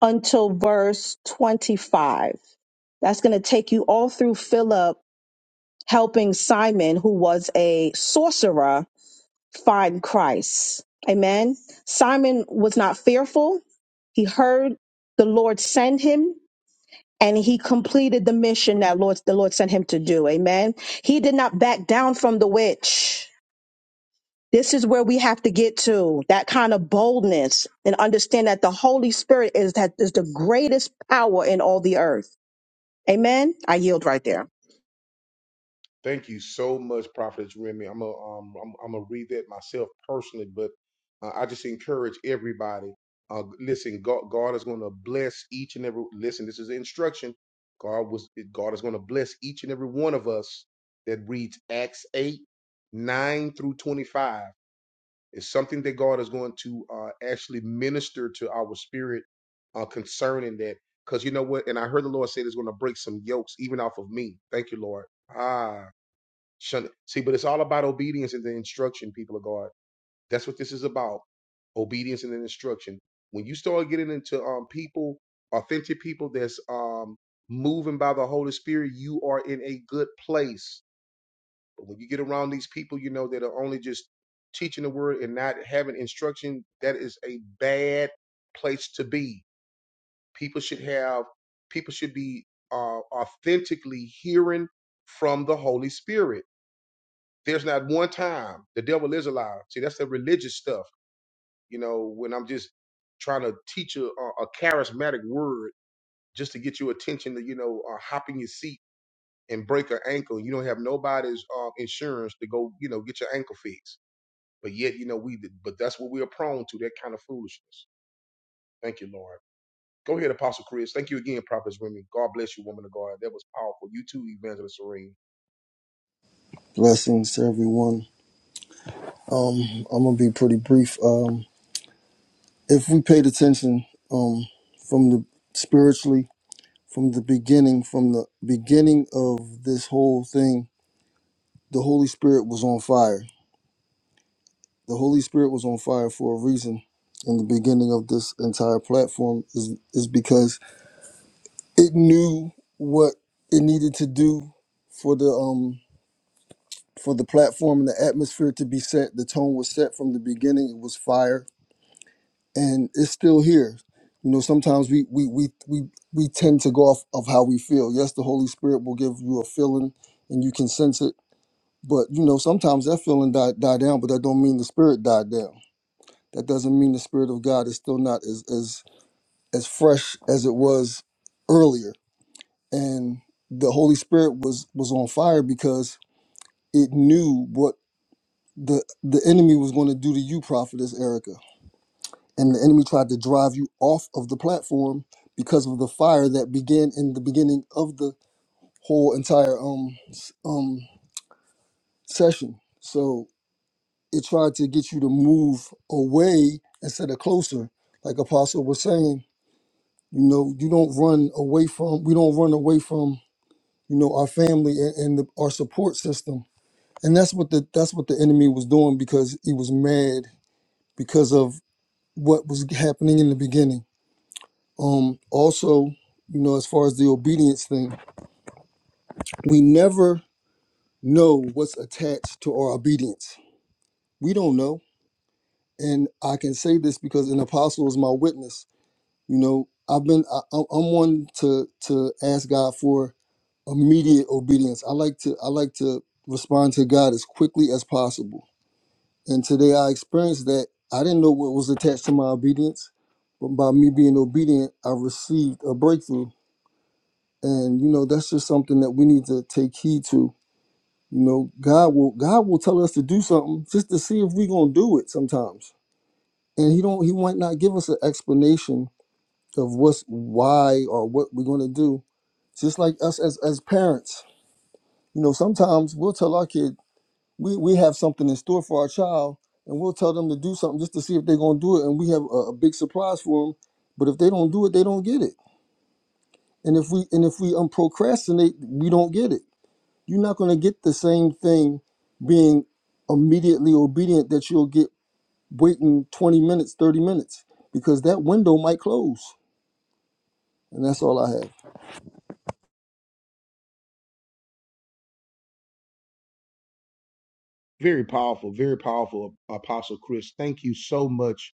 [SPEAKER 8] until verse 25. That's going to take you all through Philip helping Simon, who was a sorcerer, find Christ. Amen. Simon was not fearful. He heard the Lord send him and he completed the mission that Lord, the Lord sent him to do. Amen. He did not back down from the witch. This is where we have to get to that kind of boldness and understand that the Holy Spirit is that is the greatest power in all the earth Amen. I yield right there.
[SPEAKER 1] Thank you so much, Prophet Remy. I'm gonna um I'm I'm gonna read that myself personally, but Uh, I just encourage everybody. Uh, listen, God, God is going to bless each and every. Listen, this is instruction. God was. God is going to bless each and every one of us that reads Acts eight, nine through twenty-five. It's something that God is going to uh, actually minister to our spirit uh, concerning that. Because you know what? And I heard the Lord say it's going to break some yokes even off of me. Thank you, Lord. Ah, shun- see, but it's all about obedience and the instruction, people of God. That's what this is about obedience and instruction. When you start getting into um people, authentic people that's um moving by the Holy Spirit, you are in a good place. But when you get around these people, you know that are only just teaching the word and not having instruction, that is a bad place to be. People should have people should be uh, authentically hearing from the Holy Spirit. There's not one time the devil is alive. See, that's the religious stuff you know, when I'm just trying to teach a, a a charismatic word just to get your attention to, you know, uh, hop in your seat and break an ankle. You don't have nobody's uh, insurance to go, you know, get your ankle fixed. But yet, you know, we, but that's what we are prone to, that kind of foolishness. Thank you, Lord. Go ahead, Apostle Chris. Thank you again, Prophet Remy. God bless you, woman of God. That was powerful. You too, Evangelist Serene.
[SPEAKER 2] Blessings to everyone. Um, I'm gonna be pretty brief. Um, if we paid attention, um, from the spiritually from the beginning, from the beginning of this whole thing, the Holy Spirit was on fire The Holy Spirit was on fire for a reason. In the beginning of this entire platform is is because it knew what it needed to do for the um for the platform and the atmosphere to be set. The tone was set from the beginning. It was fire, and it's still here. You know, sometimes we we we we we tend to go off of how we feel. Yes, the Holy Spirit will give you a feeling, and you can sense it. But you know, sometimes that feeling died, died down, but that don't mean the spirit died down That doesn't mean the Spirit of God is still not as as as fresh as it was earlier. And the Holy Spirit was was on fire because it knew what the the enemy was going to do to you, prophetess Erica. And the enemy tried to drive you off of the platform because of the fire that began in the beginning of the whole entire um s- um session. So it tried to get you to move away instead of closer, like Apostle was saying You know, you don't run away from. We don't run away from. You know, our family and, and the, our support system. And that's what the that's what the enemy was doing because he was mad because of what was happening in the beginning. Um. Also, you know, as far as the obedience thing, we never know what's attached to our obedience. We don't know. And I can say this because an apostle is my witness. You know, I've been I, I'm I'm one to to ask God for immediate obedience. I like to I like to respond to God as quickly as possible. And today I experienced that I didn't know what was attached to my obedience, but by me being obedient, I received a breakthrough. And you know, that's just something that we need to take heed to. You know, God will God will tell us to do something just to see if we're gonna do it sometimes. And he don't he might not give us an explanation of what's why or what we're gonna do. Just like us as as parents you know, sometimes we'll tell our kid, we we have something in store for our child, and we'll tell them to do something just to see if they're gonna do it, and we have a, a big surprise for them. But if they don't do it, they don't get it. And if we and if we um, procrastinate, we don't get it. You're not gonna get the same thing being immediately obedient that you'll get waiting 20 minutes, 30 minutes, because that window might close. And that's all I have.
[SPEAKER 1] Very powerful, very powerful, Apostle Chris. Thank you so much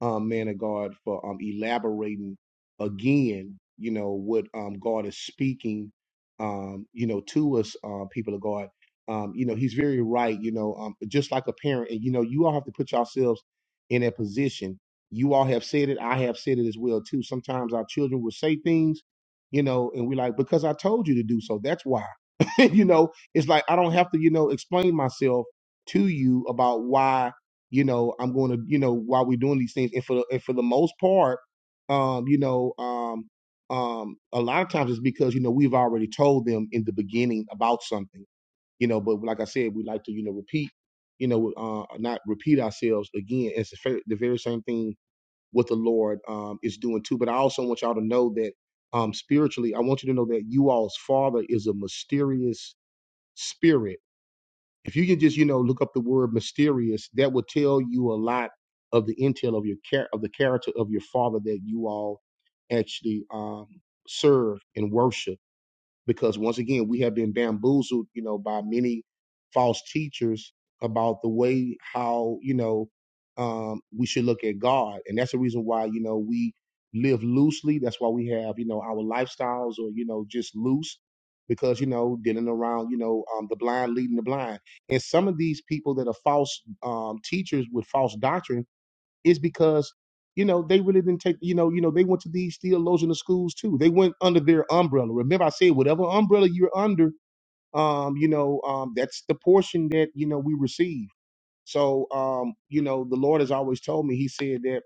[SPEAKER 1] um, man of God, for um, elaborating again, you know, what um, God is speaking, um, you know, to us, um, people of God. Um, you know, he's very right, you know, um, just like a parent. And, you know, you all have to put yourselves in that position. You all have said it. I have said it as well, too. Sometimes our children will say things, you know, and we're like, because I told you to do so. That's why. [LAUGHS] you know, it's like I don't have to, you know, explain myself to you about why you know i'm going to you know while we're doing these things and for and for the most part um you know um um a lot of times it's because you know we've already told them in the beginning about something you know but like i said we like to you know repeat you know uh not repeat ourselves again it's the fa- the very same thing what the lord um is doing too but i also want y'all to know that um spiritually i want you to know that you all's father is a mysterious spirit if you can just, you know, look up the word mysterious, that will tell you a lot of the intel of your char- of the character of your father that you all actually um, serve and worship because once again we have been bamboozled you know by many false teachers about the way how you know um we should look at god and that's the reason why you know we live loosely that's why we have you know our lifestyles or you know just loose because you know dealing around you know um the blind leading the blind and some of these people that are false um teachers with false doctrines is because you know they really didn't take you know you know they went to these theological schools too. They went under their umbrella. Remember, I said whatever umbrella you're under, um, you know, um, that's the portion that you know we receive. So, um, you know, the Lord has always told me. He said that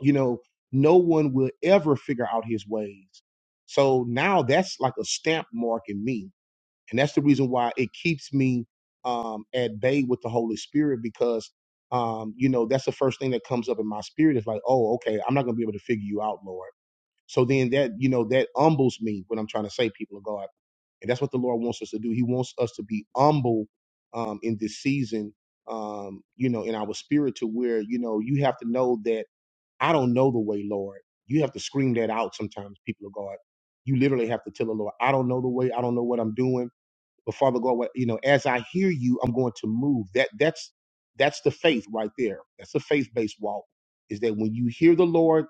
[SPEAKER 1] you know no one will ever figure out His ways. So now that's like a stamp mark in me and that's the reason why it keeps me um, at bay with the Holy Spirit because um, you know that's the first thing that comes up in my spirit is like, oh, okay, I'm not gonna be able to figure you out, Lord. So then that you know that humbles me when I'm trying to say people of God, and that's what the Lord wants us to do. He wants us to be humble um, in this season, um, you know, in our spirit to where you know you have to know that I don't know the way, Lord. You have to scream that out sometimes, people of God. You literally have to tell the Lord, I don't know the way. I don't know what I'm doing but Father God, what- you know, as I hear you, I'm going to move. That that's that's the faith right there. That's the faith-based walk. Is that when you hear the Lord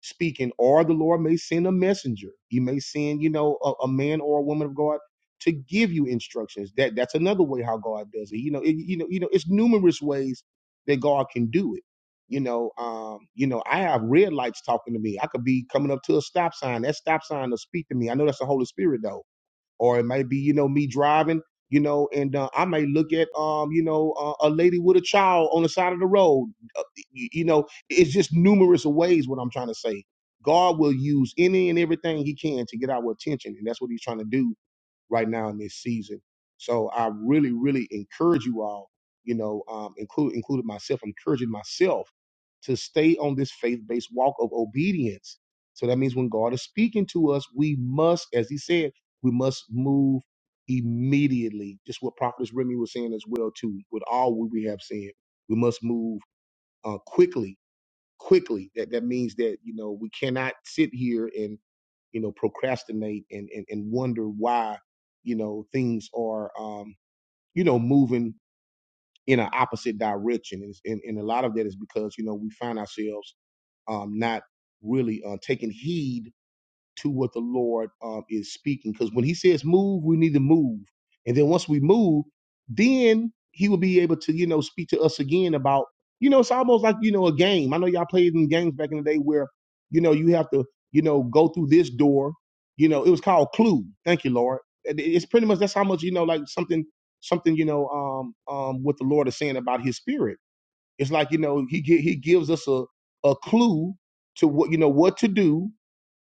[SPEAKER 1] speaking, or the Lord may send a messenger. He may send, you know, a, a man or a woman of God to give you instructions. That that's another way how God does it. You know, it, you know, you know, it's numerous ways that God can do it. You know, um, you know, I have red lights talking to me. I could be coming up to a stop sign. That stop sign will speak to me. I know that's the Holy Spirit though or it might be you know me driving you know and uh, i might look at um you know uh, a lady with a child on the side of the road you, you know it's just numerous of ways what i'm trying to say god will use any and everything he can to get our attention and that's what he's trying to do right now in this season. So I really, really encourage you all, you know, um, include, including myself, I'm encouraging myself to stay on this faith based walk of obedience. So that means when God is speaking to us, we must, as he said, we must move immediately. Just what Prophetess Remy was saying as well, too, with all we we have said, we must move uh, quickly, quickly. That, that means that, you know, we cannot sit here and you know, procrastinate and, and, and wonder why, you know, things are, um, you know, moving in an opposite direction. And, and, and a lot of that is because, you know, we find ourselves um, not really uh, taking heed to what the Lord um, is speaking. Because when He says move, we need to move. And then once we move, then He will be able to, you know, speak to us again about, you know, it's almost like, you know, a game. I know y'all played in games back in the day where, you know, you have to, you know, go through this door. You know, it was called Clue. Thank you, Lord. And it- It's pretty much that's how much, you know, like something, something, you know, um, um, what the Lord is saying about His Spirit. It's like, you know, He gi- He gives us a a clue to what you know what to do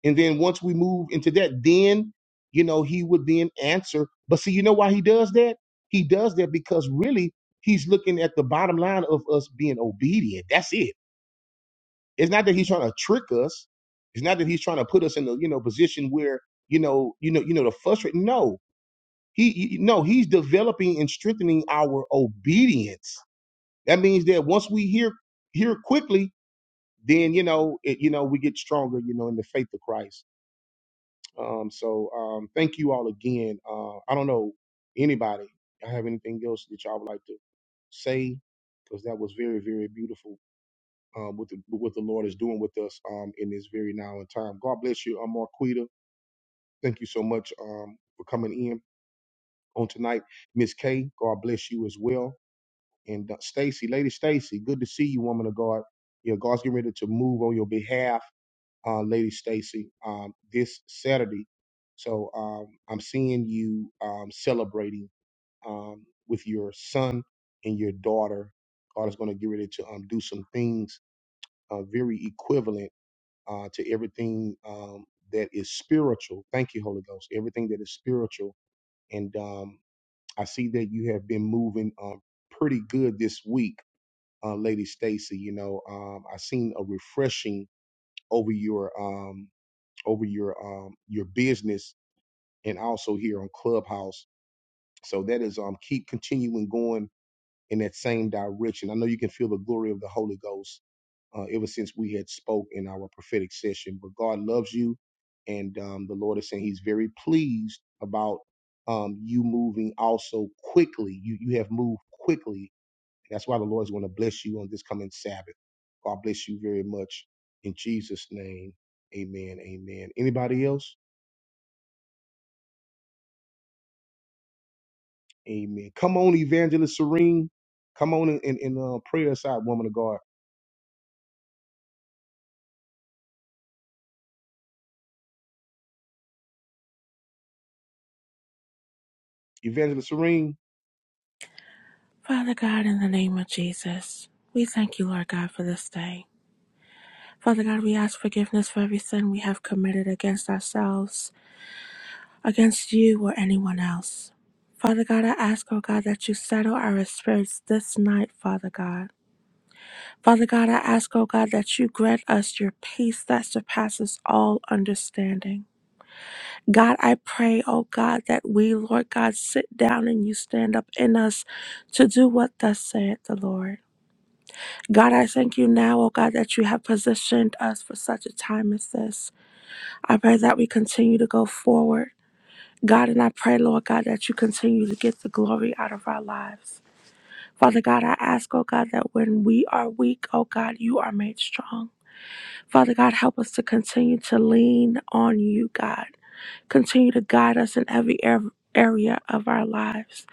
[SPEAKER 1] and then once we move into that, then, you know, he would then answer. But see, you know why he does that? He does that because really he's looking at the bottom line of us being obedient. That's it. It's not that he's trying to trick us. It's not that he's trying to put us in the, you know, position where, you know, you know, you know, to frustrate. No, he, he- no, he's developing and strengthening our obedience. That means that once we hear, hear quickly, then, you know, it, you know, we get stronger, you know, in the faith of Christ Um, so um, thank you all again. Uh, I don't know anybody. I have anything else that y'all would like to say because that was very, very beautiful. Um, what the what the Lord is doing with us um, in this very now and time. God bless you, um, Marquita. Thank you so much um, for coming in on tonight, Miss K. God bless you as well, and uh, Stacy, Lady Stacy. Good to see you, woman of God. Yeah, God's getting ready to move on your behalf uh, Lady Stacy, um, this Saturday. So um, I'm seeing you um, celebrating um, with your son and your daughter. God is going to get ready to um, do some things uh, very equivalent uh, to everything um, that is spiritual. Thank you, Holy Ghost. Everything that is spiritual. And um, I see that you have been moving um, pretty good this week, uh, Lady Stacy. You know, um, I seen a refreshing over your. um, over your um your business and also here on Clubhouse. So that is um keep continuing going in that same direction. I know you can feel the glory of the Holy Ghost uh, ever since we had spoke in our prophetic session. But God loves you, and um, the Lord is saying He's very pleased about um you moving also quickly. You you have moved quickly. That's why the Lord is going to bless you on this coming Sabbath. God bless you very much in Jesus' name. Amen. Amen. Anybody else? Amen. Come on, Evangelist Serene. Come on and, and, and, uh, pray us out, woman of God. Evangelist Serene.
[SPEAKER 9] Father God, in the name of Jesus, we thank you, Lord God, for this day. Father God, we ask forgiveness for every sin we have committed against ourselves, against you, or anyone else. Father God, I ask, oh God, that you settle our spirits this night, Father God. Father God, I ask, oh God, that you grant us your peace that surpasses all understanding. God, I pray, oh God, that we, Lord God, sit down and you stand up in us to do what thus saith the Lord. God, I thank you now, oh God, that you have positioned us for such a time as this. I pray that we continue to go forward. God, and I pray, Lord God, that you continue to get the glory out of our lives. Father God, I ask, oh God, that when we are weak, oh God, you are made strong. Father God, help us to continue to lean on you, God. Continue to guide us in every ar- area of our lives.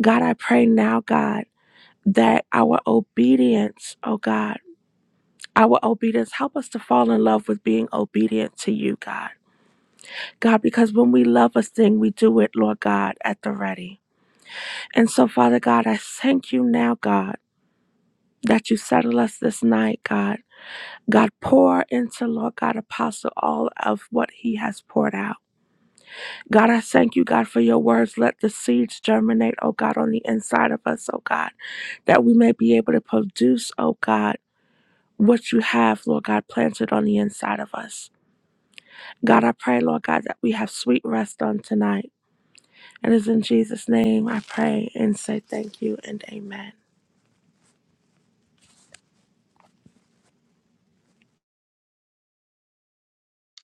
[SPEAKER 9] God, I pray now, God, that our obedience, oh God, our obedience. Help us to fall in love with being obedient to you, God. God, because when we love a thing, we do it, Lord God, at the ready. And so, Father God, I thank you now, God. That you settle us this night, God. God, pour into Lord God Apostle all of what he has poured out. God, I thank you, God, for your words. Let the seeds germinate, oh God, on the inside of us, oh God, that we may be able to produce, oh God, what you have, Lord God, planted on the inside of us. God, I pray, Lord God, that we have sweet rest on tonight. And it's in Jesus' name I pray and say thank you and amen.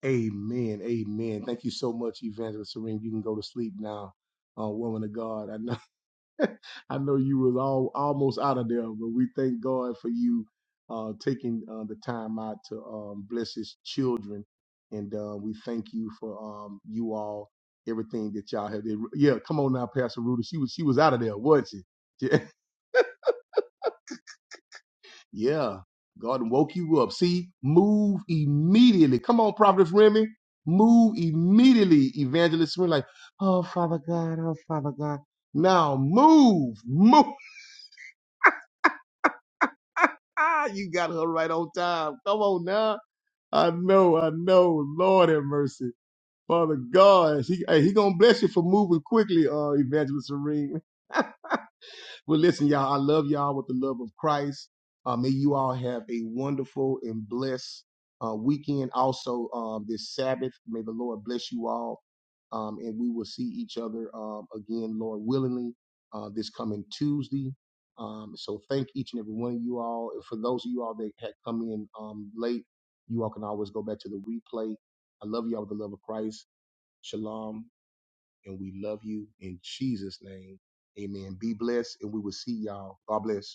[SPEAKER 1] Amen. Amen. Thank you so much, Evangelist Serene. You can go to sleep now, uh, woman of God. I know, [LAUGHS] I know you was all almost out of there, but we thank God for you uh, taking uh, the time out to um, bless His children, and uh, we thank you for um, you all everything that y'all have. did. Yeah, come on now, Pastor Rudy. She was she was out of there, wasn't she? [LAUGHS] Yeah. God woke you up. See, move immediately. Come on, Prophetess Remy. Move immediately, Evangelist Remy. Like, oh, Father God, oh, Father God. Now move, move. Ah, you God. I promise. Um, again, Lord willingly, uh, this coming Tuesday. Um, so thank each and every one of you all. And for those of you all that had come in um, late, you all can always go back to the replay. I love you all with the love of Christ. Shalom. and we love you in Jesus' name. Amen. Be blessed. God bless.